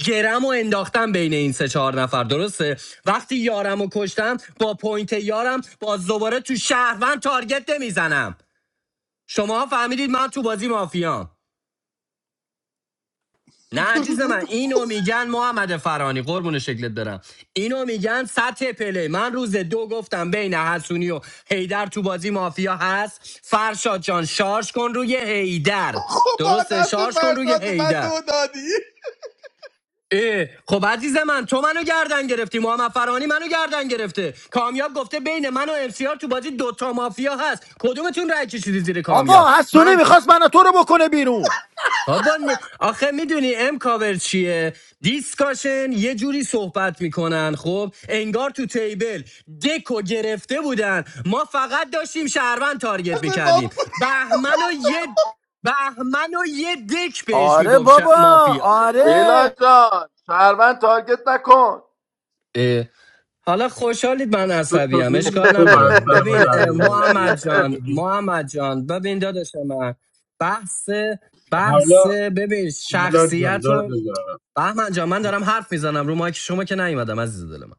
گرم و انداختم بین این سه چهار نفر درسته وقتی یارم و کشتم با پوینت یارم باز دوباره تو شهروند تارگت نمیزنم شما فهمیدید من تو بازی مافیام نه دو عزیز روز این- من اینو میگن محمد فرانی قربون شکلت برم اینو میگن سطح پله من روز دو گفتم بین حسونی و هیدر تو بازی مافیا هست فرشاد جان شارژ کن روی هیدر خب با درسته دست شارژ کن روی فرشاد به من هیدر دو دادی اه، خب عزیز من تو منو گردن گرفتی محمد فرانی منو گردن گرفته کامیاب گفته بین من و امسیار تو بازی دوتا مافیا هست کدومتون رای کشیدی زیر کامیاب آقا حسونی من میخواست من و تو رو بکنه بیرون بابا نه- آخه میدونی ام کاور چیه دیسکاشن یه جوری صحبت میکنن خب انگار تو تیبل دکو گرفته بودن ما فقط داشتیم شهروند دست تارگت میکردیم بابا بهمن و یه بهمن و یه دک بهش آره میگفت ش... بابا مافیا آره میلاد جان شهروند تارگت نکن اه، حالا خوشحالید من تو تو عصبیم میدونی اشکال چه بر نداره سر ما ببین در اه، محمد آوردی جان میدونی محمد جان ببین داداش من بحث بحث حالا ببین میلاد جان شخصیت دور و بزنم بهمن جان من دارم حرف میزنم رو مایک شما که نیومدم عزیز دل من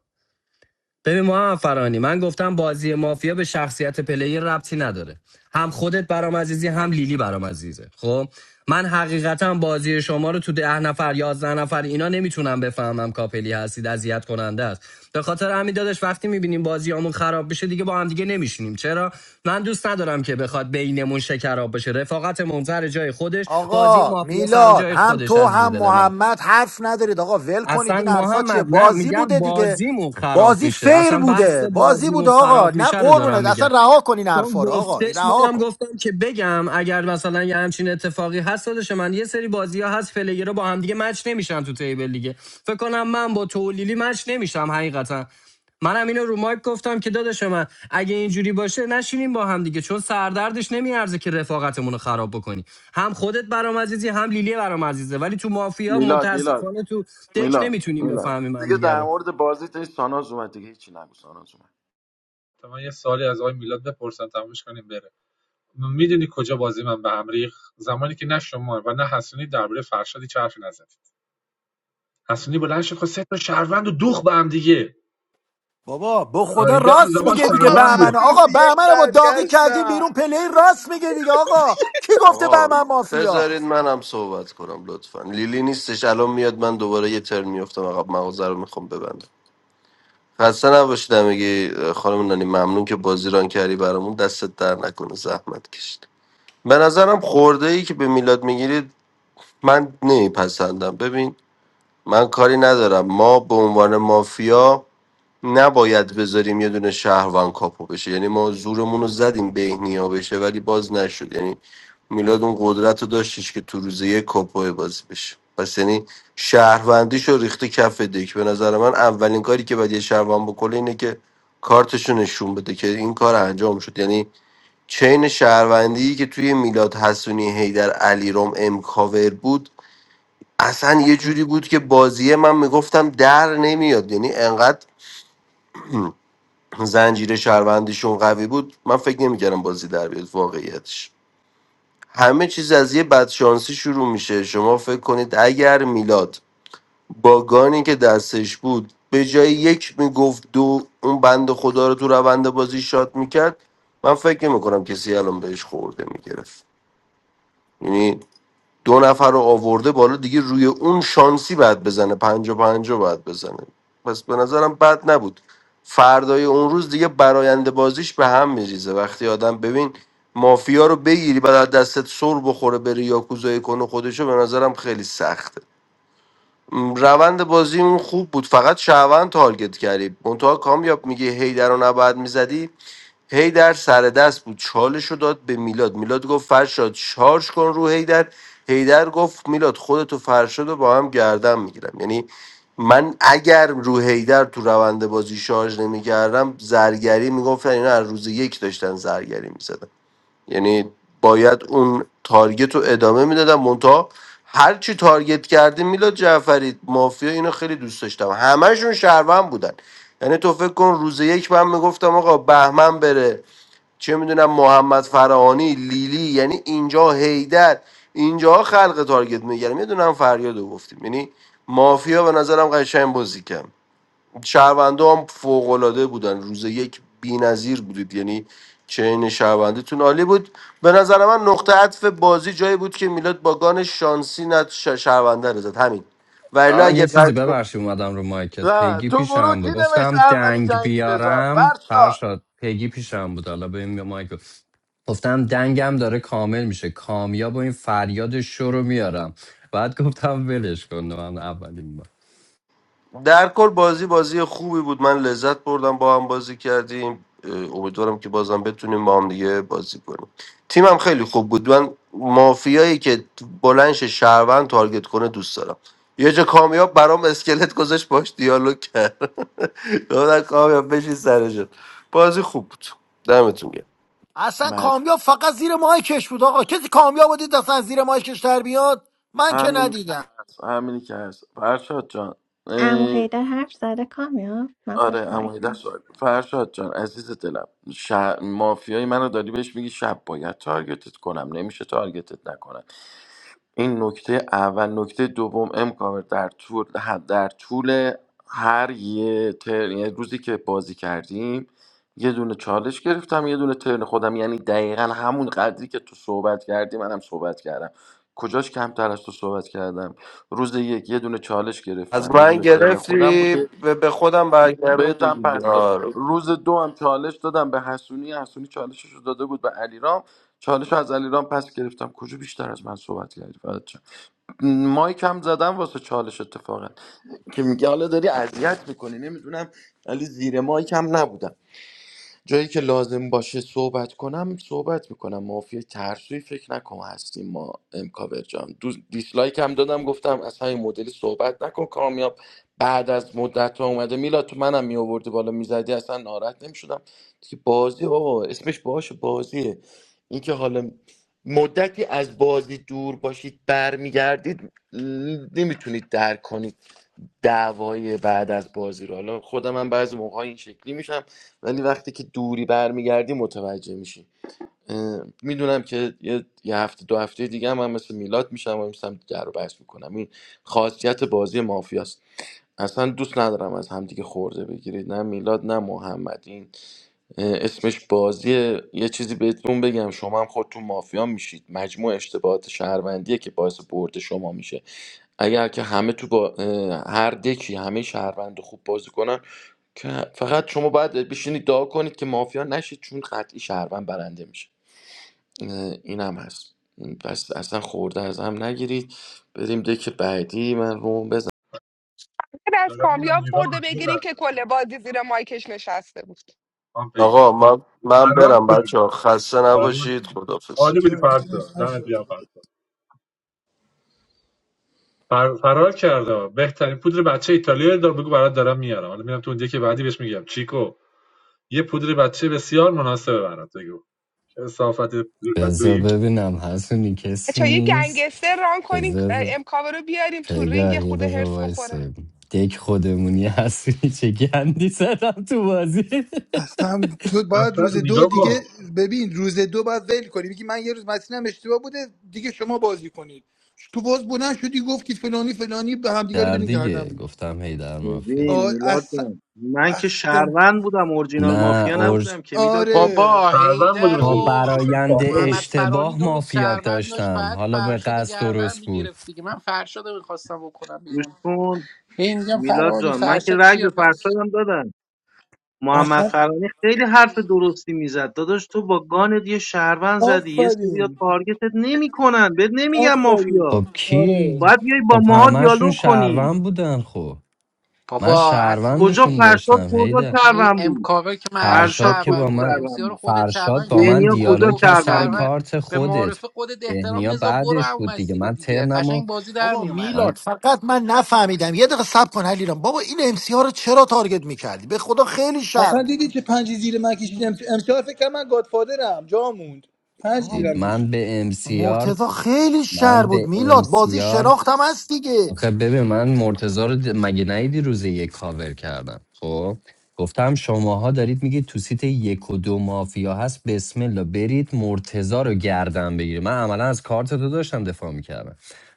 ببین محمد فرانی من گفتم بازی مافیا به شخصیت پلیر ربطی نداره هم خودت برام عزیزی هم لیلی برام عزیزه خب من حقیقتا بازی شما رو تو ده نفر یازده نفر اینا نمیتونم بفهمم کاپلی هستید اذیت کننده است به خاطر همین دادش وقتی میبینیم بازیامون خراب بشه دیگه با هم دیگه نمیشینیم چرا من دوست ندارم که بخواد بینمون شکراب بشه رفاقتمون سر جای خودش بازی آقا مافیا سر میلاد جای هم خودش تو عزیز هم دل من محمد حرف ندارید آقا ول کنید اصلا این حرفا چیه محمد نه بازی میگم بوده دیگه بازیمون خراب بازی میشه فیر اصلا بحث بوده بازی بازیمون بوده آقا خراب نه میشه رو دارم قربونت اصلا میگم رها کن این چون حرفا رو آقا این گفتش رها منم کن گفتم که بگم اگر مثلا یه همچین اتفاقی هست داداش من یه سری بازی ها هست پلیرها با همدیگه مچ نمیشن تو تیبل دیگه فکر کنم من با تولیلی مچ نمیشم حقیقتا منم اینو رو مایک گفتم که داداش من اگه اینجوری باشه نشینیم با هم دیگه چون سردردش نمیارزه که رفاقتمون رو خراب بکنی هم خودت برام عزیزی هم لیلی برام عزیزه ولی تو مافیا میلاد میلاد متاسفانه تو دک میلان نمیتونیم میلان بفهمیم من دیگه دیگه در رو. مورد بازی تا این ساناز اومد دیگه هیچی نگو ساناز اومد تا من یه سوالی از آقای میلاد بپرسم تمومش کنیم بره میدونی کجا بازی من به هم ریخت زمانی که نه شما و نه حسونی درباره فرشاد هیچ حرفی نزد حسونی بلند شد خواست سه تا شهروند و دوخ به هم دیگه بابا به خدا آیدم راست زمان میگه دیگه بابا شهروند بود من بهمن آقا روزی یک بهمن رو با داغی کردیم برگشتم بیرون پلی راست میگه دیگه آقا کی گفته آقا بهمن مافیا بذارید منم صحبت کنم لطفا لیلی نیستش الان میاد من دوباره یه ترن میفتم عقب مغازه رو میخوام ببندم خسته نباشید میگی خانم نانی ممنون که بازی ران کردی برامون دستت در نکنه زحمت کشید به نظرم خورده ای که به میلاد میگیرید من نمیپسندم ببین من کاری ندارم ما به عنوان مافیا نباید بذاریم یه دونه شهروان کاپو بشه یعنی ما زورمون رو زدیم بهنیا بشه ولی باز نشد یعنی میلاد اون قدرت رو داشتش که تو روز یک کاپو بازی بشه پس یعنی شهروندیش رو ریخته کف دک به نظر من اولین کاری که باید یه شهروند بکنه اینه که کارتش رو نشون بده که این کار انجام شد یعنی چین شهروندی که توی میلاد حسونی هیدر علیرام امکاور بود اصلا یه جوری بود که بازیه من میگفتم در نمیاد یعنی انقدر زنجیره شهروندیشون قوی بود من فکر نمیکردم بازی در بیاد واقعیتش همه چیز از یه بدشانسی شروع میشه شما فکر کنید اگر میلاد با گانی که دستش بود به جای یک میگفت دو اون بند خدا رو تو روند بازی شاد میکرد من فکر نمیکنم کسی الان بهش خورده میگرفت یعنی دو نفر رو آورده بالا دیگه روی اون شانسی بعد بزنه پنجا پنجا بعد بزنه پس به نظرم بد نبود فردای اون روز دیگه براینده بازیش به هم میریزه وقتی آدم ببین مافیا رو بگیری بعد از دستت سر بخوره بری یاکوزایی کنه خودشو به نظرم خیلی سخته م، روند بازی اون خوب بود فقط شهروند تارگت کردی منتها کامیاب میگه هیدر رو نباید میزدی هیدر سر دست بود چالش داد به میلاد میلاد گفت فرشاد شارژ کن رو هیدر هیدر گفت میلاد خودتو فرشاد رو با هم گردم میگیرم یعنی من اگر رو هیدر تو روند بازی شارژ نمیکردم زرگری میگفتن اینا از روز یک داشتن زرگری میزدن یعنی باید اون تارگت رو ادامه میدادم منتها هرچی تارگت کردی میلاد جعفری مافیا اینو خیلی دوست داشتم همشون شهروند بودن یعنی تو فکر کن روز یک من میگفتم آقا بهمن بره چه میدونم محمد فرهانی لیلی یعنی اینجا هیدر اینجا خلق تارگت میگیرم میدونم فریاد رو گفتیم یعنی مافیا به نظرم قشنگ بازی کرد شهرونده هم فوقالعاده بودن روز یک بی‌نظیر بودید یعنی چین شهروندیتون عالی بود به نظر من نقطه عطف بازی جایی بود که میلاد با گان شانسی نت ش- شهرونده رو زد همین ولی آن اگه یه چیزی قرض ببخشید اومدم رو مایکت نه پیگی تو گروه پیشم کی بود نوشت گفتم اولی دنگ جنگی بزاد بیارم فرشاد فرشاد پیگی پیشم بود حالا به این مایک گفتم دنگم داره کامل میشه کامیاب و این فریاد شو رو میارم بعد گفتم ولش کن من اولین بار در کل بازی بازی خوبی بود من لذت بردم با هم بازی کردیم اه، امیدوارم که بازم بتونیم با هم دیگه بازی کنیم تیمم خیلی خوب بود من مافیایی که بلنش شهروند تارگت کنه دوست دارم یه جا کامیاب برام اسکلت گذاشت باش دیالوگ کرد دادن کامیاب بشین سرشون بازی خوب بود دمتون گرم اصلا مج کامیاب فقط زیر مایکش بود آقا کسی کامیاب بود دید اصلا از زیر مایکش در بیاد من که همینی که ندیدم هست همینی که هست فرشاد جان امو اه، حیدر حرف زده کامیاب من آره پشت امایی مایکم. دست سوال فرشاد جان عزیز دلم ش... مافیای منو داری بهش میگی شب باید تارگتت کنم نمیشه تارگتت نکنم این نکته اول نکته دوم امکاور در طول در طول هر یه ترن یه روزی که بازی کردیم یه دونه چالش گرفتم یه دونه ترن خودم یعنی دقیقا همون قدری که تو صحبت کردی منم صحبت کردم کجاش کمتر از تو صحبت کردم روز یک یه دونه چالش از گرفتم یه من دونه ترن خودم گرفتی بوده به به خودم برگردم بهتم دیگه پس دادم آره. روز دو هم چالش دادم به حسونی حسونی چالشش رو داده بود به علیرام چالش رو از علیرام پس گرفتم کجا بیشتر از من صحبت کردی فقط مایک هم زدم واسه چالش اتفاقا که میگه حالا داری اذیت میکنی نمیدونم ولی زیر مایک هم نبودم جایی که لازم باشه صحبت کنم صحبت میکنم مافیا ترسوی فکر نکن هستیم ما امکاور جان دو دیسلایک هم دادم گفتم اصلا این مدلی صحبت نکن کامیاب بعد از مدت ها اومده میلاد تو منم میآوردی بالا میزدی اصلا ناراحت نمیشدم که بازی بابا اسمش باشه بازیه اینکه حالا مدتی از بازی دور باشید برمیگردید نمیتونید درک کنید دعوای بعد از بازی رو حالا خودم من بعضی موقع این شکلی میشم ولی وقتی که دوری برمیگردی متوجه میشی میدونم که یه, یه هفته دو هفته دیگه هم, من مثل میلاد میشم و میشم در رو بحث میکنم این خاصیت بازی مافیاست اصلا دوست ندارم از همدیگه خورده بگیرید نه میلاد نه محمد این اه، اسمش بازیه یه چیزی بهتون بگم شما هم خودتون مافیا میشید مجموع اشتباهات شهروندیه که باعث برد شما میشه اگر که همه تو با اه، هر دکی همه شهروند خوب بازی کنن که فقط شما باید بشینید دعا کنید که مافیا نشید چون قطعی شهروند برنده میشه اه، این هم هست پس اصلا خورده از هم نگیرید بریم دک بعدی من روم بزنم بعد از دارم میام کامیاب ایران خورده یه بگیریم که لحظه کل بگی. بازی زیر مایکش نشسته بود من بگی آقا من من فرار برم کرد بچه خسته فرار نباشید کرد خدافظ عالی بودی چرا فردا گیرم دمت نشد گرم فردا فر... فرار کرده بهترین پودر بچه ایتالیا رو بگو برات دارم میارم حالا میرم تو اون که بعدی بهش میگم چیکو یه پودر بچه بسیار مناسبه برات بگو چه صافت بذار پودر ببینم حسونی کسی بچه‌ها یه نیست گنگستر ران کنیم بذار امکاوه رو بیاریم تو رینگ پیگاه یه یه خورده دقیقه هرس بخوره وایسا. دک خودمونی حسونی چه گندی زدم تو بازی اصلا تو باید اصلا روز دو نگاه دیگه کن ببین روز دو باید ول کنی میگی من یه روز مسیرم اشتباه بوده دیگه شما بازی کنید تو باز بلند شدی گفتی فلانی فلانی به همدیگه رو در بدین گردن دیگه بگیر گفتم هی در ببین آ- مافیاست میلاد اصلا جان من که اصلا شهروند بودم اورجینال مافیا نه نبودم که میلاد جان آره بابا فروند بود هیدر روز با بیرون و اصلا برایند پابلو محمد بود فرانی اشتباه دو روز مافیا شهروند داشت داشتم بعد حالا به فرشاد قصد گردن درست بود میگرفت دیگه من فرشاد رو میخواستم بکنم گوش بیرون کن هی میگم میلاد فرانی جان من که فرشاد رگ به چیه پس فرشادم دادم محمد اصلا فرانی خیلی حرف درستی میزد داداش تو با گانت یه شهروند زدی یه سری آفرین تارگتت نمیکنن بهت نمیگم آفرین مافیا خب آره کی؟ باید بیای با خب ماها همهشون دیالوگ کنی شهروند بودن خب من بابا کجا شهروندشون اسونی فرشاد داشتم کجا هیده این شهروند بود امکاوه که معلوم فرشاد فرشاد که کجا شهروند با بود من امسی شهروند رو بود خودت فرشاد شهروند با کردی من بینیا میلاد رو کجا دیالوگ کرد گفتی سر شهروند بود شهروند کارت به خودت معارف خودت احترام بهنیا مزا برو بعدش هم بود دیگه مسیر رو من دیگه ترنمو قشنگ بازی در بابا میومد میلاد من فقط من نفهمیدم یه دقیقه صبر کن علیرام بابا این ام سی ها رو چرا تارگت میکردی به خدا خیلی شر اصلا بود. دیدی که پنج زیر من کشید امس- امسال فکر کنم من گادفادرم جا موند پنج بابا دید زیرم من کشید به مرتضی امسیارت خیلی شر من بود میلاد بازی به شناختم هست دیگه آخه ببین من مرتضی رو د- مگه نیدی روز یک کاور کردم خب گفتم شماها دارید میگید تو سیت یک و دو مافیا هست بسم الله برید مرتضی رو گردن بگیرید من عملا از کارت تو داشتم دفاع میکردم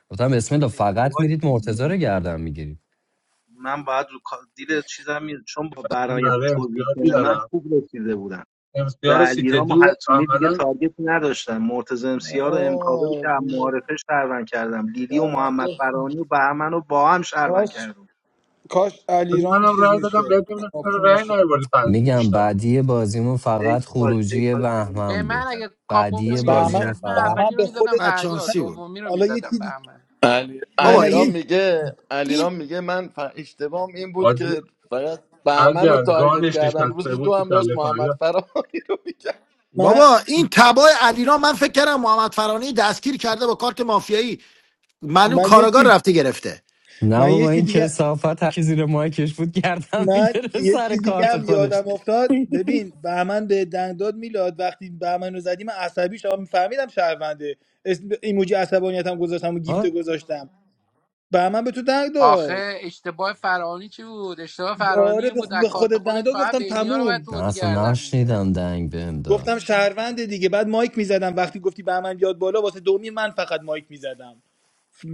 گفتم بسم الله فقط اشتباه میرید مرتضی رو کردم. گردن میگیرید من باید رو کا- دیر چیزم میره چون یه با فکری برایت تو برای امسیار پوزیشن من بیارم خوب رسیده بودم به امسیار سیت علیرام و دو حسونی دیگه عملا تارگت نداشتم مرتضی امسیار و امکاوه رو آه، که هم نه. معارفه شهروند کردم لیلی و در محمد واقع فرانی و بهمن رو با هم شهروند کاش کردم کاش علیرام منم چیز رای دادم میشد بهت ببینم چرا کاپو رای میشد نیاوردی پنج تا میگم پیش رو بعدی بازیمون یک فقط کاش یک خروجی کاش که من بهمن به چیز من بود میکردم اگه کاپو بعدی اصرار بهمن میدادید بازیمون میکردم من فقط بهمن اولی رو به میزدم خودت فریاد بچانسی بود دومی رو حالا میزدم به من علی نه بابا نه یه علیرام این چی- میگه این علیرام میگه من ف... اشتباهم این بود باید که فقط بهمن رو اگر تارگت گانش کردم نشسته روز بود دو که هم داشت کله محمد فریاد فرانی رو میکرد من بابا این تبای علیرام من فکر کردم محمد فرانی دستگیر کرده با کارت مافیایی معلوم من یه کارگار چی رفته گرفته نه من یه بابا چی این دیگه کسافت هر کی زیر مایکش بود گردن من میگیره یه سر چی دیگه کارت هم خودش یادم افتاد ببین بهمن به دنگ داد میلاد وقتی بهمن رو زدی من عصبی شدم میفهمیدم شهرونده اسم ایموجی عصبانیتم گذاشتم و گیفته گذاشتم بهمن به تو دنگ داد آخه اشتباه فرانی چی بود اشتباه فرانی آره این به بود خو- از به کارت خودت دنگ خودش داد فقط گفتم بینیا رو باید تموم تو نه بازی اصلا گردن میگرفت نشنیدم دنگ بهم گفتم داد شهرونده دیگه بعد مایک میزدم وقتی گفتی بهمن یاد بالا واسه دومی من فقط مایک میزدم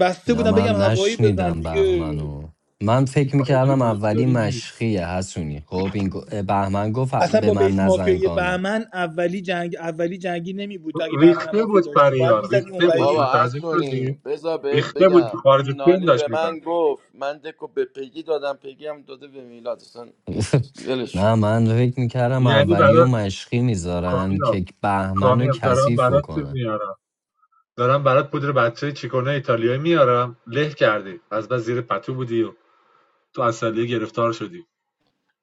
بسته نه بودم بگم من هوایی بزن نشنیدم دیگه بهمنو من فکر خارجی میکردم اولی مشکلی نیست مشخیه حسونی خب این گو- بهمن گفت اصلا به با من بیس مافیای نزنگانو بهمن اولی جنگ اولی جنگی نمی بود تا اگه بهمن هم ریخته مافیا بود داشتی باید فریار میزدی ریخته بود بابا اونوری متوجه هستونی شدی بذار بهت ریخته بود بگم خارج این فیلم نانی به داشت میزن من گفت من دکو به پگی دادم پگی هم داده به میلاد اصلا هیچ چیز- ولش نه کن من فکر میکردم یعنی اولی برای و مشخی میذارن کامیاب که بهمن رو کامیاب دارم کثیف برات چیز بکنن میارم دارم برات پودر بچه چیکونه ایتالیایی میارم له کردی از بس زیر پتو بودی و تو اصلیه گرفتار شدی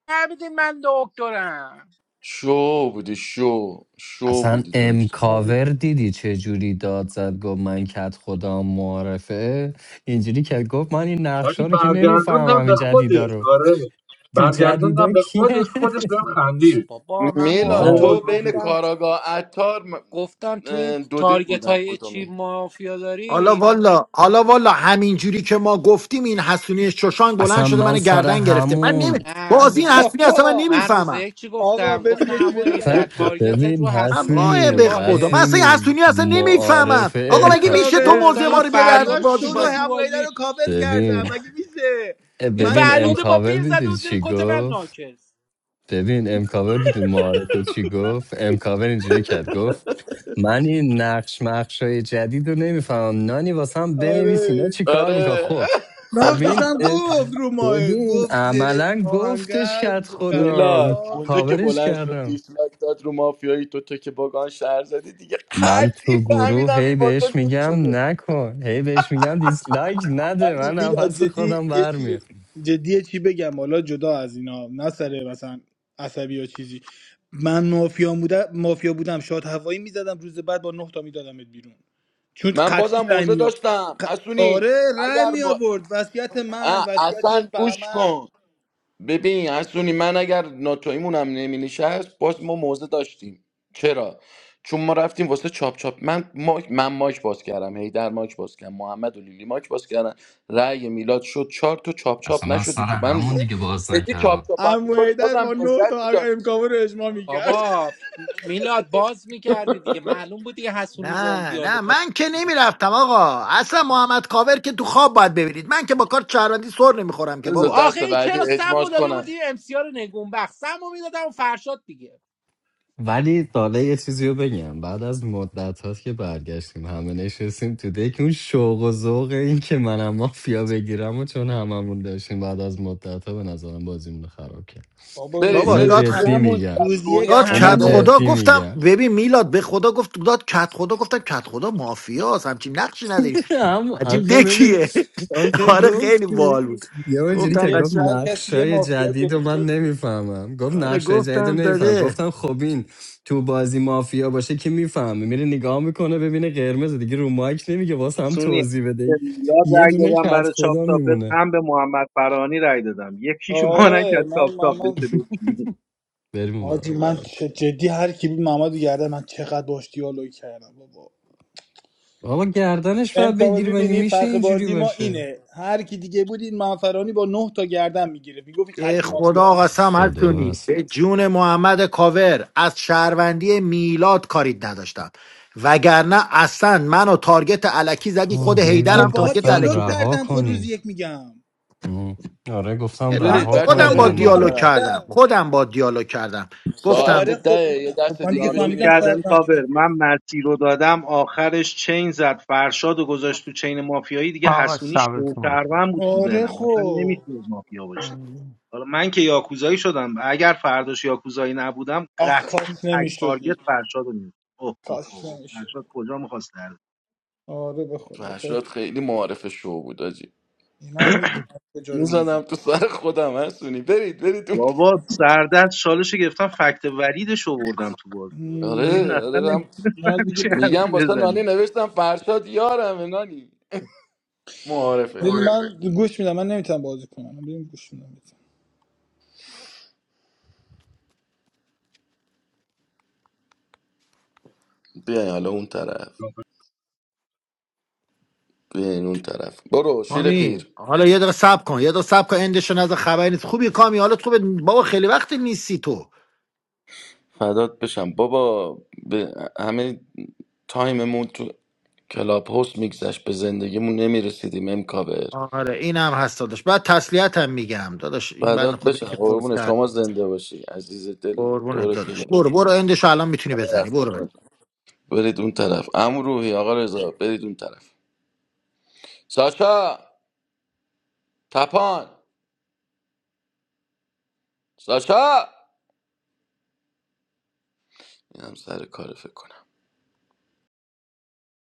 نبیدین من دکترم شو بودی شو شو اصلا بودی دکتر امکاور دیدی چه جوری داد زد گفت من کت خدا معرفه اینجوری که گفت من این حاجی نقشا رو که برگردوندم نمیفهمم این به جدیدا خودش رو آره تو برگردوندم جدیدا به کیه خودش خودش بهم خندید بابا من میلاد وای نه تو معارفه بین حاجی گفتم کاراگاه عطار م- گفتم تو اه، این دو دل تارگت بودم های چی کدومی مافیا حالا داری والا حالا والا همین جوری که ما گفتیم این حسونی شوشانگ بلند اصلا شده من من سر گردن گرفته من نمی... همون نه بازی این ببین حسونی اصلا من بابا من روز نمیفهمم یک چی آقا گفتم ببین گفتم یه چی بهت عمو بگم اصلا در تارگتت ببین رو حسونی اما حسونی به خدا من اشتباهه اصلا این حسونی حسونی اصلا معارف نمیفهمم آقا ام مگه امکا میشه تو کاور گفتم موزه این من ما رو بیاری از فریاد فرداش تو بازی رو چیه تو پایین همقیده رو بازی کاور کردم ببین مگه میشه این من ببین فریاد آقا با امکاور پیر زده بیدید و زیر چی کت من گفت ناکس ببین امکاور بیدید معارفه چی گفت امکاور اینجوری کرد گفت من این نقش مقش های جدید رو نمیفهمم نانی واسم بنویس اینا آره چی کار میکن آره خب خب نقشش این هم اه، گفت رو ماه ببین گفت زیر عملا گفتش آهنگر کرد قد خودم میلاد خدا اونجا که کاورش بلند شد کردم دیسلایک داد رو مافیایی تو تو که باگان شهر زدی دیگه من قطعی تو گروه فهمیدم این هی با تو بهش لینک میگم شده نکن هی بهش میگم دیسلایک نده ولی من میلا نفس جدی خودم یه چی برمیاد جدی یه چی بگم حالا جدا از اینا نه سر مثلا عصبی یا چیزی من مافیا بودم مافیا بودم شاد هوایی میزدم روز بعد با نه تا میدادمت بیرون چون من بازم قطعی رای موزه می آورد. داشتم ق... حسونی آره رای اگر می با آورد وصیت من اه، اصلا وصیت گوش بهمن کن ببین حسونی من اگر ناتویمون هم نمی نشست باز ما موزه داشتیم چرا چون ما رفتیم واسه چاپ چاپ من ماک من ماک باز کردم هیدر ماک باز کردم محمد و لیلی ماک باز کردن رأی میلاد شد چهار تو چاپ چاپ نشدی تو من جدی چاپ چاپ هم عمو میشد حیدر با بازم نه لذت تا میداد امکاوه رو اجماع میکرد بابا میلاد باز میکردی دیگه معلوم بود دیگه حسونی با اون نه دیالوگ نه من که نمیرفتم آقا اصلا محمد کاور که تو خواب باید ببینید من که با کار چهروندی سر نمیخورم که بذار بابا آخه دست این بعدی چرا سمو اجماش داده بود کنم این امسیار نگونبخت سمو میدادم فرشاد دیگه ولی داله یه چیزی رو بگم بعد از مدت هاست که برگشتیم همه نشستیم تو دک اون شوق و ذوق این که منم مافیا بگیرم و چون هممون داشتیم بعد از مدت ها به نظرم بازیمون رو خراب کرد بابا برید روز بابا اینو یک داد برید خ- جدی برید اون هممون میگم طرف روز یک روحی داد هم اینو کت هممون اومده خدا جدی گفتم میگم ببین میلاد به خدا گفت داد کت خدا گفتم کت خدا مافیاس همچین نقشی نداری هم عجیب آخه ببین دکیه آخه آره خیلی گفتی بال بود یه اینجوری روز گفتم که یک گفت قشنگ هر کسی یه نقشای مافیا جدید و گرفته من بود. نمیفهمم گفت آره نقشای جدید رو گفتم نمیفهم داده گفتم خب این تو بازی مافیا باشه که میفهمه میره نگاه میکنه ببینه قرمز دیگه رو مایک نمیگه واسه هم سونی توضیح به بده میلاد یه رأی دونه دادم کت برای چاپ خدا چاپت میمونه هم به محمد فرانی رای دادم یکیش ما آره نکرد چاپ من چاپ مامان بشه بشینی بریم اون آجی برا من چه- جدی هر کی بود محمد رو گردن من چقدر باش دیالوگ کردم بابا بابا گردنش باید امکابل بگیری مگه میبینی میشه فرق اینجوری بازی ما باشه اینه هر کی دیگه بود این منفرانی با نه تا گردن میگیره میگفت این به قطعی خدا مافیاست قسم خدا هستونی هست به جون محمد کاور از شهروندی میلاد کارید نداشتم وگرنه اصلا منو تارگت علکی زدی خود آه، هی خب هیدرم با تارگت گفتم دیالوگ علکی زد رها کردم خود روزی کنید یک میگم آه. آره گفتم هم برید با رها بچه ها، کنید خودم خودت با هم برید با اون همدیگه هم دیالوگ رو طرف کردم وحیدر. خودم با دیالوگ کردم خب ساعت گفتم آره خب ده یه خب دست من دیگه دیگه دیالوگ فهمیدم بشینیم بازی کردم کنیم شهروندی کابر دیگه من مرتی رو دادم آخرش چین زد فرشاد و گذاشت تو چین مافیایی دیگه آقا حسونی شبتون بخیر شوکرون بود تو آره ذهنم اصلا خب نمیتونه مافیا باشه حالا من که یاکوزایی شدم اگر فرداش یاکوزایی نبودم آخ قطعی کاش تک تارگت نمیشدی فرشاد رو می‌زدم. اوه اوه کاش اوه نمیشدی فرشاد کجا میخواست آره به تو خدا کاش هشتاد خیلی معارف شو بود آجی. اینا هم میدونم کجا رو میزن میزنم تو سر خودم هستونی برید برید اون بابا سردرد شالشو گرفتم فکت وریدش رو آوردم تو بازی گفتم این آره اصلا آره من نمیتونست من دیگه همچین حرفی میگم واسه بزنه نانی نوشتم فرشاد یارم نانی معارفه ببین آره من گوش میدم من نمیتونم بازی کنم من بریم گوش میدم بیاین حالا اون طرف بیاین اون طرف برو شیر کامی پیر حالا یه دقیقه صبر کن یه دقیقه صبر کن اندشو نظر خبری نیست خوبی کامی حالت خوبه بابا خیلی وقت نیستی تو فدات بشم بابا به همه تایممون تو کلاب هست میگذشت به زندگیمون نمیرسیدیم امکابر آره این هم هست داداش بعد تسلیت هم میگم داداش این بند فدات بشم خدایی که فوت قربون کرد شما زنده باشی عزیز دلی قربونت دورت دیگه داداش برو برو اندشو الان میتونی بزنی رفته. برو برید اون طرف امو روحی آقا رضا برید اون طرف ساشا تپان ساشا اینم سر کار فکر کنم